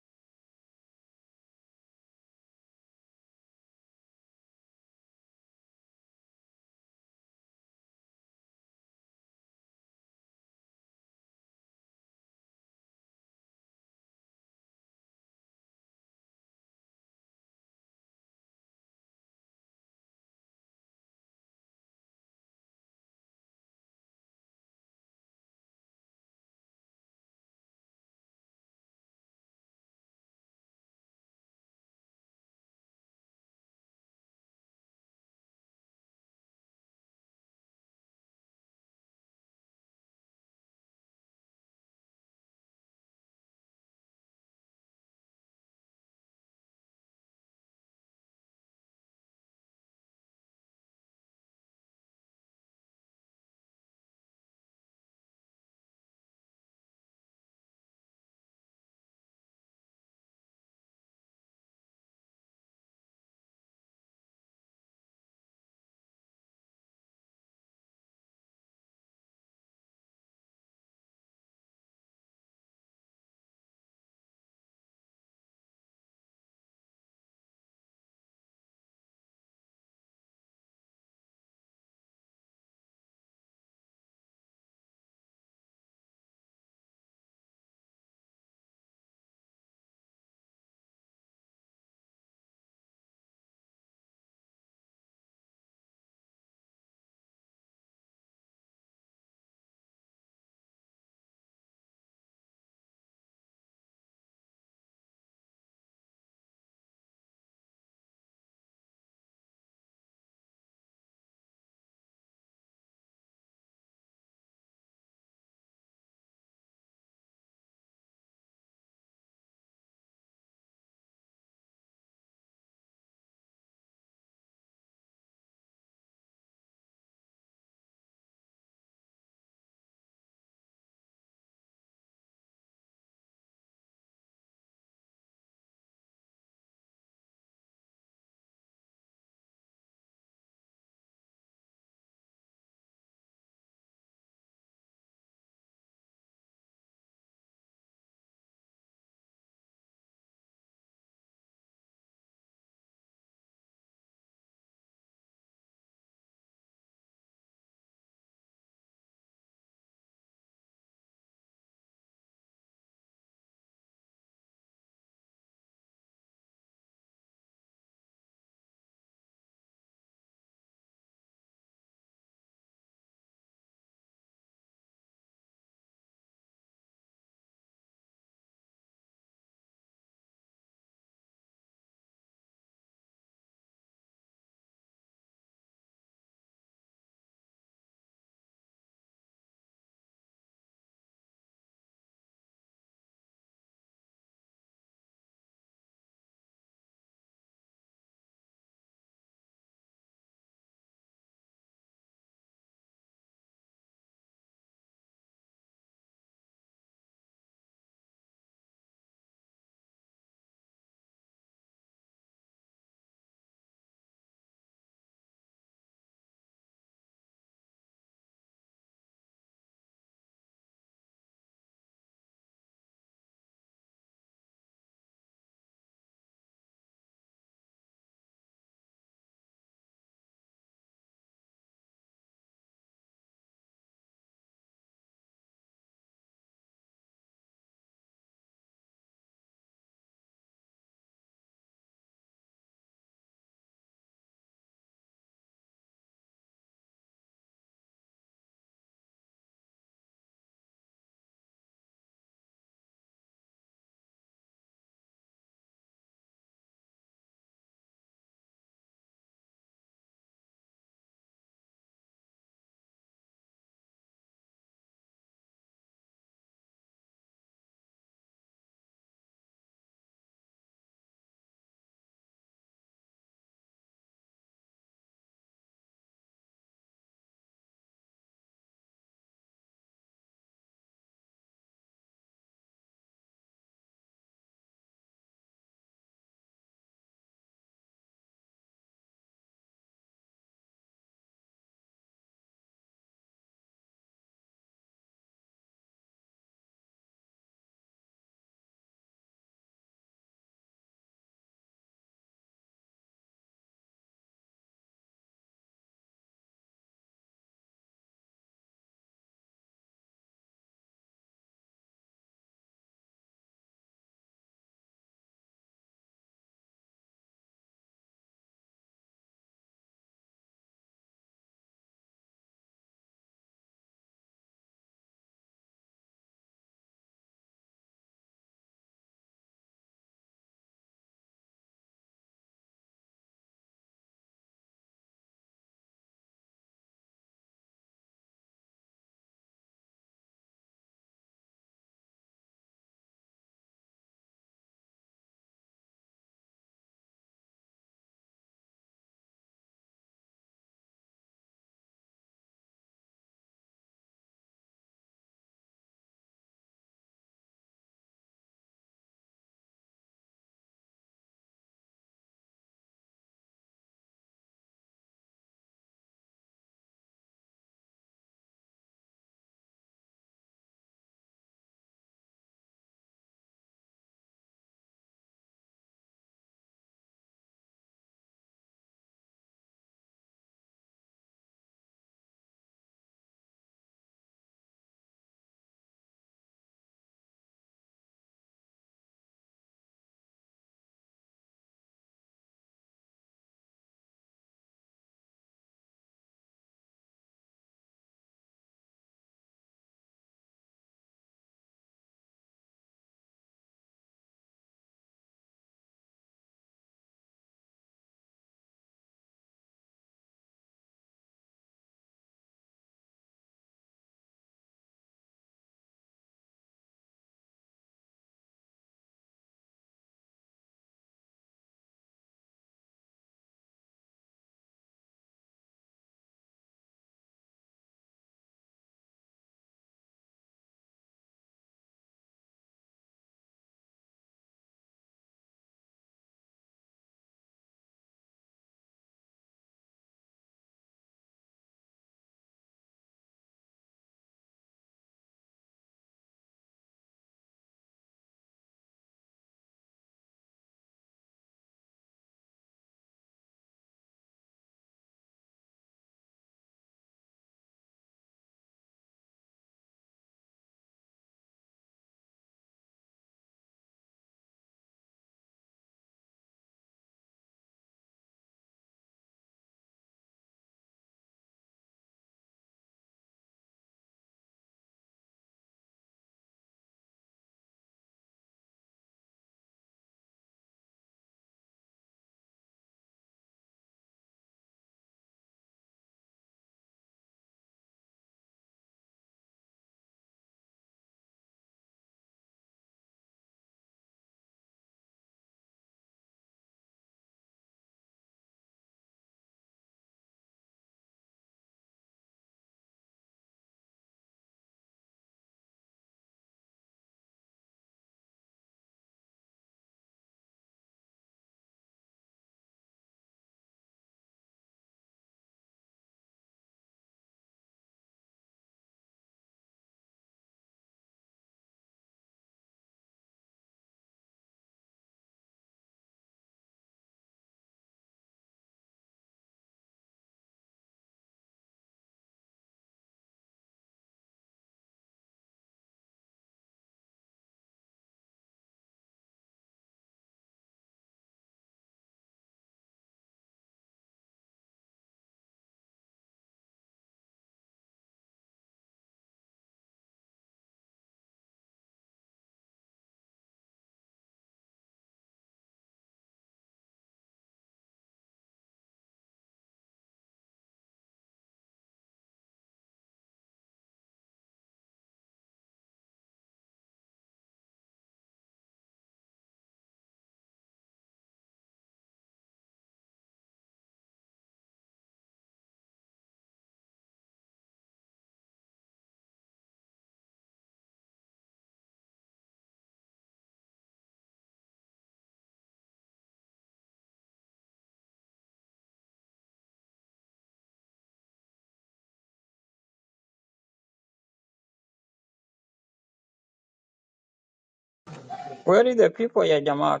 Speaker 10: where is the people yeah, Jamak?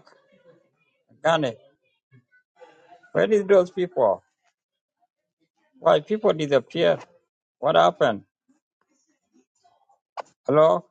Speaker 10: Gane? Where is those people? Why people disappear? What happened? Hello?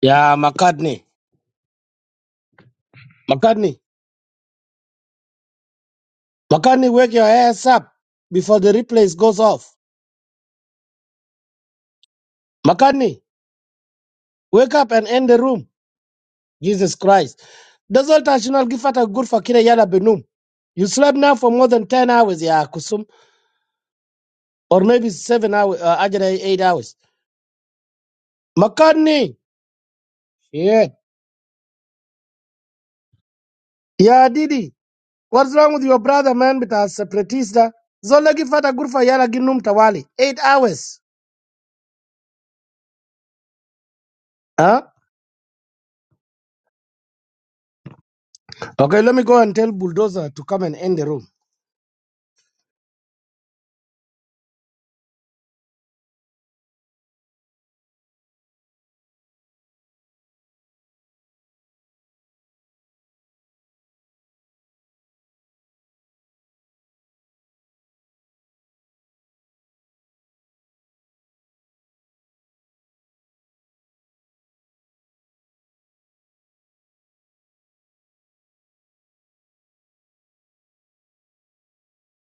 Speaker 12: Yeah, McCartney. McCartney. McCartney, wake your ass up before the replays goes off. McCartney, wake up and end the room. Jesus Christ. ده زول تاشنال قفة الغرفة كده يلا بنوم. You slept now for more than 10 hours yeah, Kusum, or maybe 7 hours uh, actually 8 hours. مكاني yeah. yeah, Didi, what's wrong with your brother man بتاع separatist ده؟ زول ده قفة الغرفة يلا جنوم توالي 8 hours. Huh? Okay, let me go and tell Bulldozer to come and end the room.